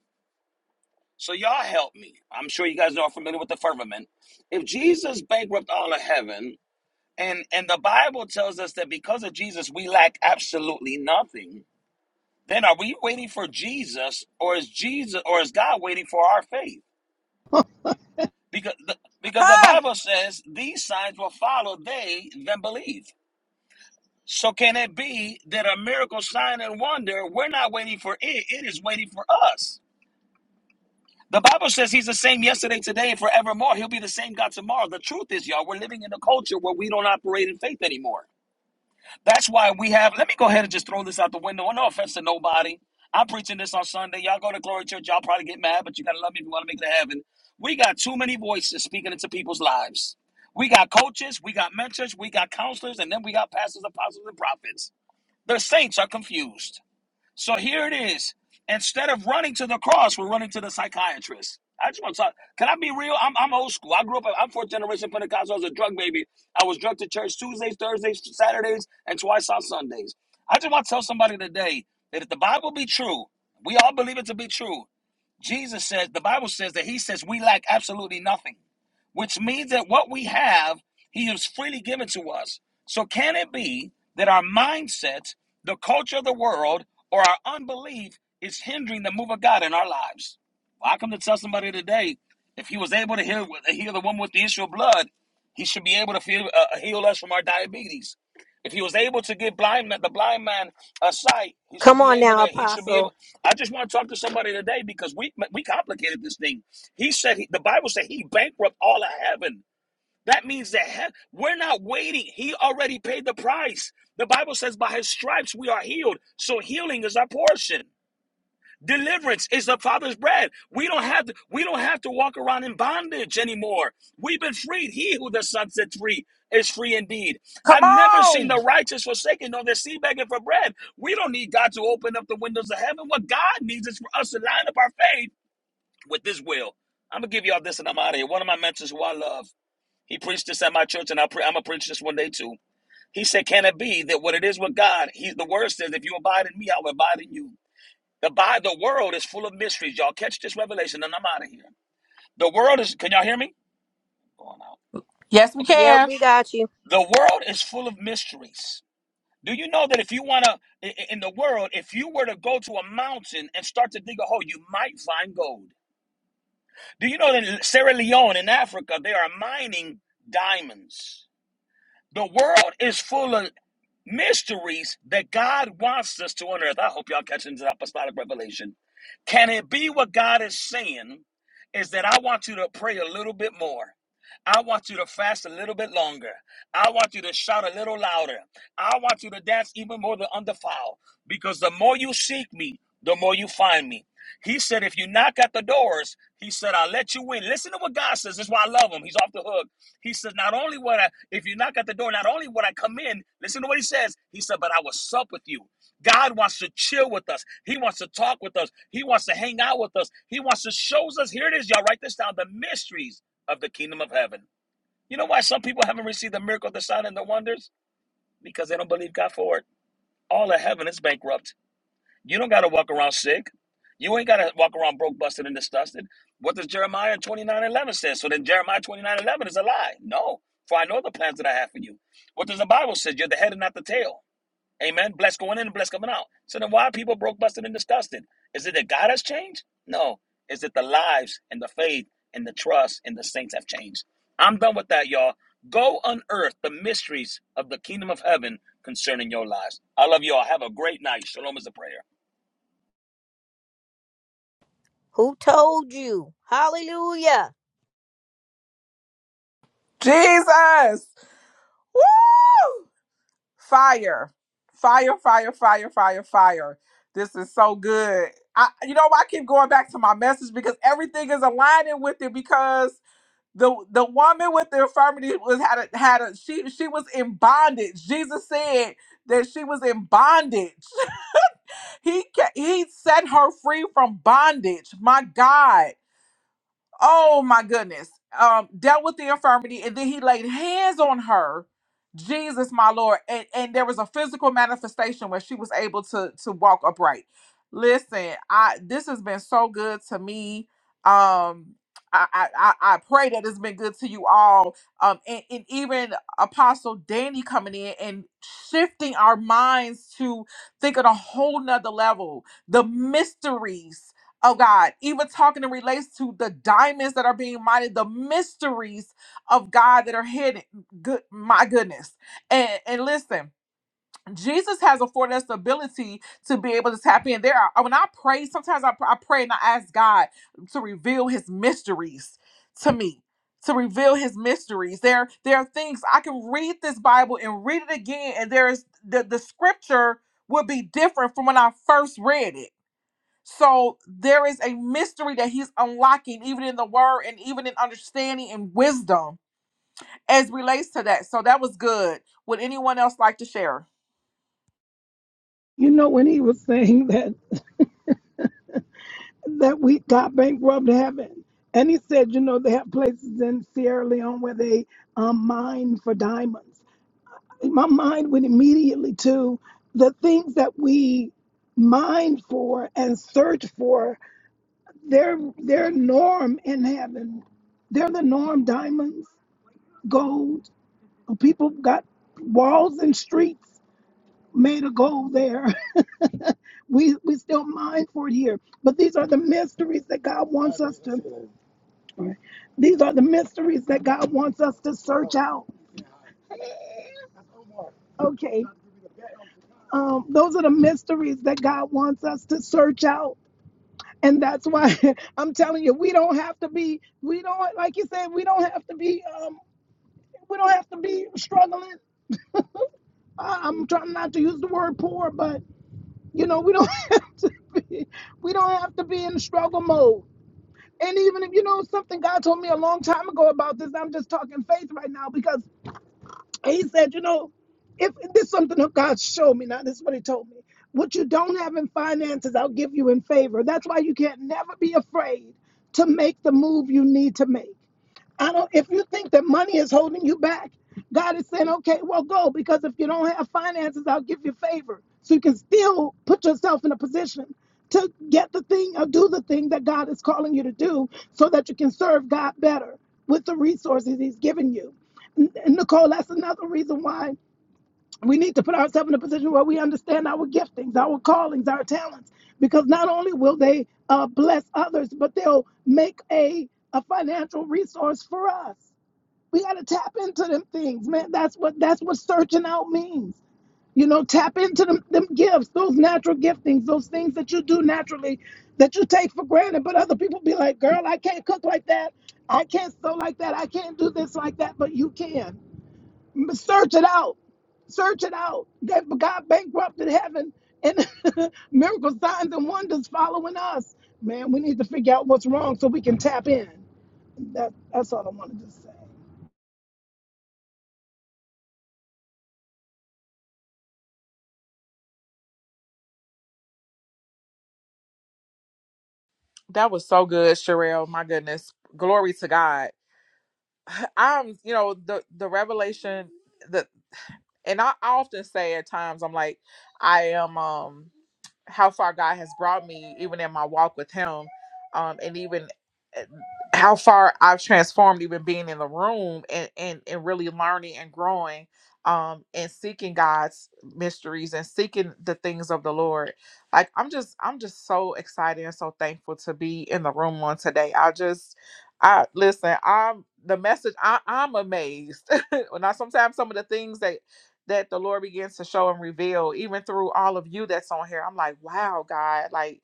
S8: So y'all help me. I'm sure you guys are familiar with the firmament. If Jesus bankrupt all of heaven, and and the Bible tells us that because of Jesus, we lack absolutely nothing. Then are we waiting for Jesus, or is Jesus, or is God waiting for our faith? Because the, because the
S3: Hey,
S8: Bible says these signs will follow they that believe. So can it be that a miracle sign and wonder we're not waiting for it, it is waiting for us. The Bible says he's the same yesterday, today, and forevermore. He'll be the same God tomorrow. The truth is, y'all, we're living in a culture where we don't operate in faith anymore. That's why we have. Let me go ahead and just throw this out the window. No offense to nobody. I'm preaching this on Sunday. Y'all go to Glory Church. Y'all probably get mad, but you gotta love me if you want to make it to heaven. We got too many voices speaking into people's lives. We got coaches, we got mentors, we got counselors, and then we got pastors, apostles, and prophets. The saints are confused. So here it is. Instead of running to the cross, we're running to the psychiatrist. I just want to talk. Can I be real? I'm, I'm old school. I grew up, I'm fourth generation Pentecostal. I was a drug baby. I was drunk to church Tuesdays, Thursdays, Saturdays, and twice on Sundays. I just want to tell somebody today that if the Bible be true, we all believe it to be true. Jesus says, the Bible says that he says we lack absolutely nothing, which means that what we have, he has freely given to us. So can it be that our mindset, the culture of the world, or our unbelief is hindering the move of God in our lives? Well, I come to tell somebody today, if he was able to heal, heal the woman with the issue of blood, he should be able to feel, uh, heal us from our diabetes. If he was able to give blind the blind man a sight, he should
S13: Come
S8: be
S13: on
S8: able to.
S13: now,
S8: He should be able.
S13: Apostle.
S8: I just want to talk to somebody today because we we complicated this thing. He said he, the Bible said he bankrupt all of heaven. That means that he- we're not waiting. He already paid the price. The Bible says by his stripes we are healed. So healing is our portion. Deliverance is the Father's bread. We don't have to, we don't have to walk around in bondage anymore. We've been freed. He who the Son set free is free indeed.
S3: come
S8: I've never seen
S3: on.
S8: the righteous forsaken nor the sea begging for bread. We don't need God to open up the windows of heaven. What God needs is for us to line up our faith with His will. I'm gonna give y'all this, and I'm out of here. One of my mentors, who I love, he preached this at my church, and I pre- I'm gonna preach this one day too. He said, "Can it be that what it is with God? He, the Word says, if you abide in me, I will abide in you." The by the world is full of mysteries. Y'all catch this revelation, and I'm out of here. The world is. Can y'all hear me? Going out.
S3: Yes, we
S8: Okay.
S13: Yep,
S3: can.
S13: we got you.
S8: The world is full of mysteries. Do you know that if you want to, in the world, if you were to go to a mountain and start to dig a hole, you might find gold. Do you know that in Sierra Leone in Africa, they are mining diamonds? The world is full of mysteries that God wants us to unearth. I hope y'all catching this apostolic revelation. Can it be what God is saying is that I want you to pray a little bit more? I want you to fast a little bit longer. I want you to shout a little louder. I want you to dance even more than undefiled. Because the more you seek me, the more you find me. He said, if you knock at the doors, he said, I'll let you in. Listen to what God says. This is why I love him. He's off the hook. He says, Not only would I, if you knock at the door, not only would I come in, listen to what he says. He said, But I will sup with you. God wants to chill with us. He wants to talk with us. He wants to hang out with us. He wants to shows us. Here it is, y'all. Write this down. The mysteries of the kingdom of heaven. You know why some people haven't received the miracle, the sign, and the wonders? Because they don't believe God for it. All of heaven is bankrupt. You don't got to walk around sick. You ain't got to walk around broke, busted, and disgusted. What does Jeremiah twenty nine eleven 11 say? So then Jeremiah 29 11 is a lie. No, for I know the plans that I have for you. What does the Bible say? You're the head and not the tail. Amen. Blessed going in and blessed coming out. So then why are people broke, busted, and disgusted? Is it that God has changed? No. Is it the lives and the faith and the trust and the saints have changed? I'm done with that, y'all. Go unearth the mysteries of the kingdom of heaven concerning your lives. I love you all. Have a great night. Shalom is the prayer.
S13: Who told you? Hallelujah.
S3: Jesus. Woo. Fire. Fire, fire, fire, fire, fire. This is so good. I you know I keep going back to my message because everything is aligning with it because the the woman with the infirmity was had a had a she she was in bondage. Jesus said that she was in bondage. He ca- he set her free from bondage. My God oh my goodness, um, dealt with the infirmity, and then he laid hands on her, Jesus, my Lord, and, and there was a physical manifestation where she was able to to walk upright. Listen, I this has been so good to me. Um, I I, I I pray that it's been good to you all. Um, and, and even Apostle Danny coming in and shifting our minds to think on a whole nother level. The mysteries Oh God, even talking and relates to the diamonds that are being mined, the mysteries of God that are hidden. Good, my goodness. And and listen, Jesus has afforded us the ability to be able to tap in. There are when I pray, sometimes I, I pray and I ask God to reveal his mysteries to me. To reveal his mysteries. There, there are things I can read this Bible and read it again, and there is the, the scripture will be different from when I first read it so there is a mystery that he's unlocking, even in the word and even in understanding and wisdom as relates to that. So that was good. Would anyone else like to share?
S2: You know when he was saying that that we got bankrupt heaven, and he said, you know, they have places in Sierra Leone where they um, mine for diamonds. My mind went immediately to the things that we mine for and search for They're they're norm in heaven. They're the norm diamonds, gold. People got walls and streets made of gold there. We we still mine for it here. But these are the mysteries that God wants us to all right. these are the mysteries that God wants us to search out. Okay. Um, those are the mysteries that God wants us to search out. And that's why I'm telling you, we don't have to be, we don't, like you said, we don't have to be um, we don't have to be struggling. I, I'm trying not to use the word poor, but you know, we don't have to be we don't have to be in struggle mode. And even if you know something God told me a long time ago about this, I'm just talking faith right now because he said, you know, if this is something that God showed me, now this is what he told me. What you don't have in finances, I'll give you in favor. That's why you can't never be afraid to make the move you need to make. I don't if you think that money is holding you back, God is saying, okay, well go because if you don't have finances, I'll give you favor. So you can still put yourself in a position to get the thing or do the thing that God is calling you to do so that you can serve God better with the resources he's given you. N- Nicole, that's another reason why we need to put ourselves in a position where we understand our giftings, our callings, our talents, because not only will they uh, bless others, but they'll make a, a financial resource for us. We got to tap into them things, man. That's what that's what searching out means. You know, tap into them, them gifts, those natural giftings, those things that you do naturally that you take for granted. But other people be like, girl, I can't cook like that. I can't sew like that. I can't do this like that. But you can search it out. Search it out. That God bankrupted heaven and miracle signs and wonders following us. Man, we need to figure out what's wrong so we can tap in. That, that's all I wanted to say.
S3: That was so good, Sherelle. My goodness. Glory to God. I'm, you know, the the revelation the and I often say at times I'm like, I am um how far God has brought me, even in my walk with Him, um, and even uh, how far I've transformed, even being in the room and and, and really learning and growing, um, and seeking God's mysteries and seeking the things of the Lord. Like I'm just I'm just so excited and so thankful to be in the room on today. I just I listen. I'm the message. I, I'm amazed. when I sometimes some of the things that that the Lord begins to show and reveal, even through all of you that's on here, I'm like, wow, God. Like,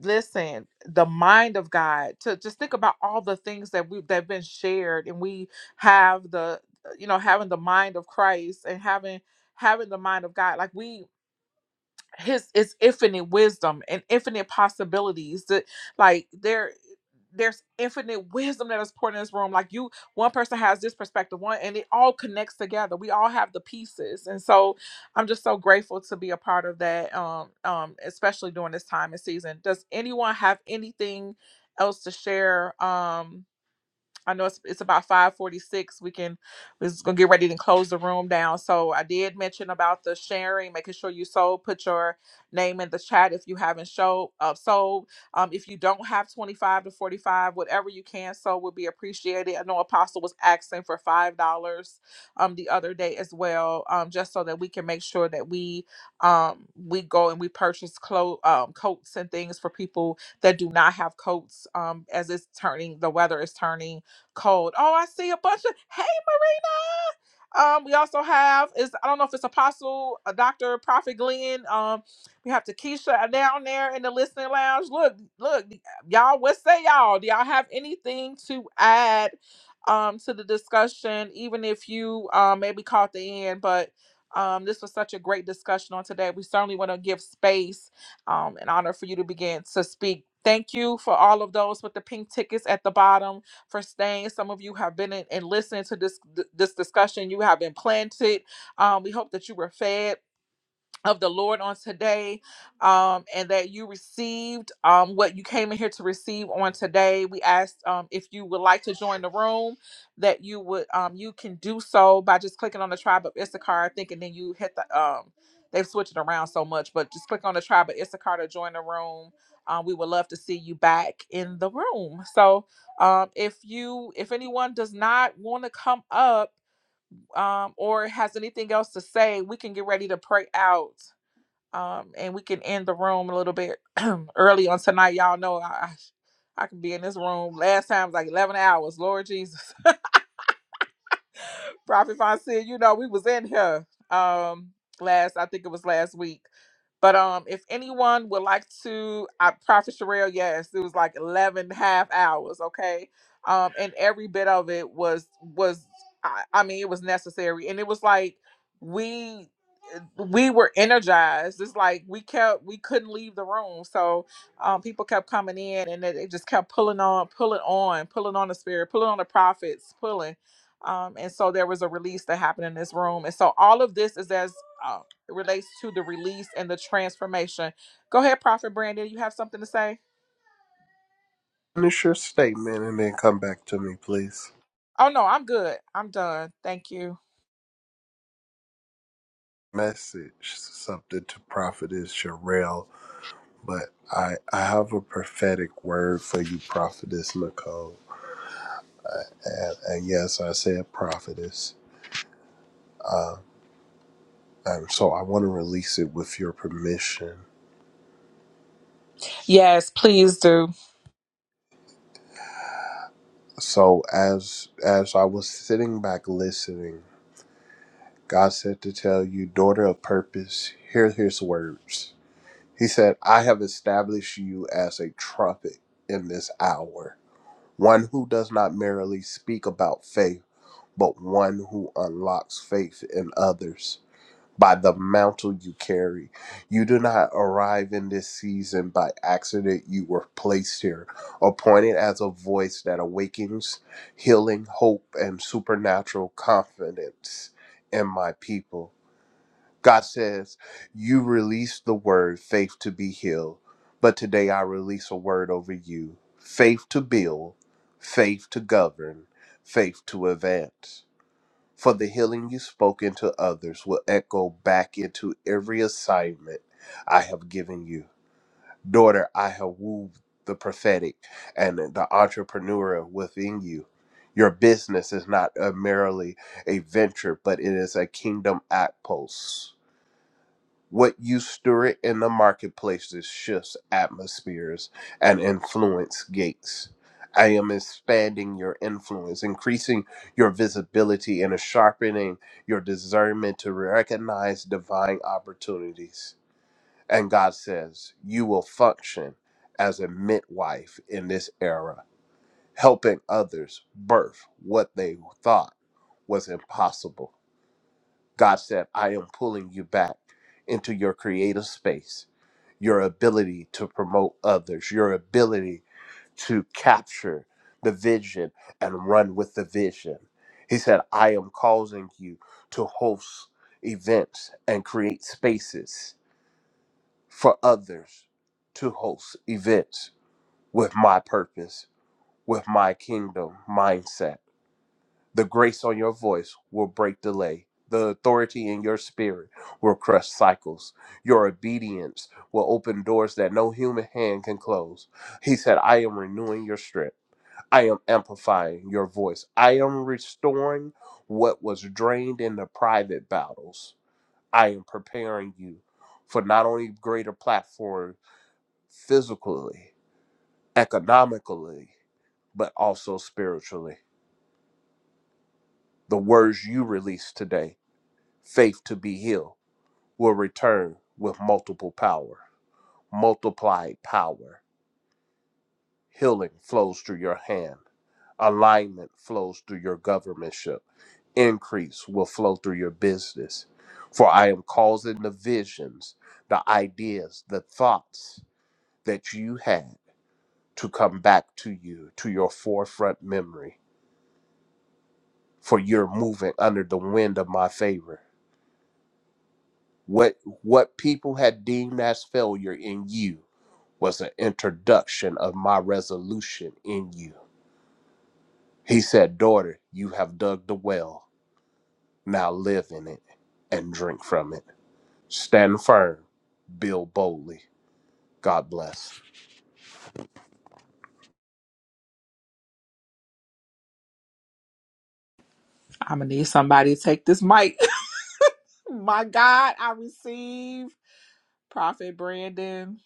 S3: listen, the mind of God. To just think about all the things that we that've been shared, and we have the, you know, having the mind of Christ and having having the mind of God. Like we his is infinite wisdom and infinite possibilities that like there there's infinite wisdom that is poured in this room like you one person has this perspective one and it all connects together we all have the pieces and so i'm just so grateful to be a part of that um um especially during this time and season does anyone have anything else to share um I know it's, it's about 546. We can, we're just going to get ready to close the room down. So I did mention about the sharing, making sure you sold, put your name in the chat if you haven't showed, uh, sold. Um, if you don't have 25 to 45, whatever you can sow would be appreciated. I know Apostle was asking for $5 um, the other day as well, um, just so that we can make sure that we, um, we go and we purchase clo- um, coats and things for people that do not have coats um, as it's turning, the weather is turning code. Oh, I see a bunch of hey Marina. Um, we also have is I don't know if it's Apostle, uh Doctor, Prophet Glenn. Um, we have Takesha down there in the listening lounge. Look, look, y'all. What say y'all? Do y'all have anything to add um to the discussion? Even if you um maybe caught the end, but um this was such a great discussion on today. We certainly want to give space um, an honor for you to begin to speak. Thank you for all of those with the pink tickets at the bottom for staying. Some of you have been in and listened to this this discussion. You have been planted. Um, we hope that you were fed of the Lord on today, um, and that you received um, what you came in here to receive on today. We asked um, if you would like to join the room, that you would um, you can do so by just clicking on the tribe of Issachar, I think, and then you hit the um, they've switched it around so much, but just click on the tribe of Issachar to join the room. Um, we would love to see you back in the room. So um, if you if anyone does not want to come up um, or has anything else to say, we can get ready to pray out um, and we can end the room a little bit early on tonight. Y'all know I I can be in this room. Last time was like eleven hours. Lord Jesus, Prophet Von said, you know, we was in here um last, I think it was last week. But um if anyone would like to I Prophet Sherelle, yes, it was like 11 half hours, okay? Um and every bit of it was was I, I mean, it was necessary and it was like we we were energized. It's like we kept we couldn't leave the room. So um people kept coming in and they they just kept pulling on, pulling on, pulling on the spirit, pulling on the prophets, pulling um, and so there was a release that happened in this room and so all of this is as uh, it relates to the release and the transformation go ahead prophet brandon you have something to say
S11: Finish your statement and then come back to me, please.
S3: oh no i'm good i'm done thank you
S11: Message something to Prophetess Sherelle, but I I have a prophetic word for you, Prophetess Nicole. And, and yes, I said prophetess. Um, so I want to release it with your permission.
S3: yes please do
S11: So as as I was sitting back listening, God said to tell you, daughter of purpose, hear His words. He said, I have established you as a trumpet in this hour. one who does not merely speak about faith, but one who unlocks faith in others. By the mantle you carry, you do not arrive in this season by accident. You were placed here, appointed as a voice that awakens healing, hope, and supernatural confidence in my people. God says, You release the word, faith to be healed. But today I release a word over you faith to build, faith to govern, faith to advance. For the healing you spoke into others will echo back into every assignment I have given you. Daughter, I have wooed the prophetic and the entrepreneur within you. Your business is not a merely a venture, but it is a kingdom outpost what you stir in the marketplaces shifts atmospheres and influence gates. I am expanding your influence, increasing your visibility, and sharpening your discernment to recognize divine opportunities. And God says, You will function as a midwife in this era, helping others birth what they thought was impossible. God said, I am pulling you back into your creative space your ability to promote others, your ability to capture the vision and run with the vision. He said, I am causing you to host events and create spaces for others to host events with my purpose, with my kingdom mindset. The grace on your voice will break delay. The authority in your spirit will crush cycles. Your obedience will open doors that no human hand can close. He said, I am renewing your strength. I am amplifying your voice. I am restoring what was drained in the private battles. I am preparing you for not only greater platform physically, economically, but also spiritually. The words you release today faith to be healed will return with multiple power, multiplied power. Healing flows through your hand, alignment flows through your governmentship, increase will flow through your business. For I am causing the visions, the ideas, the thoughts that you had to come back to you, to your forefront memory. For you're moving under the wind of my favor What what people had deemed as failure in you was an introduction of my resolution in you. He said, Daughter, you have dug the well. Now live in it and drink from it. Stand firm, build boldly. God bless.
S3: i'm gonna need somebody to take this mic my god i receive prophet brandon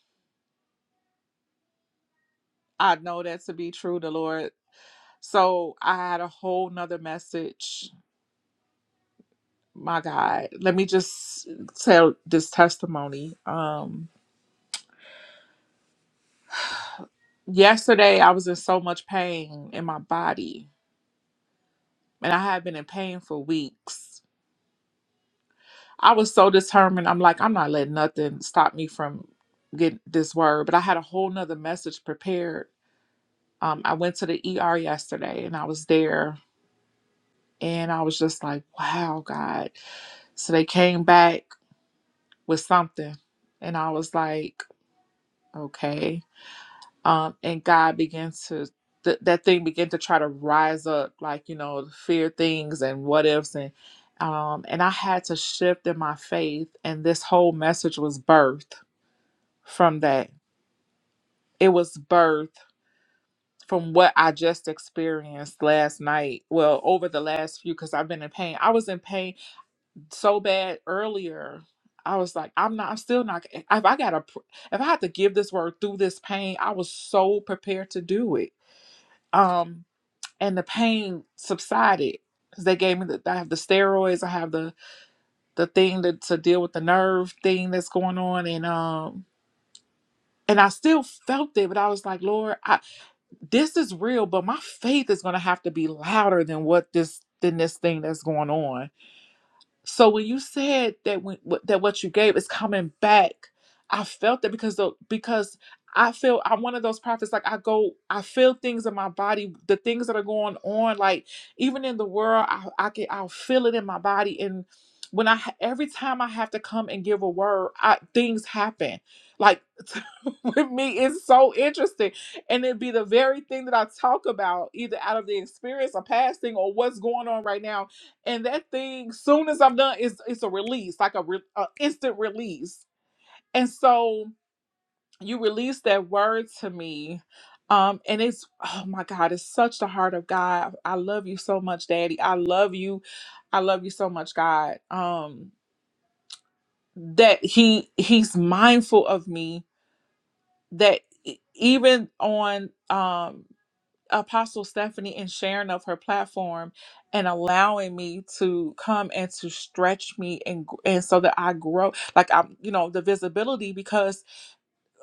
S3: i know that to be true the lord so i had a whole nother message my god let me just tell this testimony um Yesterday, I was in so much pain in my body, and I had been in pain for weeks. I was so determined. I'm like, I'm not letting nothing stop me from getting this word. But I had a whole nother message prepared. Um, I went to the ER yesterday, and I was there, and I was just like, wow, God. So they came back with something, and I was like, okay. um, and God began to th- that thing began to try to rise up, like you know, the fear things and what ifs, and um, and I had to shift in my faith, and this whole message was birthed from that. It was birthed from what I just experienced last night. Well, over the last few, because I've been in pain. I was in pain so bad earlier. I was like, I'm not. I'm still not. If I gotta, pr- if I had to give this word through this pain, I was so prepared to do it. Um, and the pain subsided because they gave me the I have the steroids, I have the the thing to, to deal with the nerve thing that's going on, and um and I still felt it, but I was like, Lord, I, this is real, but my faith is gonna have to be louder than what this than this thing that's going on so when you said that when, wh- that what you gave is coming back, I felt that because the because I feel I'm one of those prophets. Like I go, I feel things in my body, the things that are going on. Like even in the world, I I can I'll feel it in my body. And when I ha- every time I have to come and give a word, I, things happen. Like with me, it's so interesting, and it'd be the very thing that I talk about, either out of the experience, a past thing, or what's going on right now and that thing soon as i'm done it's it's a release like a, re- a instant release and so you release that word to me um and it's oh my god it's such the heart of god i love you so much daddy i love you i love you so much god um that he he's mindful of me that e- even on um Apostle Stephanie and sharing of her platform and allowing me to come and to stretch me and gr- and so that I grow like I'm you know the visibility because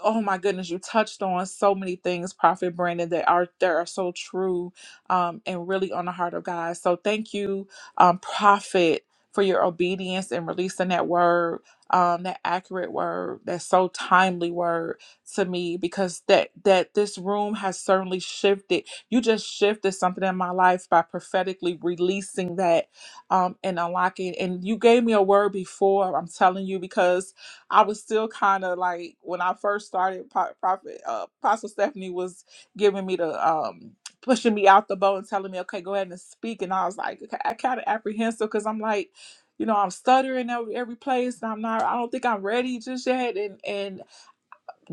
S3: oh my goodness, you touched on so many things, Prophet Brandon, that are that are so true um, and really on the heart of God. So thank you, um, Prophet, for your obedience and releasing that word, um, that accurate word, that so timely word to me, because that that this room has certainly shifted. You just shifted something in my life by prophetically releasing that um, and unlocking. And you gave me a word before. I'm telling you because I was still kind of like when I first started. Pro- Prophet uh, Apostle Stephanie was giving me the um pushing me out the boat and telling me, "Okay, go ahead and speak." And I was like, okay, I kind of apprehensive because I'm like, you know, I'm stuttering every, every place, and I'm not. I don't think I'm ready just yet. And and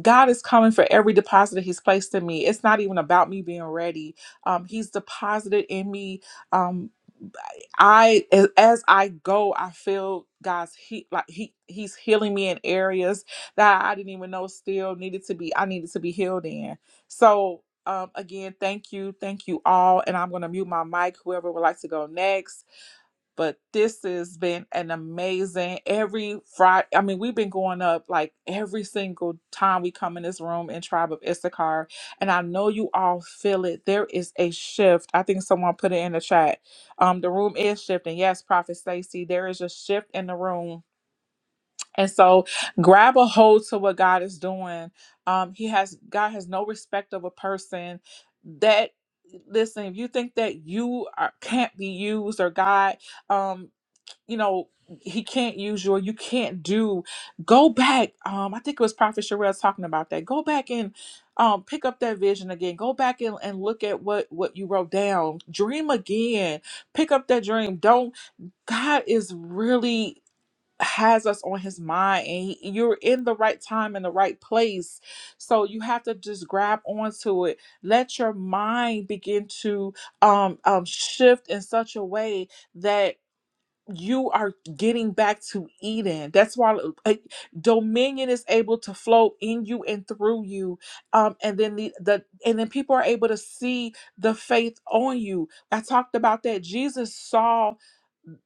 S3: God is coming for every deposit that He's placed in me. It's not even about me being ready. Um, He's deposited in me. um I a- as I go, I feel God's he like he he's healing me in areas that I didn't even know still needed to be I needed to be healed in. So um again, thank you, thank you all, and I'm gonna mute my mic. Whoever would like to go next but this has been an amazing every Friday. I mean, we've been going up like every single time we come in this room in Tribe of Issachar, and I know you all feel it. There is a shift. I think someone put it in the chat. Um, the room is shifting. Yes, Prophet Stacy, there is a shift in the room. And so grab a hold to what God is doing. Um, he has God has no respect of a person that listen, if you think that you are, can't be used or God um you know he can't use you or you can't do go back um i think it was prophet Sherelle talking about that go back and um pick up that vision again go back and, and look at what what you wrote down dream again pick up that dream don't god is really has us on his mind and he, you're in the right time in the right place so you have to just grab onto it let your mind begin to um um shift in such a way that you are getting back to Eden. That's why uh, dominion is able to flow in you and through you, um, and then the, the and then people are able to see the faith on you. I talked about that. Jesus saw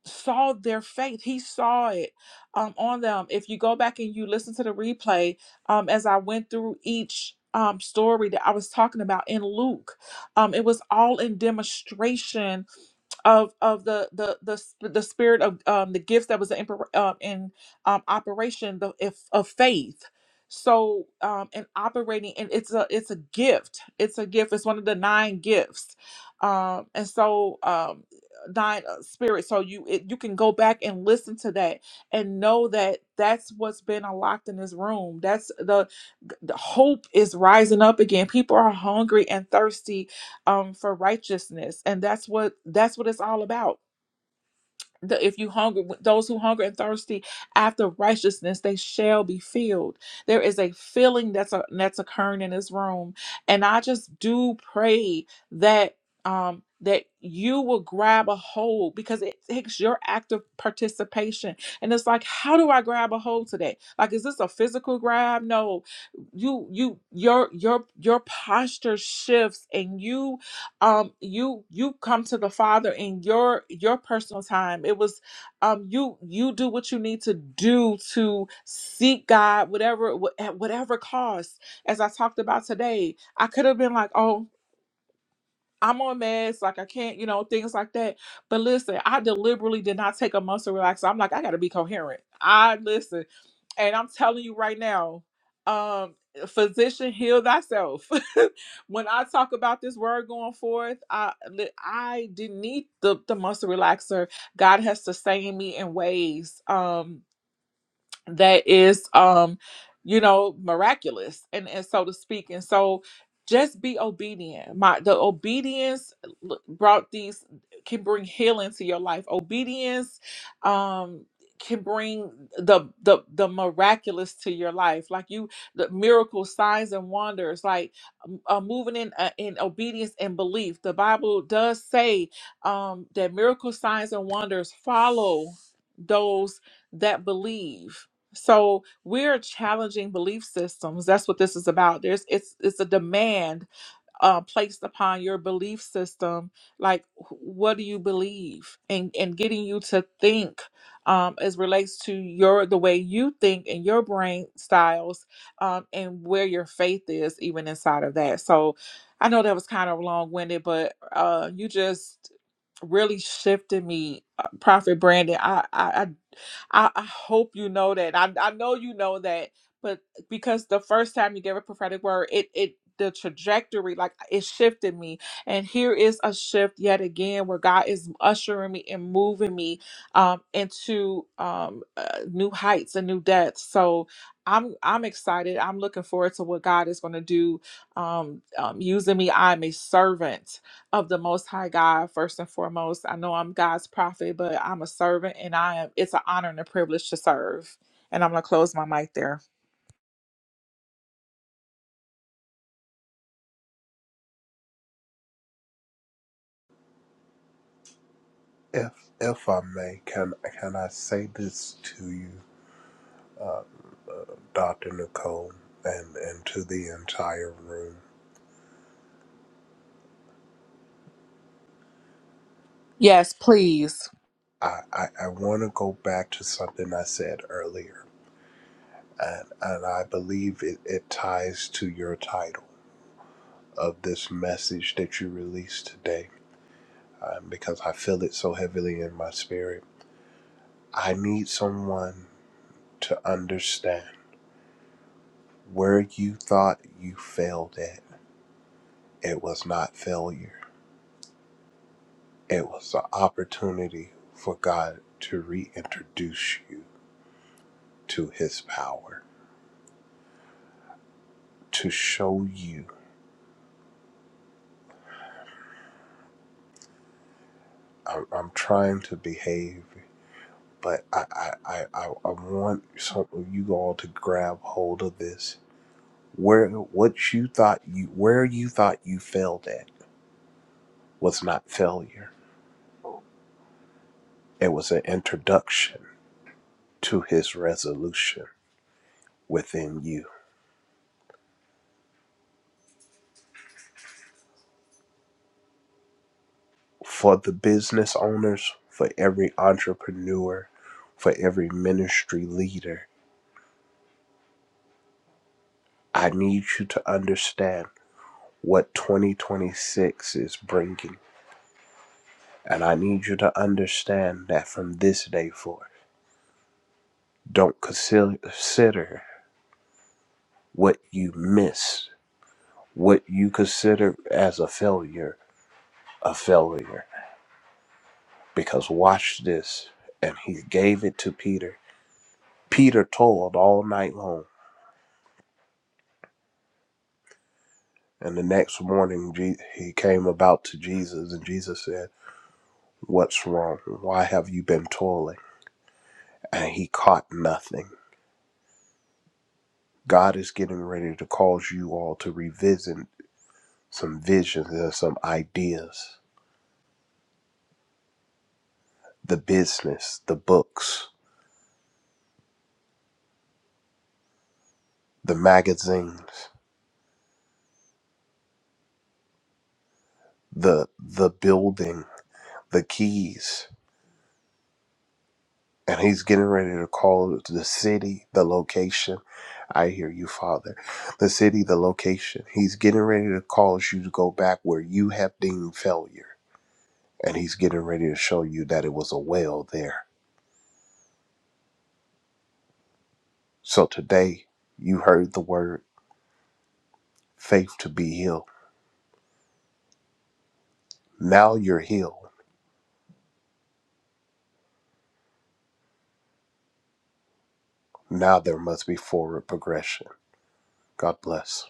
S3: saw their faith. He saw it um, on them. If you go back and you listen to the replay, um, as I went through each. Um, story that I was talking about in Luke, um, it was all in demonstration of of the the the sp- the spirit of um the gifts that was in oper- uh, in um operation the if of faith so um and operating and it's a it's a gift it's a gift it's one of the nine gifts um and so um nine uh, spirits so you it, you can go back and listen to that and know that that's what's been unlocked in this room that's the the hope is rising up again people are hungry and thirsty um for righteousness and that's what that's what it's all about The- if you hunger those who hunger and thirsty after righteousness they shall be filled there is a filling that's a, that's occurring in this room and i just do pray that um that you will grab a hold because it takes your active participation and it's like how do i grab a hold today like is this a physical grab no you you your your your posture shifts and you um you you come to the father in your your personal time it was um you you do what you need to do to seek god whatever wh- at whatever cost as i talked about today i could have been like oh i'm on meds like i can't you know things like that but listen i deliberately did not take a month to relax i'm like i gotta be coherent i listen and I'm telling you right now, um, physician, heal thyself. when I talk about this word going forth, I li- I didn't need the, the muscle relaxer. God has sustained me in ways. Um, that is um you know miraculous and and so to speak and so just be obedient my the obedience l- brought these can bring healing to your life obedience um can bring the the the miraculous to your life like you the miracle signs and wonders like um, uh, moving in uh, in obedience and belief the bible does say um that miracle signs and wonders follow those that believe so we're challenging belief systems. That's what this is about. There's it's it's a demand uh, placed upon your belief system like wh- what do you believe and and getting you to think um, as relates to your the way you think and your brain styles um, and where your faith is even inside of that so i know that was kind of long-winded but uh, you just really shifted me uh, prophet brandon I, I i i I hope you know that i, I know you know that but because the first time you gave a prophetic word, it it the trajectory like it shifted me and here is a shift yet again where god is ushering me and moving me um into um uh, new heights and new depths so i'm i'm excited i'm looking forward to what god is going to do um, um using me i'm a servant of the most high god first and foremost i know i'm god's prophet but i'm a servant and i am it's an honor and a privilege to serve and i'm going to close my mic there
S11: If if I may, can can I say this to you, uh, Doctor Nicole, and and to the entire room?
S3: Yes, please.
S11: I I, I want to go back to something I said earlier. and and I believe it, it ties to your title of this message that you released today, um, because I feel it so heavily in my spirit. I need someone to understand where you thought you failed at. It was not failure. It was the opportunity for God to reintroduce you to His power, to show you. I'm, I'm trying to behave but I, I, I, I I want some of you all to grab hold of this. Where what you thought you where you thought you failed at was not failure. It was an introduction to his resolution within you. For the business owners, for every entrepreneur, for every ministry leader, I need you to understand what 2026 is bringing. And I need you to understand that from this day forth. Don't consider what you miss, what you consider as a failure, a failure. Because watch this. And he gave it to Peter. Peter toiled all night long. And the next morning, Je- he came about to Jesus, and Jesus said, What's wrong? Why have you been toiling? And he caught nothing. God is getting ready to cause you all to revisit some visions and some ideas, the business, the books the magazines, the the building, the keys. And he's getting ready to call it the city, the location. I hear you, Father. The city, the location. He's getting ready to cause you to go back where you have deemed failure. And he's getting ready to show you that it was a well there. So today, you heard the word faith to be healed. Now you're healed. Now there must be forward progression. God bless.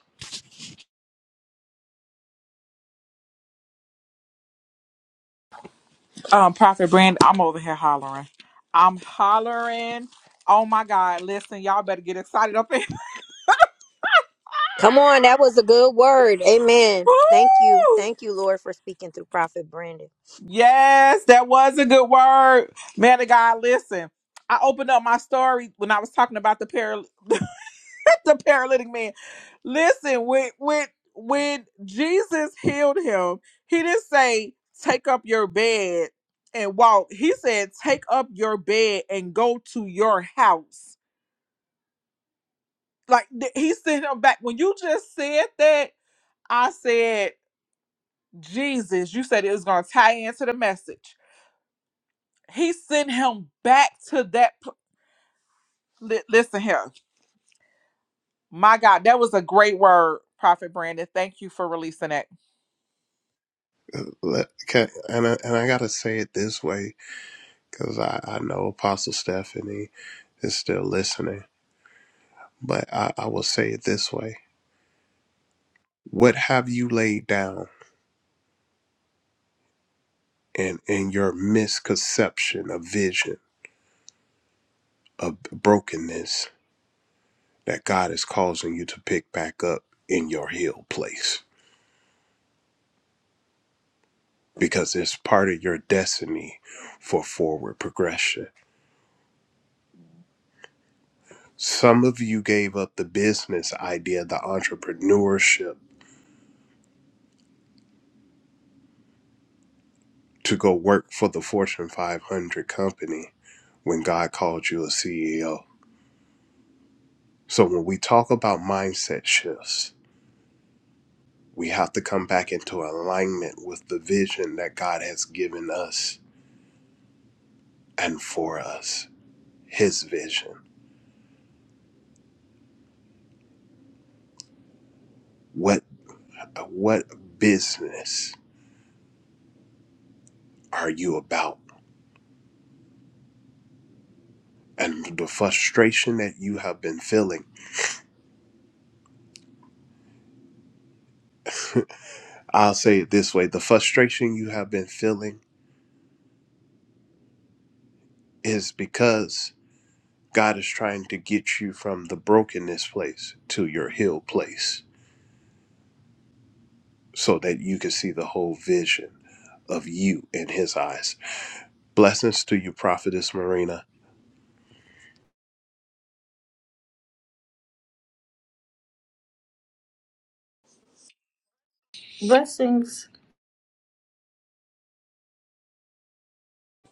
S3: Um, Prophet Brand, I'm over here hollering. I'm hollering. Oh my God. Listen, y'all better get excited up in.
S13: Come on, that was a good word. Amen. Thank you.
S3: Woo!
S13: Thank you, Lord, for speaking through Prophet Brandon.
S3: Yes, that was a good word. Man of God, listen. I opened up my story when I was talking about the pair. the paralytic man. Listen, when when when Jesus healed him, he didn't say take up your bed and walk. He said take up your bed and go to your house. Like th- he sent him back. When you just said that, I said Jesus. You said it was gonna tie into the message. He sent him back to that. pl- li- Listen here, my God, that was a great word, Prophet Brandon. Thank you for releasing that.
S11: Let- Can, and I, and I gotta say it this way. because I, I know Apostle Stephanie is still listening. But I, I will say it this way What have you laid down in, in your misconception of vision, of brokenness that God is causing you to pick back up in your healed place? Because it's part of your destiny for forward progression. Some of you gave up the business idea, the entrepreneurship to go work for the Fortune 500 company when God called you a CEO. So when we talk about mindset shifts, we have to come back into alignment with the vision that God has given us and for us. His vision. What what business are you about? And the frustration that you have been feeling, I'll say it this way, the frustration you have been feeling is because God is trying to get you from the brokenness place to your healed place so that you can see the whole vision of you in his eyes. Blessings to you, Prophetess Marina.
S16: Blessings.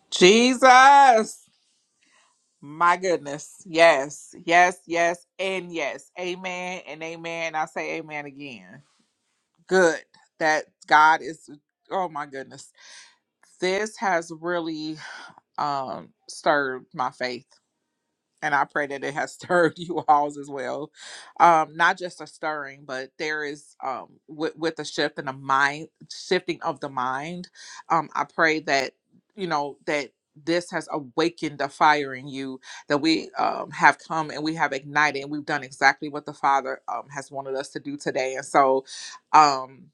S3: Jesus. My goodness. Yes, yes, yes, and yes. Amen and amen. I say amen again. Good that God is, oh my goodness. This has really um, stirred my faith and I pray that it has stirred you all as well. Um, not just a stirring, but there is um, with with the shift in the mind, shifting of the mind. Um, I pray that you know that this has awakened the fire in you that we um, have come and we have ignited and we've done exactly what the Father um, has wanted us to do today. And so, um,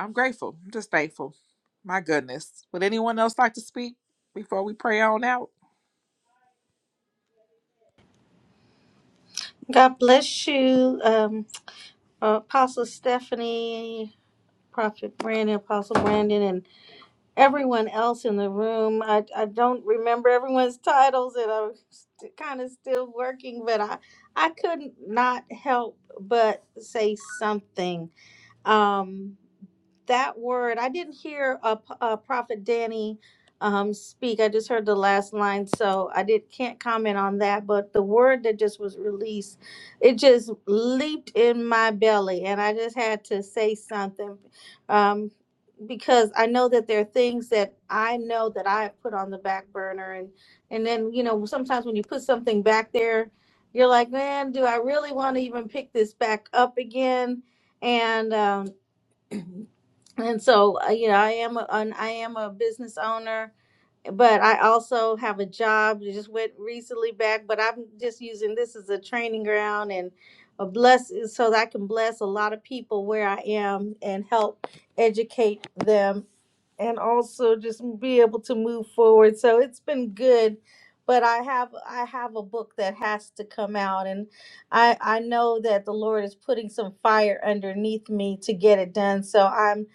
S3: I'm grateful. I'm just thankful. My goodness. Would anyone else like to speak before we pray on out?
S16: God bless you, um, Apostle Stephanie, Prophet Brandon, Apostle Brandon, and everyone else in the room. I, I don't remember everyone's titles, and I'm st- kind of still working, but I, I could not help but say something. Um, that word. I didn't hear uh, P- uh, Prophet Danny um, speak. I just heard the last line, so I did can't comment on that. But the word that just was released, it just leaped in my belly, and I just had to say something um, because I know that there are things that I know that I have put on the back burner, and and then you know sometimes when you put something back there. You're like, man, do I really want to even pick this back up again? And um, and so uh, you know i am a, an i am a business owner but i also have a job that just went recently back but i'm just using this as a training ground and a bless so that i can bless a lot of people where i am and help educate them and also just be able to move forward. So it's been good, but I have I have a book that has to come out, and I I know that the Lord is putting some fire underneath me to get it done. So I'm,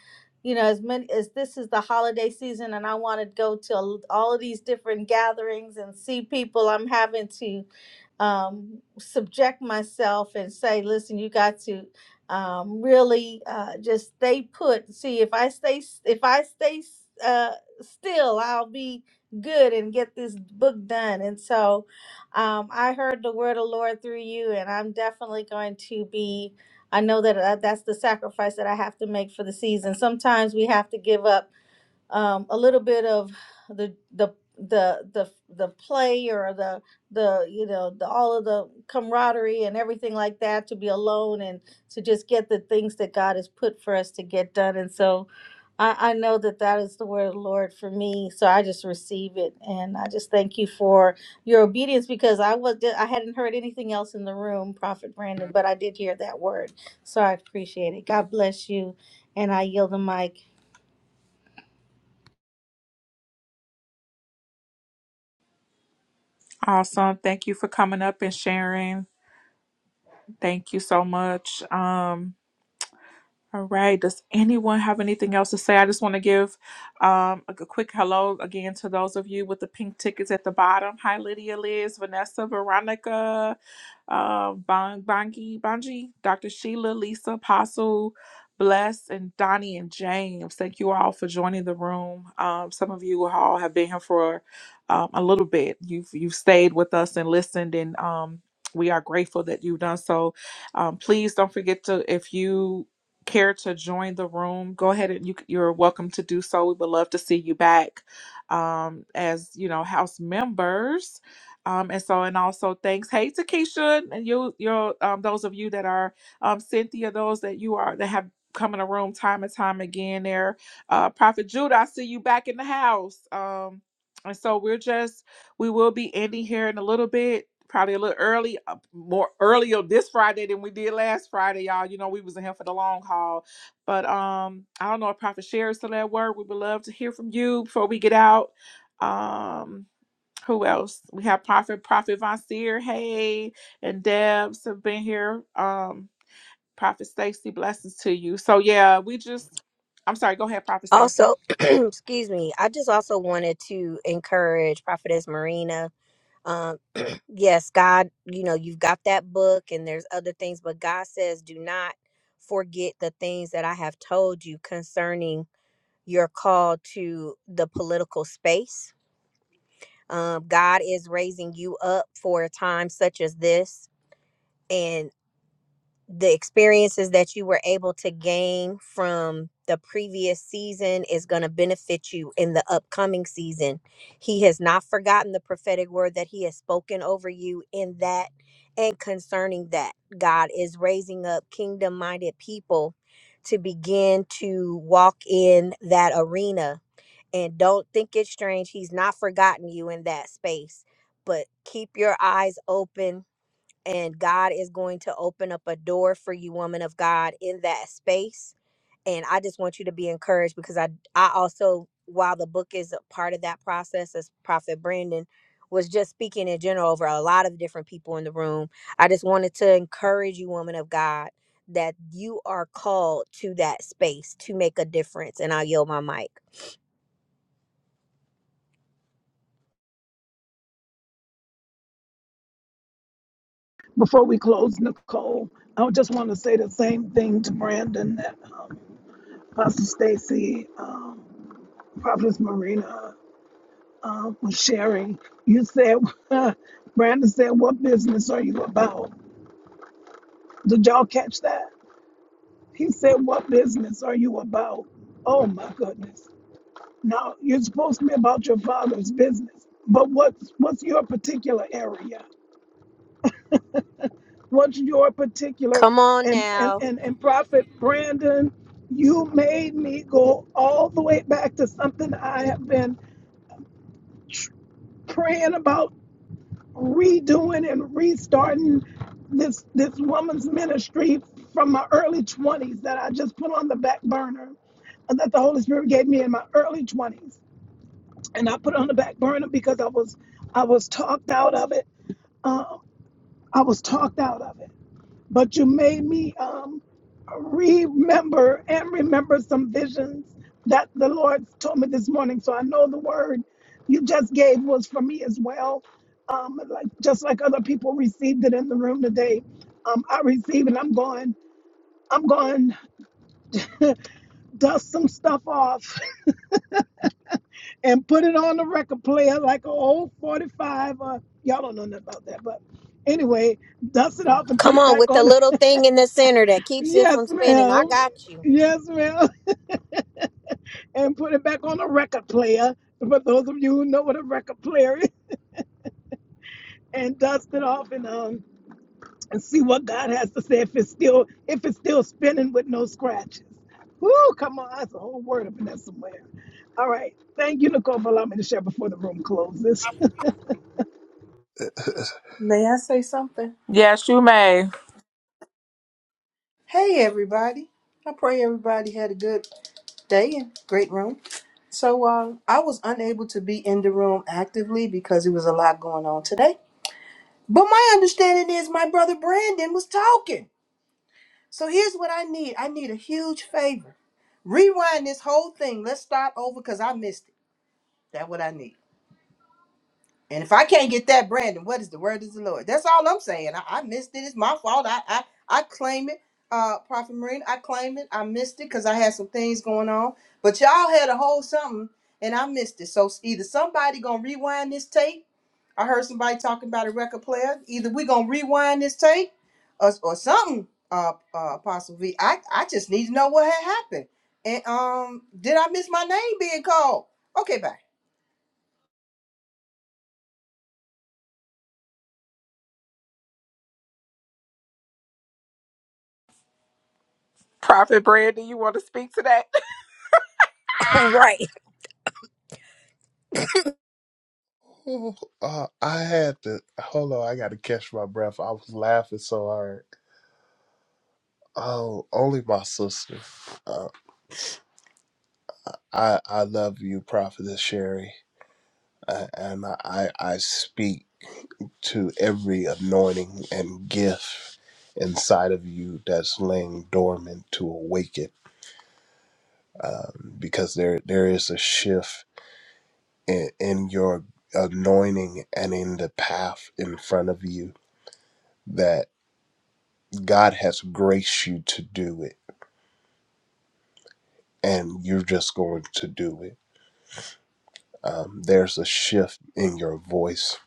S16: you know, as many as this is the holiday season, and I want to go to all all of these different gatherings and see people. I'm having to um subject myself and say listen you got to um, really uh, just stay put. See, if I stay, if I stay uh, still, I'll be good and get this book done. And so, um, I heard the word of the Lord through you, and I'm definitely going to be. I know that uh, that's the sacrifice that I have to make for the season. Sometimes we have to give up um, a little bit of the the the the the play or the the you know the all of the camaraderie and everything like that to be alone and to just get the things that God has put for us to get done and so I, I know that that is the word of the Lord for me so I just receive it and I just thank you for your obedience because I was I hadn't heard anything else in the room prophet Brandon but I did hear that word so I appreciate it God bless you and I yield the mic
S3: Awesome. Thank you for coming up and sharing. Thank you so much. Um, all right. Does anyone have anything else to say? I just want to give um, a, a quick hello again to those of you with the pink tickets at the bottom. Hi, Lydia, Liz, Vanessa, Veronica, uh, Bong, Bongi, Bongi, Dr. Sheila, Lisa, Apostle, Bless, and Donnie and James. Thank you all for joining the room. Um, some of you all have been here for um, a little bit. You've you've stayed with us and listened, and um, we are grateful that you've done so. Um, please don't forget to if you care to join the room, go ahead and you, you're welcome to do so. We would love to see you back um, as you know house members. Um, and so, and also thanks, hey to Keisha and you, you um, those of you that are um, Cynthia, those that you are that have come in the room time and time again. There, uh, Prophet Judah, I see you back in the house. Um, and so we're just we will be ending here in a little bit, probably a little early, uh, more earlier this Friday than we did last Friday, y'all. You know, we was in here for the long haul. But um, I don't know if Prophet Sherry's still at work. We would love to hear from you before we get out. Um, who else? We have Prophet Prophet Von Seer, hey, and Debs have been here. Um, Prophet Stacy, blessings to you. So yeah, we just I'm sorry, go ahead, Prophet Stacy.
S13: Also, excuse me, I just also wanted to encourage Prophetess Marina. Um, yes, God, you know, you've got that book and there's other things, but God says, do not forget the things that I have told you concerning your call to the political space. Um, God is raising you up for a time such as this the experiences that you were able to gain from the previous season is going to benefit you in the upcoming season. He has not forgotten the prophetic word that he has spoken over you in that and concerning that. God is raising up kingdom minded people to begin to walk in that arena. And don't think it's strange. He's not forgotten you in that space, but keep your eyes open and God is going to open up a door for you, woman of God, in that space. And I just want you to be encouraged because I I also while the book is a part of that process, as Prophet Brandon was just speaking in general over a lot of different people in the room, I just wanted to encourage you, woman of God, that you are called to that space to make a difference. And I'll yield my mic.
S2: Before we close, Nicole, I just want to say the same thing to Brandon that uh, Pastor Stacy, um, Prophetess Marina um, was sharing. You said, Brandon said, What business are you about? Did y'all catch that? He said, What business are you about? Oh my goodness. Now you're supposed to be about your father's business. But what's what's your particular area? What's your particular
S13: Come on
S2: and and,
S13: now.
S2: and, and Prophet Brandon, you made me go all the way back to something I have been tr- praying about redoing and restarting this this woman's ministry from my early 20s that I just put on the back burner that the Holy Spirit gave me in my early 20s. And I put it on the back burner because I was I was talked out of it. Um, I was talked out of it. But you made me um, remember and remember some visions that the Lord told me this morning. So I know the word you just gave was for me as well. Um, like just like other people received it in the room today, um, I received it. I'm going. I'm going dust some stuff off and put it on the record player like an old 45. Uh, y'all don't know nothing about that, but anyway, dust it off and put
S13: Come
S2: it
S13: on
S2: back
S13: with the
S2: on.
S13: little thing in the center that keeps it from
S2: Yes,
S13: spinning. I
S2: ma'am.
S13: got you.
S2: Yes, ma'am. And put it back on the record player. For those of you who know what a record player is, and dust it off and um and see what God has to say if it's still if it's still spinning with no scratches. Woo, come on, that's a whole word up in there somewhere. All right. Thank you, Nicole, for allowing me to share before the room closes.
S17: May I say something?
S3: Yes, you may.
S17: Hey, everybody. I pray everybody had a good day and great room. So, uh, I was unable to be in the room actively because it was a lot going on today. But my understanding is my brother Brandon was talking. So, here's what I need I need a huge favor. Rewind this whole thing. Let's start over because I missed it. That's what I need. And if I can't get that, Brandon, what is the word of the Lord? That's all I'm saying. I, I missed it. It's my fault. I I, I claim it, uh, Prophet Marine. I claim it. I missed it because I had some things going on. But y'all had a whole something, and I missed it. So either somebody gonna rewind this tape. I heard somebody talking about a record player. Either we gonna rewind this tape, or, or something. Uh, uh, Apostle V. I I just need to know what had happened. And um, did I miss my name being called? Okay, bye.
S3: Prophet Brandon, you want to speak to that?
S13: right
S11: Ooh, uh, I had to hold on. I got to catch my breath. I was laughing so hard. Oh, only my sister. Uh, I I love you, Prophetess Sherry, uh, and I I speak to every anointing and gift inside of you that's laying dormant to awaken, um, because there there is a shift in, in your anointing and in the path in front of you that God has graced you to do it, and you're just going to do it. Um, there's a shift in your voice,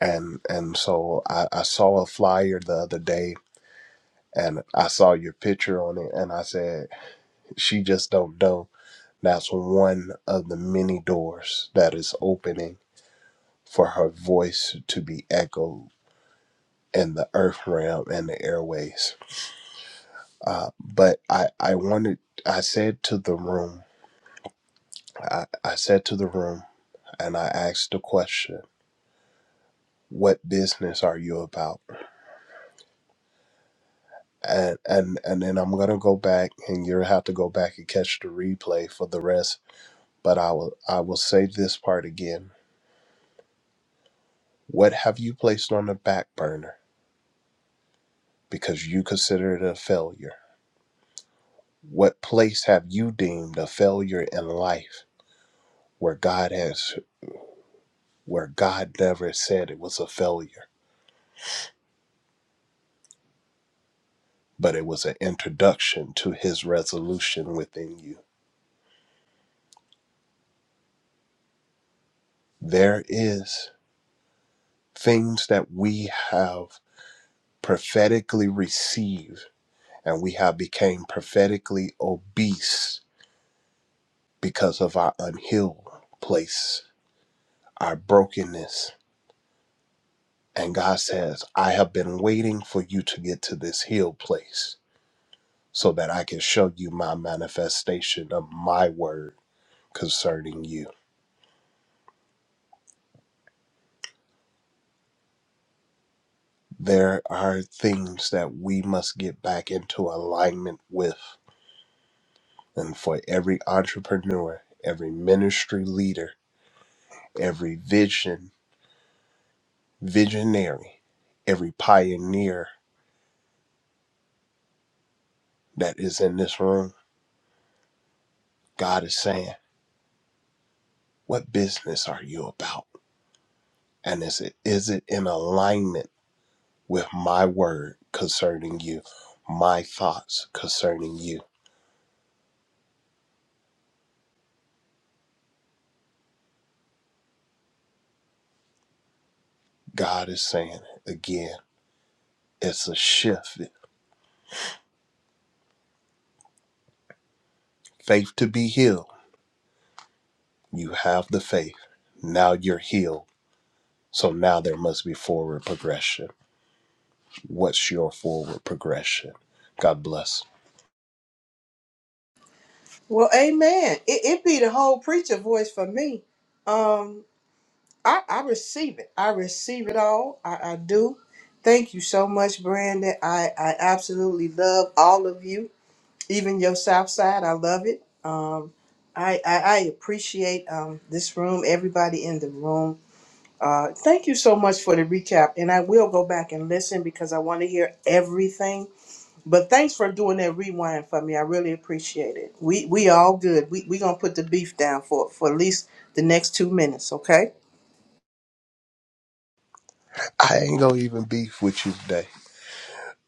S11: and and so I, I saw a flyer the other day, and I saw your picture on it, and I said, "She just don't know." That's one of the many doors that is opening for her voice to be echoed in the earth realm and the airways Uh, but I, I wanted, I said to the room, I, I said to the room, and I asked the question, "What business are you about?" And and and then I'm gonna go back, and you'll have to go back and catch the replay for the rest. But I will, I will say this part again. What have you placed on the back burner because you consider it a failure? What place have you deemed a failure in life where God has, where God never said it was a failure? but it was an introduction to his resolution within you. There is things that we have prophetically received and we have became prophetically obese because of our unhealed place, our brokenness. And God says, I have been waiting for you to get to this healed place so that I can show you my manifestation of my word concerning you. there are things that we must get back into alignment with. And for every entrepreneur, every ministry leader, every vision, visionary, every pioneer that is in this room, God is saying, What business are you about? And is it, is it in alignment with my word concerning you, my thoughts concerning you? God is saying, again, it's a shift. Faith to be healed You have the faith. Now you're healed. So now there must be forward progression. What's your forward progression? God bless.
S17: Well, amen. It, it be the whole preacher voice for me. Um, I, I receive it. I receive it all. I, I do. Thank you so much, Brandon. I, I absolutely love all of you, even your South Side. I love it. Um, I, I, I appreciate um, this room, everybody in the room. Uh, thank you so much for the recap. And I will go back and listen because I want to hear everything but thanks for doing that rewind for me. I really appreciate it. We we all good. We we gonna put the beef down for for at least the next two minutes, okay?
S11: I ain't gonna even beef with you today.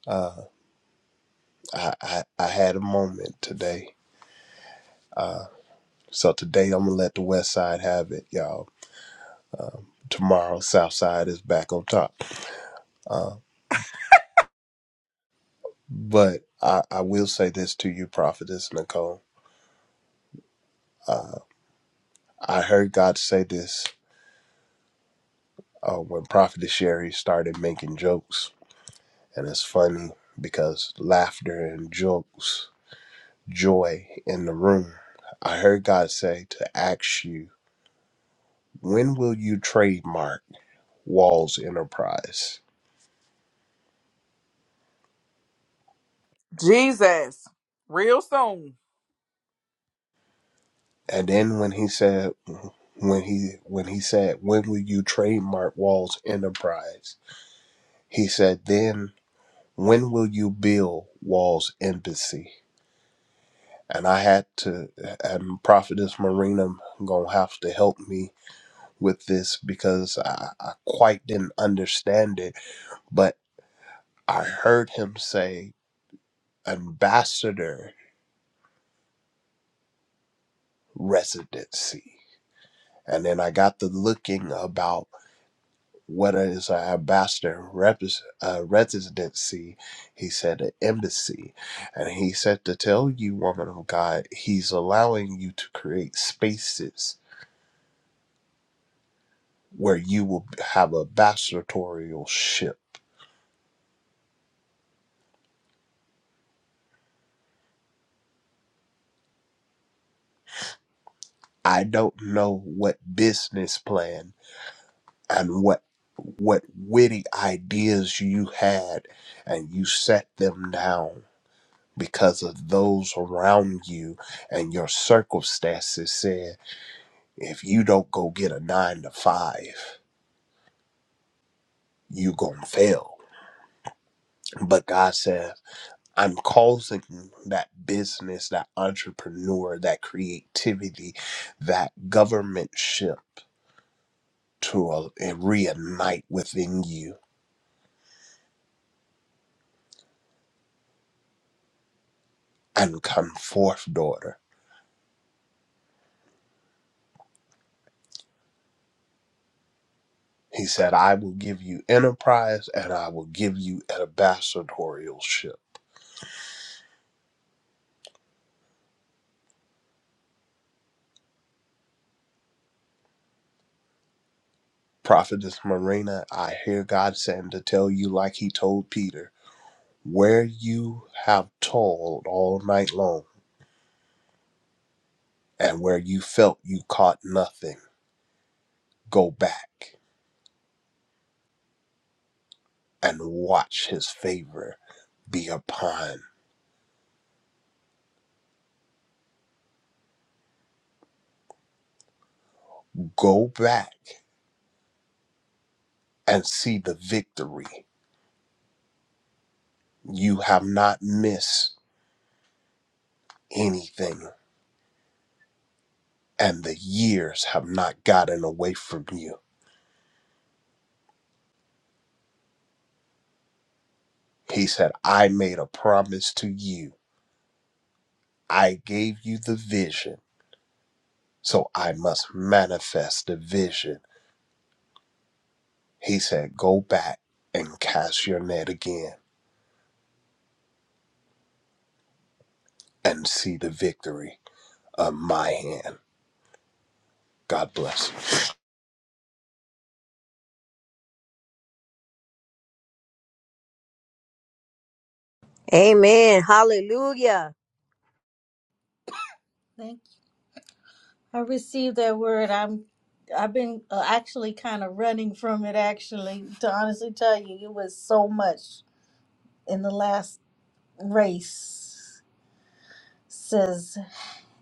S11: Uh, I, I I had a moment today. So today I'm gonna let the West Side have it, y'all. Um, tomorrow South Side is back on top. Uh, but I, I will say this to you, Prophetess Nicole. Uh, I heard God say this uh, when Prophetess Sherry started making jokes And it's funny because laughter and jokes, joy in the room. I heard God say to ask you, when will you trademark Wall's Enterprise?
S3: Jesus. Real soon.
S11: And then when he said, when he when he said, when will you trademark Wall's Enterprise? He said, then when will you build Wall's Embassy? And I had to, and Prophetess Marina gonna have to help me with this because I, I quite didn't understand it, but I heard him say ambassador residency. And then I got to looking about what is an ambassador repres uh, residency. He said an embassy. And he said to tell you, woman of God, he's allowing you to create spaces where you will have a ambassadorial ship. I don't know what business plan and what what witty ideas you had and you set them down because of those around you and your circumstances said if you don't go get a 9 to 5 you going to fail but God says I'm causing that business that entrepreneur that creativity that governmentship to uh, reignite within you and come forth daughter He said, I will give you enterprise and I will give you an ambassadorship. Prophetess Marina, I hear God saying to tell you, like he told Peter, where you have toiled all night long and where you felt you caught nothing, go back and watch his favor be upon. Go back and see the victory. You have not missed anything, and the years have not gotten away from you He said, I made a promise to you. I gave you the vision, so I must manifest the vision. He said, Go back and cast your net again and see the victory of my hand. God bless you.
S13: Amen. Hallelujah.
S16: I received that word. I'm I've been uh, actually kind of running from it actually to honestly tell you it was so much in the last race says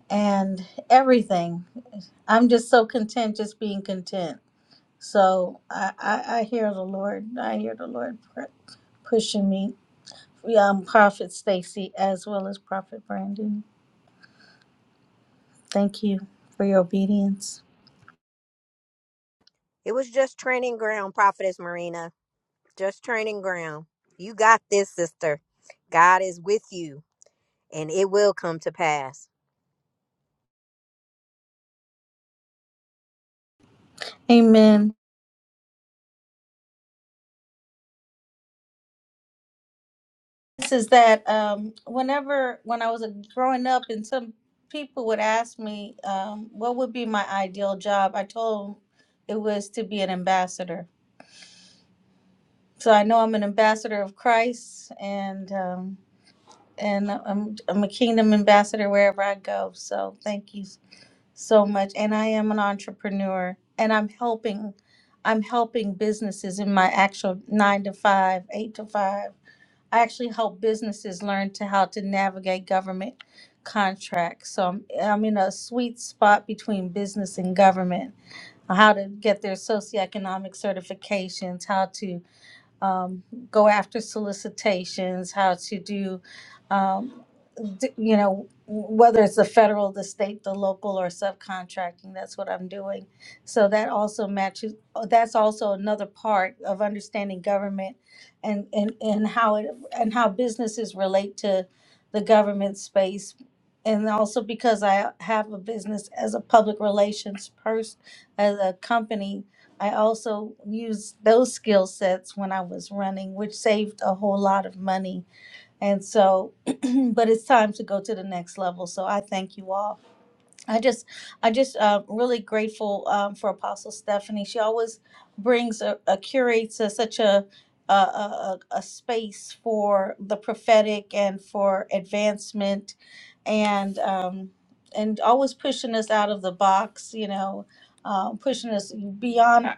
S16: and everything. I'm just so content just being content. So I I, I hear the Lord. I hear the Lord pu- pushing me. Yeah, I'm Prophet Stacy as well as Prophet Brandon. Thank you for your obedience.
S13: It was just training ground, Prophetess Marina. Just training ground. You got this, sister. God is with you, and it will come to pass.
S16: Amen. this is that um, whenever when I was a, growing up, and some people would ask me um, what would be my ideal job, I told them it was to be an ambassador. So I know I'm an ambassador of Christ, and um, and I'm I'm a kingdom ambassador wherever I go. So thank you so much. And I am an entrepreneur, and I'm helping. I'm helping businesses in my actual nine to five, eight to five I actually help businesses learn to how to navigate government contracts. So I'm, I'm in a sweet spot between business and government, how to get their socioeconomic certifications, how to um, go after solicitations, how to do, um, d- you know, whether it's the federal, the state, the local, or subcontracting, that's what I'm doing. So that also matches, oh, that's also another part of understanding government and, and, and how it, and how businesses relate to the government space. And also because I have a business as a public relations person, as a company, I also used those skill sets when I was running, which saved a whole lot of money. And so, but it's time to go to the next level. So I thank you all. I just, I just uh, really grateful um, for Apostle Stephanie. She always brings a, a curates a, such a a, a a a space for the prophetic and for advancement, and um, and always pushing us out of the box. You know, um, pushing us beyond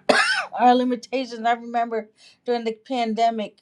S16: our limitations. I remember during the pandemic,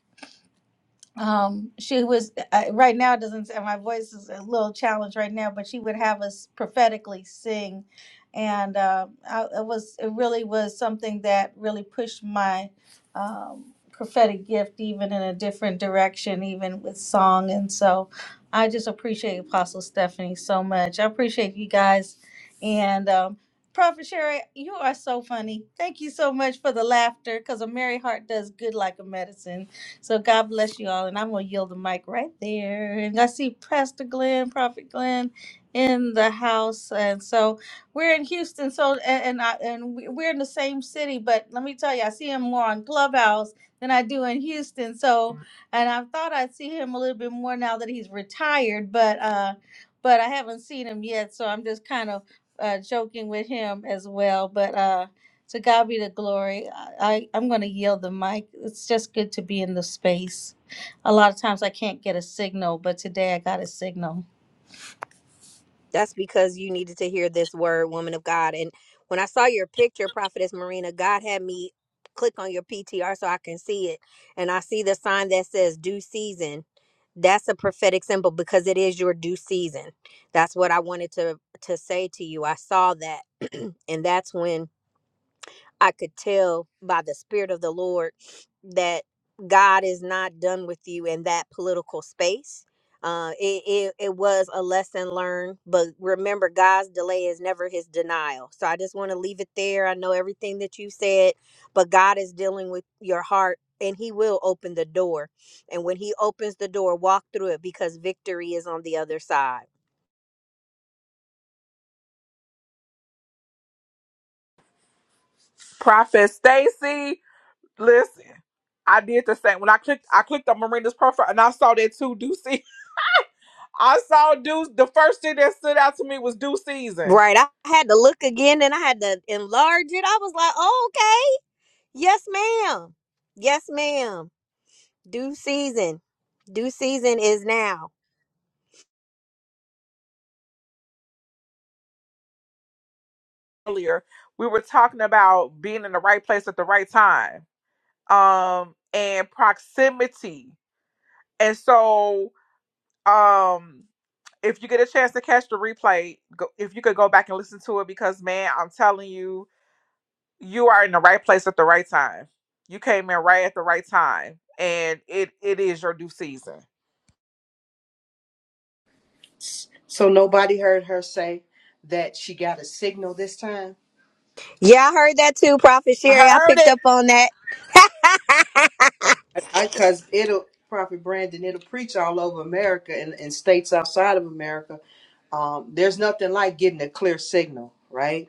S16: um she was I, right now it doesn't my voice is a little challenged right now but she would have us prophetically sing and uh, I, it was it really was something that really pushed my um, prophetic gift even in a different direction even with song and so i just appreciate apostle stephanie so much i appreciate you guys and um, prophet sherry you are so funny thank you so much for the laughter because a merry heart does good like a medicine so God bless you all, and I'm gonna yield the mic right there. And I see Pastor Glenn, Prophet Glenn, in the house, and so we're in Houston. So and and, I, and we- we're in the same city, but let me tell you, I see him more on Clubhouse than I do in Houston. So, and I thought I'd see him a little bit more now that he's retired, but uh, but I haven't seen him yet. So I'm just kind of uh, joking with him as well, but. uh, to God be the glory. I, I, am going to yield the mic. It's just good to be in the space. A lot of times I can't get a signal, but today I got a signal.
S13: That's because you needed to hear this word, woman of God. And when I saw your picture, Prophetess Marina, God had me click on your PTR so I can see it. And I see the sign that says due season. That's a prophetic symbol because it is your due season. That's what I wanted to to say to you. I saw that. and that's when I could tell by the Spirit of the Lord that God is not done with you in that political space. Uh, it, it, it was a lesson learned, but remember, God's delay is never his denial. So I just want to leave it there. I know everything that you said, but God is dealing with your heart and he will open the door. And when he opens the door, walk through it because victory is on the other side.
S3: Prophet Stacy, listen. I did the same. When I clicked I clicked on Marina's profile and I saw that too, Deuce. I saw Deuce. The first thing that stood out to me was Due Season.
S13: Right. I had to look again and I had to enlarge it. I was like, oh, Yes, ma'am. Yes, ma'am. Due season. Due season is now.
S3: earlier, we were talking about being in the right place at the right time, um, and proximity. And so, um, if you get a chance to catch the replay, go, if you could go back and listen to it, because man, I'm telling you, you are in the right place at the right time. You came in right at the right time, and it it is your due season.
S17: So nobody heard her say that she got a signal this time.
S13: Yeah, I heard that too, Prophet
S3: I
S13: Sherry. I
S3: heard
S13: picked
S3: it.
S13: up on that.
S17: I because it'll Prophet Brandon, it'll preach all over America and, and states outside of America. Um, there's nothing like getting a clear signal, right?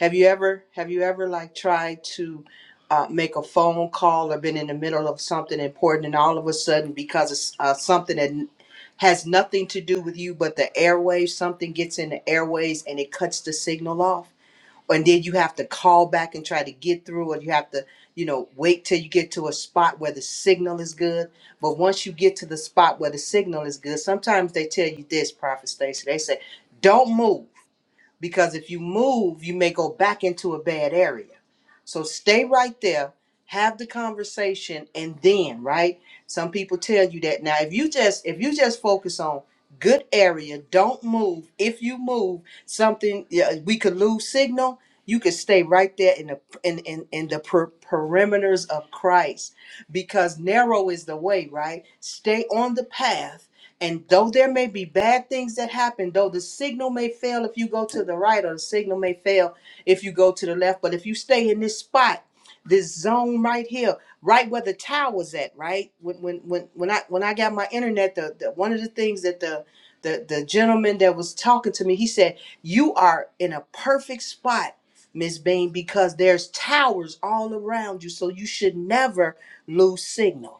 S17: Have you ever have you ever like tried to uh, make a phone call or been in the middle of something important and all of a sudden because it's uh, something that n- has nothing to do with you but the airwaves something gets in the airways and it cuts the signal off and then you have to call back and try to get through or you have to you know wait till you get to a spot where the signal is good but once you get to the spot where the signal is good sometimes they tell you this prophet Stacy they say don't move because if you move, you may go back into a bad area. So stay right there, have the conversation, and then right. Some people tell you that now. If you just if you just focus on good area, don't move. If you move, something yeah, we could lose signal. You could stay right there in the in in, in the per- perimeters of Christ, because narrow is the way. Right, stay on the path and though there may be bad things that happen, though the signal may fail if you go to the right, or the signal may fail if you go to the left, but if you stay in this spot, this zone right here, right where the tower's at, right? When when when when I when I got my internet, the, the one of the things that the the the gentleman that was talking to me, he said, "You are in a perfect spot, Miss Bain, because there's towers all around you, so you should never lose signal."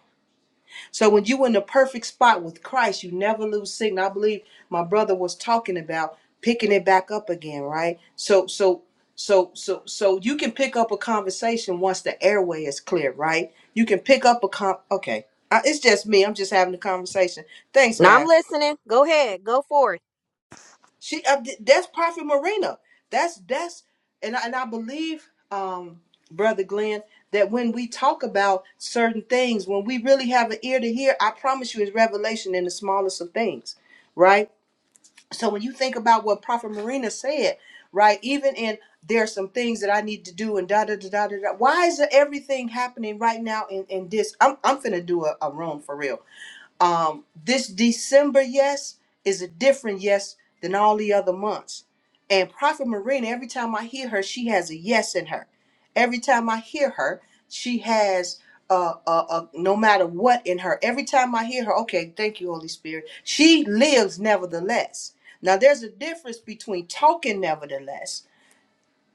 S17: So when you are in the perfect spot with Christ, you never lose signal. I believe my brother was talking about picking it back up again, right? So so so so so you can pick up a conversation once the airway is clear, right? You can pick up a con. Okay, Uh, it's just me. I'm just having a conversation. Thanks,
S13: Now I'm
S17: guys.
S13: listening. Go ahead. Go forth.
S17: She uh, th- that's Prophet Marina. That's that's and I, and I believe, um, brother Glenn, that when we talk about certain things, when we really have an ear to hear, I promise you, it's revelation in the smallest of things, right? So when you think about what Prophet Marina said, right, even in there's some things that I need to do and da da da da da. da. Why is everything happening right now in in this? I'm I'm finna do a, a room for real um, this December yes is a different yes than all the other months. And Prophet Marina, every time I hear her, she has a yes in her. Every time I hear her, she has uh, uh, uh, no matter what in her. Every time I hear her, okay, thank you, Holy Spirit. She lives nevertheless. Now, there's a difference between talking nevertheless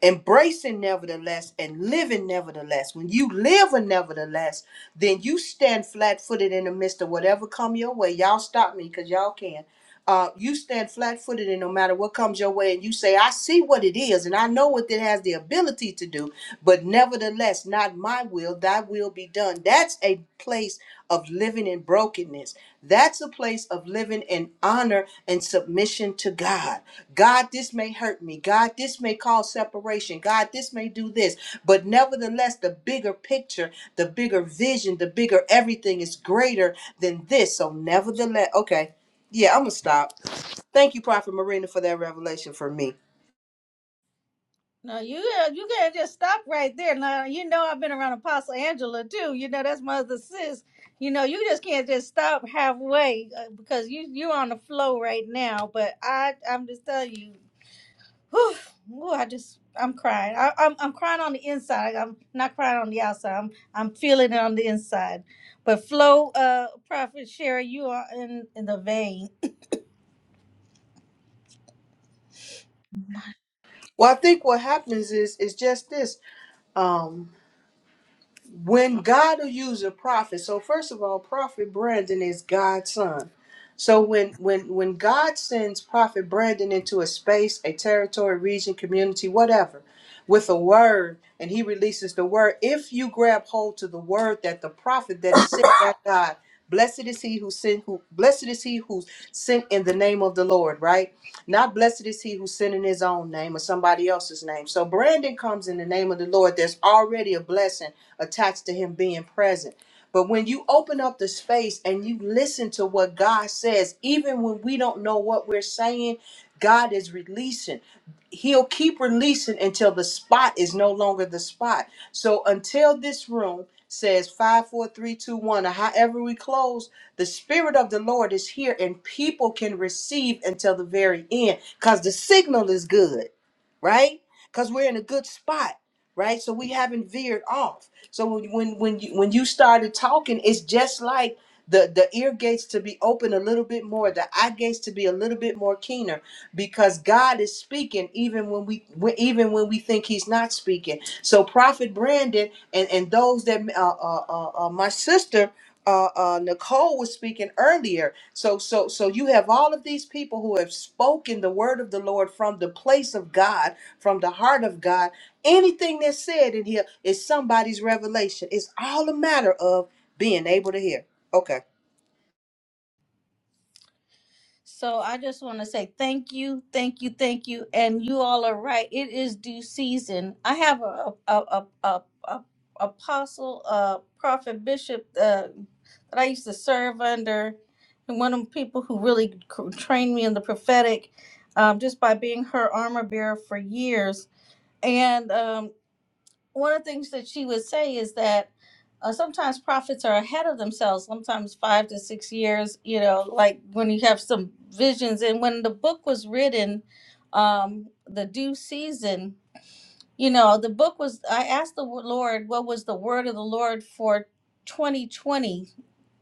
S17: embracing nevertheless and living nevertheless when you live a nevertheless then you stand flat-footed in the midst of whatever come your way y'all stop me because y'all can uh, you stand flat-footed and no matter what comes your way and you say i see what it is and i know what it has the ability to do but nevertheless not my will thy will be done that's a place of living in brokenness that's a place of living in honor and submission to god god this may hurt me god this may cause separation god this may do this but nevertheless the bigger picture the bigger vision the bigger everything is greater than this so nevertheless okay yeah, I'm gonna stop. Thank you, Prophet Marina, for that revelation for me.
S16: No, you uh, you can't just stop right there. Now you know I've been around Apostle Angela too. You know that's my other sis. You know you just can't just stop halfway uh, because you you on the flow right now. But I I'm just telling you. Whew, Ooh, I just I'm crying. I, I'm I'm crying on the inside. Like, I'm not crying on the outside. I'm I'm feeling it on the inside. But Flo, uh, Prophet Sherry, you are in in the vein.
S17: Well, I think what happens is is just this. Um, when God will use a prophet, so first of all, Prophet Brandon is God's son. So when when when God sends Prophet Brandon into a space, a territory, region, community, whatever, with a word, and he releases the word, if you grab hold to the word that the prophet that is sent by God, blessed is he who sent who blessed is he who's sent in the name of the Lord, right? Not blessed is he who's sent in his own name or somebody else's name. So Brandon comes in the name of the Lord. There's already a blessing attached to him being present. But when you open up the space and you listen to what God says, even when we don't know what we're saying, God is releasing. He'll keep releasing until the spot is no longer the spot. So until this room says five, four, three, two, one, or however we close, the Spirit of the Lord is here and people can receive until the very end because the signal is good, right? Because we're in a good spot, right? So we haven't veered off. So when when when you, when you started talking, it's just like the the ear gates to be open a little bit more, the eye gates to be a little bit more keener, because God is speaking even when we when- even when we think He's not speaking. So Prophet Brandon and and those that uh, uh, uh, uh, my sister uh, uh, Nicole was speaking earlier. So, so, so you have all of these people who have spoken the word of the Lord from the place of God, from the heart of God. Anything that's said in here is somebody's revelation. It's all a matter of being able to hear. Okay.
S16: So I just want to say thank you, thank you, thank you. And you all are right. It is due season. I have a a a a, a apostle, uh, prophet, bishop uh, that I used to serve under, and one of the people who really c- trained me in the prophetic, um, just by being her armor bearer for years. And um, one of the things that she would say is that uh, sometimes prophets are ahead of themselves sometimes five to six years you know like when you have some visions and when the book was written um the due season you know the book was i asked the lord what was the word of the lord for 2020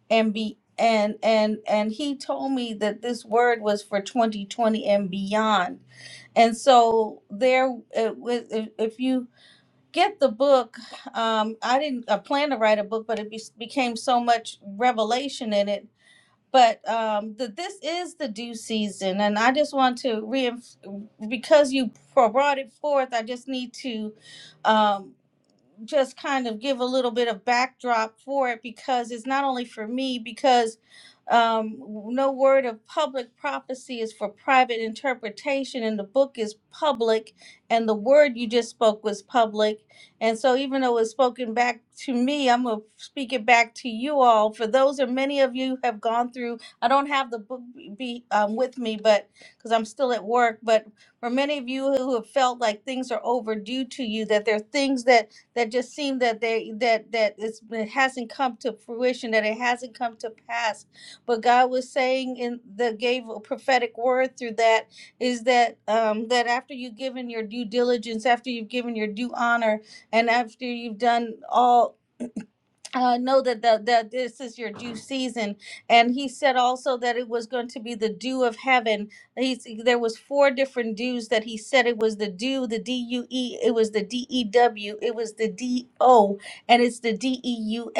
S16: and be and and and he told me that this word was for 2020 and beyond and so there it was if, if you get the book. Um, I didn't I plan to write a book, but it be, became so much revelation in it. But um, the, this is the due season, and I just want to reinf- because you brought it forth. I just need to. Um, just kind of give a little bit of backdrop for it because it's not only for me because um, no word of public prophecy is for private interpretation and the book is public and the word you just spoke was public and so even though it's spoken back to me i'm going to speak it back to you all for those or many of you have gone through i don't have the book be um, with me but because i'm still at work but for many of you who have felt like things are overdue to you that there are things that that just seem that they that that it's, it hasn't come to fruition, that it hasn't come to pass. But God was saying in the gave a prophetic word through that is that um, that after you've given your due diligence, after you've given your due honor, and after you've done all uh, know that the, that this is your due season and he said also that it was going to be the dew of heaven He's, there was four different dews that he said it was the dew the due it was the dew it was the do and it's the deux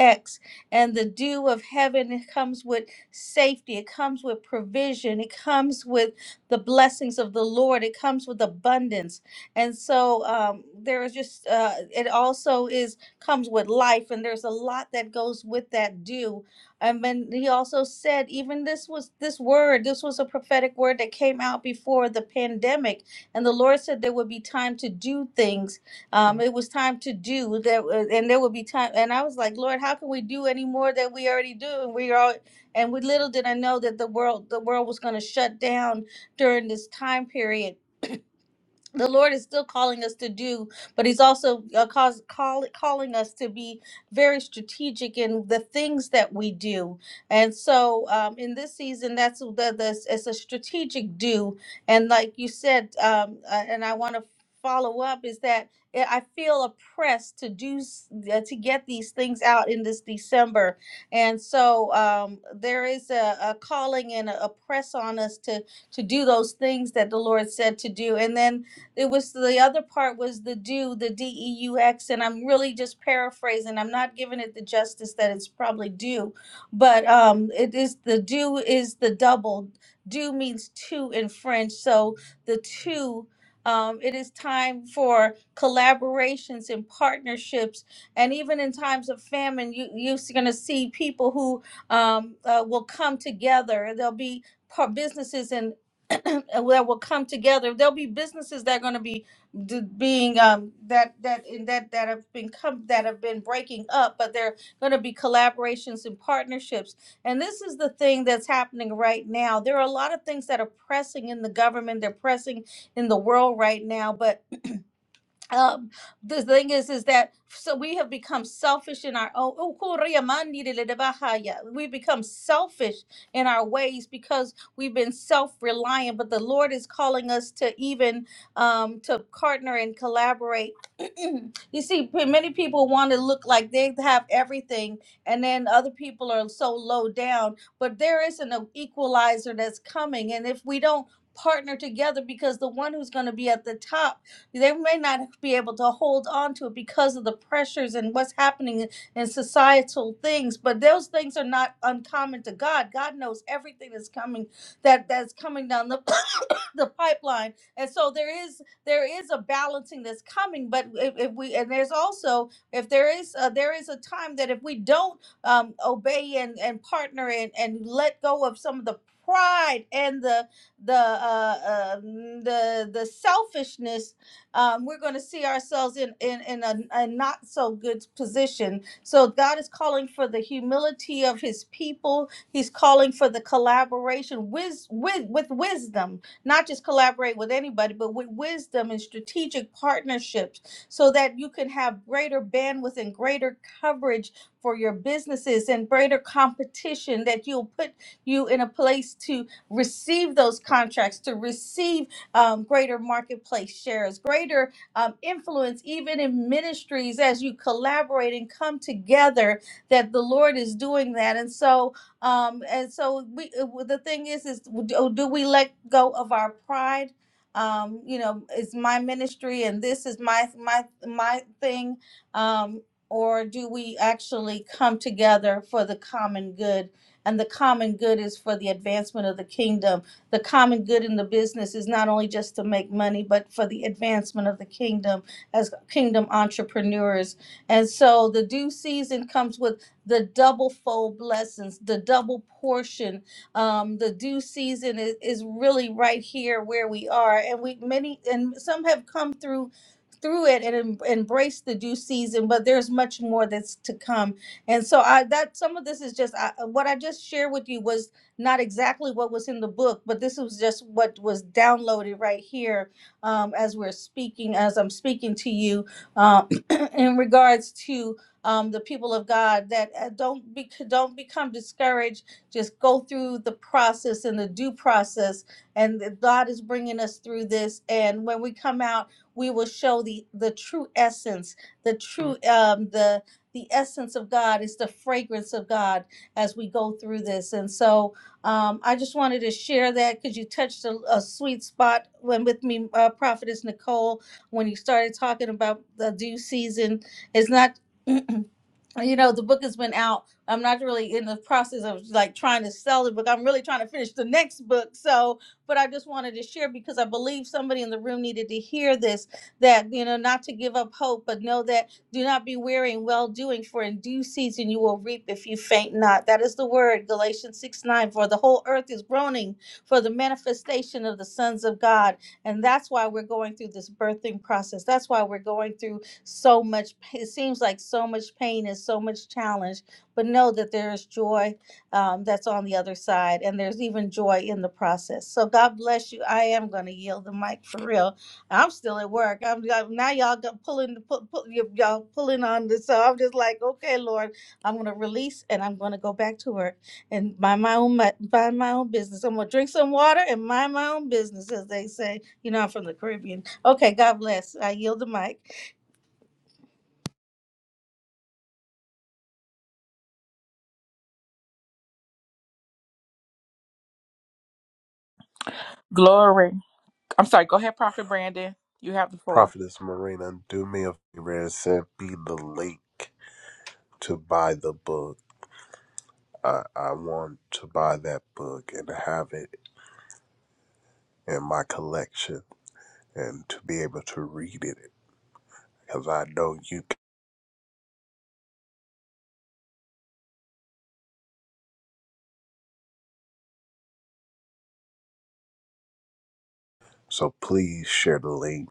S16: and the dew of heaven it comes with safety it comes with provision it comes with the blessings of the lord it comes with abundance and so um, there is just uh, it also is comes with life and there's a lot that goes with that due and then he also said even this was this word this was a prophetic word that came out before the pandemic and the lord said there would be time to do things um, it was time to do that uh, and there would be time and i was like lord how can we do any more than we already do and we are and we little did i know that the world the world was going to shut down during this time period the Lord is still calling us to do, but He's also uh, cause, call, calling us to be very strategic in the things that we do. And so, um, in this season, that's the, the it's a strategic do. And like you said, um, uh, and I want to follow up is that I I feel oppressed to do s- uh, to get these things out in this December. And so, um, there is a, a calling and a, a press on us to to do those things that the Lord said to do. And then it was the other part was the do, the D E U X, and I'm really just paraphrasing. I'm not giving it the justice that it's probably due, but um, it is the do is the double. Do means two in French, so the two. Um, it is time for collaborations and partnerships, and even in times of famine, you, you're going to see people who um, uh, will come together. There'll be par- businesses that will come together. There'll be businesses that are going to be d- being um, that that in that that have been come that have been breaking up, but they're going to be collaborations and partnerships. And this is the thing that's happening right now. There are a lot of things that are pressing in the government. They're pressing in the world right now, but um the thing is is that so we have become selfish in our own Oh, Korea mandi de le de bahaya. we've become selfish in our ways because we've been self-reliant but the lord is calling us to even um to partner and collaborate you see p- many people want to look like they have everything and then other people are so low down but there is an equalizer that's coming and if we don't partner together because the one who's going to be at the top they may not be able to hold on to it because of the pressures and what's happening in in societal things but those things are not uncommon to god god knows everything that's coming that that's coming down the the pipeline and so there is there is a balancing that's coming but if, if we and there's also if there is uh there is a time that if we don't um, obey and and partner and and let go of some of the pride and the the uh, uh, mm, the the selfishness um, we're going to see ourselves in in, in a, a not so good position. So God is calling for the humility of His people. He's calling for the collaboration with with with wisdom, not just collaborate with anybody, but with wisdom and strategic partnerships, so that you can have greater bandwidth and greater coverage for your businesses and greater competition. That you'll put you in a place to receive those contracts, to receive um, greater marketplace shares, greater um, influence, even in ministries as you collaborate and come together. That the Lord is doing that, and so um, and so we. uh, The thing is, is do do we let go of our pride? Um, you know, it's my ministry, and this is my my my thing. Um, or do we actually come together for the common good? And the common good is for the advancement of the kingdom the common good in the business is not only just to make money, but for the advancement of the kingdom as kingdom entrepreneurs. And so the due season comes with the double fold blessings, the double portion. Um, the due season is, is really right here where we are. And we many and some have come through through it and em- embraced the due season, but there's much more that's to come. And so I that some of this is just I, what I just shared with you was not exactly what was in the book, but this was just what was downloaded right here um, as we're speaking, as I'm speaking to you uh, in regards to um, the people of God that uh, don't be, don't become discouraged. Just go through the process and the due process, and that God is bringing us through this. And when we come out, we will show the the true essence, the true um, the the essence of God is the fragrance of God as we go through this. And so um, I just wanted to share that because you touched a, a sweet spot when with me, uh, Prophetess Nicole, when you started talking about the due season. It's not. you know the book has been out i'm not really in the process of like trying to sell the book i'm really trying to finish the next book so but i just wanted to share because i believe somebody in the room needed to hear this that you know not to give up hope but know that do not be weary in well doing for in due season you will reap if you faint not that is the word galatians 6 9 for the whole earth is groaning for the manifestation of the sons of god and that's why we're going through this birthing process that's why we're going through so much it seems like so much pain and so much challenge but know that there is joy um, that's on the other side and there's even joy in the process so god bless you i am going to yield the mic for real i'm still at work i'm, I'm- now y'all got pulling pull, pull, y- y'all pulling on this so i'm just like okay lord i'm going to release and i'm going to go back to work and mind my own mi- mind my own business i'm going to drink some water and mind my own business as they say you know i'm from the caribbean okay god bless i yield the mic
S3: Glory. I'm sorry. Go ahead, Prophet Brandon. You have the floor.
S11: Prophetess Marina, do me a favor and send me the link to buy the book. I, I want to buy that book and have it in my collection and to be able to read it because I know you. So please share the link.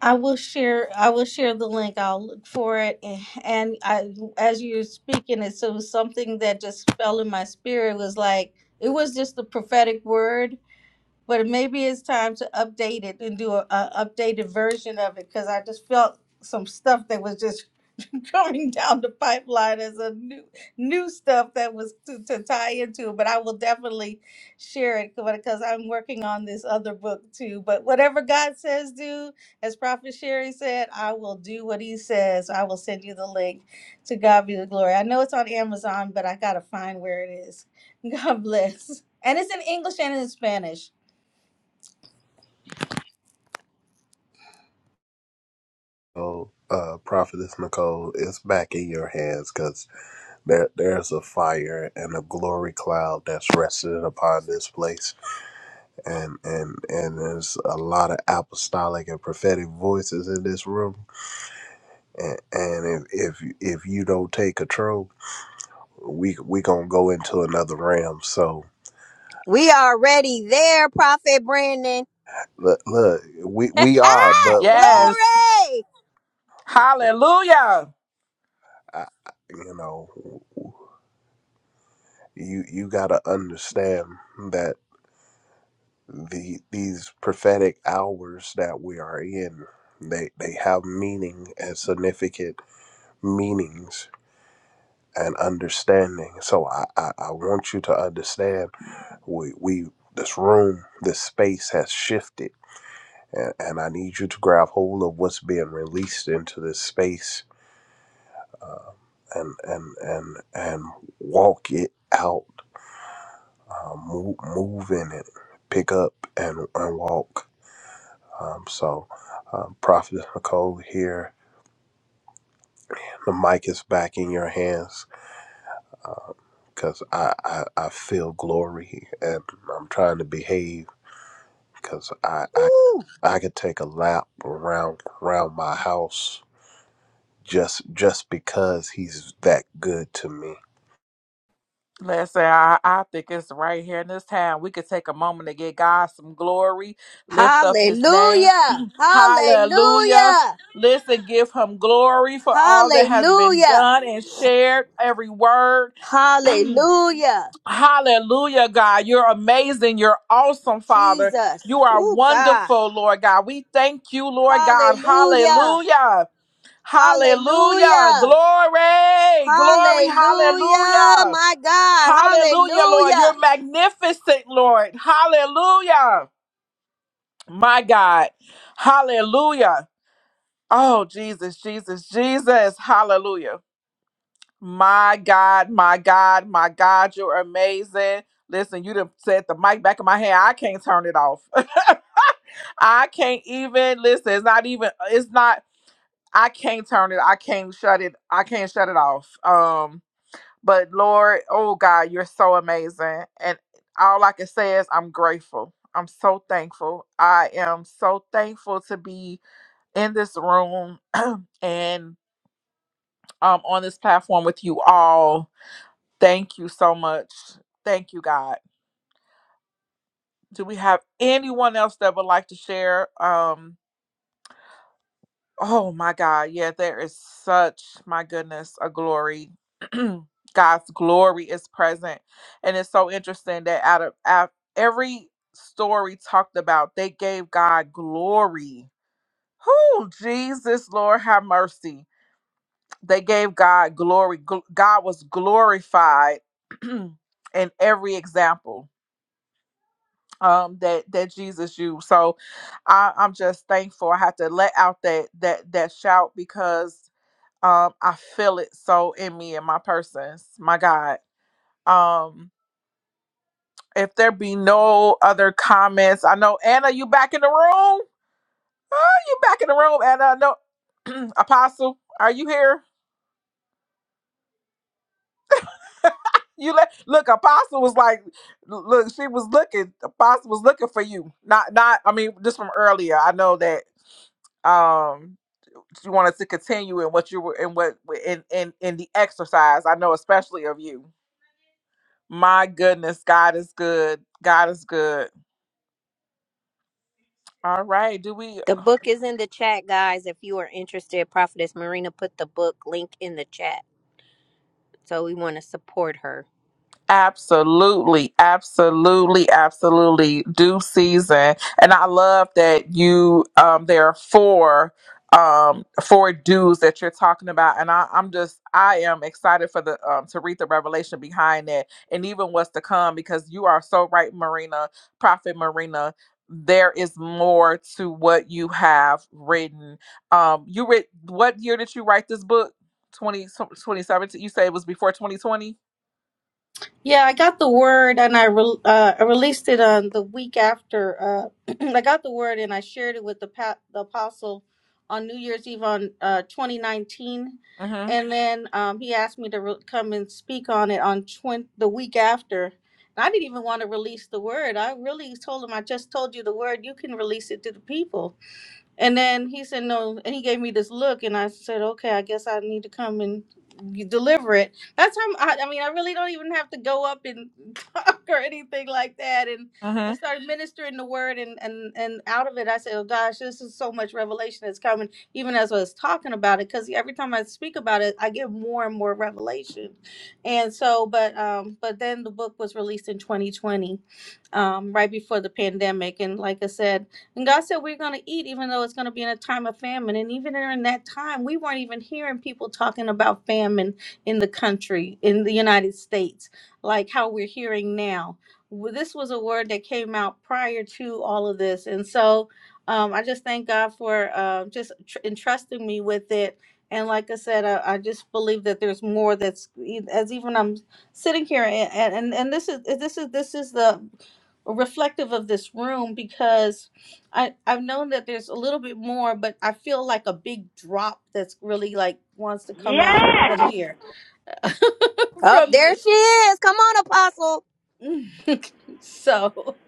S16: I will share. I will share the link. I'll look for it. And and I, as you're speaking, it so something that just fell in my spirit was like it was just the prophetic word but maybe it's time to update it and do a, a updated version of it because I just felt some stuff that was just coming down the pipeline as a new new stuff that was to, to tie into. But I will definitely share it because I'm working on this other book too. But whatever God says, do as Prophet Sherry said, I will do what He says. I will send you the link. To God be the glory. I know it's on Amazon, but I gotta find where it is. God bless. And it's in English and in Spanish.
S11: Oh, uh, Prophetess Nicole, it's back in your hands because there, there's a fire and a glory cloud that's rested upon this place. And, and, and there's a lot of apostolic and prophetic voices in this room. And, and if, if, if you don't take control, we, we gonna go into another realm. So
S13: We are already there, Prophet Brandon.
S11: look, look we, we are, but
S13: Glory.
S11: we,
S3: Yes. Hallelujah.
S11: I, I- you know, you, you gotta understand that the these prophetic hours that we are in they they have meaning and significant meanings and understanding so i i, I want you to understand we we this room this space has shifted and, and i need you to grab hold of what's being released into this space uh, and and and and walk it out uh, move, move in it pick up and, and walk Um, so, um, Prophet Nicole here, the mic is back in your hands because I, I, I feel glory and I'm trying to behave because I, I,
S13: Ooh.
S11: I could take a lap around around my house just just because he's that good to me.
S3: Listen, I, I think it's right here in this town. We could take a moment to give God some glory, lift up his name.
S13: Hallelujah.
S3: Hallelujah.
S13: Hallelujah.
S3: Listen, give him glory for all that has been
S13: Hallelujah.
S3: done and shared, every word.
S13: Hallelujah.
S3: Hallelujah, God. You're amazing. You're awesome, Father.
S13: Jesus.
S3: You are
S13: Oh, God.
S3: wonderful, Lord God. We thank you, Lord God.
S13: Hallelujah.
S3: Hallelujah. Hallelujah.
S13: Hallelujah.
S3: Glory. Glory.
S13: Hallelujah.
S3: Hallelujah.
S13: My God.
S3: Hallelujah, Lord.
S13: Hallelujah.
S3: You're magnificent, Lord. Hallelujah. My God. Hallelujah. Oh, Jesus, Jesus, Jesus. Hallelujah. My God, my God, my God, you're amazing. Listen, you done set the mic back in my hand. I can't turn it off. I can't even listen. It's not even it's not I can't turn it. I can't shut it. I can't shut it off. Um, but Lord, oh God, you're so amazing. And all I can say is I'm grateful. I'm so thankful. I am so thankful to be in this room and um on this platform with you all Thank you so much. Thank you, God. Do we have anyone else that would like to share? Um, oh my God, yeah, there is such my goodness, a glory. God's glory is present. And it's so interesting that out of out, every story talked about, they gave God glory. Who, Jesus, Lord, have mercy. They gave God glory. Gl- God was glorified in every example um that that jesus used. so i i'm just thankful i have to let out that that that shout because um i feel it so in me and my persons my god um if there be no other comments i know anna you back in the room oh you back in the room anna I know apostle are you here you let look apostle was like look she was looking apostle was looking for you not not i mean just from earlier i know that um you want us to continue in what you were in what in in in the exercise. I know especially of you. My goodness, God is good. God is good. All right. Do we?
S13: The book is in the chat, guys. If you are interested, Prophetess Marina put the book link in the chat. So we want to support her.
S3: Absolutely, absolutely, absolutely. Due season, and I love that you. Um, there are four, um, four dues that you're talking about, and I, I'm just, I am excited for the um, to read the revelation behind it, and even what's to come, because you are so right, Marina, Prophet Marina. There is more to what you have written. Um, you read what year did you write this book? 20 2017. You say it was before 2020.
S16: Yeah, I got the word and I re- uh, I released it on the week after. Uh, I got the word and I shared it with the, pa- the apostle on New Year's Eve on uh, 2019,
S3: Mm-hmm.
S16: and then um, he asked me to re- come and speak on it on twen- the week after. And I didn't even want to release the word. I really told him, I just told you the word. You can release it to the people. And then he said no, and he gave me this look, and I said, okay, I guess I need to come and you deliver it. That's how I, I mean, I really don't even have to go up and talk or anything like that. And
S3: mm-hmm.
S16: I started ministering the word, and and and out of it, I said, oh gosh, this is so much revelation that's coming, even as I was talking about it, because every time I speak about it, I get more and more revelation. And so, but um, but then the book was released in 2020, um, right before the pandemic, and like I said. And God said, We're going to eat, even though it's going to be in a time of famine. And even during that time, we weren't even hearing people talking about famine in the country, in the United States, like how we're hearing now. Well, This was a word that came out prior to all of this. And so um, I just thank God for uh, just tr- entrusting me with it. And like I said, I, I just believe that there's more that's e, as even I'm sitting here and, and, and this is this is this is the reflective of this room because I, I've known that there's a little bit more, but I feel like a big drop that's really like wants to come out from here,
S13: Up
S16: from the,
S13: there she is. Come on, Apostle.
S16: so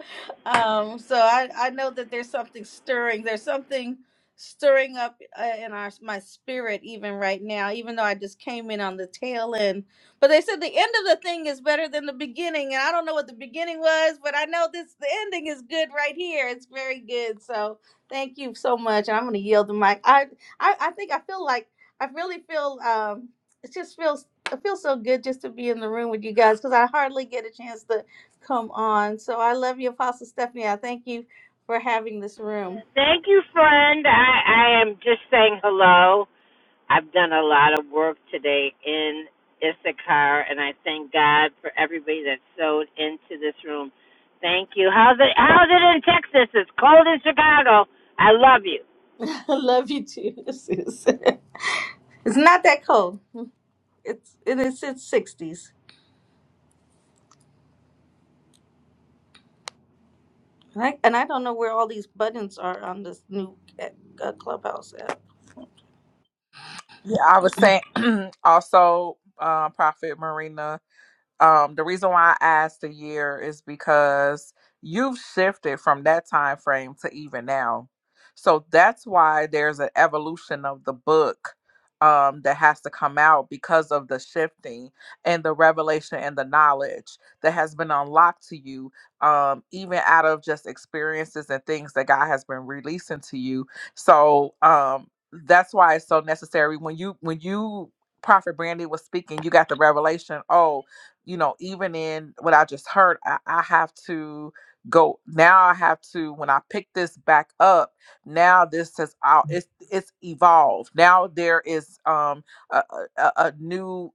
S16: um so i i know that there's something stirring there's something stirring up uh, in our my spirit even right now even though i just came in on the tail end but they said the end of the thing is better than the beginning and i don't know what the beginning was but i know this the ending is good right here it's very good so thank you so much i'm going to yield the mic i i, I think i feel like i really feel um it just feels it feels so good just to be in the room with you guys because i hardly get a chance to Come on. So I love you, Apostle Stephanie. I thank you for having this room.
S1: thank you, friend. I, I am just saying hello. I've done a lot of work today in Issachar, and I thank God for everybody that sewed into this room. Thank you. How's it, how's it in Texas? It's cold in Chicago. I love you.
S16: I love you too, sis. It's not that cold. It's it is it's sixties. And I, and I don't know where all these buttons are on this new uh, clubhouse app.
S3: Yeah, I was saying also, uh, Prophet Marina um the reason why i asked a year is because you've shifted from that time frame to even now so that's why there's an evolution of the book um that has to come out because of the shifting and the revelation and the knowledge that has been unlocked to you um even out of just experiences and things that god has been releasing to you so um that's why it's so necessary when you when you prophet brandy was speaking you got the revelation Oh you know, even in what I just heard, I, I have to go now. I have to when I pick this back up. Now this has out. It's it's evolved. Now there is um a, a, a a new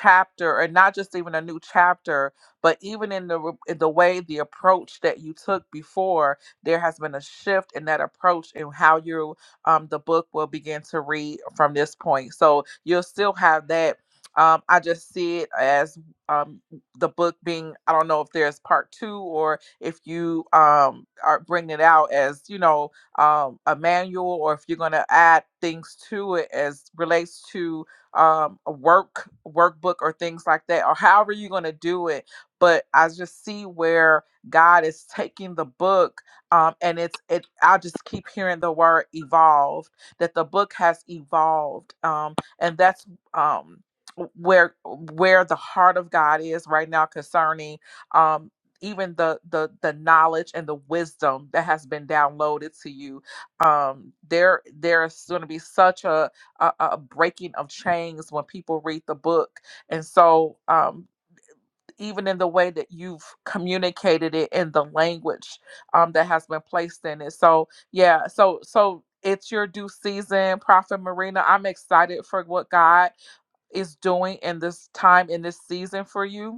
S3: chapter, and not just even a new chapter, but even in the re- in the way the approach that you took before, there has been a shift in that approach and how you um the book will begin to read from this point. So you'll still have that um, I just see it as um, the book being I don't know if there's part two or if you um, are bringing it out as you know um, a manual or if you're going to add things to it as relates to um, a work workbook or things like that or however you're going to do it. But I just see where God is taking the book um, and it's it. I just keep hearing the word evolved that the book has evolved um, and that's um, where where the heart of God is right now concerning um even the the the knowledge and the wisdom that has been downloaded to you um there there's going to be such a, a a breaking of chains when people read the book and so um even in the way that you've communicated it in the language um, that has been placed in it so yeah so so it's your due season prophet marina i'm excited for what god is doing in this time in this season for you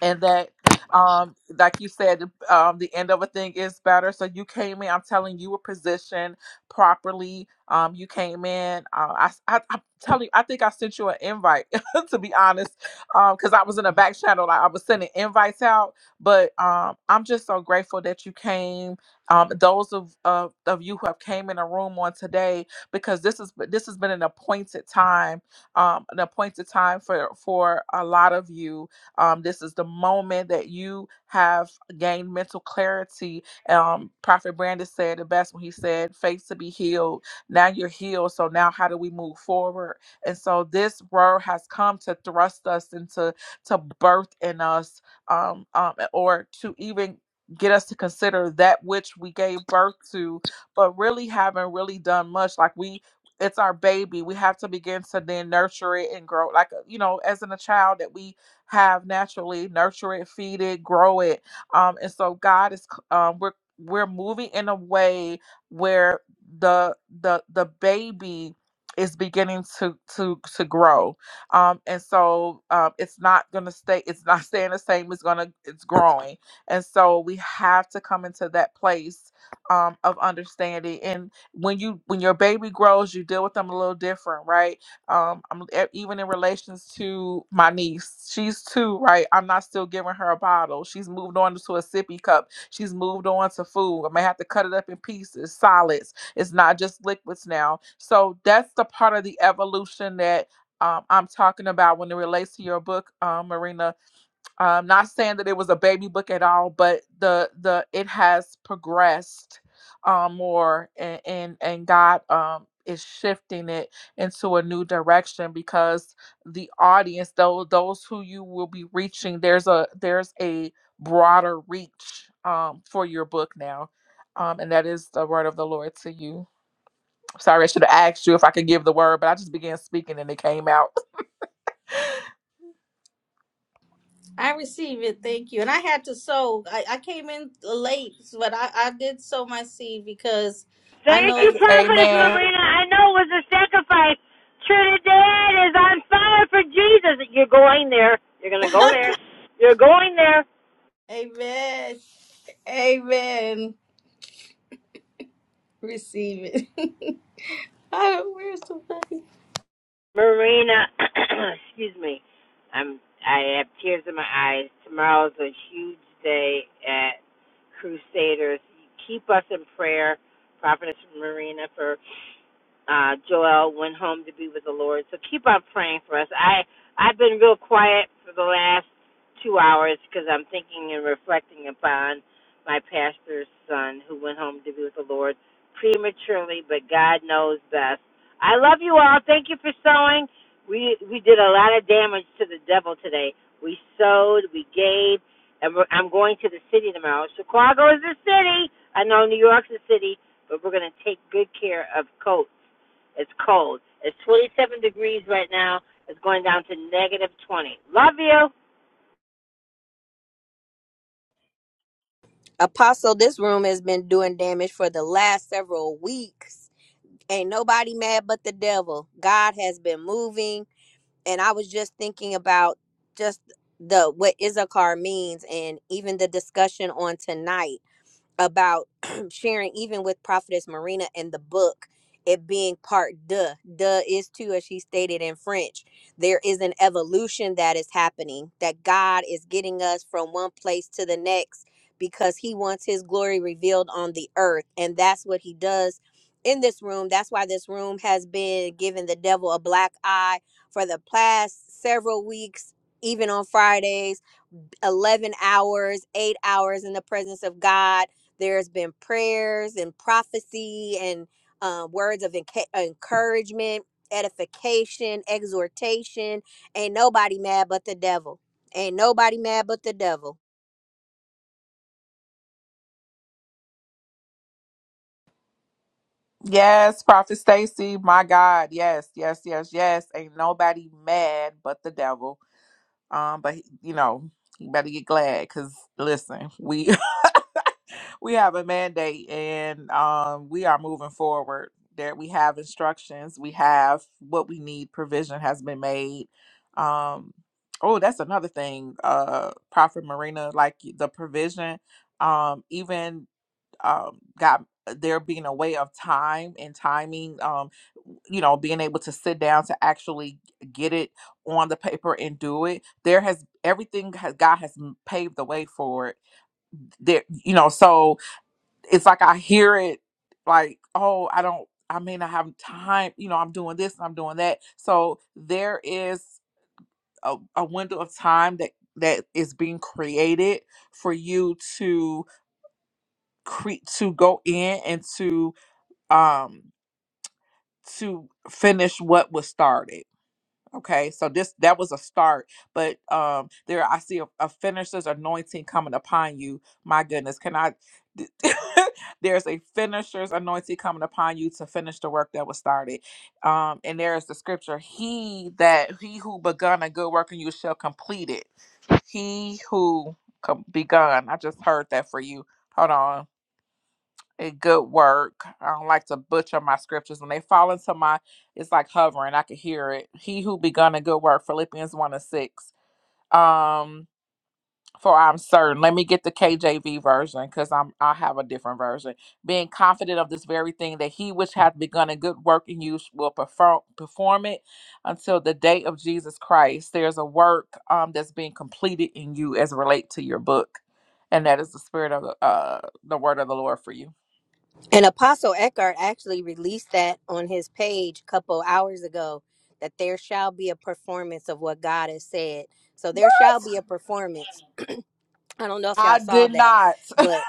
S3: and that um like you said um the end of a thing is better so you came in i'm telling you you were positioned properly um you came in uh, I, I i'm telling you i think i sent you an invite to be honest um because i was in a back channel like i was sending invites out but um i'm just so grateful that you came um those of of, of you who have came in a room on today because this is this has been an appointed time um an appointed time for for a lot of you um, this is the moment that you have gained mental clarity. Um, Prophet Brandon said the best when he said, faith to be healed. Now you're healed. So now how do we move forward? And so this word has come to thrust us into to birth in us um, um, or to even get us to consider that which we gave birth to, but really haven't really done much. Like we it's our baby. We have to begin to then nurture it and grow like you know, as in a child that we have naturally. Nurture it, feed it, grow it. Um, and so God is um, we're we're moving in a way where the the the baby is beginning to to to grow um and so um it's not gonna stay it's not staying the same it's gonna it's growing and so we have to come into that place um of understanding and when you when your baby grows you deal with them a little different right um I'm, e- even in relations to my niece she's two right i'm not still giving her a bottle she's moved on to a sippy cup she's moved on to food i may have to cut it up in pieces solids it's not just liquids now so that's the part of the evolution that um, i'm talking about when it relates to your book um, marina I'm not saying that it was a baby book at all, but the the it has progressed um, more, and and, and God um, is shifting it into a new direction because the audience, though those who you will be reaching, there's a there's a broader reach um, for your book now, um, and that is the word of the Lord to you. Sorry, I should have asked you if I could give the word, but I just began speaking and it came out.
S16: I receive it, thank you. And I had to sow. I, I came in late, but I, I did sow my seed because I
S1: Thank
S16: know
S1: you,
S16: that.
S1: Prophetess
S3: Amen.
S1: Marina. I know it was a sacrifice. Trinidad is on fire for Jesus. You're going there. You're going to go there. You're going there,
S16: Amen. Amen. Receive it. I don't, where's the button?
S1: Marina. Excuse me. I'm praying for us. I I quiet last two on my interview with the Lord prematurely, but God knows best. I thank you for sowing. We we did a lot of damage to the devil today. We sowed, we gave, and we're, I'm going to the city tomorrow. Chicago is the city. I know New York's the city, but we're going to take good care of coats. It's cold. It's 27 degrees right now. It's going down to negative 20. Love you.
S13: Apostle, this room has been doing damage for the last several weeks. Ain't nobody mad but the devil. God has been moving. And I was just thinking about just the what Issachar means and even the discussion on tonight about sharing even with prophetess marina and the book it being part de de is too as she stated in french there is an evolution that is happening that god is getting us from one place to the next because he wants his glory revealed on the earth and that's what he does in this room that's why this room has been giving the devil a black eye for the past several weeks even on fridays 11 hours, eight hours in the presence of God. There's been prayers and prophecy and um, words of enca- encouragement, edification, exhortation. Ain't nobody mad but the devil. Ain't nobody mad but the devil.
S3: Yes, Prophet Stacy, my God. Yes, yes, yes, yes. Ain't nobody mad but the devil. Um, but he- you know, you better get glad because listen, we we have a mandate and um we are moving forward. There we have instructions, we have what we need, provision has been made. Um oh, that's another thing, uh Prophet Marina, like the provision. Um, even um, got uh, there being a way of time and timing, um, you know, being able to sit down to actually get it on the paper and do it. There has everything has God has m- paved the way for it. There, you know, so it's like I hear it, like, oh, I don't, I mean, I have time. You know, I'm doing this, and I'm doing that. So there is a, a window of time that that is being created for you to cre to go in and to um to finish what was started okay so this that was a start but um there i see a, a finisher's anointing coming upon you my goodness can i there's a finisher's anointing coming upon you to finish the work that was started um and there is the scripture he that he who begun a good work in you shall complete it he who com- begun i just heard that for you hold on a good work. I don't like to butcher my scriptures. When they fall into my, it's like hovering. I could hear it. He who begun a good work, Philippians 1 and 6. Um, for I'm certain. Let me get the KJV version because I'm I have a different version. Being confident of this very thing that he which hath begun a good work in you will perform perform it until the day of Jesus Christ. There's a work um that's being completed in you as relate to your book, and that is the spirit of the uh the word of the Lord for you.
S13: And Apostle Eckhart actually released that on his page a couple hours ago that there shall be a performance of what God has said. So there shall
S3: What?
S13: be a performance. I don't know if y'all
S3: I
S13: saw
S3: did
S13: that,
S3: not.
S13: but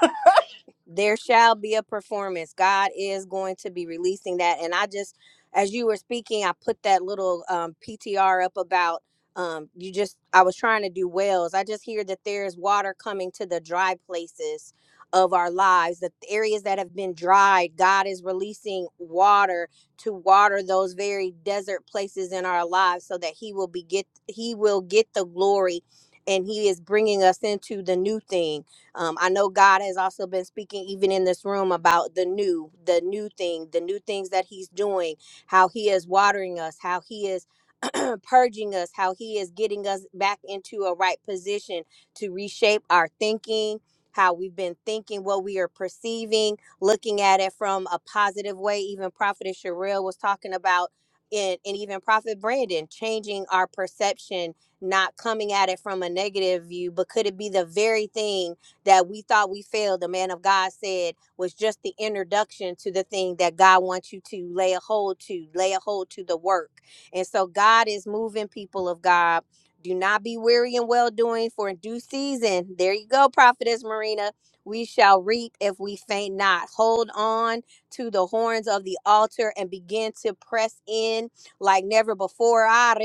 S13: there shall be a performance. God is going to be releasing that. And I just, as you were speaking, I put that little um, PTR up about um, you just, I was trying to do wells. I just hear that there is water coming to the dry places of our lives, the areas that have been dried. God is releasing water to water those very desert places in our lives so that he will be get he will get the glory and he is bringing us into the new thing um, I know God has also been speaking, even in this room, about the new, the new thing, the new things that He's doing, how He is watering us, how He is purging us, how He is getting us back into a right position to reshape our thinking. How we've been thinking, what we are perceiving, looking at it from a positive way. Even Prophet Sherelle was talking about, and, and even Prophet Brandon, changing our perception, not coming at it from a negative view, but could it be the very thing? that we thought we failed, the man of God said was just the introduction to the thing that God wants you to lay a hold to, lay a hold to the work. And so God is moving people of God. Do not be weary in well doing, for in due season, there you go, Prophetess Marina, we shall reap if we faint not. Hold on to the horns of the altar and begin to press in like never before. Ah,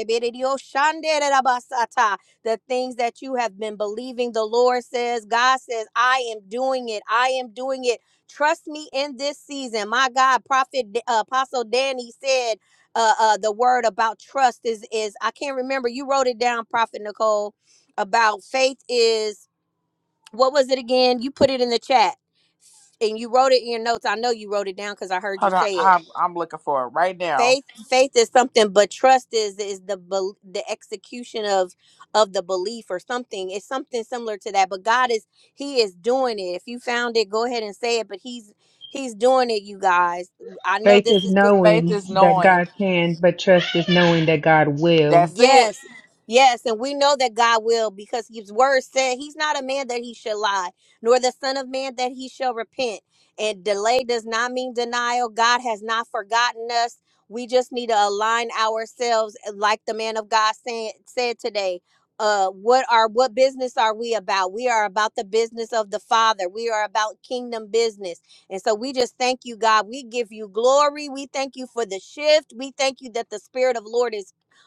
S13: the things that you have been believing the Lord says. God says, I am doing it. I am doing it. Trust me in this season. My God, Prophet uh, Apostle Danny said uh, uh, the word about trust is is I can't remember. You wrote it down, Prophet Nicole, about faith is what was it again? You put it in the chat and you wrote it in your notes. I know you wrote it down because I heard you
S3: Hold on.
S13: say it
S3: I'm, I'm looking for it right now.
S13: faith faith is something but trust is is the bel- the execution of of the belief or something it's something similar to that but god is he is doing it if you found it go ahead and say it but he's he's doing it you guys i know
S9: Faith
S13: this
S9: is
S13: is.
S3: Faith
S9: knowing
S3: is
S9: that
S3: knowing.
S9: God can, but trust is knowing that God will.
S3: That's it.
S13: Yes. Yes, and we know that God will because his word said he's not a man that he should lie, nor the son of man that he shall repent. And delay does not mean denial. God has not forgotten us. We just need to align ourselves eh, like the man of God said said today. Uh what are what business are we about? We are about the business of the Father. We are about kingdom business. And so we just thank you, God. We give you glory. We thank you for the shift. We thank you that the spirit of Lord is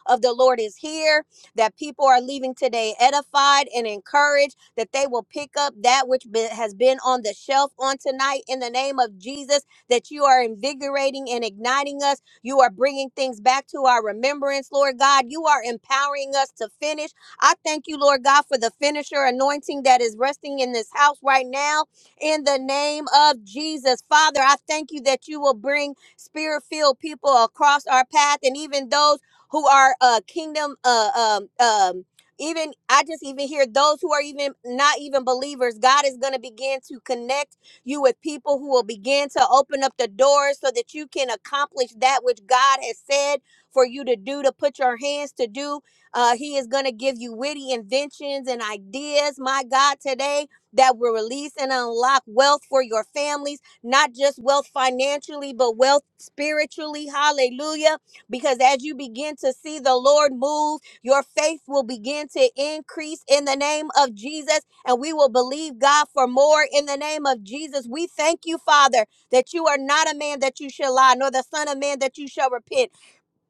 S13: of the Lord is here, that people are leaving today edified and encouraged, that they will pick up that which be- has been on the shelf on tonight in the name of Jesus, that you are invigorating and igniting us. You are bringing things back to our remembrance, Lord God. You are empowering us to finish. I thank you, Lord God, for the finisher anointing that is resting in this house right now in the name of Jesus. Father, I thank you that you will bring spirit filled people across our path and even those who are uh kingdom uh um um even I just even hear those who are even not even believers, God is going to begin to connect you with people who will begin to open up the doors so that you can accomplish that which God has said for you to do, to put your hands to do. Uh, he is going to give you witty inventions and ideas, my God, today that will release and unlock wealth for your families, not just wealth financially, but wealth spiritually. Hallelujah because as you begin to see the Lord move, your faith will begin to increase in the name of Jesus, and we will believe God for more in the name of Jesus. We thank you, Father, that you are not a man that you shall lie, nor the Son of Man that you shall repent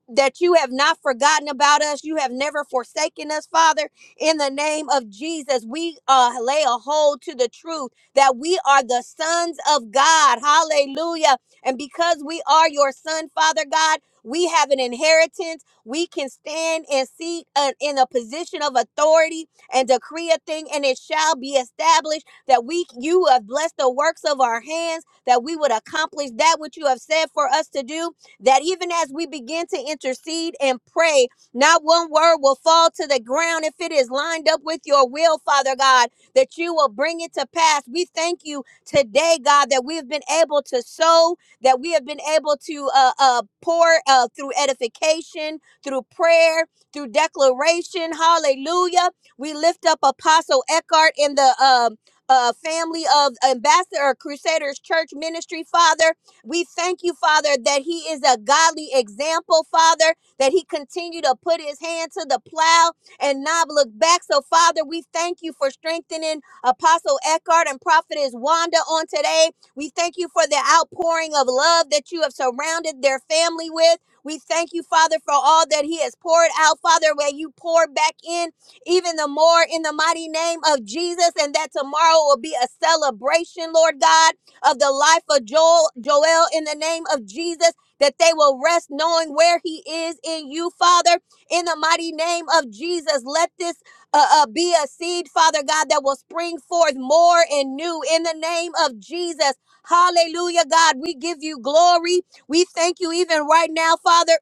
S13: that you have not forgotten about us. You have never forsaken us, Father. In the name of Jesus, we uh, lay a hold to the truth that we are the sons of God. Hallelujah. And because we are your son, Father God, we have an inheritance. We can stand and seat uh, in a position of authority and decree a thing, and it shall be established that we you have blessed the works of our hands, that we would accomplish that which you have said for us to do that even as we begin to intercede and pray, not one word will fall to the ground if it is lined up with your will, Father God, that you will bring it to pass. We thank you today, God, that we have been able to sow, that we have been able to uh, uh, pour uh, through edification, through prayer, through declaration. Hallelujah. We lift up Apostle Eckhart in the um uh, family of Ambassador Crusaders Church Ministry, Father. We thank you, Father, that he is a godly example, Father, that he continued to put his hand to the plow and not look back. So, Father, we thank you for strengthening Apostle Eckhart and Prophetess Wanda on today. We thank you for the outpouring of love that you have surrounded their family with. We thank you, Father, for all that He has poured out, Father, where you pour back in even the more in the mighty name of Jesus, and that tomorrow will be a celebration, Lord God of the life of Joel, Joel in the name of Jesus, that they will rest knowing where he is in you, Father, in the mighty name of Jesus. Let this uh, uh, be a seed, Father God, that will spring forth more and new in the name of Jesus. Hallelujah, God. We give you glory. We thank you even right now, Father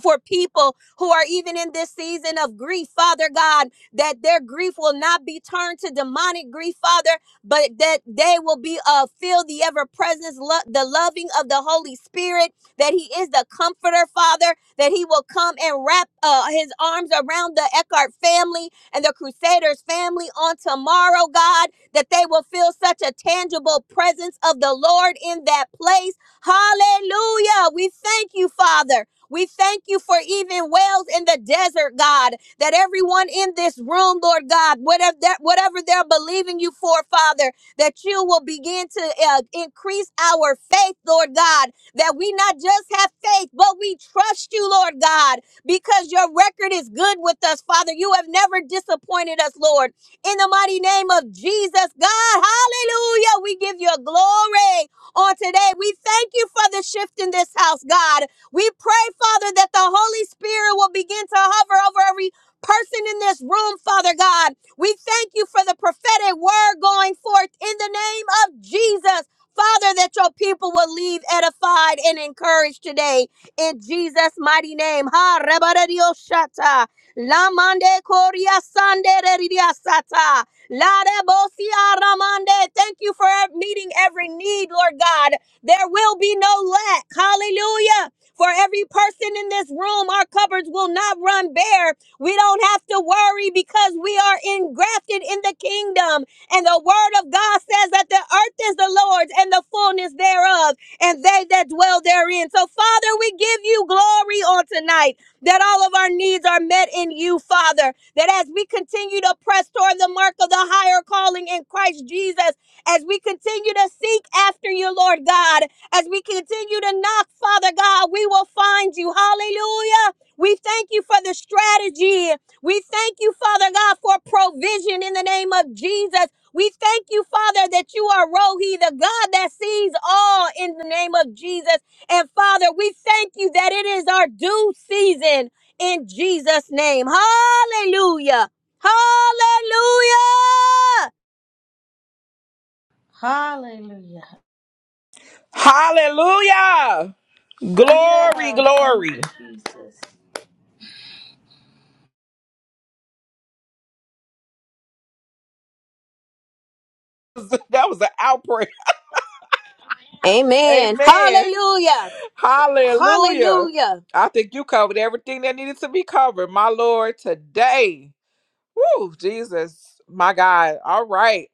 S13: for people who are even in this season of grief, Father God, that their grief will not be turned to demonic grief, Father, but that they will be uh, feel the ever presence, lo- the loving of the Holy Spirit, that He is the comforter, Father, that He will come and wrap uh, His arms around the Eckhart family and the Crusaders family on tomorrow, God, that they will feel such a tangible presence of the Lord in that place. Hallelujah. We thank you, Father. We thank you for even wells in the desert, God, that everyone in this room, Lord God, whatever, that, whatever they're believing you for, Father, that you will begin to uh, increase our faith, Lord God, that we not just have faith, but we trust you, Lord God, because your record is good with us, Father. You have never disappointed us, Lord. In the mighty name of Jesus, God, hallelujah, we give you glory on today. We thank you for the shift in this house, God. We pray, Father, that the Holy Spirit will begin to hover over every person in this room, Father God. We thank you for the prophetic word going forth in the name of Jesus. Father, that your people will leave edified and encouraged today in Jesus' mighty name. Ha rebaredio shata. La mande koria sande reridia sata. La rebosia ramande. Thank you for meeting every need, Lord God. There will be no lack. Hallelujah. For every person in this room, our cupboards will not run bare. We don't have to worry because we are engrafted in the kingdom. And the word of God says that the earth is the Lord's and the fullness thereof, and they that dwell therein. So, Father, we give you glory on tonight that all of our needs are met in you, Father. That as we continue to press toward the mark of the higher calling in Christ Jesus, as we continue to seek after you, Lord God. As we continue to knock, Father God, we will find you. Hallelujah. We thank you for the strategy. We thank you, Father God, for provision in the name of Jesus. We thank you, Father, that you are Rohi, the God that sees all in the name of Jesus. And Father, we thank you that it is our due season in Jesus' name. Hallelujah. Hallelujah.
S16: Hallelujah.
S3: Hallelujah. Glory,
S16: Hallelujah. Thank you,
S3: glory.
S16: Jesus.
S3: That was an outbreak.
S13: Amen.
S3: Amen.
S13: Hallelujah.
S3: Hallelujah.
S13: Hallelujah.
S3: I think you covered everything that needed to be covered, my Lord, today. Woo, Jesus, my God. All right.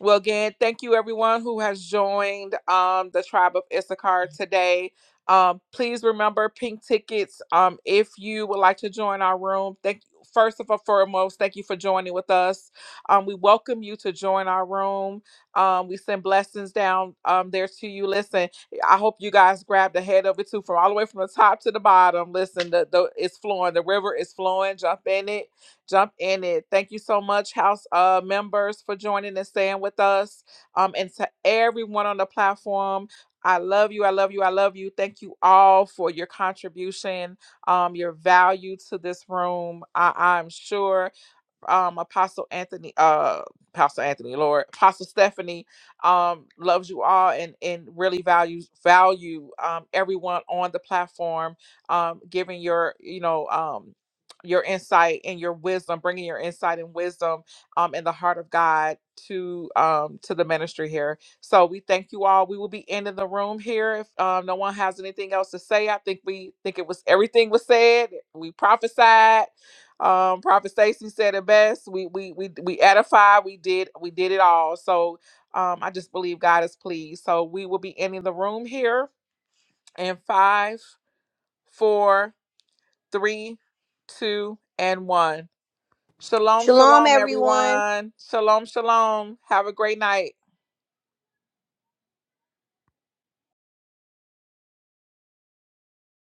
S3: Well, again, thank you everyone who has joined um, the tribe of Issachar today. Um, please remember pink tickets um, if you would like to join our room. Thank First of all, foremost, thank you for joining with us. Um, we welcome you to join our room. Um, we send blessings down um, there to you. Listen, I hope you guys grabbed the head of it too, from all the way from the top to the bottom. Listen, the, the it's flowing, the river is flowing. Jump in it jump in it. Thank you so much, House uh, members, for joining and staying with us. Um, and to everyone on the platform, I love you. I love you. I love you. Thank you all for your contribution, um, your value to this room. I- I'm sure um apostle anthony uh pastor anthony lord apostle stephanie um loves you all and and really values value um everyone on the platform um giving your you know um your insight and your wisdom bringing your insight and wisdom um in the heart of god to um to the ministry here so we thank you all we will be ending the room here if um, no one has anything else to say i think we think it was everything was said we prophesied um, Prophet Stacy said it best. We we we we edify. We did we did it all. So um, I just believe God is pleased. So we will be ending the room here in five, four, three, two, and one. Shalom,
S13: Shalom,
S3: shalom,
S13: everyone.
S3: everyone. Shalom, shalom. Have a great night.